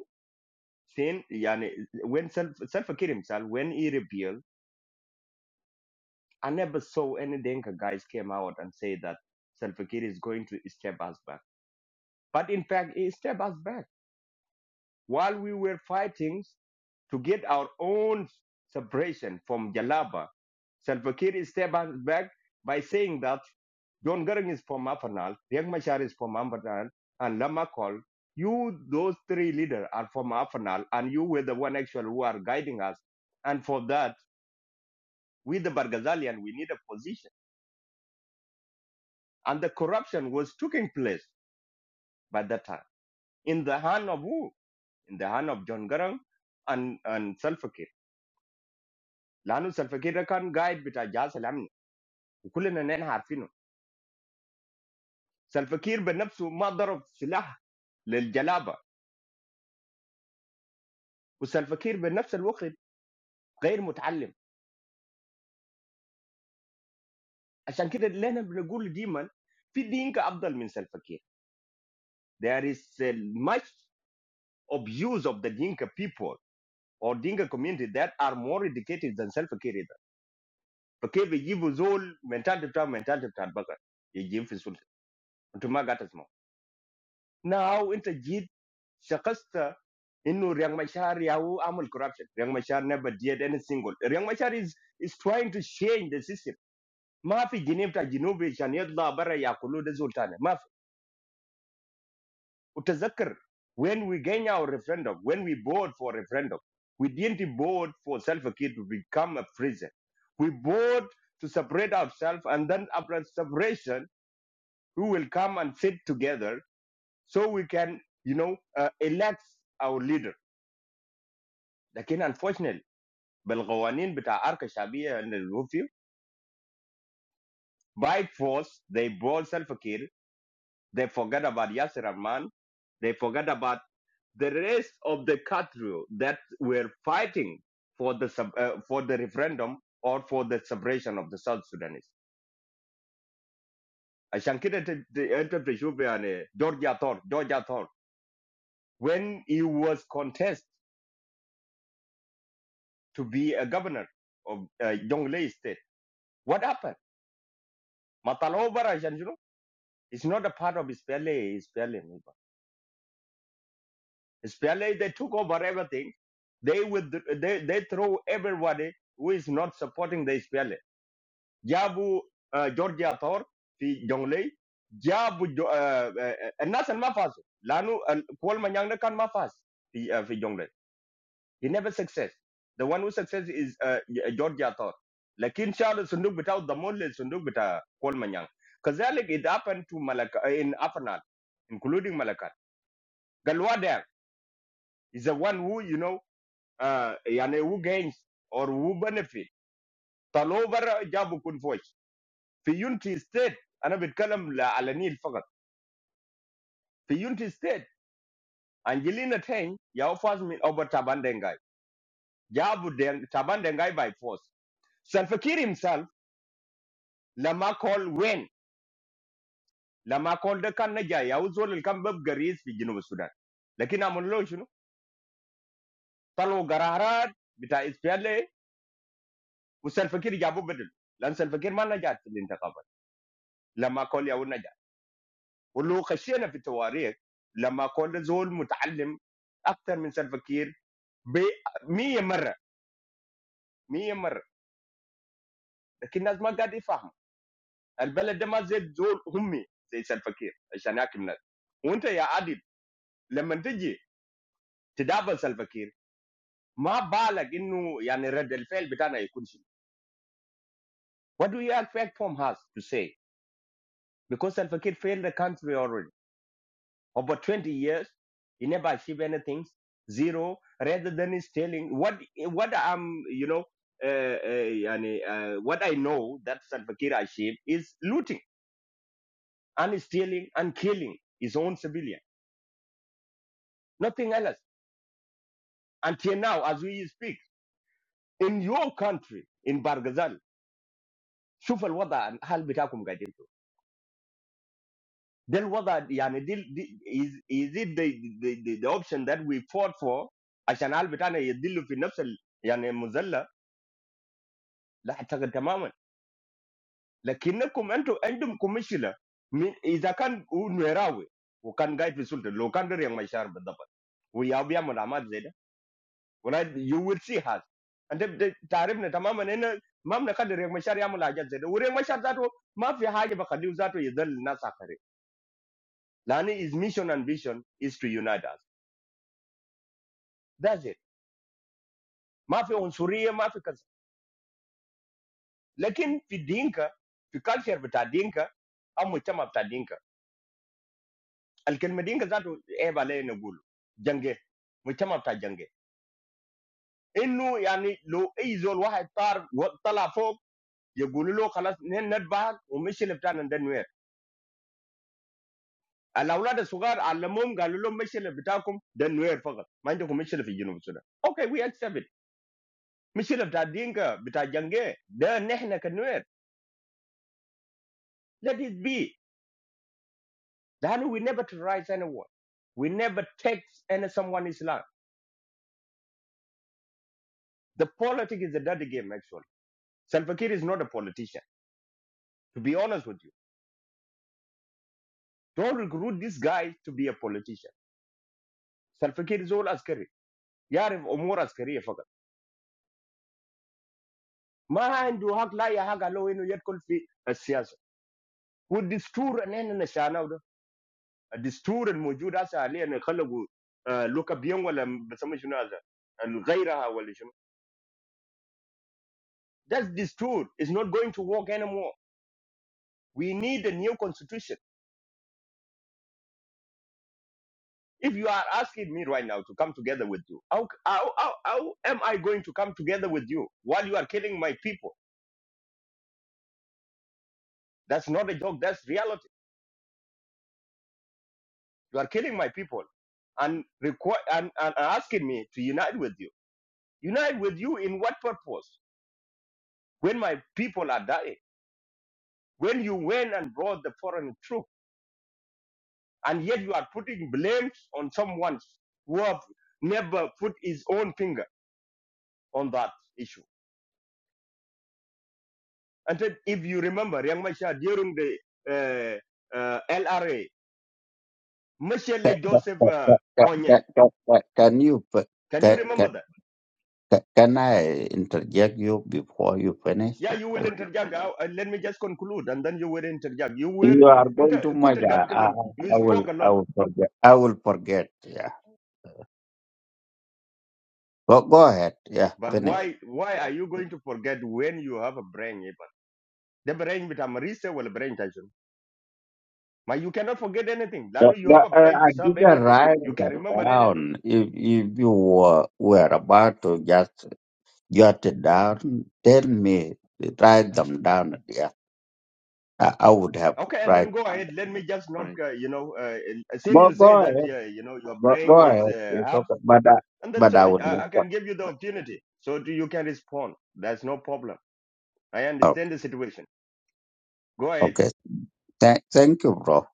S12: sin yani when Sal- Salva Kiir himself when he rebelled, I never saw any Denka guys came out and say that Salva Kiir is going to step us back. But in fact, he stepped us back while we were fighting. to get our own separation from Jalaba. Salva Kiir stepped back by saying that John Garang is from Afanal, Riek Machar is from Afanal, and Lama Kol. You, those three leaders, are from Afanal, and you were the one actually who are guiding us. And for that, we, the Bargazalian, we need a position. And the corruption was taking place by that time. In the hand of who? In the hand of John Garang and, and Salva Kiir. Lanu Salva Kiir kan guide bita وكلنا نحن عارفينه سلفا كير بنفسه ما ضرب سلاح للجلابه وسلفا كير بنفس الوقت غير متعلم عشان كده لنا بنقول ديما في دينكا افضل من سلفا كير. there is uh, much abuse of the dinka people or dinka community that are more educated than self-care either. فكيف يجيبوا زول mentality بتاع mentality بتاع البقر يجيب في السلطه انتم ما قاعد تسمعوا now انت جيت شخصت Innu Riang Machar Yahu Amal corruption. Riang Machar never did any single. Riang Machar is, is trying to change the system. Mafi Ginevta Jinubi Shaniadla Bara Yakulu de Sultana. Mafi Utazakar. When we gain our referendum, when we vote for referendum, we didn't vote for self Kiir to become a prison. We vote to separate ourselves and then after separation, we will come and sit together so we can, you know, uh, elect our leader. Again, unfortunately. بالقوانين بتاع أركة الشعبية عند الوفي by force they brought Salva Kiir they forget about Yasir Arman they forget about the rest of the country that were fighting for the sub, uh, for the referendum or for the separation of the South Sudanese عشان كده ت- ت- انت بتشوف يعني جورج ثور جورج ثور when he was contest to be a governor of uh, Jonglei state what happened ما طلعوه برا عشان شنو it's not a part of his PLA his PLA Especially they took over everything. They would they, they throw everybody who is not supporting the SPLA. Jabu uh, Georgia Thor, fi Jonglei, Jabu Jo- uh, uh, uh, Nas and Mafaso, Lanu uh, Kual Manyang kan Mafas fi uh, fi Jonglei. He never success. The one who success is uh, Georgia Thor. Lakin Charles Sunduk without the Mole Sunduk bita Kual Manyang. Kazalik it happened to Malaka uh, in Afanal, including Malaka. Galwa there is the one who you know. uh, يعني who gains or who benefit talovera jabu kun foj fi unity state ana bitkalam la ala nil fakat fi unity تين angelina ten ya offers me over tabandengai jabu den tabandengai by force سلفكير himself lama call when lama call the kan naja ya uzol el في جنوب السودان. لكن jinub sudan lakin amullo shunu talo gararat bita ispiale u Salfakir jabu bedel lan Salfakir man naja til intakaba lama call ya ولو خشينا في التواريخ لما كنا زول متعلم اكثر من سلفكير ب 100 مره مية مره لكن الناس ما قاعد يفهموا البلد ده ما زي زول همي زي سلفا كير عشان ياكل الناس وانت يا عادل لما تجي تدابل سلفا كير ما بالك انه يعني رد الفعل بتاعنا يكون شنو What do you expect from has to say? Because Al-Fakir failed the country already. Over 20 years, he never achieved anything. Zero. Rather than he's telling what what I'm, you know, uh, uh, yani, uh, what I know that Salva Kiir achieved is looting and stealing and killing his own civilian. Nothing else. Until now, as we speak, in your country, in Bargazal, شوف الوضع الحال بتاعكم قاعدين فيه. ده الوضع يعني دي, is, is it the, the, the, option that we fought for عشان الحال بتاعنا يدلوا في نفس ال, يعني مظلة That's the complete. But when you enter into commercial, if you can earn revenue, you can get results. Local people are sharing the burden. We have been a lot of things. You will see how. And the tariffs are complete. We have local people sharing a lot of things. We have people that are, maybe, hard to get used to, but they are not suffering. So our mission and vision is to unite us. That's it. We have onshore, we have. But in Dinka, in culture of Dinka, I'm a member of Dinka. Alkan Medina said, "I will not go to war. Why am I going to war? Innu, I mean, the Israel war has started. Telephone, you go to the palace. They are not bad. We should have done that now. The old ones are so old. All of them are not good. We should have done that now. Okay, we accept it. We should have done Medina to war. The next one can do it. Let it be. Then we never to rise anyone. We never takes any someone's land. The politics is a dirty game. Actually, Sal Fakir is not a politician." to be honest with you. Don't recruit this guy to be a politician. Salva Kiir is all askari. يعرف أمور عسكرية فقط. ما عنده حق لا يحق له إنه يدخل في السياسة. والدستور اللي إحنا نشأناه ده، الدستور الموجود هسه حاليا اللي خلقوا آه، لوكا بيون ولا بسمي شنو هذا؟ غيرها ولا شنو؟ That دستور is not going to work anymore. We need a new constitution. If you are asking me right now to come together with you, how, how, how, how am I going to come together with you while you are killing my people? That's not a joke. That's reality. You are killing my people and require and, and asking me to unite with you. Unite with you in what purpose? When my people are dying, when you went and brought the foreign troop, and yet you are putting blames on someone who have never put his own finger on that issue. And then if you remember, Yang Masha during the uh, uh, LRA, Michelle Joseph
S8: Ca-
S12: uh,
S8: ca- ca-
S12: Kony,
S8: ca- ca- Can you, p-
S12: can you
S8: ca-
S12: remember
S8: ca-
S12: that?
S8: ca- can I interject you before you finish?
S12: Yeah, you will
S8: Please.
S12: interject. Uh, uh, let me just conclude, and then you will interject. You will
S8: You are going
S12: inter-
S8: too much.
S12: couldn't
S8: I,
S12: get
S8: I,
S12: them. You
S8: I will,
S12: spoke a
S8: I
S12: lot,
S8: will forget. I will forget. Yeah. Go, go ahead. Yeah,
S12: but
S8: finish.
S12: why? Why are you going to forget when you have a brain? Even the brain with a marisa will brain tension. But you cannot forget anything.
S8: No,
S12: Lanu, you have
S8: no,
S12: a
S8: I,
S12: brain to
S8: I
S12: serve
S8: didn't
S12: everything.
S8: write
S12: You can
S8: that
S12: remember anything.
S8: down. If if you were, were about to just jot it down, tell me, write them down. Yeah, I, I would have
S12: Okay, and
S8: write.
S12: then go ahead. Let me just not, uh, you know, uh, since
S8: But
S12: you say
S8: go
S12: that,
S8: ahead,
S12: uh, you know, your
S8: but go
S12: brain is
S8: ahead.
S12: uh,
S8: It's
S12: half,
S8: okay. But I,
S12: and then
S8: but
S12: so
S8: I would
S12: uh,
S8: not.
S12: I can give you the opportunity so to, you can respond. That's no problem. I
S8: Okay,
S12: understand the situation. Go ahead.
S8: okay. Thank, thank you, bro.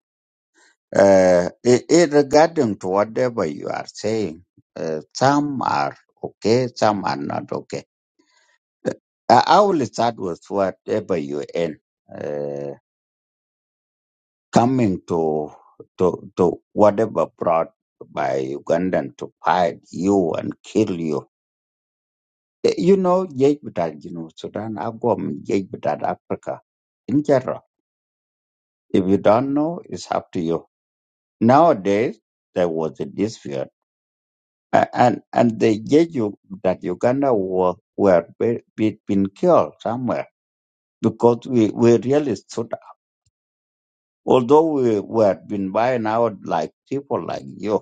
S8: Uh, i i- regarding to whatever you are saying, uh, some are okay, some are not okay. I, I will start with whatever you end. coming to to to whatever brought by Ugandan to fight you and kill you. Eh, You know, yet you know Sudan, Agwam, yet without Africa in general. If you don't know, it's up to you. Nowadays, there was a dispute, a- and and they gave you that Uganda were were be, be- been killed somewhere because we we really stood. up. Although we were been buying out like people like you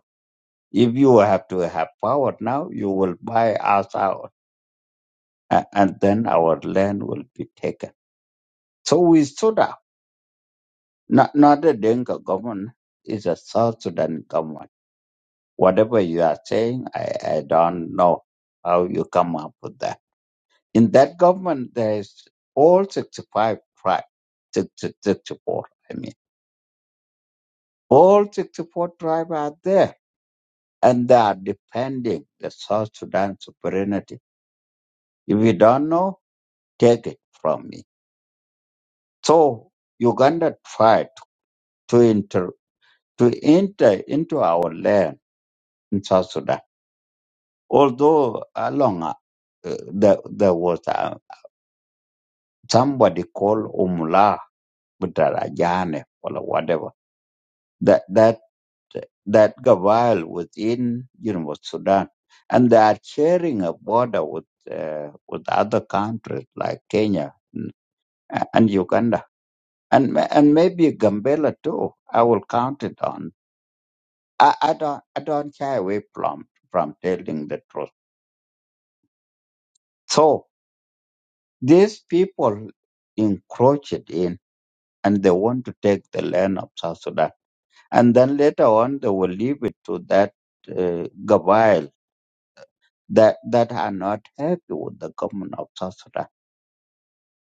S8: If you have to have power now, you will buy us out, a- and then our land will be taken. So we stood up. Not, not the Dinka government, it's a South Sudan government. Whatever you are saying, I, I don't know how you come up with that. In that government, there is all 65 tribes, sixty-sixty-four. I mean. All 64 tribes are there, and they are defending the South Sudan sovereignty. If you don't know, take it from me. So Uganda tried to enter to enter into our land in South Sudan. Although along uh, there, there was uh, somebody called Umla Butarajane or whatever that that that Gaval within you know Sudan, and they are sharing a border with uh, with other countries like Kenya and and Uganda and ma- and maybe Gambela too. I will count it on. I, I don't I don't shy away from from telling the truth. So these people encroached in and they want to take the land of South Sudan, and then later on they will leave it to that uh, Gabriel that that are not happy with the government of South Sudan,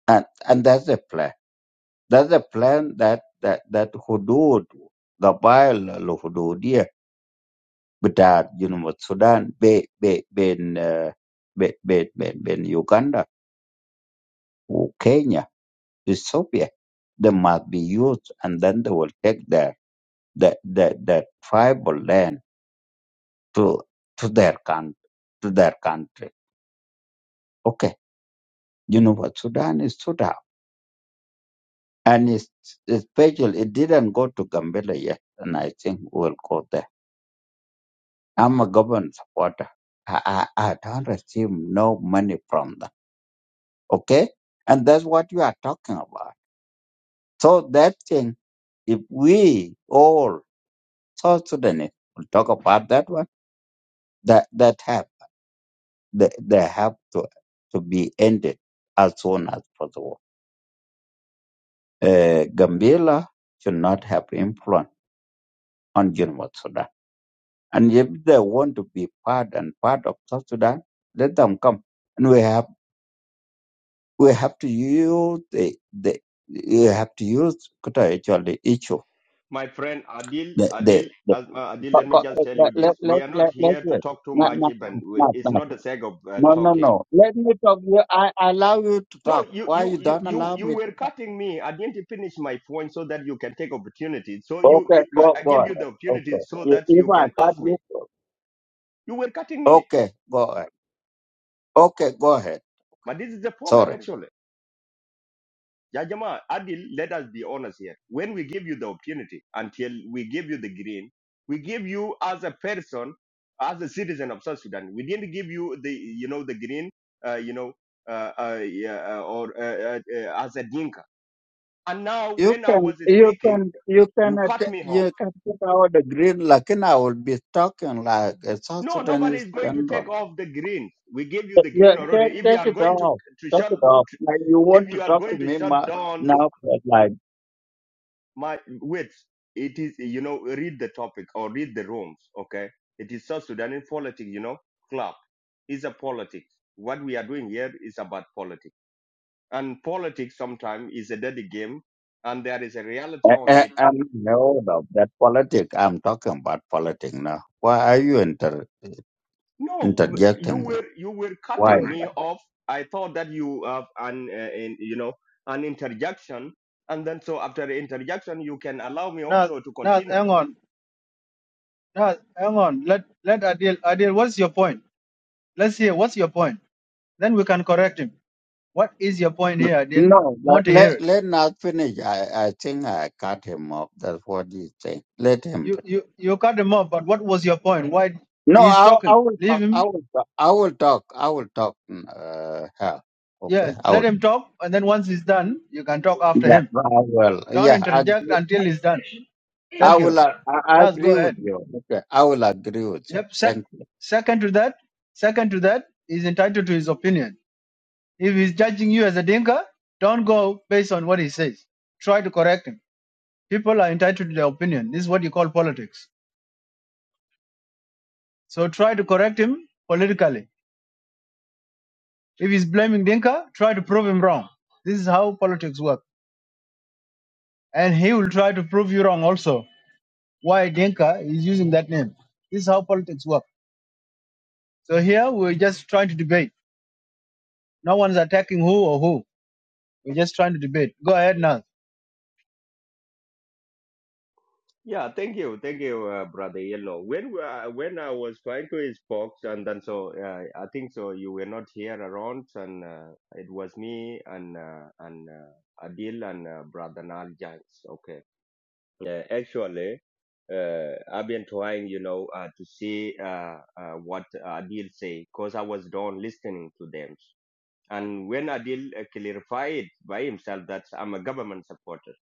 S8: and and that's the plan. That's the plan that that that Hudud Gabile al Hududia, but that you know Sudan, be be been uh, be, be, be, be Uganda. Kenya, Ethiopia, they must be used and then they will take their the the the tribal land to to their country to their country. Okay. You know what Sudan is Sudan. And it's especially it didn't go to Gambela yet and I think we'll go there. I'm a government supporter. I, I, I don't receive no money from them. Okay? And that's what you are talking about. So that thing, if we all South Sudanese will talk about that one. That that have they, they have to to be ended as soon as possible. Uh, Gambela should not have influence on Geneva Sudan. And if they want to be part and part of South Sudan, let them come. And we have we have to use the the we have to use Kota actually issue.
S12: My friend Adil,
S8: The the,
S12: Adil,
S8: the
S12: Asma, Adil, let me just tell you
S8: let let
S12: this.
S8: let
S12: We
S8: let
S12: are not
S8: let let-
S12: here to
S8: let-
S12: talk too
S8: not,
S12: much,
S8: not,
S12: even. We- It's
S8: not,
S12: not the sake of uh,
S8: No, no,
S12: talking.
S8: no. Let me talk. I I allow you to
S12: No,
S8: talk.
S12: you,
S8: Why
S12: you,
S8: you
S12: you,
S8: don't
S12: you,
S8: allow
S12: you
S8: me?
S12: were cutting me. I didn't finish my point so that you can take opportunity. So you,
S8: Okay,
S12: you I,
S8: go
S12: I
S8: go
S12: give you
S8: ahead.
S12: the opportunity
S8: Okay.
S12: so
S8: If
S12: that
S8: if
S12: you
S8: I
S12: can
S8: start
S12: ask me.
S8: you,
S12: You were cutting me.
S8: okay, go ahead. Okay, go ahead. Okay.
S12: But this is the problem,
S8: Sorry.
S12: actually. Jajama, Adil, let us be honest here. When we give you the opportunity, until we give you the green, we give you as a person, as a citizen of South Sudan. We didn't give you the, you know, the green, uh, you know, uh, uh, yeah, uh, or uh, uh, uh, as a Dinka. And now,
S8: You
S12: when I
S8: can
S12: was
S8: you
S12: speaking,
S8: can you can
S12: you cut
S8: att-
S12: me off.
S8: you can put out the green. Like and I will be talking like a South
S12: No, nobody
S8: Sudanese
S12: is going to
S8: general.
S12: take off the green. We gave you the
S8: Yeah,
S12: green already.
S8: take
S12: If you
S8: take
S12: are
S8: it
S12: going to
S8: off.
S12: to
S8: Take
S12: shut,
S8: it off. Like you
S12: if
S8: want to
S12: you are
S8: talk to
S12: going to
S8: me
S12: shut
S8: ma-
S12: down
S8: now?
S12: my wait it is you know read the topic or read the rooms okay it is south sudan politics you know club is a politics what we are doing here is about politics and politics sometimes is a dirty game and there is a reality
S8: I,
S12: on
S8: I,
S12: it
S8: I no, no, that politics. I'm talking about politics now. Why are you inter,
S12: no you
S8: interjecting me?
S12: were you were
S8: Why?
S12: cutting
S8: is
S12: me off i thought that you have an uh, in, you know an interjection and then so after the interjection you can allow me
S6: Now,
S12: also to
S6: now,
S12: continue
S6: hang on. Now, hang on. Let let Adil. Adil, what's your point? Let's hear. What's your point? Then we can correct him. What is your point
S8: that?
S6: here, Adil?
S8: No,
S6: We
S8: let,
S6: want to hear
S8: let,
S6: it.
S8: let not finish. I, I think I cut him off. That's what he's saying. Let him.
S6: You
S8: fin-
S6: you you cut him off, but what was your point? Why
S8: No,
S6: he's
S8: I, I
S6: talking?
S8: will
S6: Leave
S8: talk. I
S6: him.
S8: will talk. I will talk. I will talk. Uh, hell.
S6: Yeah,
S8: Okay. I will.
S6: let him talk, and then once he's done, you can talk after
S8: Yeah,
S6: him.
S8: I will.
S6: Don't
S8: Yeah, I,
S6: interject
S8: agree-
S6: until he's done.
S8: I
S6: Thank you.
S8: will. uh, I, I
S6: Now go
S8: agree with
S6: ahead.
S8: you. Okay. I will agree with you.
S6: Yep. Sec-
S8: Thank you.
S6: second to that, second to that, he's entitled to his opinion. If he's judging you as a dinka, don't go based on what he says. Try to correct him. People are entitled to their opinion. This is what you call politics. So try to correct him politically If he's blaming Dinka, try to prove him wrong. This is how politics work. And he will try to prove you wrong also. Why Dinka is using that name. This is how politics work. So here we're just trying to debate. No one's attacking who or who. We're just trying to debate. Go ahead now.
S12: Yeah, thank you, thank you, uh, brother Yellow. When we- uh, when I was trying to spoke, and then so uh, I think so you were not here around, and uh, it was me and uh, and uh, Adil and uh, brother Nal James. Okay, yeah, actually, uh, I've been trying, you know, uh, to see uh, uh, what Adil say, cause I was done listening to them, and when Adil uh, clarified by himself that I'm a government supporter,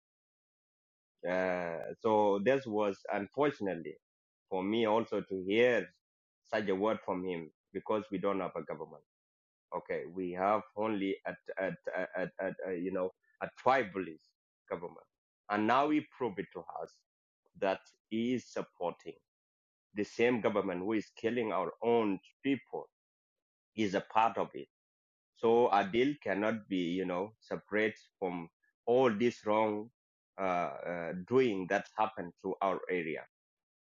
S12: uh, so this was unfortunately for me also to hear such a word from him because we don't have a government. Okay, we have only at at at, at, uh you know a tribalist government, and now he proved it to us that he is supporting the same government who is killing our own people is a part of it. So Adil cannot be you know separate from all this wrong uh, uh, doing that happened to our area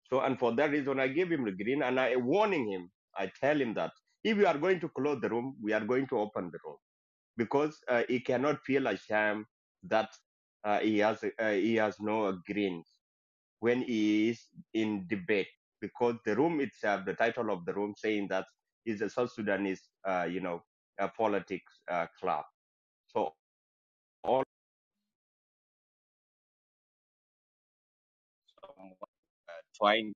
S12: so, and for that reason, I gave him the green and I warning him. I tell him that if you are going to close the room, we are going to open the room because uh, he cannot feel ashamed that uh, he has uh, he has no green when he is in debate because the room itself, the title of the room, saying that is a South Sudanese, uh, you know, a politics uh, club. So all trying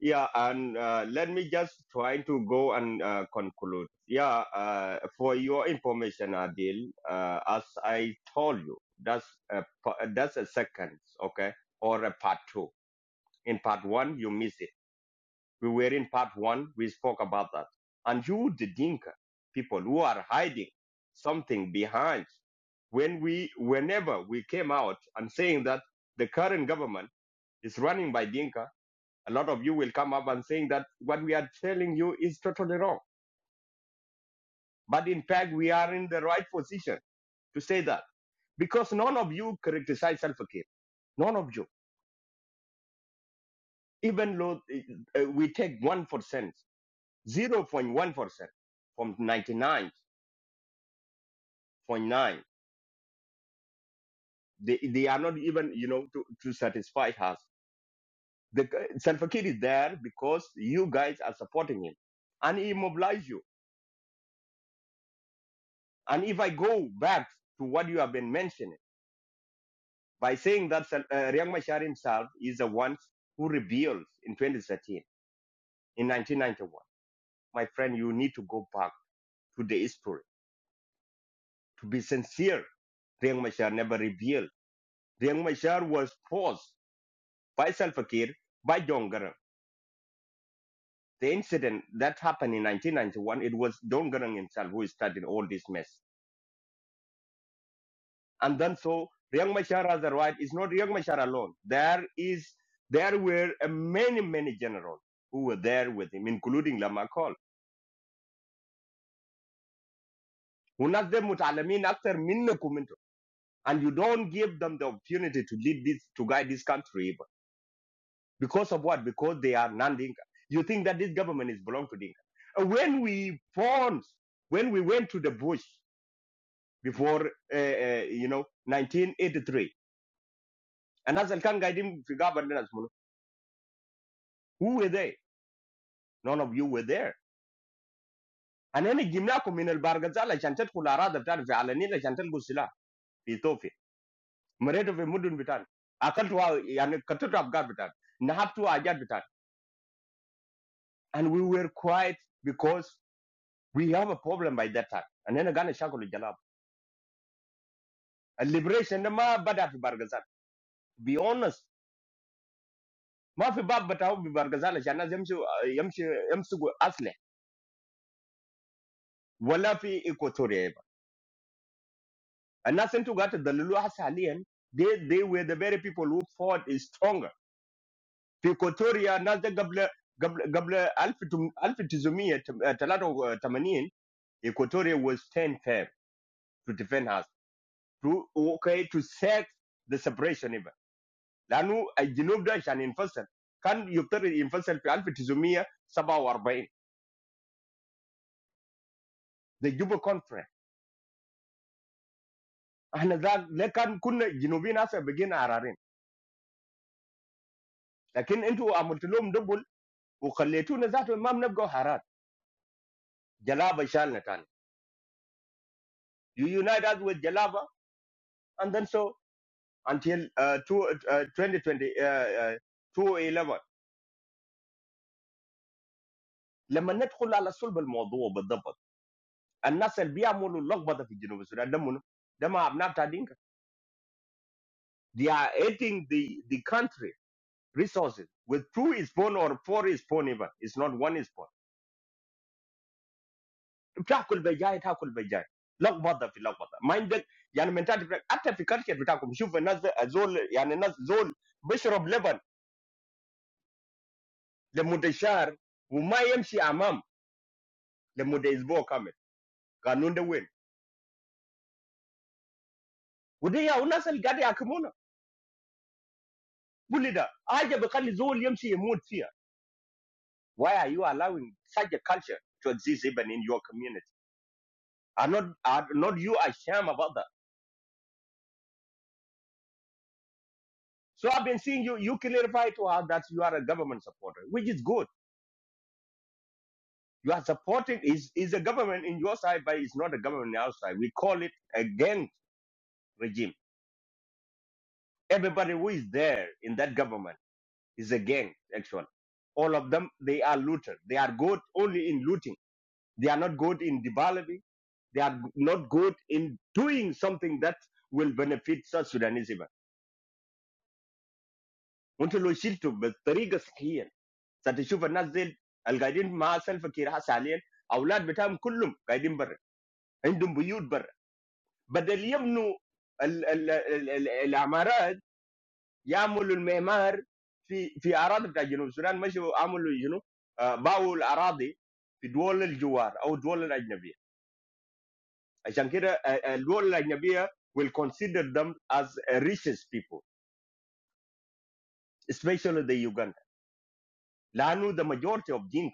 S12: Yeah, and uh, let me just try to go and uh, conclude. Yeah, uh, for your information, Adil, uh, as I told you, that's a, pa- that's a second, okay, or a part two. In part one, you miss it. We were in part one, we spoke about that. And you, the Dinka people who are hiding something behind, when we, whenever we came out and saying that the current government is running by Dinka, a lot of you will come up and saying that what we are telling you is totally wrong. But in fact, we are in the right position to say that because none of you criticize self-care. None of you, even though uh, uh, we take one percent, zero point one percent from ninety-nine point nine, they they are not even you know to, to satisfy us. The self-care is there because you guys are supporting him, and he mobilize you. And if I go back to what you have been mentioning by saying that Sal- uh, Riek Machar himself is the one who rebelled in 2013, in 1991. My friend, you need to go back to the history to be sincere. Riek Machar never rebelled. Riek Machar was forced by Salva Kiir, by John Garang. The incident that happened in 1991, it was John Garang himself who started all this mess. And then so Riek Machar has the right. It's not Riek Machar alone. There is, there were uh, many, many generals who were there with him, including Lamarck وناس دي متعلمين اكتر منكم انتوا and you don't give them the opportunity to lead this to guide this country because of what because they are non-dinka you think that this government is belong to dinka Uh, when we formed when we went to the bush before uh, uh, you know 1983 and as kan guiding fi governance mono, who were they none of you were there and then جبناكم من البرغزال عشان تدخل الاراضي بتاعتنا في علنيه عشان تلقوا السلاح في Ethiopia. Mareto ve mudun bitan. Akaltu wa yani katutu abgar bitan. Nahatu ajad bitan. And we were quiet because we have a problem by that time. And then gana shakulu jalab. A liberation ma bada fi bargazan. Be honest. Ma fi bab bataw bi bargazan shana yamshu yamshu yamsu asle. Wala fi equatoria. And nothing to gata dalilu hasa haliyan. They, they were the very people who fought is stronger. Fi equatoria na gabla قبل قبل 1900 83 Equatorial will stand firm to defend us to okay to set the separation even. Now who are the northern and the infuser? Can you tell the infuser plan for 2024? 34. The Cuba conference. Ah, now they can. Could the northern also begin a war? But then, if you are holding double, you call it you. Now, that's a mamneb goharat. Jalaba shal netan. You united with Jalaba, and then so until 2020 to 11. Let me not go to the subject. And Nasel, be a model lockbatafijino. Because they are not doing they are eating the the country resources. With two is born or four is born, even it's not one is born. It's how could be jay? It's how could be jay? Lockbatafij lockbata. Mind that. I am mentally. After thinking about it, I am sure Nasel. Zol. I am Nasel. Zol. Besar of Lebanon. The Mudeshar. Umayemsi Amam. The Mudeshbo Kamet. Ganunde we. Would it be Nasel? Gade akumuna. Bullida. Aja beqali Zol Umayemsi Emootia. Why are you allowing such a culture to exist even in your community? Are not are not you ashamed about that? So I've been seeing you you clarify to her that you are a government supporter, which is good. You are supporting is is a government in your side, but it's not a government outside. We call it a gang regime. Everybody who is there in that government is a gang, actually. All of them they are looters. They are good only in looting. They are not good in developing. They are not good in doing something that will benefit South Sudanese even. Until we build the way is healthy. So that you will not see the children myself here has alien. Children, we have all children. They are growing up. Instead of the the the the buildings, the architect in in countries like northern Sudan, they do not build the buildings in the countries of the neighbors. The countries of the neighbors will consider them as rich people, especially the Uganda. They are not the majority of the people.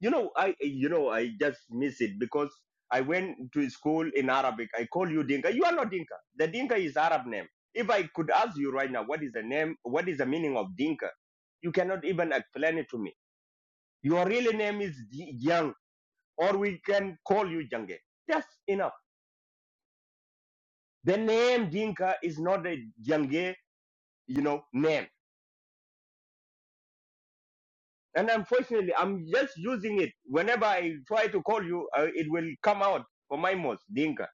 S12: You know, I you know I just miss it because I went to school in Arabic. I call you Dinka. You are not Dinka. The Dinka is Arab name. If I could ask you right now, what is the name? What is the meaning of Dinka? You cannot even explain it to me. Your real name is Di- Jiang, or we can call you Jange. That's enough. The name Dinka is not a Jange, you know, name. And unfortunately, I'm just using it. Whenever I try to call you, uh, it will come out for my mouth, Dinka.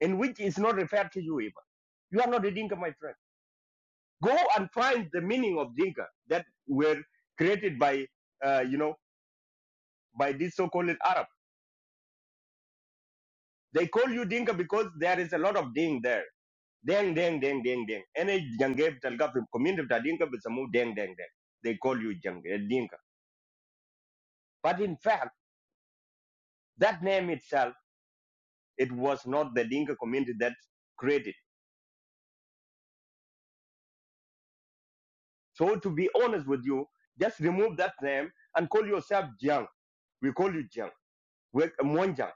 S12: and which is not referred to you even. You are not a Dinka, my friend. Go and find the meaning of Dinka that were created by, uh, you know, by these so-called Arab. They call you Dinka because there is a lot of Ding there. Deng, deng, deng, deng, deng. Any Jangeb Talgaf community of Dinka with some deng, deng, deng. They call you Jang, uh, Dinka. But in fact, that name itself, it was not the Dinka community that created. So to be honest with you, just remove that name and call yourself Jiang. We call you Jiang wek monjang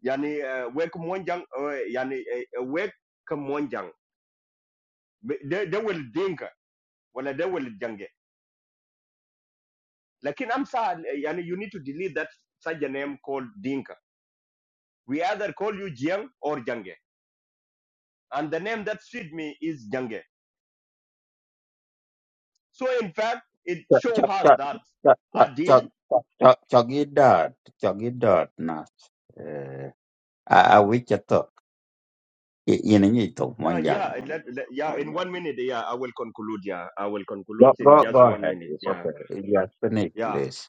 S12: yani uh, wek monjang uh, yani uh, wek ka monjang they, they will dinka wala they will jange lakini i'm sad uh, yani you need to delete that such a name called dinka we either call you jiang or jange and the name that suit me is jange so in fact it show us
S8: Chogidat,
S12: that adil
S8: chogidat na eh, a wichato ininito
S12: now
S8: manjang.
S12: yeah let, let- yeah in one minute yeah i will conclude yeah i will
S8: Go
S12: conclude
S8: go
S12: in
S8: go
S12: just one
S8: ahead.
S12: minute
S8: It's
S12: yeah
S8: okay. Just finish,
S12: yeah
S8: please.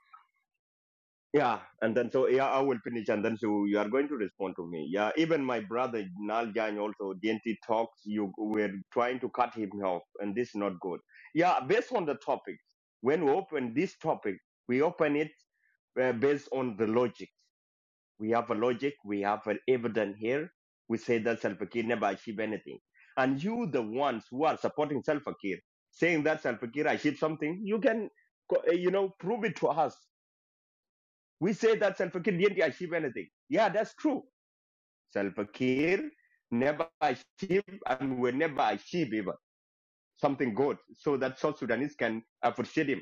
S12: Yeah, and then so yeah, I will finish, and then so you are going to respond to me. Yeah, even my brother Naljan also DNT talks. You were trying to cut him off, and this is not good. Yeah, based on the topic, when we open this topic, we open it uh, based on the logic. We have a logic. We have an evidence here. We say that Salva Kiir never achieved anything, and you, the ones who are supporting Salva Kiir, saying that Salva Kiir achieved something, you can, co- uh, you know, prove it to us we say that Salva Kiir didn't achieve anything. Yeah, that's true. Salva Kiir never achieved and will never achieve even something good so that South Sudanese can appreciate him.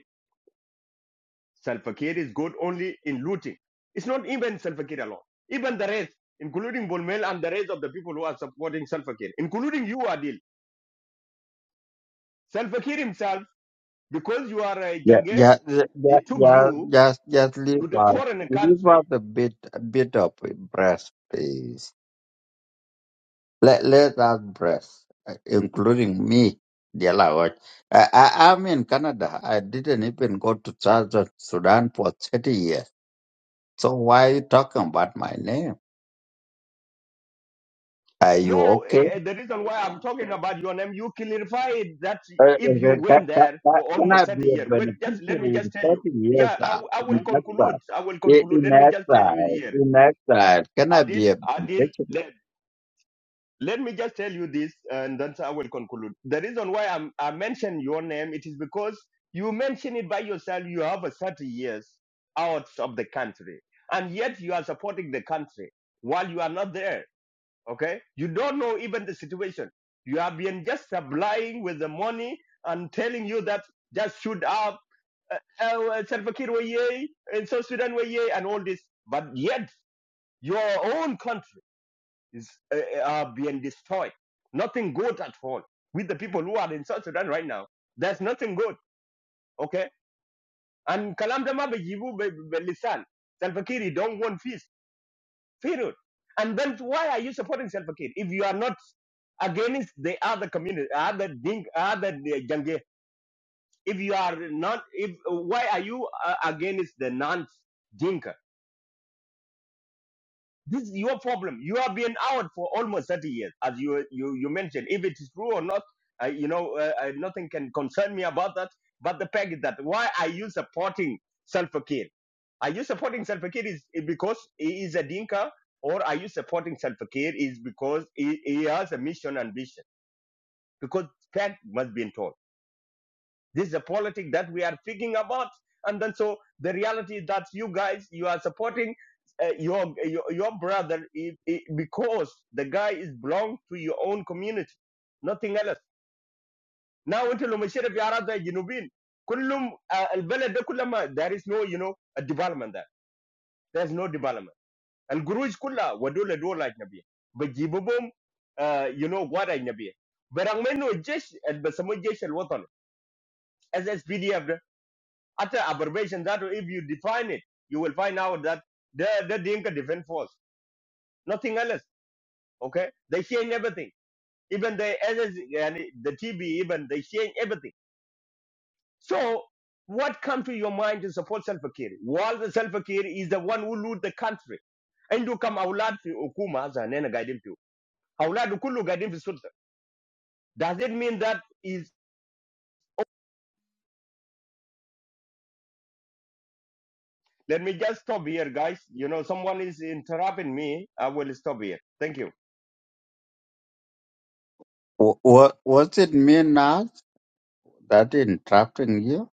S12: Salva Kiir is good only in looting. It's not even Salva Kiir alone. Even the rest, including Bulmel and the rest of the people who are supporting Salva Kiir, including you, Adil. Salva Kiir himself, because you are a
S8: Yeah,
S12: Jange,
S8: yeah,
S12: he
S8: yeah, yeah,
S12: took
S8: yeah,
S12: you
S8: just just
S12: to
S8: leave
S12: the
S8: out
S12: foreign
S8: leave
S12: country
S8: out a bit a bit of breast, please. Let let us breast, uh, including me. Dear Lord, I, I, I'm in Canada. I didn't even go to Southern Sudan for 30 years. So why you talking about my name? Are you
S12: No, eh,
S8: okay?
S12: eh, the reason why I'm talking about your name, you clarified that
S8: Uh, uh, uh,
S12: if you
S8: Can,
S12: went
S8: can,
S12: there for
S8: can can
S12: almost
S8: I
S12: 30
S8: be a
S12: years. Wait, just let me
S8: beneficiary in
S12: just tell you.
S8: 30 years
S12: Yeah, I,
S8: uh,
S12: w- I
S8: in
S12: will conclude.
S8: exile?
S12: I will
S8: I-
S12: conclude.
S8: In
S12: Let me just tell you
S8: exile,
S12: here.
S8: in exile, can I
S12: Adil,
S8: be a
S12: Adil,
S8: beneficiary?
S12: let, let me just tell you this, and then I will conclude. The reason why I'm, I mentioned your name, it is because you mentioned it by yourself. You have a 30 years out of the country, and yet you are supporting the country while you are not there okay you don't know even the situation you have been just supplying with the money and telling you that just shoot up uh, uh, Salva Kiir were yay, and South Sudan were yay, and all this but yet your own country is uh, uh, being destroyed nothing good at all with the people who are in South Sudan right now there's nothing good okay and kalam dama be jibu be be lisan Salva Kiir don't want peace Period. And then why are you supporting Salva Kiir if you are not against the other community, other Ding, other Jange? If you are not, if why are you uh, against the non Dinka? This is your problem. You have been out for almost 30 years, as you you, you mentioned. If it is true or not, uh, you know, uh, uh, nothing can concern me about that. But the fact is that why are you supporting self-care? Are you supporting self-care is is because he is a dinka, or are you supporting self-care is because he, he has a mission and vision? Because fact must be told. This is a politic that we are thinking about. And then so the reality is that you guys, you are supporting uh, your, your your brother i- i- because the guy is belong to your own community, nothing else. Now until Lumashira Biarada Jinubin, Kulum Albele de Kulama, there is no, you know, a development there. There's no development. And Guru is kulla Wadula do like Nabi. But Jibubum, uh, you know what I Nabi. But I'm no jesh and Basamo Jesh and Watan as SPDF utter aberration that if you define it, you will find out that the the Dinka Defense Force, nothing else. Okay, they change everything, even the SS and the TB, even they change everything. So what come to your mind to support Salva Kiir? While the Salva Kiir is the one who loot the country, and you come aulad fi hukuma as an guiding you. Aulad kullu guiding fi sulta. Does it mean that is? Let me just stop here, guys. You know, someone is interrupting me. I will stop here. Thank you.
S8: What what's it mean, Nas, that interrupting you?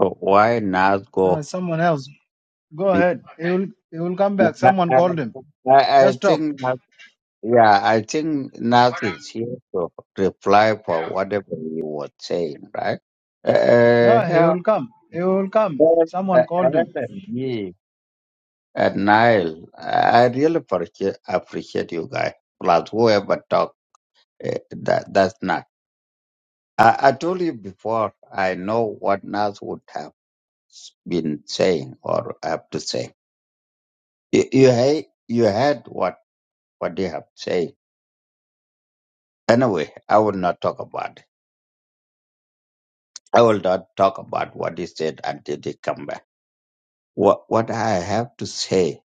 S8: So why Nas
S6: No,
S8: go?
S6: it's someone else. Go ahead. He will he will come back.
S8: I,
S6: Someone
S8: I,
S6: called him.
S8: I I
S6: Just talk.
S8: think, Nas- yeah, I think Nas is here to reply for whatever you were saying, right?
S6: No, he
S8: Uh,
S6: will come. He will come.
S8: Well,
S6: Someone
S8: a-
S6: called him.
S8: and me and Nile, I I really appreciate, appreciate you guys. Plus, whoever talk, eh, that that's not. I, I told you before. I know what Nas would have been saying or have to say. You you, he- you heard what what they have said. Anyway, I will not talk about it. I will not talk about what he said until they come back. What what I have to say,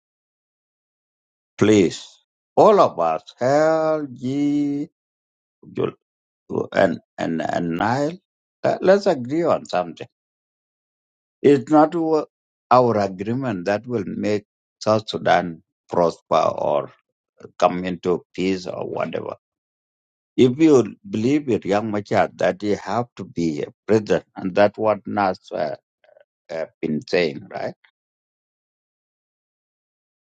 S8: please, all of us, hell, ye. and and and Nile. Let- Let's agree on something. It's not wa- our agreement that will make South Sudan prosper or come into peace or whatever. If you believe it, young Machar, that you have to be a president, and that's what Nas uh, uh, been saying, right?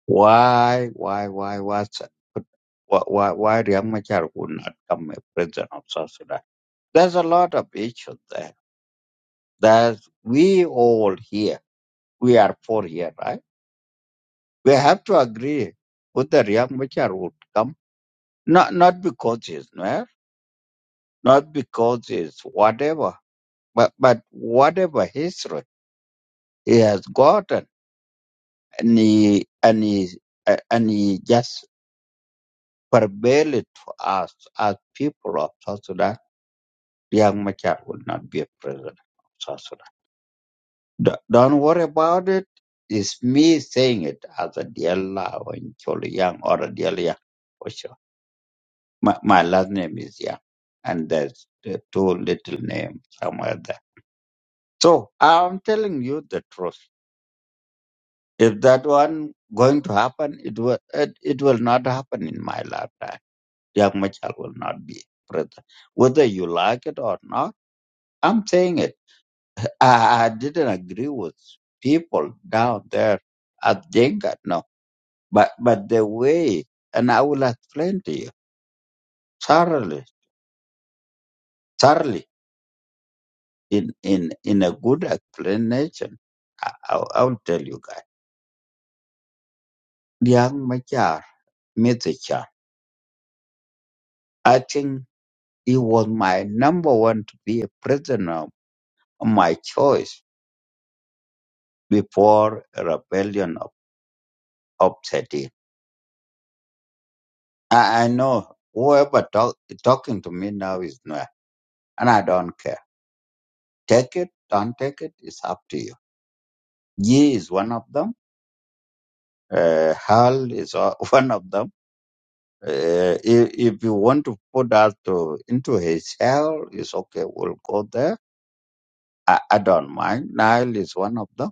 S8: Why, why, why, why, why, why, why young Machar would not come a president of South Sudan? There's a lot of issues there. that we all here we are for here, right? We have to agree with the Riek Machar would come. Not not because he's Nuer, not because he's whatever, but but whatever history he has gotten and he and he uh, and he just prevail it to us as people of South Sudan, Riek Machar will not be a president of South Sudan. Do- Don't worry about it. It's me saying it as a dear and Chol Young or a dear Young My, my last name is yeah, and there's the two little names somewhere there. So I'm telling you the truth. If that one going to happen, it will it, it will not happen in my lifetime. Young Machal will not be president, whether you like it or not. I'm saying it. I, I didn't agree with people down there at Jenga, no, but but the way, and I will explain to you thoroughly, thoroughly. in in in a good explanation, I, I'll, I'll tell you guys. Young Machar, Mr. Chan, I think he was my number one to be a prisoner, my choice before a rebellion of, of Seti. I, I know whoever talk, talking to me now is not, and I don't care. Take it, don't take it, it's up to you. Yi is one of them. Uh, Hal is o- *laughs* one of them Uh, if, if you want to put us to, into his hell, it's okay. We'll go there. I, I don't mind. Nile is one of them.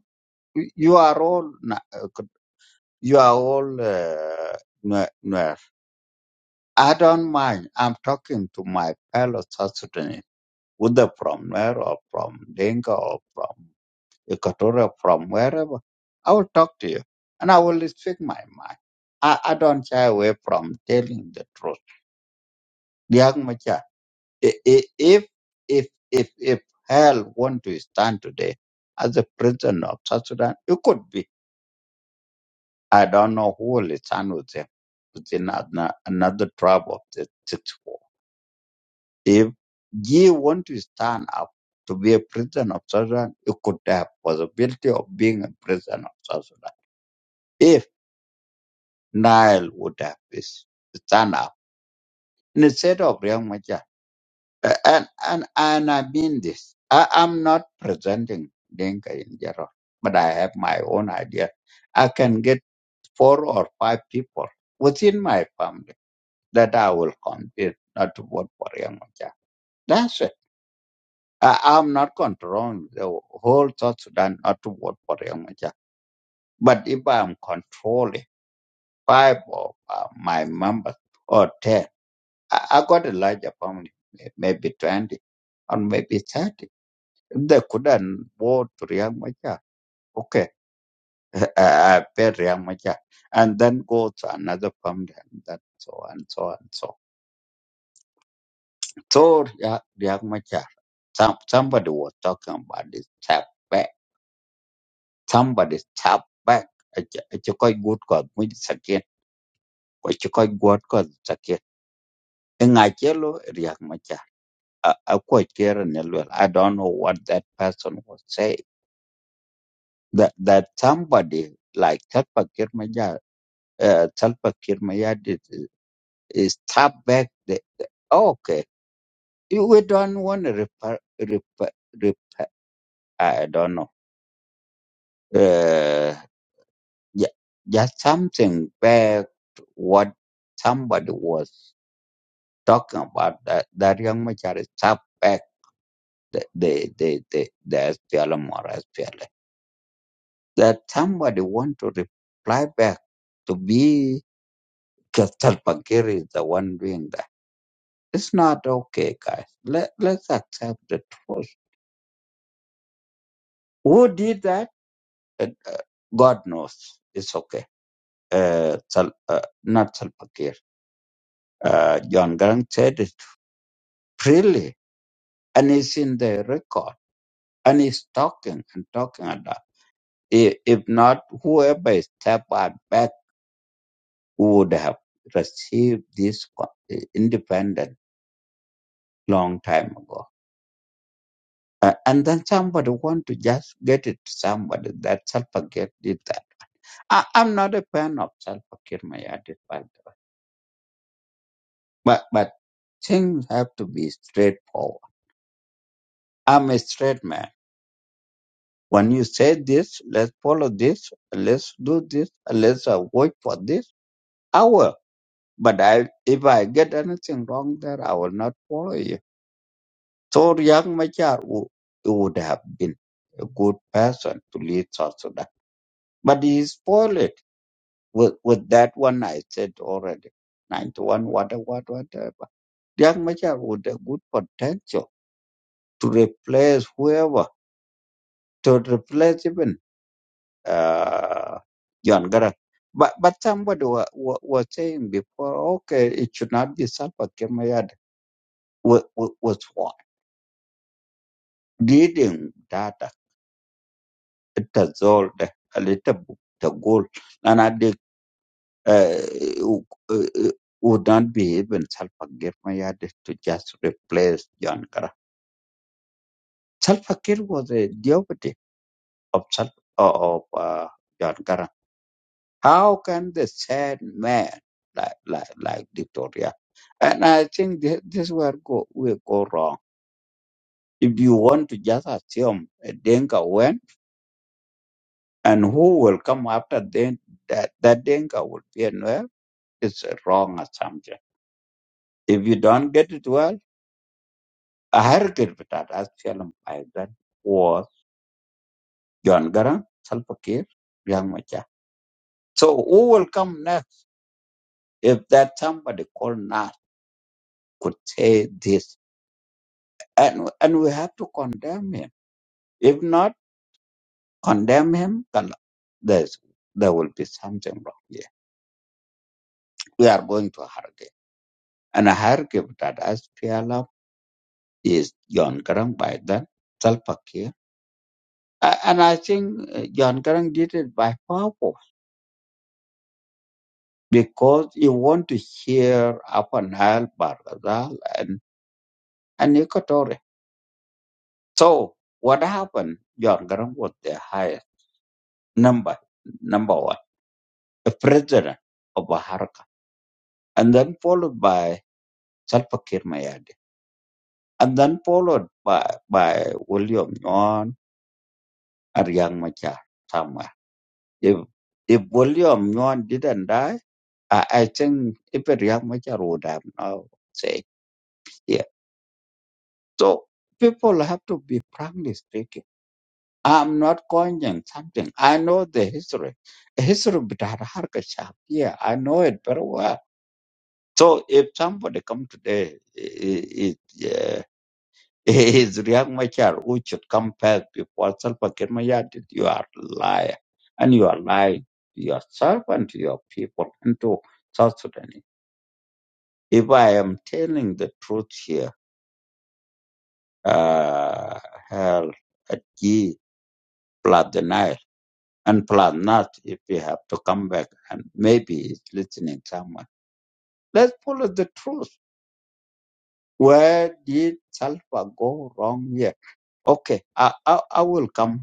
S8: You you are all, Na- uh, you are all, uh, Nue- Nuer. I don't mind. I'm talking to my fellow South Sudanese, whether from Nuer or from Dinka or from Equatorial, from wherever. I will talk to you and I will speak my mind. I, I don't shy away from telling the truth. I- i- If if if if hell want to stand today as a president of South Sudan, it could be. I don't know who will stand with him within ano- another tribe of the sixth war. If he want to stand up to be a president of South Sudan, it could have possibility of being a president of South Sudan. If Nile would have is- stand up instead of Riyang Uh, and and and I mean this. I, I'm not presenting Dinka in general, but I have my own idea. I can get four or five people within my family that I will convince not to vote for Young Machar. That's it. I, I'm not controlling the whole South Sudan not to vote for Young Machar. But if I'm controlling five of uh, my members or ten, I, I got a larger family, may- maybe twenty or maybe thirty. They couldn't vote Riek Machar. Okay, *laughs* I pay Riek Machar. And then go to another family and that so and so and so. So Riek, Riek Machar, some, somebody was talking about this tap back. Somebody tap back. It's a quite good God, which is again. quite good God, it's again. Ngachelo Riek Machar. I I quite care in a little. I don't know what that person was saying. That, that somebody like Chatpa uh, Salva Kiir Mayardit is tap back the oh, okay. You- We don't want to repair, repair, repair I don't know. Uh, yeah, just something back to what somebody was talking about that that young Machar is tap back the the the the, the SPLM or SPLA. That somebody want to reply back to be because Salva Kiir is the one doing that It's not okay, guys. Let, let's accept the truth. Who did that? Uh, God knows. It's okay. Uh, Sal, uh, not Salpakir. Uh, John Grant said it freely, and it's in the record, and he's talking and talking a lot. I- If not, whoever stepped out back would have received this co- uh, independent long time ago. Uh, and then somebody want to just get it to somebody that Salpakir did that I, I'm not a fan of Salva Kiir Mayardit, by the way. But, but things have to be straightforward. I'm a straight man. When you say this, let's follow this, let's do this, let's uh, wait for this, I will. But I, if I get anything wrong there, I will not follow you. So young Machar wo- he would have been a good person to lead South Sudan. But he spoiled it with, with that one I said already. 91, whatever, whatever. Riek Machar with a good potential to replace whoever, to replace even uh, John Garang. But, but somebody wa, wa, was saying before, okay, it should not be Salva Kimayad was what? Reading data, it has all the, a little bit the goal. And I think uh, w- uh, would not be even Salva Kimayad to just replace John Garang. Salva Kiir was a deputy of Sat- of uh, John Garang. How can the sad man like like like Victoria? And I think this, this is where go will go wrong. If you want to just assume a Denka went and who will come after then that that Denka will be anywhere, it's a wrong assumption. If you don't get it well, a hurricane with that as film by that was John Garang, Salpakir, Yang Macha. So who will come next if that somebody called now? could say this. And, and we have to condemn him. If not condemn him, then there's, there will be something wrong here. We are going to Hargev. And Hargev that has PLF is John Garang by then, Salva Kiir. A- And I think uh, John Garang did it by purpose because he want to hear Upper Nile, Bargazal, and, and Equatorial. So what happened? John Garang was the highest number, number one. the president of Haraka, and then followed by Salva Kiir Mayadi, and then followed by, by William Nguyen and Yang Machar somewhere. If, if William Nguyen didn't die, I, I think even Yang Machar would have now said here. So people have to be frankly speaking. I'm not coining something. I know the history. History of Haraka Shah. Yeah, I know it very well. So if somebody come today, is Riek Machar who should come first before Salva Kiir Mayardit. You are liar. And you are lying to yourself and to your people and to South Sudanese. If I am telling the truth here, uh, hell, at ye, blood the Nile, and blood not if we have to come back and maybe he's listening someone. Let's follow the truth. Where did Salva go wrong here? Okay, I, I, I will come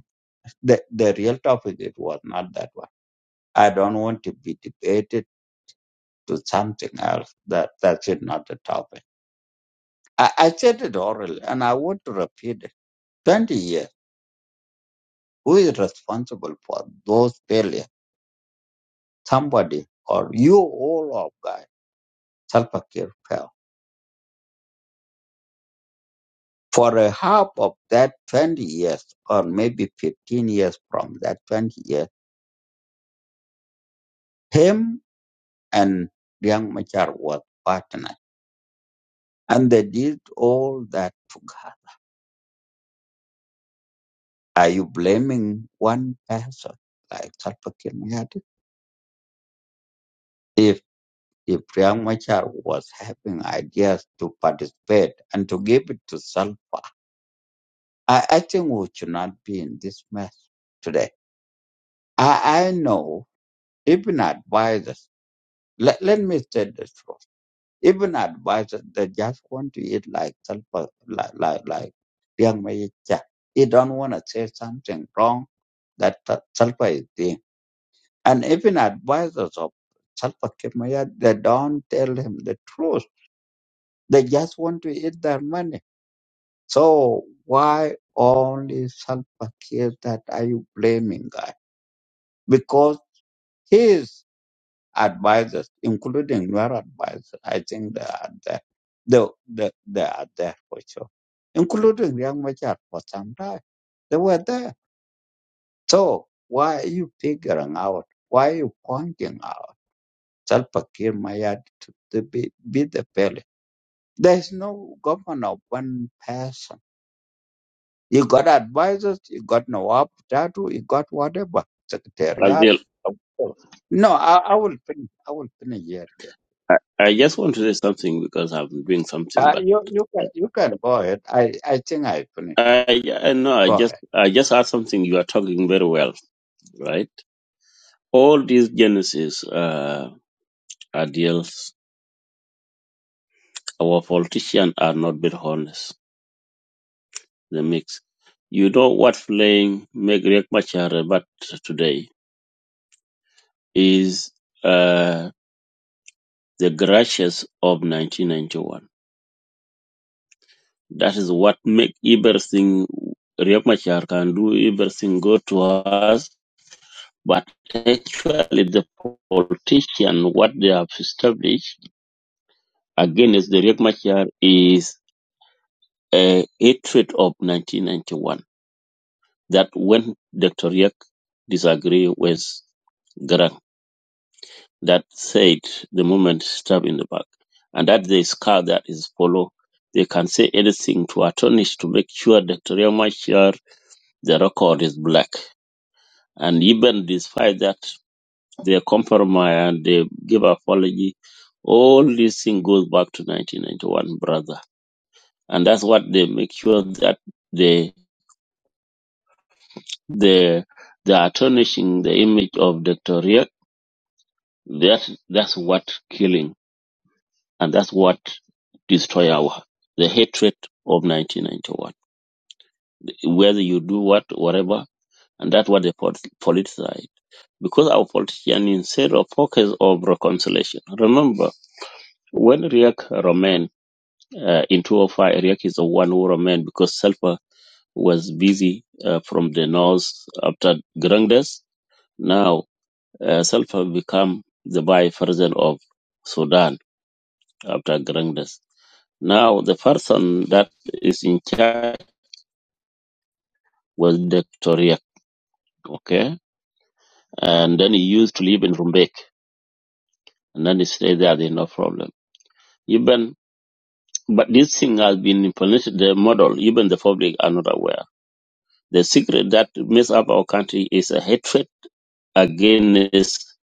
S8: The, the real topic, it was not that one. I don't want to be debated to something else. That That's it, not the topic. I, I said it orally, and I want to repeat it. 20 years, who is responsible for those failures? Somebody or you all of guys, self-care fell for a half of that 20 years or maybe 15 years from that 20 years, him and Liang Machar was partners. And they did all that together. Are you blaming one person like Salva Kiir Mayardit? If if Riek Machar was having ideas to participate and to give it to Salva, I, I think we should not be in this mess today. I, I know even advisors. Let, let me say this truth. Even advisors, they just want to eat like Salva, like like like Riek Machar. He don't want to say something wrong that Salva is doing And even advisors of Salva Kiir Mayardit, they don't tell him the truth. They just want to eat their money. So why only Salva Kiir that are you blaming guy? Because his advisors, including your advisors, I think they are there. They, they, they are there for sure. Including Young Machar for some time. They were there. So why are you figuring out? Why are you pointing out? Salva Kiir Mayard to the, be, be the belly. There's no government of one person. You got advisors, you got Nawab Dadu, you got whatever, secretariat.
S10: Azil,
S8: of- No, I, I will finish. I will finish here. Yeah.
S10: I, I just want to say something because I'm doing something,
S8: Uh,
S10: but
S8: you, you, can, you can go ahead. I, I think I finished.
S10: I, I know I
S8: Go
S10: just
S8: ahead.
S10: I just heard something you are talking very well, right? All these genesis uh, are deals. Our politicians are not very honest the mix. You know what playing make Riek Machar but today is uh, the gracious of 1991. That is what make everything Riek Machar can do, everything go to us. But actually, the politician, what they have established against the Riek Machar is a hatred of 1991. That when Dr. Riek disagree with that said the moment stab in the back, and that the scar that is follow. They can say anything to attorneys to make sure that Riamachar the record is black. And even despite that they compromise and they give apology, all this thing goes back to nineteen ninety one, brother. And that's what they make sure that they they they are tarnishing the image of Dr. Riek. That that's what killing. And that's what destroy our the hatred of 1991. Whether you do what, whatever, and that's what they pol- politicize. Because our politician, instead of focus of reconciliation, remember when Riek remained uh, in 205, Riek is the one who remained because Selpa was busy uh, from the north after Grandes. Now uh, Selpa become the vice president of Sudan after Grandes Now, the person that is in charge was Dr. Riak, okay? And then he used to live in Rumbek, and then he stayed there, there's no problem. Even, but this thing has been implemented, the model, even the public are not aware. The secret that makes up our country is a hatred against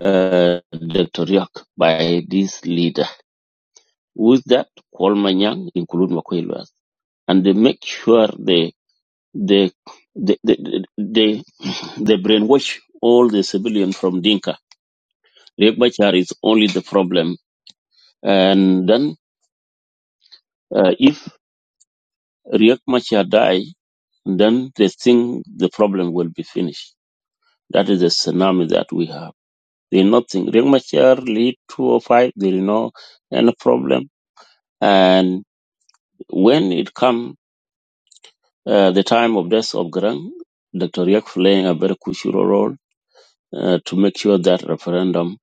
S10: uh, Dr. Riak by this leader. With that, Kwalmanyang, include Makwelwas, and they make sure they, they, they, they, they, they They brainwash all the civilian from Dinka. Riek Machar is only the problem. And then uh, if Riek Machar die, then they think the problem will be finished. That is the tsunami that we have. They not think Riek Machar lead 205. There is no any problem. And when it come uh, the time of death of Grant, Dr. Riek playing a very crucial role uh, to make sure that referendum.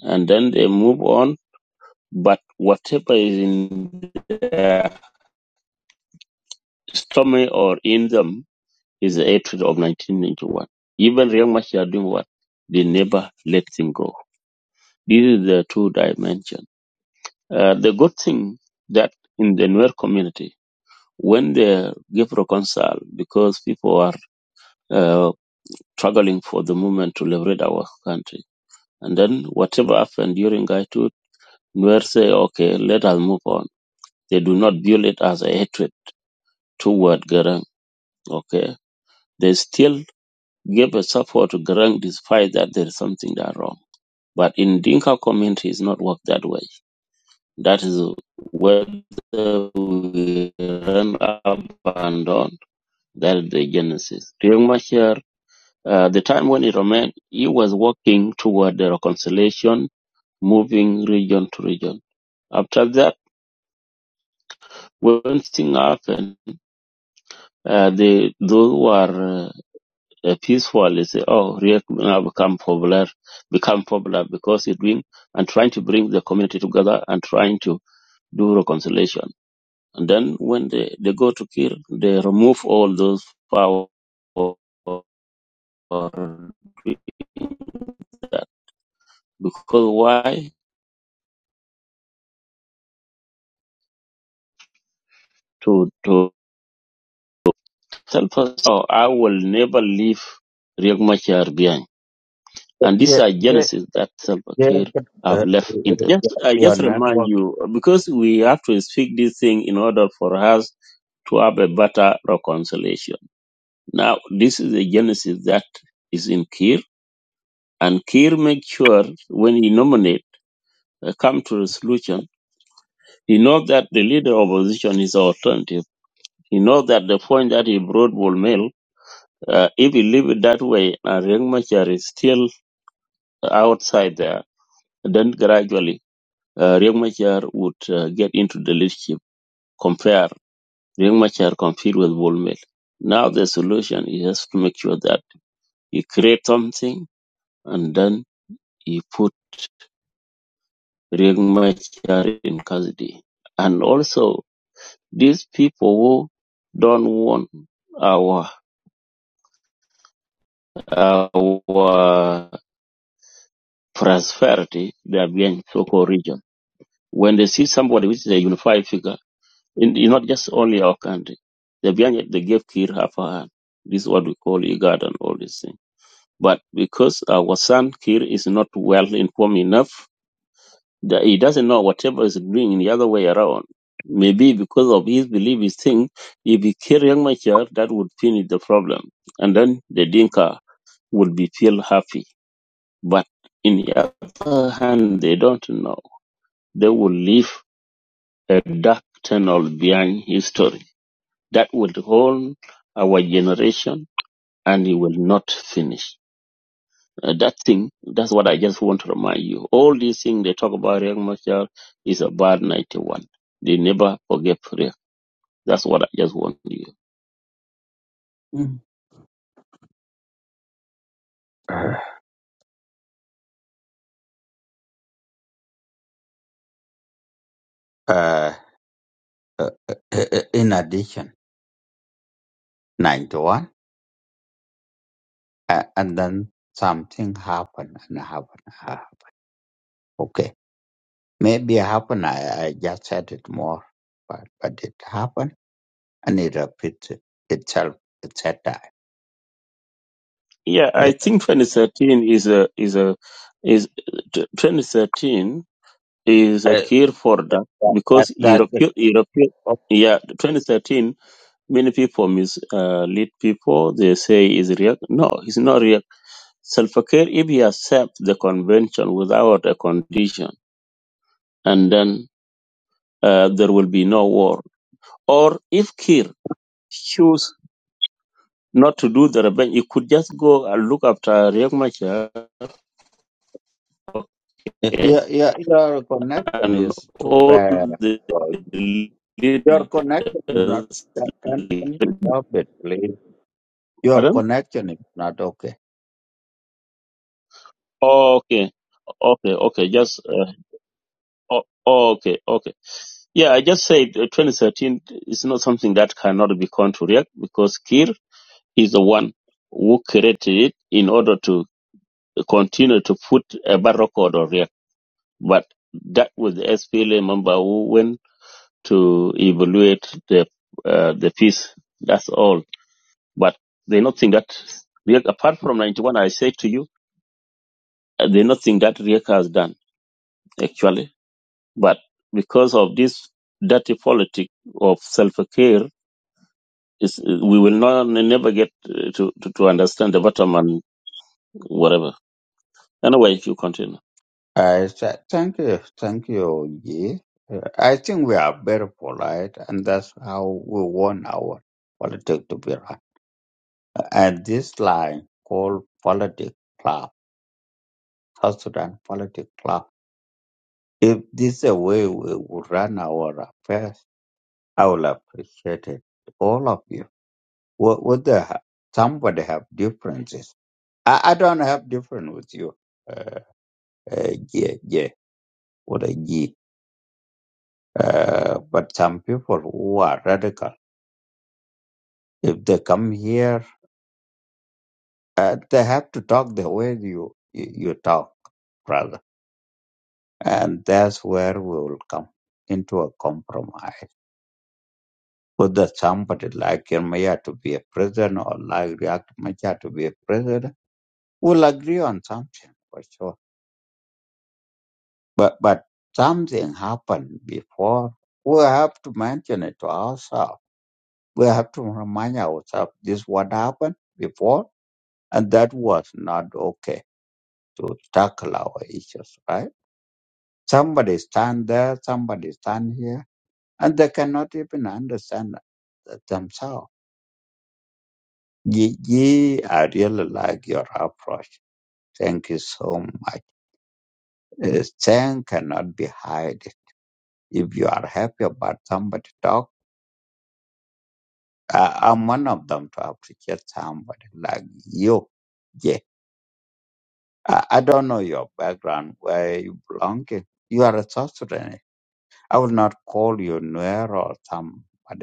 S10: And then they move on But whatever is in their stomach or in them is the hatred of 1991. Even Riek Machar are doing what? They never let him go. This is the two dimension. Uh, the good thing that in the Nuer community, when they give reconcile, because people are uh, struggling for the movement to liberate our country, and then whatever happened during Gaitut, Nuer say, okay, let us move on. They do not build it as a hatred toward Garang. Okay They still give a support to Garang despite that there is something that wrong. But in Dinka community, it's not worked that way. That is where we run up and down. That is the genesis. During my year, uh, the time when he remained, he was working toward the reconciliation, moving region to region. After that, when things happened, uh, the, those who are uh, The peaceful is oh Riek now become popular become popular because he doing and trying to bring the community together and trying to do reconciliation. And then when they, they go to kill, they remove all those power that. Because why? To to tell us, oh, I will never leave Riek Machar behind. And these
S8: Yeah,
S10: are
S8: yeah,
S10: genesis that Salva
S8: Yeah,
S10: Kiir have
S8: uh,
S10: left
S8: uh,
S10: in the. Just, I
S8: your
S10: just remind
S8: network.
S10: you, because we have to speak this thing in order for us to have a better reconciliation. Now, this is the genesis that is in Kiir, and Kiir make sure when he nominate, uh, come to a solution, he knows that the leader of opposition is alternative. He knows that the point that he brought will mail, uh, if he leave it that way, and Riek Machar is still outside there, then gradually Uh, Riek Machar would uh, get into the leadership, compare Riek Machar compete with Bull Mel. Now the solution is just to make sure that he create something and then he put Riek Machar in custody. And also these people who don't want our our prosperity, they are being so-called region. When they see somebody which is a unified figure In, in not just only our country. They behind they gave Kir half a hand. This is what we call IGAD and all these things. But because our son Kir is not well informed enough, that he doesn't know whatever is doing in the other way around. Maybe because of his belief, his thing, if he kill young Machar, that would finish the problem. And then the Dinka would be feel happy. But in the other hand, they don't know. They will leave a dark tunnel behind history that will hold our generation and it will not finish. Uh, that thing, that's what I just want to remind you. All these things they talk about Riek Machar is about 91. They never forget Riek. That's what I just want you.
S8: Mm. Uh, uh, in addition, 91, uh, and then something happened and happened. Okay, maybe it happened. I, I just said it more, but but it happened and it repeats itself. It's that time.
S10: Yeah,
S8: Uh,
S10: I think 2013 is a, is a, is, t- 2013 is a
S8: uh,
S10: cure for
S8: that
S10: that
S8: that,
S10: because
S8: that that-
S10: European, European,
S8: oh,
S10: yeah, 2013, many people mislead uh, lead people. They say is Riek. No, it's not Riek Salva Kiir, if he accepts the convention without a condition, and then uh, there will be no war. Or if Kir choose not to do the revenge, he could just go and look after Riek Machar okay,
S8: your, your your connection
S10: and
S8: is too
S10: all
S8: bad.
S10: the
S8: Uh, Your
S10: leaders.
S8: connection is not. Can can you stop it, please? Your
S10: Pardon?
S8: connection is not okay.
S10: Okay, okay, okay. Just uh, o- okay, okay. Yeah, I just said uh, 2013 is not something that cannot be contraried because Kir is the one who created it in order to continue to put a bad record on React. But that was the SPLA member who went to evaluate the uh, the piece. That's all. But they not think that React, apart from 91, I say to you, uh, they not think that React has done actually. But because of this dirty politic of self care, is we will not never get uh, to, to to understand the bottom and whatever. Anyway, if you continue.
S8: I said thank you, thank you, Yi. Uh, I think we are very polite, and that's how we want our politics to be run. and this line called politic club, South Sudan politic club. If this is a way we would run our affairs, I will appreciate it. All of you. What would they have? Somebody have differences. I, I don't have different with you. Uh, uh, yeah, yeah, what a G. Uh, but some people who are radical, if they come here, uh, they have to talk the way you you, you talk, brother. And that's where we will come into a compromise. Whether somebody like Yermaya to be a president or like Riek Machar to be a president, we'll agree on something for sure. But but something happened before. We have to mention it to ourselves. We have to remind ourselves this what happened before, and that was not okay to tackle our issues, right? Somebody stand there, somebody stand here and they cannot even understand th- themselves. Ye, ye, I really like your approach. Thank you so much. Uh, Thank cannot be hidden. If you are happy about somebody talk, I, I'm one of them to appreciate somebody like you. Yeah. I, I don't know your background, where you belong. to. You are a sorcerer. I will not call you Nuer or somebody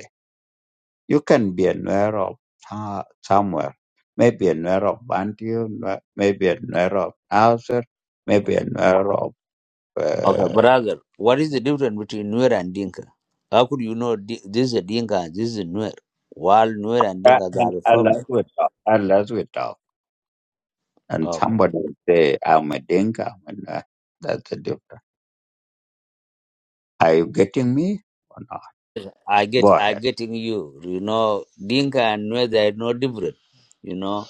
S8: You can be a Nuer of ta- somewhere, maybe a Nuer of Bantu, Nuer- maybe a Nuer of Nasser, maybe a Nuer of
S13: Okay,
S8: uh,
S13: brother, what is the difference between Nuer and Dinka? How could you know Di- this is a Dinka, this is a Nuer? While Nuer and
S8: uh,
S13: Dinka they
S8: and
S13: are a family.
S8: Alazwitao, Alazwitao. And
S13: Okay.
S8: somebody will say, I'm a Dinka. And am a Nuer. That's the difference. Are you getting me or not?
S13: I get,
S8: Go
S13: I
S8: ahead.
S13: getting you. You know, Dinka and Nuer, they are no different. You know,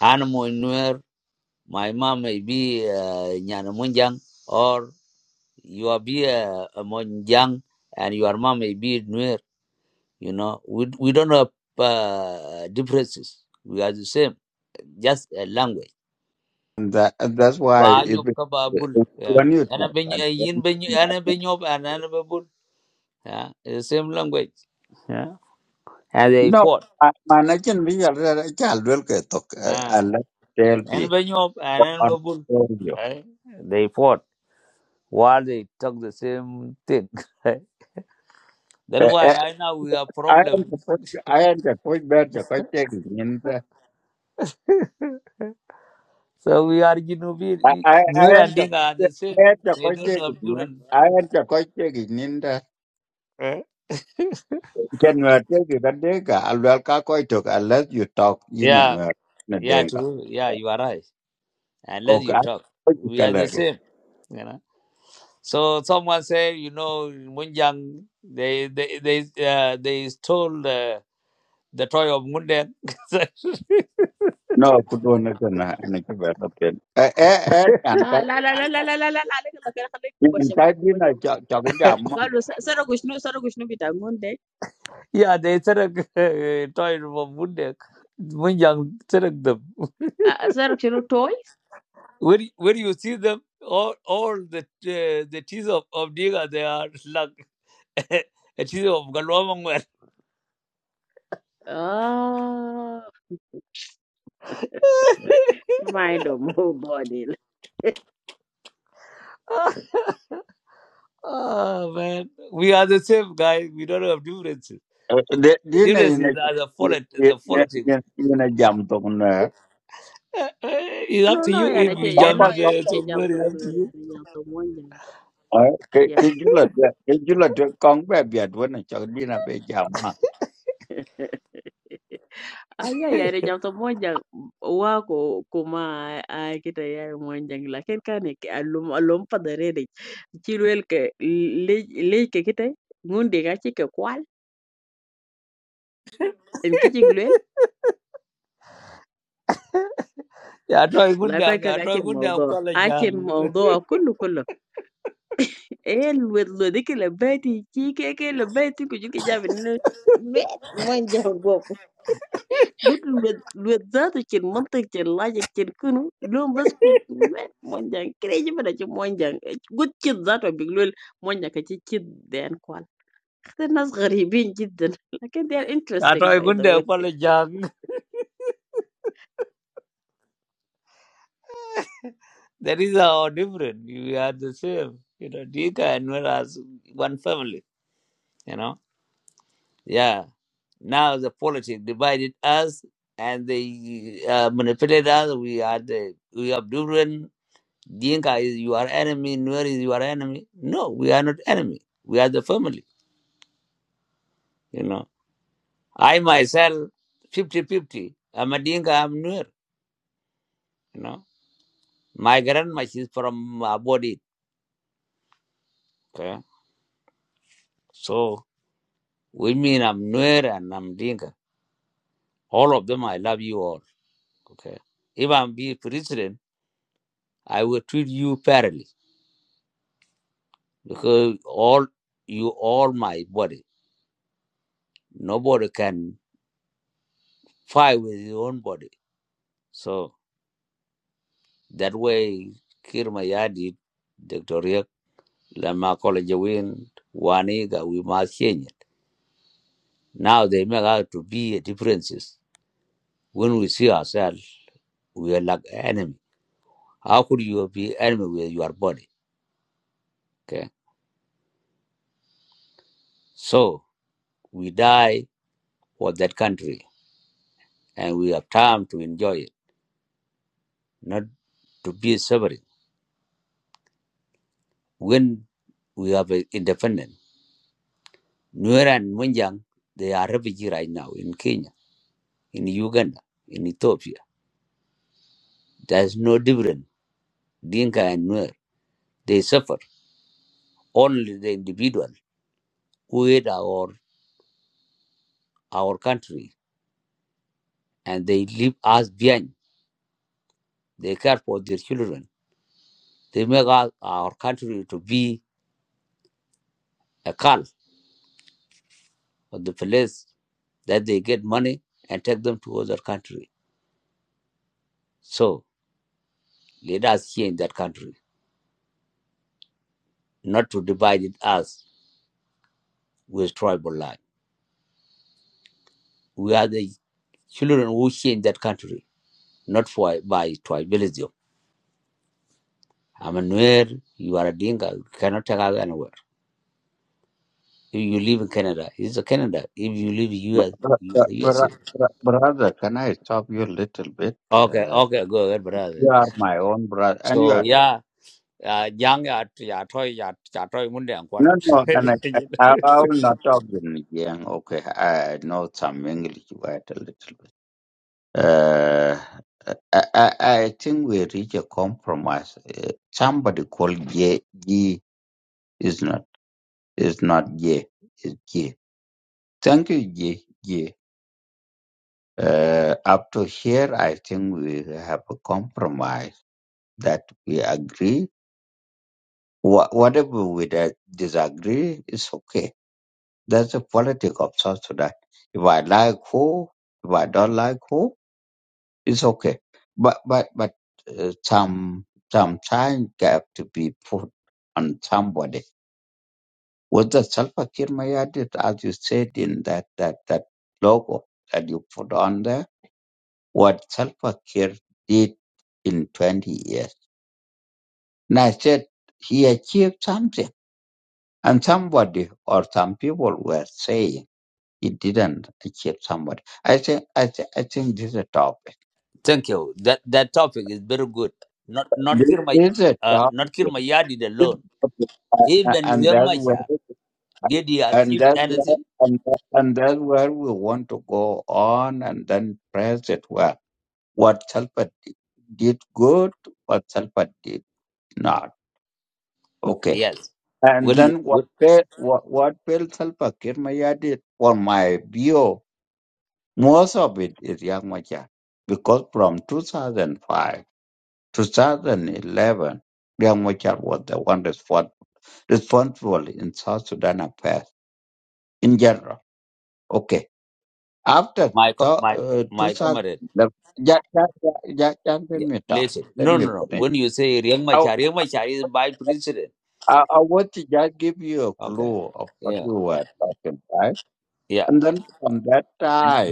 S13: animal in Nuer, my mom may be uh, Nyanamunjang, or you are be uh, a Monjang, and your mom may be Nuer. You know, we, we don't have uh, differences. We are the same, just a language.
S8: And that, and that's why
S13: ba
S8: if,
S13: nyop
S8: if
S13: yeah
S8: when you
S13: ana
S8: talk
S13: ben
S8: and
S13: yin
S8: when
S13: ben
S8: you
S13: ana
S8: are
S13: ben nyop ana ana yeah it's the same language yeah and they
S8: no,
S13: fought
S8: I- man, I can be a child uh,
S13: ah
S8: unless they'll
S13: ana
S8: be.
S13: ben nyop ana ana right they fought while they talk the same thing *laughs* right? that's
S8: I
S13: why right now we have
S8: I am
S13: problems
S8: the first. I am the first man to first take it, man.
S13: *laughs* so we are Genovian
S8: I I
S13: Nur
S8: I am
S13: and
S8: the
S13: Dinga are the
S8: I
S13: same
S8: am the
S13: they
S8: first
S13: don't
S8: take
S13: have
S8: it, man.
S13: children
S8: I am the first take it, man.
S13: Eh?
S8: Can you take it? Can take it? I'll I'll call it. talk Unless you talk in
S13: yeah
S8: and out, no
S13: yeah
S8: denga.
S13: true yeah you are right unless
S8: Okay.
S13: you
S8: I-
S13: talk
S8: what you
S13: we are
S8: call
S13: the
S8: it?
S13: same You know? So someone say, you know, in Munjang, they they they uh, they stole uh, the toy of Mundek.
S8: No, could one is an an equivalent. Eh eh eh. And
S11: آه
S8: that
S11: لا لا لا لا لا لا لا لا عليك الله خير خليك كوبا
S8: in
S11: شمال
S8: that
S11: كوبا
S8: dinner
S11: شمال
S8: chop jam.
S11: قالوا س- سرقوا شنو سرقوا شنو بتاعون ده
S13: *laughs* yeah, they took uh, toy of Mundek. Munjang took them.
S11: آه سرق شنو تويز
S13: Where where you see them, all all the uh, the teeth of of Diga, they are like *laughs* a teeth of Galwamangwer.
S11: آه ما عندهم بودي
S13: *laughs* oh man, we are the same guys. We don't have differences. The
S8: Dinner
S13: difference
S8: in a
S13: is are the politics.
S8: in
S13: The politics.
S8: a jam. Don't know.
S13: it's
S11: no
S13: up to
S11: no
S13: you
S11: يعني
S13: if
S11: شيء
S13: you
S8: do
S11: يعني
S13: jump
S11: no
S8: Don't
S11: يعني
S13: uh,
S11: شيء جاب
S13: somewhere.
S8: go.
S13: It's up to you.
S8: Ờ, cái
S11: يعني
S8: cái
S11: جاب
S8: du lịch á, cái du lịch á, con bé Việt when I chọn đi là bây giờ mà
S11: *laughs*
S13: *laughs*
S11: Haijajaribu nyamta moja wako kuma akitayari monjang lakin kani ki- alum alum padare de chilwel ke le le ke kita ngundi ga ke kwal en kiji glwel
S13: Yeah, try good
S11: la kai
S13: down.
S11: ka
S13: Yeah,
S11: gachi
S13: try good down.
S11: mawdo achi
S13: Palajang.
S11: mawdo kullu kullu el wed lo dikile beti chike ke ke le beti ku jike jabi ne met monjang قُل الود الود ذاته كان منطق كان لاجِك كان كُنو لون بس كنت وين مونجان كريج بلا شي مونجان إج قُلت كيت ذاته بيقولوا مونجا كتي كيت ديان كوال أخدي الناس غريبين جدًا لكن they are
S13: Yeah,
S11: interesting
S13: try
S11: by
S13: good
S11: the
S13: down.
S11: way.
S13: Palajang. *laughs* *laughs* That is how different. We are the same. You know, Dika and Nuer as one family. You know. Yeah. Now the politics divided us, and they uh, manipulated us. We are the we are different. Dinka is your enemy. Nuer is your enemy. No, we are not enemy. We are the family. You know. I myself, 5050 I'm a Dinka, I'm Nuer, you know. My grandma, she's from Abodi. Okay? So we mean I'm Nuer and I'm Dinka. All of them, I love you all. Okay. If I'm be president, I will treat you fairly because all you all my body. Nobody can fight with your own body. So that way, Kirmayadi, Dr. Riek, Lama College Win, Waniga, we must change. Now they make out to be differences. When we see ourselves, we are like enemy. How could you be enemy with your body? Okay. So we die for that country and we have time to enjoy it, not to be suffering. When we have a independent, Nuer and Munjang, they are refugee right now in Kenya, in Uganda, in Ethiopia. There's no difference. Dinka and Nuer, they suffer. Only the individual who hate our our country and they leave us behind. They care for their children. They make our, our country to be a cult of the place that they get money and take them to other country. So let us here in that country, not to divide it us with tribal line. We are the children who here in that country, not for by tribalism. I'm a Nuer, you are a Dinka, you cannot take us anywhere. If you live in Canada, it's a Canada. If you live in
S8: Br-
S13: US,
S8: br-
S13: you are a US
S8: br-
S13: citizen.
S8: br- brother can I stop you a little bit
S13: Okay,
S8: uh,
S13: okay, go ahead, brother.
S8: you are my own brother and you
S13: So
S8: are
S13: yeah, uh, young ya ya toy ya ya
S8: no no and I,
S13: *laughs*
S8: I, I I will not talk in again okay I know some English word a little bit uh, I, I, I think we reach a compromise uh, somebody called J G is not is not J is J thank you J J Uh, up to here, I think we have a compromise that we agree. Wha whatever we di- disagree is okay. That's the politics of South Sudan. If I like who, if I don't like who, it's okay. But but but uh, some some time have to be put on somebody. Was the Salva Kiir Mayardit, as you said in that that that logo that you put on there? what Salva Kiir did in 20 years. And I said, he achieved something. And somebody or some people were saying he didn't achieve somebody. I think, I, th- I think this is a topic.
S13: Thank you. That that topic is very good. Not not
S8: This,
S13: Kirma
S8: this is a
S13: uh
S8: topic.
S13: not Kirmayadi
S8: This is
S13: alone.
S8: a topic. Uh,
S13: Even
S8: and
S13: Young
S8: that's where,
S13: Macha, did he
S8: and
S13: achieve
S8: that's where,
S13: anything?
S8: and, and that's where we want to go on and then press it well. What Salva did good, what Salva did not. Okay.
S13: Yes.
S8: And
S13: When
S8: then what
S13: when
S8: fell? what what failed Salva Kiir Mayardit, for my view, most of it is Yang Machar. Because from 2005, to 2011, Yang Machar was the one respon- responsible in South Sudan affairs in general. Okay. After
S13: my
S8: to,
S13: co- my
S8: uh,
S13: my
S8: 2000,
S13: comrade,
S8: the- ja- ja- ja- ja- ja- let
S13: yeah,
S8: me talk.
S13: listen.
S8: Let
S13: No
S8: me
S13: no no.
S8: finish.
S13: When you say Young
S8: I,
S13: Macha, Young Macha is by president.
S8: I, I want to just give you a
S13: Okay.
S8: clue of what
S13: Yeah.
S8: we
S13: Yeah.
S8: were talking about.
S13: yeah.
S8: And then from that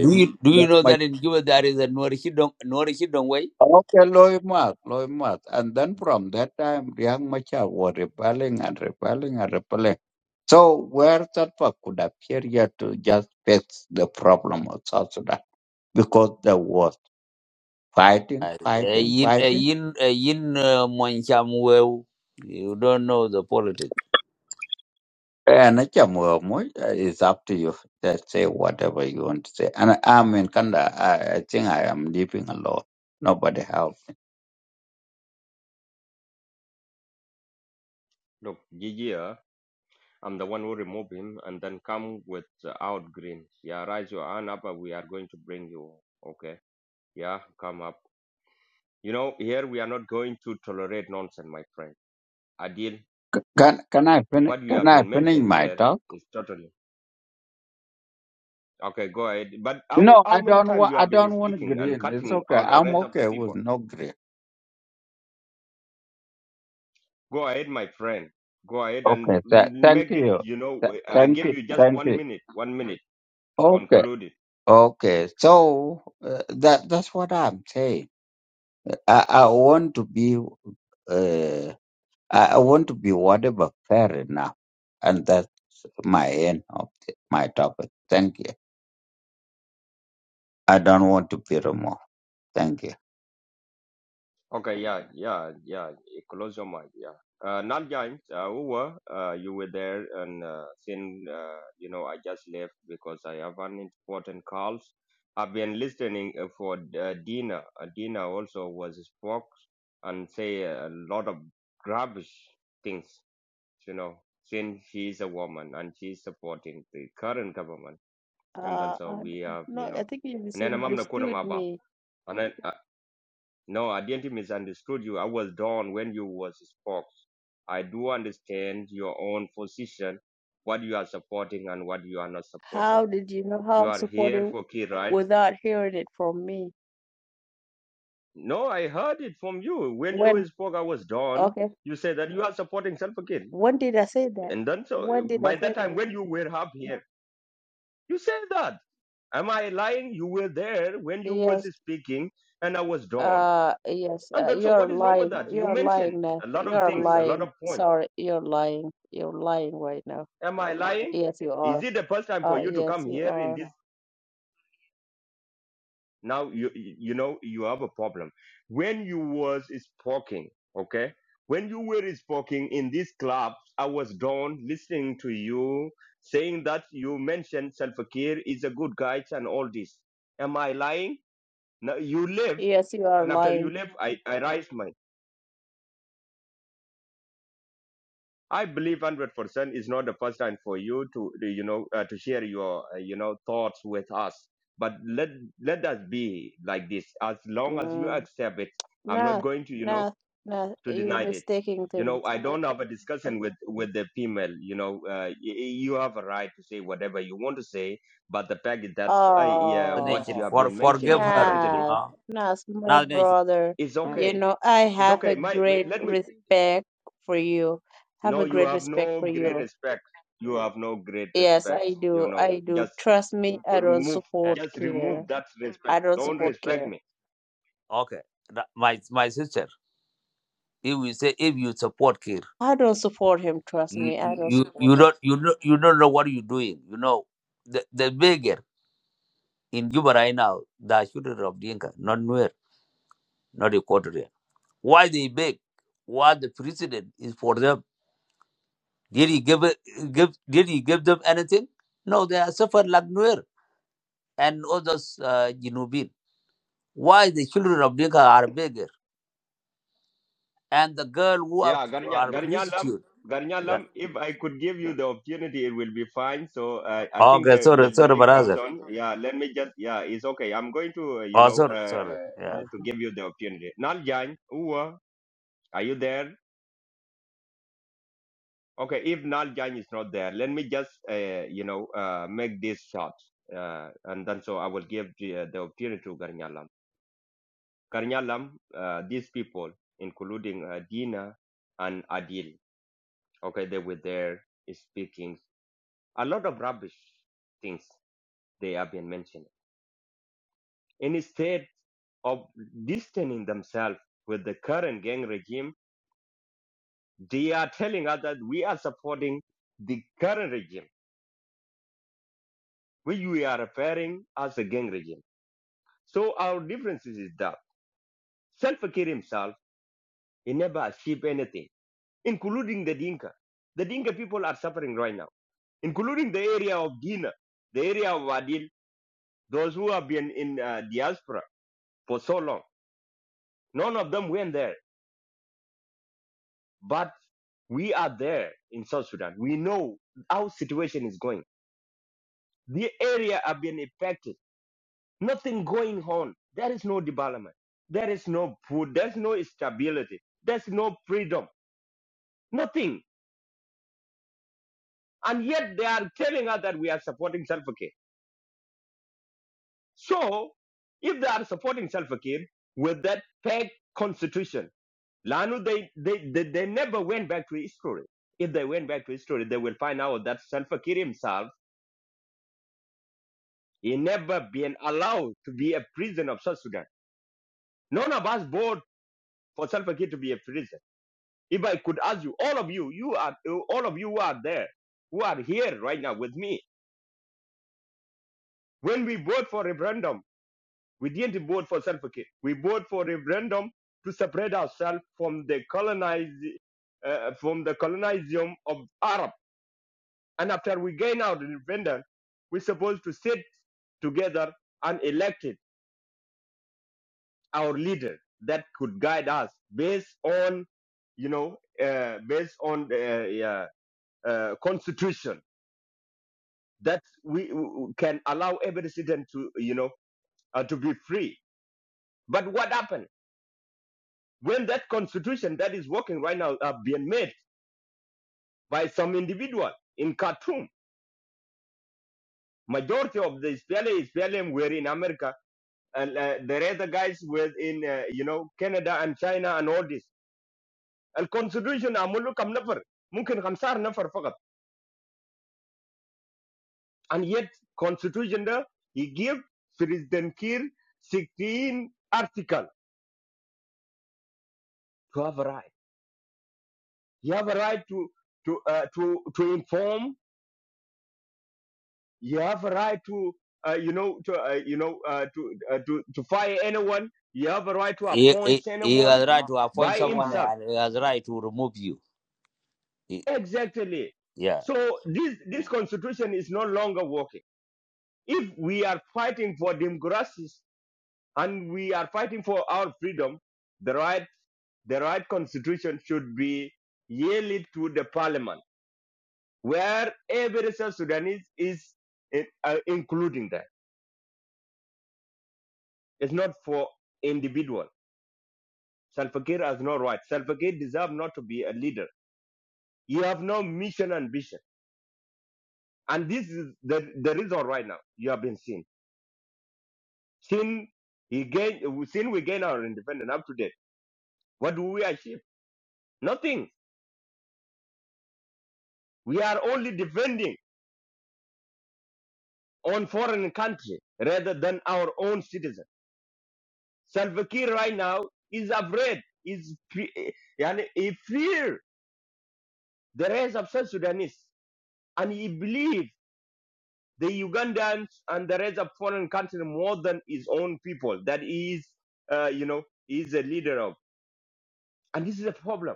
S13: Do you do you
S8: Riek
S13: know that
S8: Mach-
S13: in Cuba there is a Norishidong Norishidong
S8: okay, Loy Mat, Loy Mat. And then from that time, Riek Machar was rebelling and rebelling and rebelling. So where Salva could appear here to just fix the problem of South Sudan because there was fighting,
S13: Eh,
S8: fighting,
S13: yin eh,
S8: fighting.
S13: yin eh, yin uh, Mwancham Wew, you don't know the politics.
S8: And it's a more- more, uh, it's up to you. Just say whatever you want to say. And I'm in Canada. I, I think I am living alone. Nobody help.
S12: Look, GG. I'm the one who remove him and then come with uh, out green. Yeah, raise your hand up and we are going to bring you. Okay. Yeah, come up. You know, here we are not going to tolerate nonsense, my friend. Adil,
S8: Can can I finish?
S12: what you
S8: Can
S12: have
S8: I
S12: been
S8: finish
S12: mentioned
S8: my
S12: here
S8: talk?
S12: is totally okay. Go ahead. But how
S8: No,
S12: how
S8: I
S12: many
S8: don't
S12: times
S8: want.
S12: you
S8: I
S12: have been
S8: don't want
S12: speaking and
S8: green. It's
S12: cutting
S8: okay.
S12: all the
S8: I'm
S12: rest of the
S8: okay with
S12: people?
S8: no green.
S12: Go ahead, my friend. Go ahead and
S8: Okay. Th- thank
S12: make it.
S8: you.
S12: You know,
S8: Th-
S12: I
S8: thank
S12: give
S8: you.
S12: you just
S8: Thank
S12: one
S8: you.
S12: minute. One minute.
S8: Okay.
S12: Conclude it.
S8: Okay. So uh, that that's what I'm saying. I I want to be. Uh, I I want to be whatever fair enough, and that's my end of the, my topic. Thank you. I don't want to be removed. Thank
S12: Okay, yeah, yeah, yeah. You Close your mind, yeah. Uh, not James, uh, who were, uh, you were there and, uh, since, uh, you know, I just left because I have an important calls. I've been listening uh, for uh, Dina. Uh, Dina also was spoke and say a lot of rubbish things, you know, since she is a woman and she is supporting the current government. And then
S11: Uh,
S12: so
S11: uh,
S12: we
S11: uh,
S12: have,
S11: no,
S12: you
S11: I
S12: know,
S11: think you
S12: and then I'm not going
S11: misunderstood me.
S12: to no, I didn't misunderstood you. I was done when you was spoke. I do understand your own position, what you are supporting and what you are not supporting.
S11: How did you know how
S12: You
S11: I'm
S12: are here
S11: supporting
S12: for key, right?
S11: without hearing it from me?
S12: No, I heard it from you. When you
S11: When?
S12: spoke, I was done.
S11: Okay.
S12: You said that you are supporting Salva Kiir.
S11: When did I say that?
S12: And then so
S11: When did I
S12: by that
S11: say
S12: time
S11: that?
S12: when you were up here, you said that. Am I lying? You were there when you was
S11: Yes.
S12: speaking and I was done.
S11: Uh, yes, uh,
S12: And then so
S11: you're
S12: what is wrong with
S11: lying.
S12: that? You
S11: You're
S12: mentioned
S11: lying Nath.
S12: a lot of
S11: You're
S12: things, a lot
S11: lying.
S12: of points.
S11: Sorry, you're lying. You're lying right now.
S12: Am I lying?
S11: Yes, you
S12: Is
S11: are.
S12: it the first time for
S11: Uh,
S12: you to
S11: yes,
S12: come
S11: you
S12: here in
S11: are.
S12: this? Now you you know you have a problem. When you was speaking, okay, when you were speaking in this club, I was down listening to you saying that you mentioned Salva Kiir is a good guy and all this. Am I lying? No, you live,
S11: Yes, you are
S12: and after you
S11: lying.
S12: live, I I raise rise I believe hundred percent is not the first time for you to you know uh, to share your uh, you know thoughts with us. But let let us be like this. As long as you
S11: Mm.
S12: accept it, I'm not
S11: Nath,
S12: going to you know
S11: Nath. nah.
S12: to
S11: You're
S12: deny it.
S11: mistaking
S12: You
S11: things.
S12: know, I don't have a discussion with with the female. You know, uh, y- y- you have a right to say whatever you want to say. But the fact that uh, yeah,
S13: The
S12: what you
S13: nation
S11: Oh,
S12: have
S13: for
S12: been
S13: forgive
S12: mentioning
S13: her, you
S12: recently
S11: Nath,
S13: know.
S11: Nath, my
S13: Now the nation,
S11: brother.
S12: is
S11: You
S12: okay.
S11: know, I
S12: It's
S11: have
S12: okay.
S11: a
S12: My
S11: great
S12: let me.
S11: respect for you. Have
S12: No,
S11: a
S12: you
S11: great
S12: have
S11: respect
S12: no
S11: for
S12: great
S11: you.
S12: respect. You have no great
S11: Yes,
S12: respect.
S11: I
S12: You
S11: do.
S12: know,
S11: I do.
S12: just
S11: Trust me, I don't
S12: remove,
S13: eh,
S11: support
S12: just
S11: care.
S12: remove that respect.
S11: I don't
S12: Don't
S11: support
S13: sister,
S12: respect
S11: care.
S12: me.
S13: okay, That- my my sister. If you say if you support Kir,
S11: I don't support him. Trust
S13: you
S11: me, I don't
S13: you
S11: support
S13: you
S11: him.
S13: don't you don't you don't know what you're doing. You know the the beggar in Juba right now, the children of Dinka, not Nuer, not Equatorial. Why they beg? What the president is for them? Did he give it, give did he give them anything? No, they are suffered like Nuer and others uh, Jinubin. Why the children of Dinka are bigger and the girl who are
S12: Yeah, Garnya,
S13: are
S12: Garnyalam,
S13: prostitute? Yeah.
S12: Garnyalam. If I could give you the opportunity, it will be fine. So uh, I think
S13: Okay,
S12: the, the
S13: sorry,
S12: the
S13: sorry,
S12: next
S13: brother.
S12: person. Yeah, let me just. Yeah, it's okay. I'm going to uh, you
S13: Oh,
S12: know
S13: sorry,
S12: uh,
S13: sorry. Yeah.
S12: uh, to give you the opportunity. Naljan, Uwa, are you there? Okay, if Nal is not there, let me just uh, you know uh, make this short, uh, and then so I will give the, uh, the opportunity to Garnyalam. Garnyalam, uh, these people, including uh, Dina and Adil, okay, they were there speaking a lot of rubbish things they have been mentioning. And instead of distancing themselves with the current gang regime, they are telling us that we are supporting the current regime, which we are referring as a gang regime So our difference is that Salva Kiir himself, he never achieved anything, including the Dinka. The Dinka people are suffering right now, including the area of Guinea, the area of Adil, those who have been in uh, diaspora for so long. None of them went there, but we are there in South Sudan. We know how situation is going. The area have been affected. Nothing going on. There is no development. There is no food. There's no stability. There's no freedom. Nothing. And yet they are telling us that we are supporting Salva Kiir. So, if they are supporting Salva Kiir with that fake constitution, Lanu, they, they, they, they never went back to history. If they went back to history, they will find out that Salva Kiir himself, he never been allowed to be a prison of South Sudan. None of us voted for Salva Kiir to be a prison. If I could ask you, all of you, you are, all of you who are there, who are here right now with me, when we vote for referendum We didn't vote for self care. We voted for referendum to separate ourselves from the colonize, uh, from the colonization of Arab. And after we gain our independence, we're supposed to sit together and elected our leader that could guide us based on, you know, uh, based on the uh, uh, constitution that we we can allow every citizen to, you know, uh, to be free. But what happened? when that constitution that is working right now are being made by some individual in Khartoum. Majority of the Israeli Israelis were in America, and uh, the other guys were in uh, you know Canada and China and all this. And constitution amulu kam nafar, mungkin khamsar nafar fakat. And yet constitution there he give President Kir 16 article to have a right. You have a right to to uh, to to inform You have a right to, uh, you know, to, uh, you know, uh, to, uh, to, to fire anyone. You have a right to
S13: He,
S12: appoint
S13: he, he
S12: anyone
S13: has right to appoint
S12: by
S13: someone
S12: himself.
S13: and he has right to remove you. He-
S12: Exactly.
S13: yeah.
S12: So this, this constitution is no longer working. If we are fighting for democracies and we are fighting for our freedom, the right, the right constitution should be yielded to the parliament, where every South Sudanese is, uh, including that. It's not for individual. Salva Kiir has no right. Salva Kiir deserves not to be a leader. You have no mission and vision. And this is the, the reason right now you have been seen. Since, he gain, since we gain our independence up to date, what do we achieve? Nothing. We are only defending on foreign country rather than our own citizens. Salva Kiir right now is afraid. Is fe- eh, yani, he fear the rest of South Sudanese, and he believes. the Ugandans and the rest of foreign countries more than his own people that he is, uh, you know, he is a leader of. And this is a problem.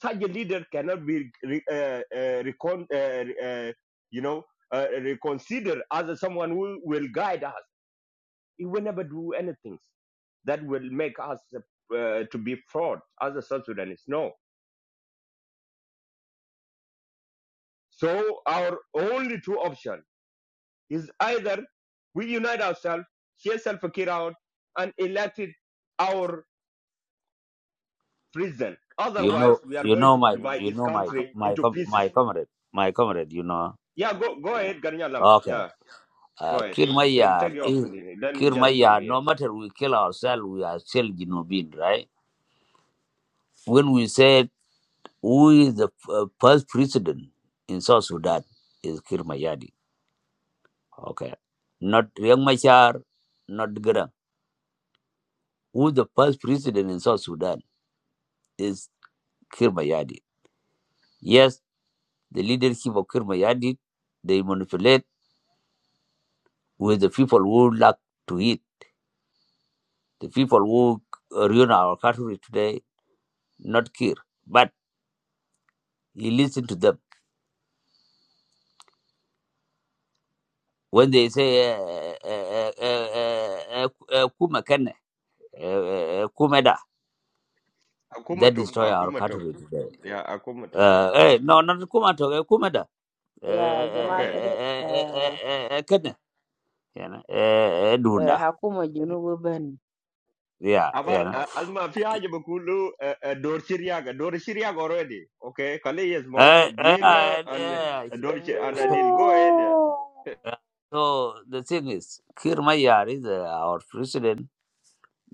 S12: Such a leader cannot be, re- uh, uh, recon- uh, uh, you know, uh, reconsidered as someone who will guide us. He will never do anything that will make us uh, to be fraud as a South Sudanese. No. So our only two options is either we unite ourselves, chase Salfakir out, and elected our president.
S13: You
S12: Otherwise,
S13: know,
S12: we are
S13: you
S12: going
S13: know
S12: to
S13: my,
S12: divide
S13: you
S12: this
S13: know my,
S12: country
S13: my,
S12: into
S13: com- my
S12: pieces.
S13: comrade, my comrade. You know.
S12: Yeah, go go ahead, Garnyalam.
S13: Okay.
S12: Yeah,
S13: Uh,
S12: go ahead.
S13: kill my
S12: Take take
S13: yard
S12: your
S13: is
S12: opportunity. Let me
S13: kill my
S12: just stop
S13: yard.
S12: here.
S13: No matter we kill ourselves, we are still Genovese, right? When we said who is the uh, first president in South Sudan is Kirmayadi. Okay, not Riek Machar, not Garang. Who the first president in South Sudan is Kirmayadi. Yes, the leadership of Kirmayadi, they manipulate with the people who lack to eat. The people who uh, ruin our country today, not Kir, but you listen to them When they say eh, eh, eh, eh, eh, kuma kenne eh, eh, kumeda that
S12: Akumatok,
S13: destroy our
S12: akumatok.
S13: country today
S12: Yeah, akumatok.
S13: uh,
S12: Yeah.
S13: eh, no not kuma to eh, kumeda eh,
S11: Yeah,
S13: eh,
S11: jamaa
S13: eh,
S12: Okay.
S11: kada
S13: eh, eh,
S11: uh,
S13: eh, eh, kenne yana eh, eh,
S11: uh,
S13: dunda
S11: hakuma junubu bani.
S13: yeah
S12: Abar
S13: yana
S12: uh, asma fi haja bakulu uh, uh, dor Syriaga, dor Syriaga already. Okay, kale yes mo
S13: eh, eh,
S12: diena
S13: eh,
S12: and
S13: eh,
S12: uh, dor and Adil. Go ahead.
S11: No.
S13: yeah. so the thing is Kir Mayar is uh, our president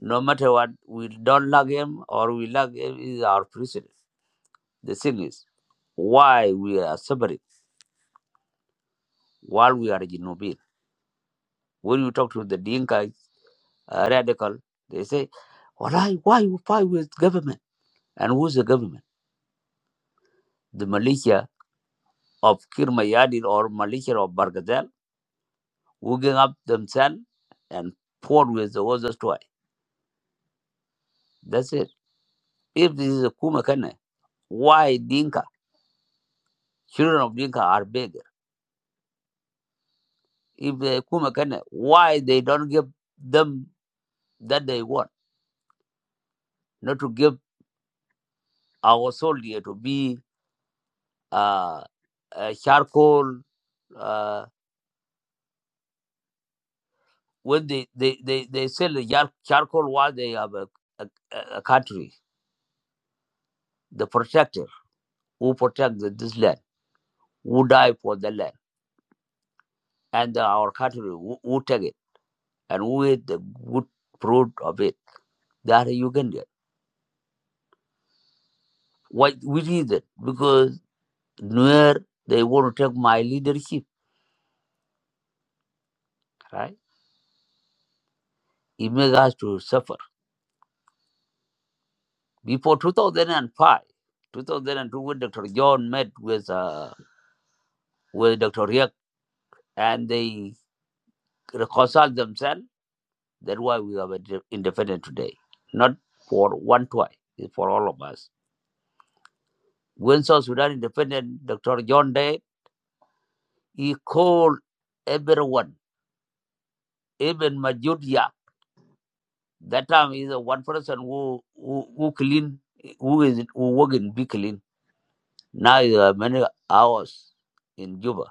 S13: no matter what we don't like him or we like him is our president the thing is why we are suffering while we are Jinubin. When you talk to the Dinka uh, radical, they say, why, why you fight with government? And who's the government? The militia of Kirmayadin or militia of Bargazel, who gang up themselves and fought with the others twice. That's it. If this is a Kumakane, why Dinka, children of Dinka are bigger? If they Kumakane, why they don't give them that they want? Not to give our soldier to be uh, uh, charcoal uh, when they they they, they sell the yar- charcoal while they have a, a, a country the protector who protect the, this land who die for the land and the, our country who, who take it and who eat the good fruit of it that you can get why which is it because where they want to take my leadership right it makes us to suffer before 2005 2002 when dr john met with uh with dr Riek and they reconciled themselves That's why we are independent today. Not for one twice, it's for all of us. When South Sudan independent, Dr. John Day, he called everyone, even Majudia. That time is one person who who, who clean, who is who work in big clean. Now there are many hours in Juba.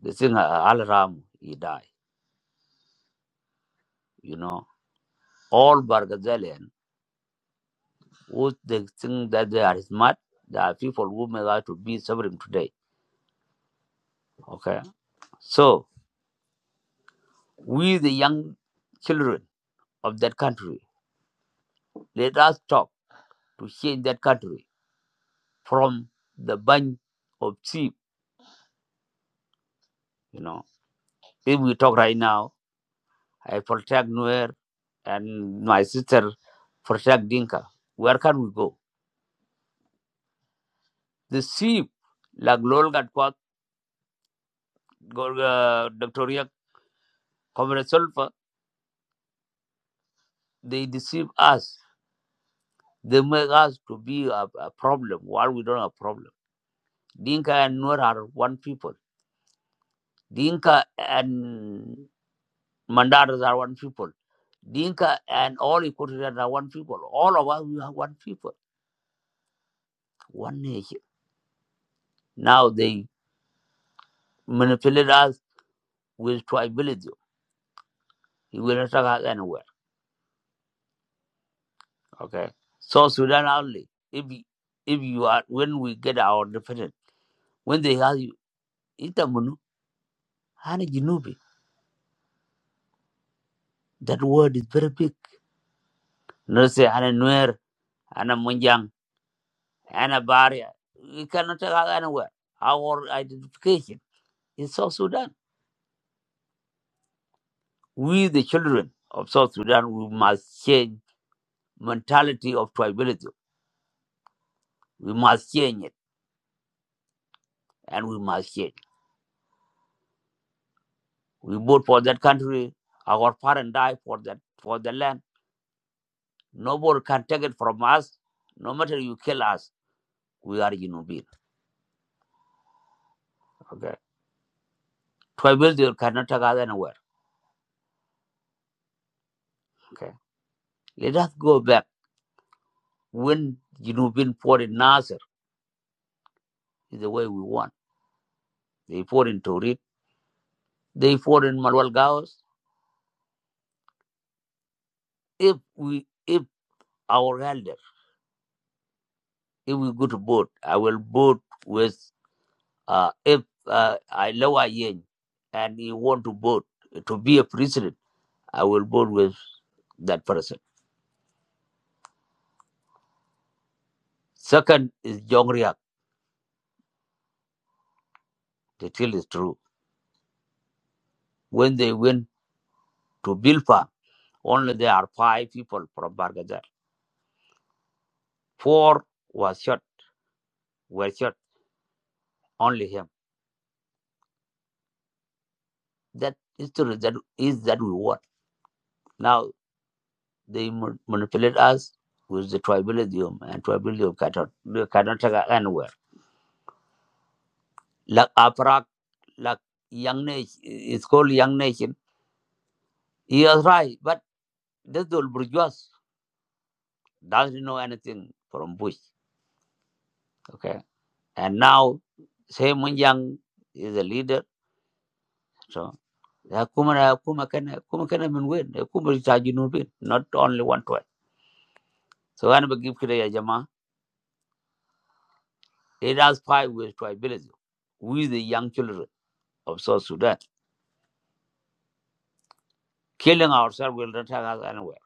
S13: The thing uh, Al Ram he died. You know, all Bargazalian who they think that they are smart, there are people who may like to be suffering today. Okay, so. We, the young children of that country, let us talk to change that country from the bunch of sheep. You know, if we talk right now, I protect Nuer and my sister protect Dinka. Where can we go? The sheep, like Lol Gatkwat, Gol- uh, Dr. Riak, Comrade Sulfa, they deceive us. They make us to be a, a problem while we don't have a problem. Dinka and Nuer are one people. Dinka and Mandaras are one people. Dinka and all Equatorians are one people. All of us, we are one people, one nation. Now they manipulate us with tribalism. It will not take us anywhere. Okay. So Sudan only. If if you are when we get our independence, when they ask you, Itamunu, Hana Jinubi. That word is very big. No say Hana Nuer, Hana Munjang, Hana Baria. We cannot take us anywhere. Our identification is South Sudan. We, the children of South Sudan, we must change mentality of tribalism. We must change it, and we must change. We vote for that country. Our parents died for that for the land. Nobody can take it from us. No matter you kill us, we are human beings. Okay, tribalism cannot take us anywhere. Okay, let us go back when human being fought in Nasser is the way we want. They fought in Turin. They fought in Malwal Gaos. If we if our elders if we go to vote, I will vote with uh, if uh, I Lawa Yen and he want to vote to be a president, I will vote with that person. Second is Jong The tale is true. When they went to Bilpa, only there are five people from Bargadar. Four was shot, were shot, only him. That is the that is that we want. Now they ma- manipulate us with the tribalism and tribalism cannot, cannot take us anywhere. Like Aparak like young nation. It's called young nation. He was right, but this old bourgeois doesn't know anything from Bush. Okay, and now same when Young is a leader, so. ya kuma na- kuma kana- kuma kana min wen, ya kuma ta ginu bin, Not only one tribe. So I we give Kira Jama, it has five ways to ability. with the young children of South Sudan. Killing ourselves will not take us anywhere.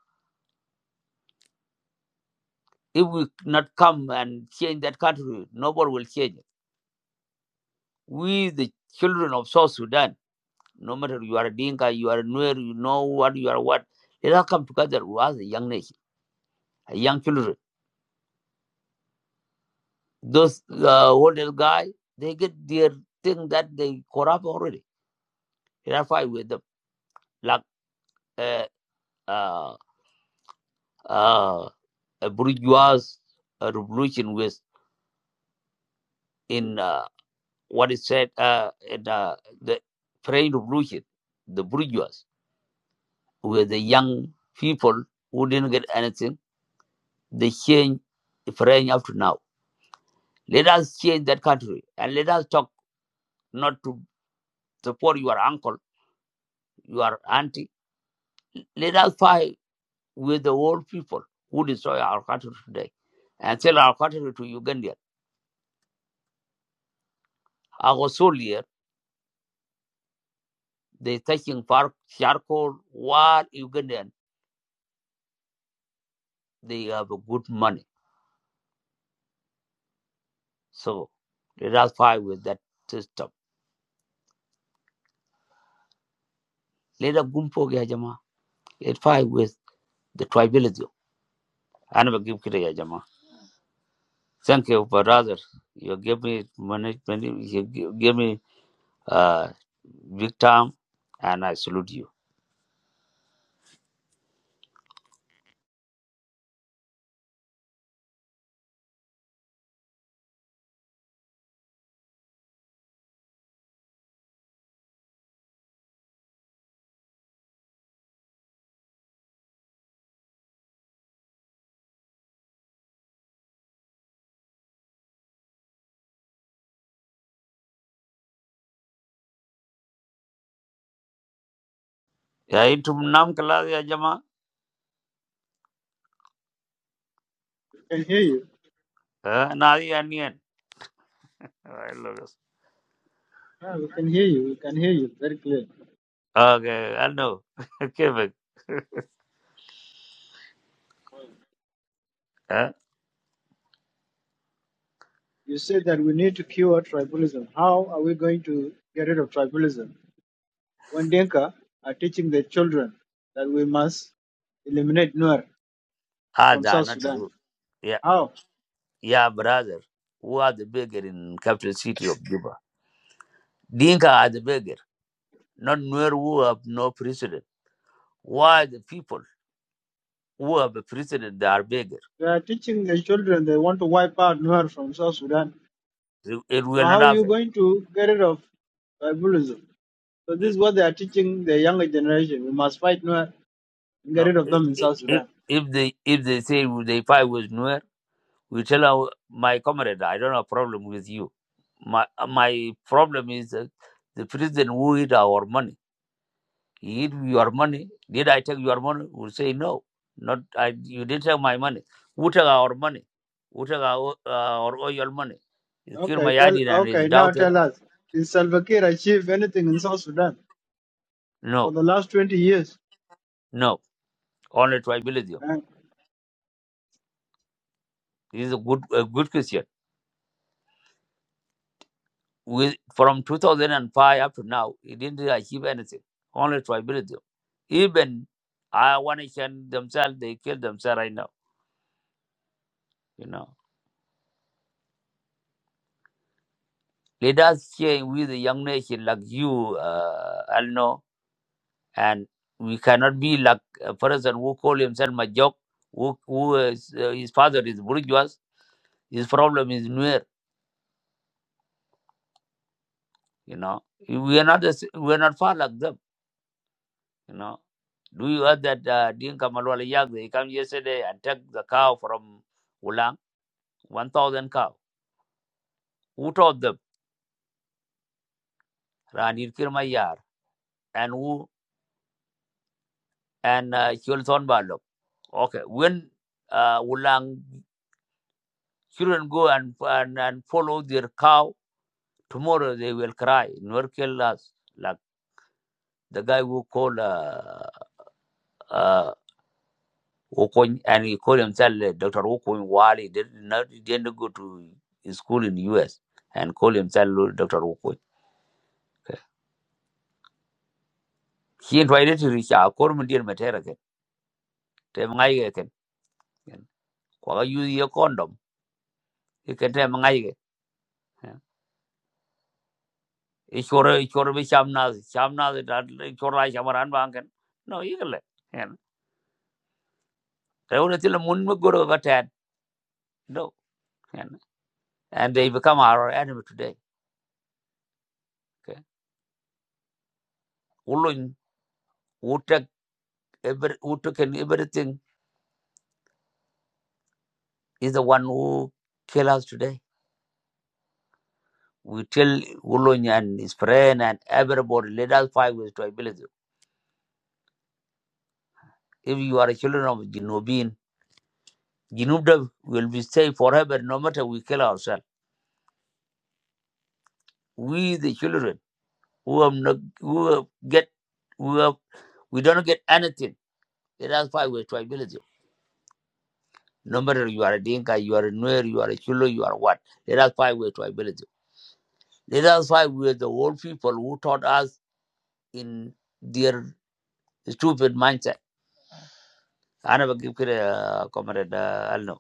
S13: If we not come and change that country, nobody will change. it. We, the children of South Sudan, no matter you are a Dinka, you are a Nuer, you know what, you are what, let us come together as a young nation, a young children. Those uh, older guy, they get their thing that they corrupt already. Let us fight with them. Like uh, uh, uh, a bourgeois uh, revolution was in uh, what is said uh, in uh, the French Revolution, the bourgeois were the young people who didn't get anything the change Ukraine up to now. Let us change that country and let us talk not to support your uncle, your auntie. Let us fight with the old people who destroy our country today and sell our country to Ugandans. I was soldier, they taking far charcoal while Ugandan they have a good money. So let us fight with that system. Let us gumpo ya jama. fight with the tribalism. Anaba Thank you, brother. You give me management. You gi- give me uh, big time, and I salute you. Yeah, itu enam kelas ya jama.
S6: We can hear you.
S13: Eh, nari anian. I love this.
S6: Yeah, we can hear you. We can hear you very clear.
S13: Okay, I know. *laughs* Okay, but eh,
S6: You said that we need to cure tribalism. How are we going to get rid of tribalism? When Denka are teaching their children that we must eliminate Nuer
S13: ah,
S6: from
S13: that
S6: South
S13: not
S6: Sudan.
S13: true. Yeah,
S6: How?
S13: yeah, brother. Who are the beggar in capital city of Juba? Dinka are the beggar, not Nuer who have no president. Why the people who have a president they are beggar?
S6: They are teaching their children they want to wipe out Nuer from South Sudan.
S13: It it
S6: So
S13: will
S6: how
S13: not
S6: are you
S13: happen.
S6: going to get rid of tribalism? So this is what they are teaching the younger generation. We must fight Nuer and get
S13: No,
S6: rid of
S13: if
S6: them in
S13: if
S6: South
S13: if
S6: Sudan.
S13: they if they say they fight with Nuer, we tell our my comrade, I don't have problem with you. My uh, my problem is that the president who eat our money. He eat your money. Did I take your money? We say no. Not I. You didn't take my money. Who took our money? Who took our uh, our oil money? He killed
S6: Okay,
S13: my
S6: tell
S13: daddy and his
S6: okay, now
S13: daughter.
S6: tell us, did Salva Kiir achieve anything in South Sudan for
S13: No,
S6: the last twenty years?
S13: no. Only tribalism. This is a good a good question. with from 2005 up to now, he didn't achieve anything. Only tribalism. Even I want to can themselves, they kill themselves right now. You know, let us share with the young nation like you, uh, Alno, and we cannot be like a person who call himself Majok, who, who is, uh, his father is bourgeois. His problem is near. You know, we are not the s we are not far like them. You know, do you heard that uh, Dinka Malwala Yak, they come yesterday and took the cow from Ulang, 1,000 cow. Who taught them? Ranir Kirmayar and who and uh, Chulthon Balok. Okay, when uh, Ulang children go and, and and follow their cow, tomorrow they will cry. Nor kill us like the guy who called uh, uh, Wokon, and he called himself uh, Dr. Wokon Wali. Did not, he didn't go to school in the US and called himself Lord Dr. Wokon. Okay. He invited to reach out, call him dear Materaka. Tell him, Kwa use your condom. You can tell him, Ishore, Ishore, Shamnaz, Shamnaz, Ishore, Shamaran Bankan. No, you can let. They were still a Munmuguru of a tad. No. And and they become our enemy today. Okay. Ulun, who take every, who took in everything is the one who kill us today. We tell Ulun and his friend and everybody, let us fight with tribalism. If you are a children of Jinubin, Jinubda will be safe forever no matter we kill ourselves. We the children who have not who have get who have we don't get anything. Let us fight with tribalism. No matter you are a Dinka, you are a Nuer, you are a Chulo, you are what. Let us fight with tribalism. Let us fight with the old people who taught us in their stupid mindset أنا بجيب كده يا كومريد ألنو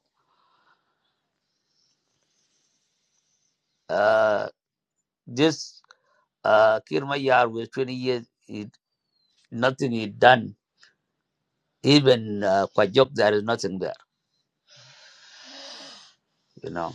S13: uh, this uh, Kir Mayar with 20 years, he, nothing is done. Even uh, Kwajok, there is nothing there, you know.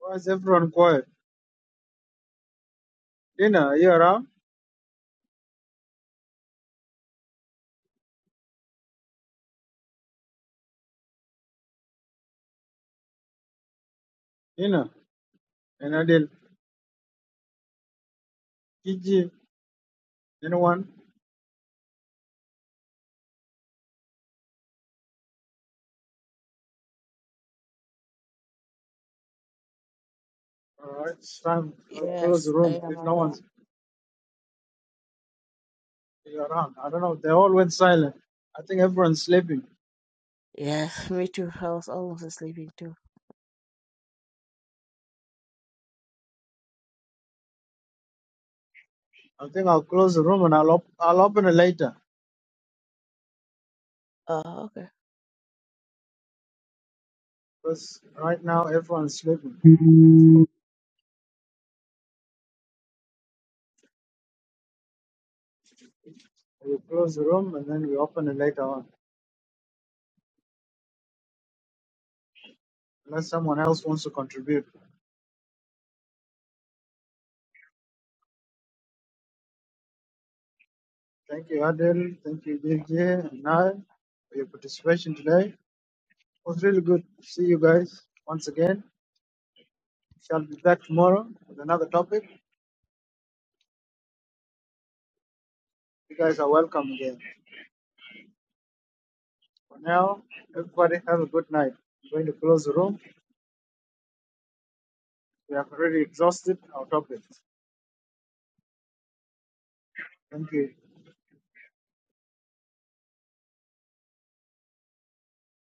S6: Why is everyone quiet? Dina, are you around? Dina and Adil. Gigi, anyone? Alright, it's time. I'll close the
S11: Yes, I
S6: room
S11: am
S6: if no one's
S11: around.
S6: around. I don't know. They all went silent. I think everyone's sleeping.
S11: Yes, me too. I was almost sleeping too.
S6: I think I'll close the room and I'll op- I'll open it later.
S11: Oh, okay.
S6: Because right now everyone's sleeping.
S8: you.
S6: We'll close the room and then we open it later on. Unless someone else wants to contribute. Thank you, Adil. Thank you, Gigi and I for your participation today. It was really good to see you guys once again. Shall be back tomorrow with another topic. You guys are welcome again. For now, everybody have a good night. I'm going to close the room. We have already exhausted our topics. Thank you.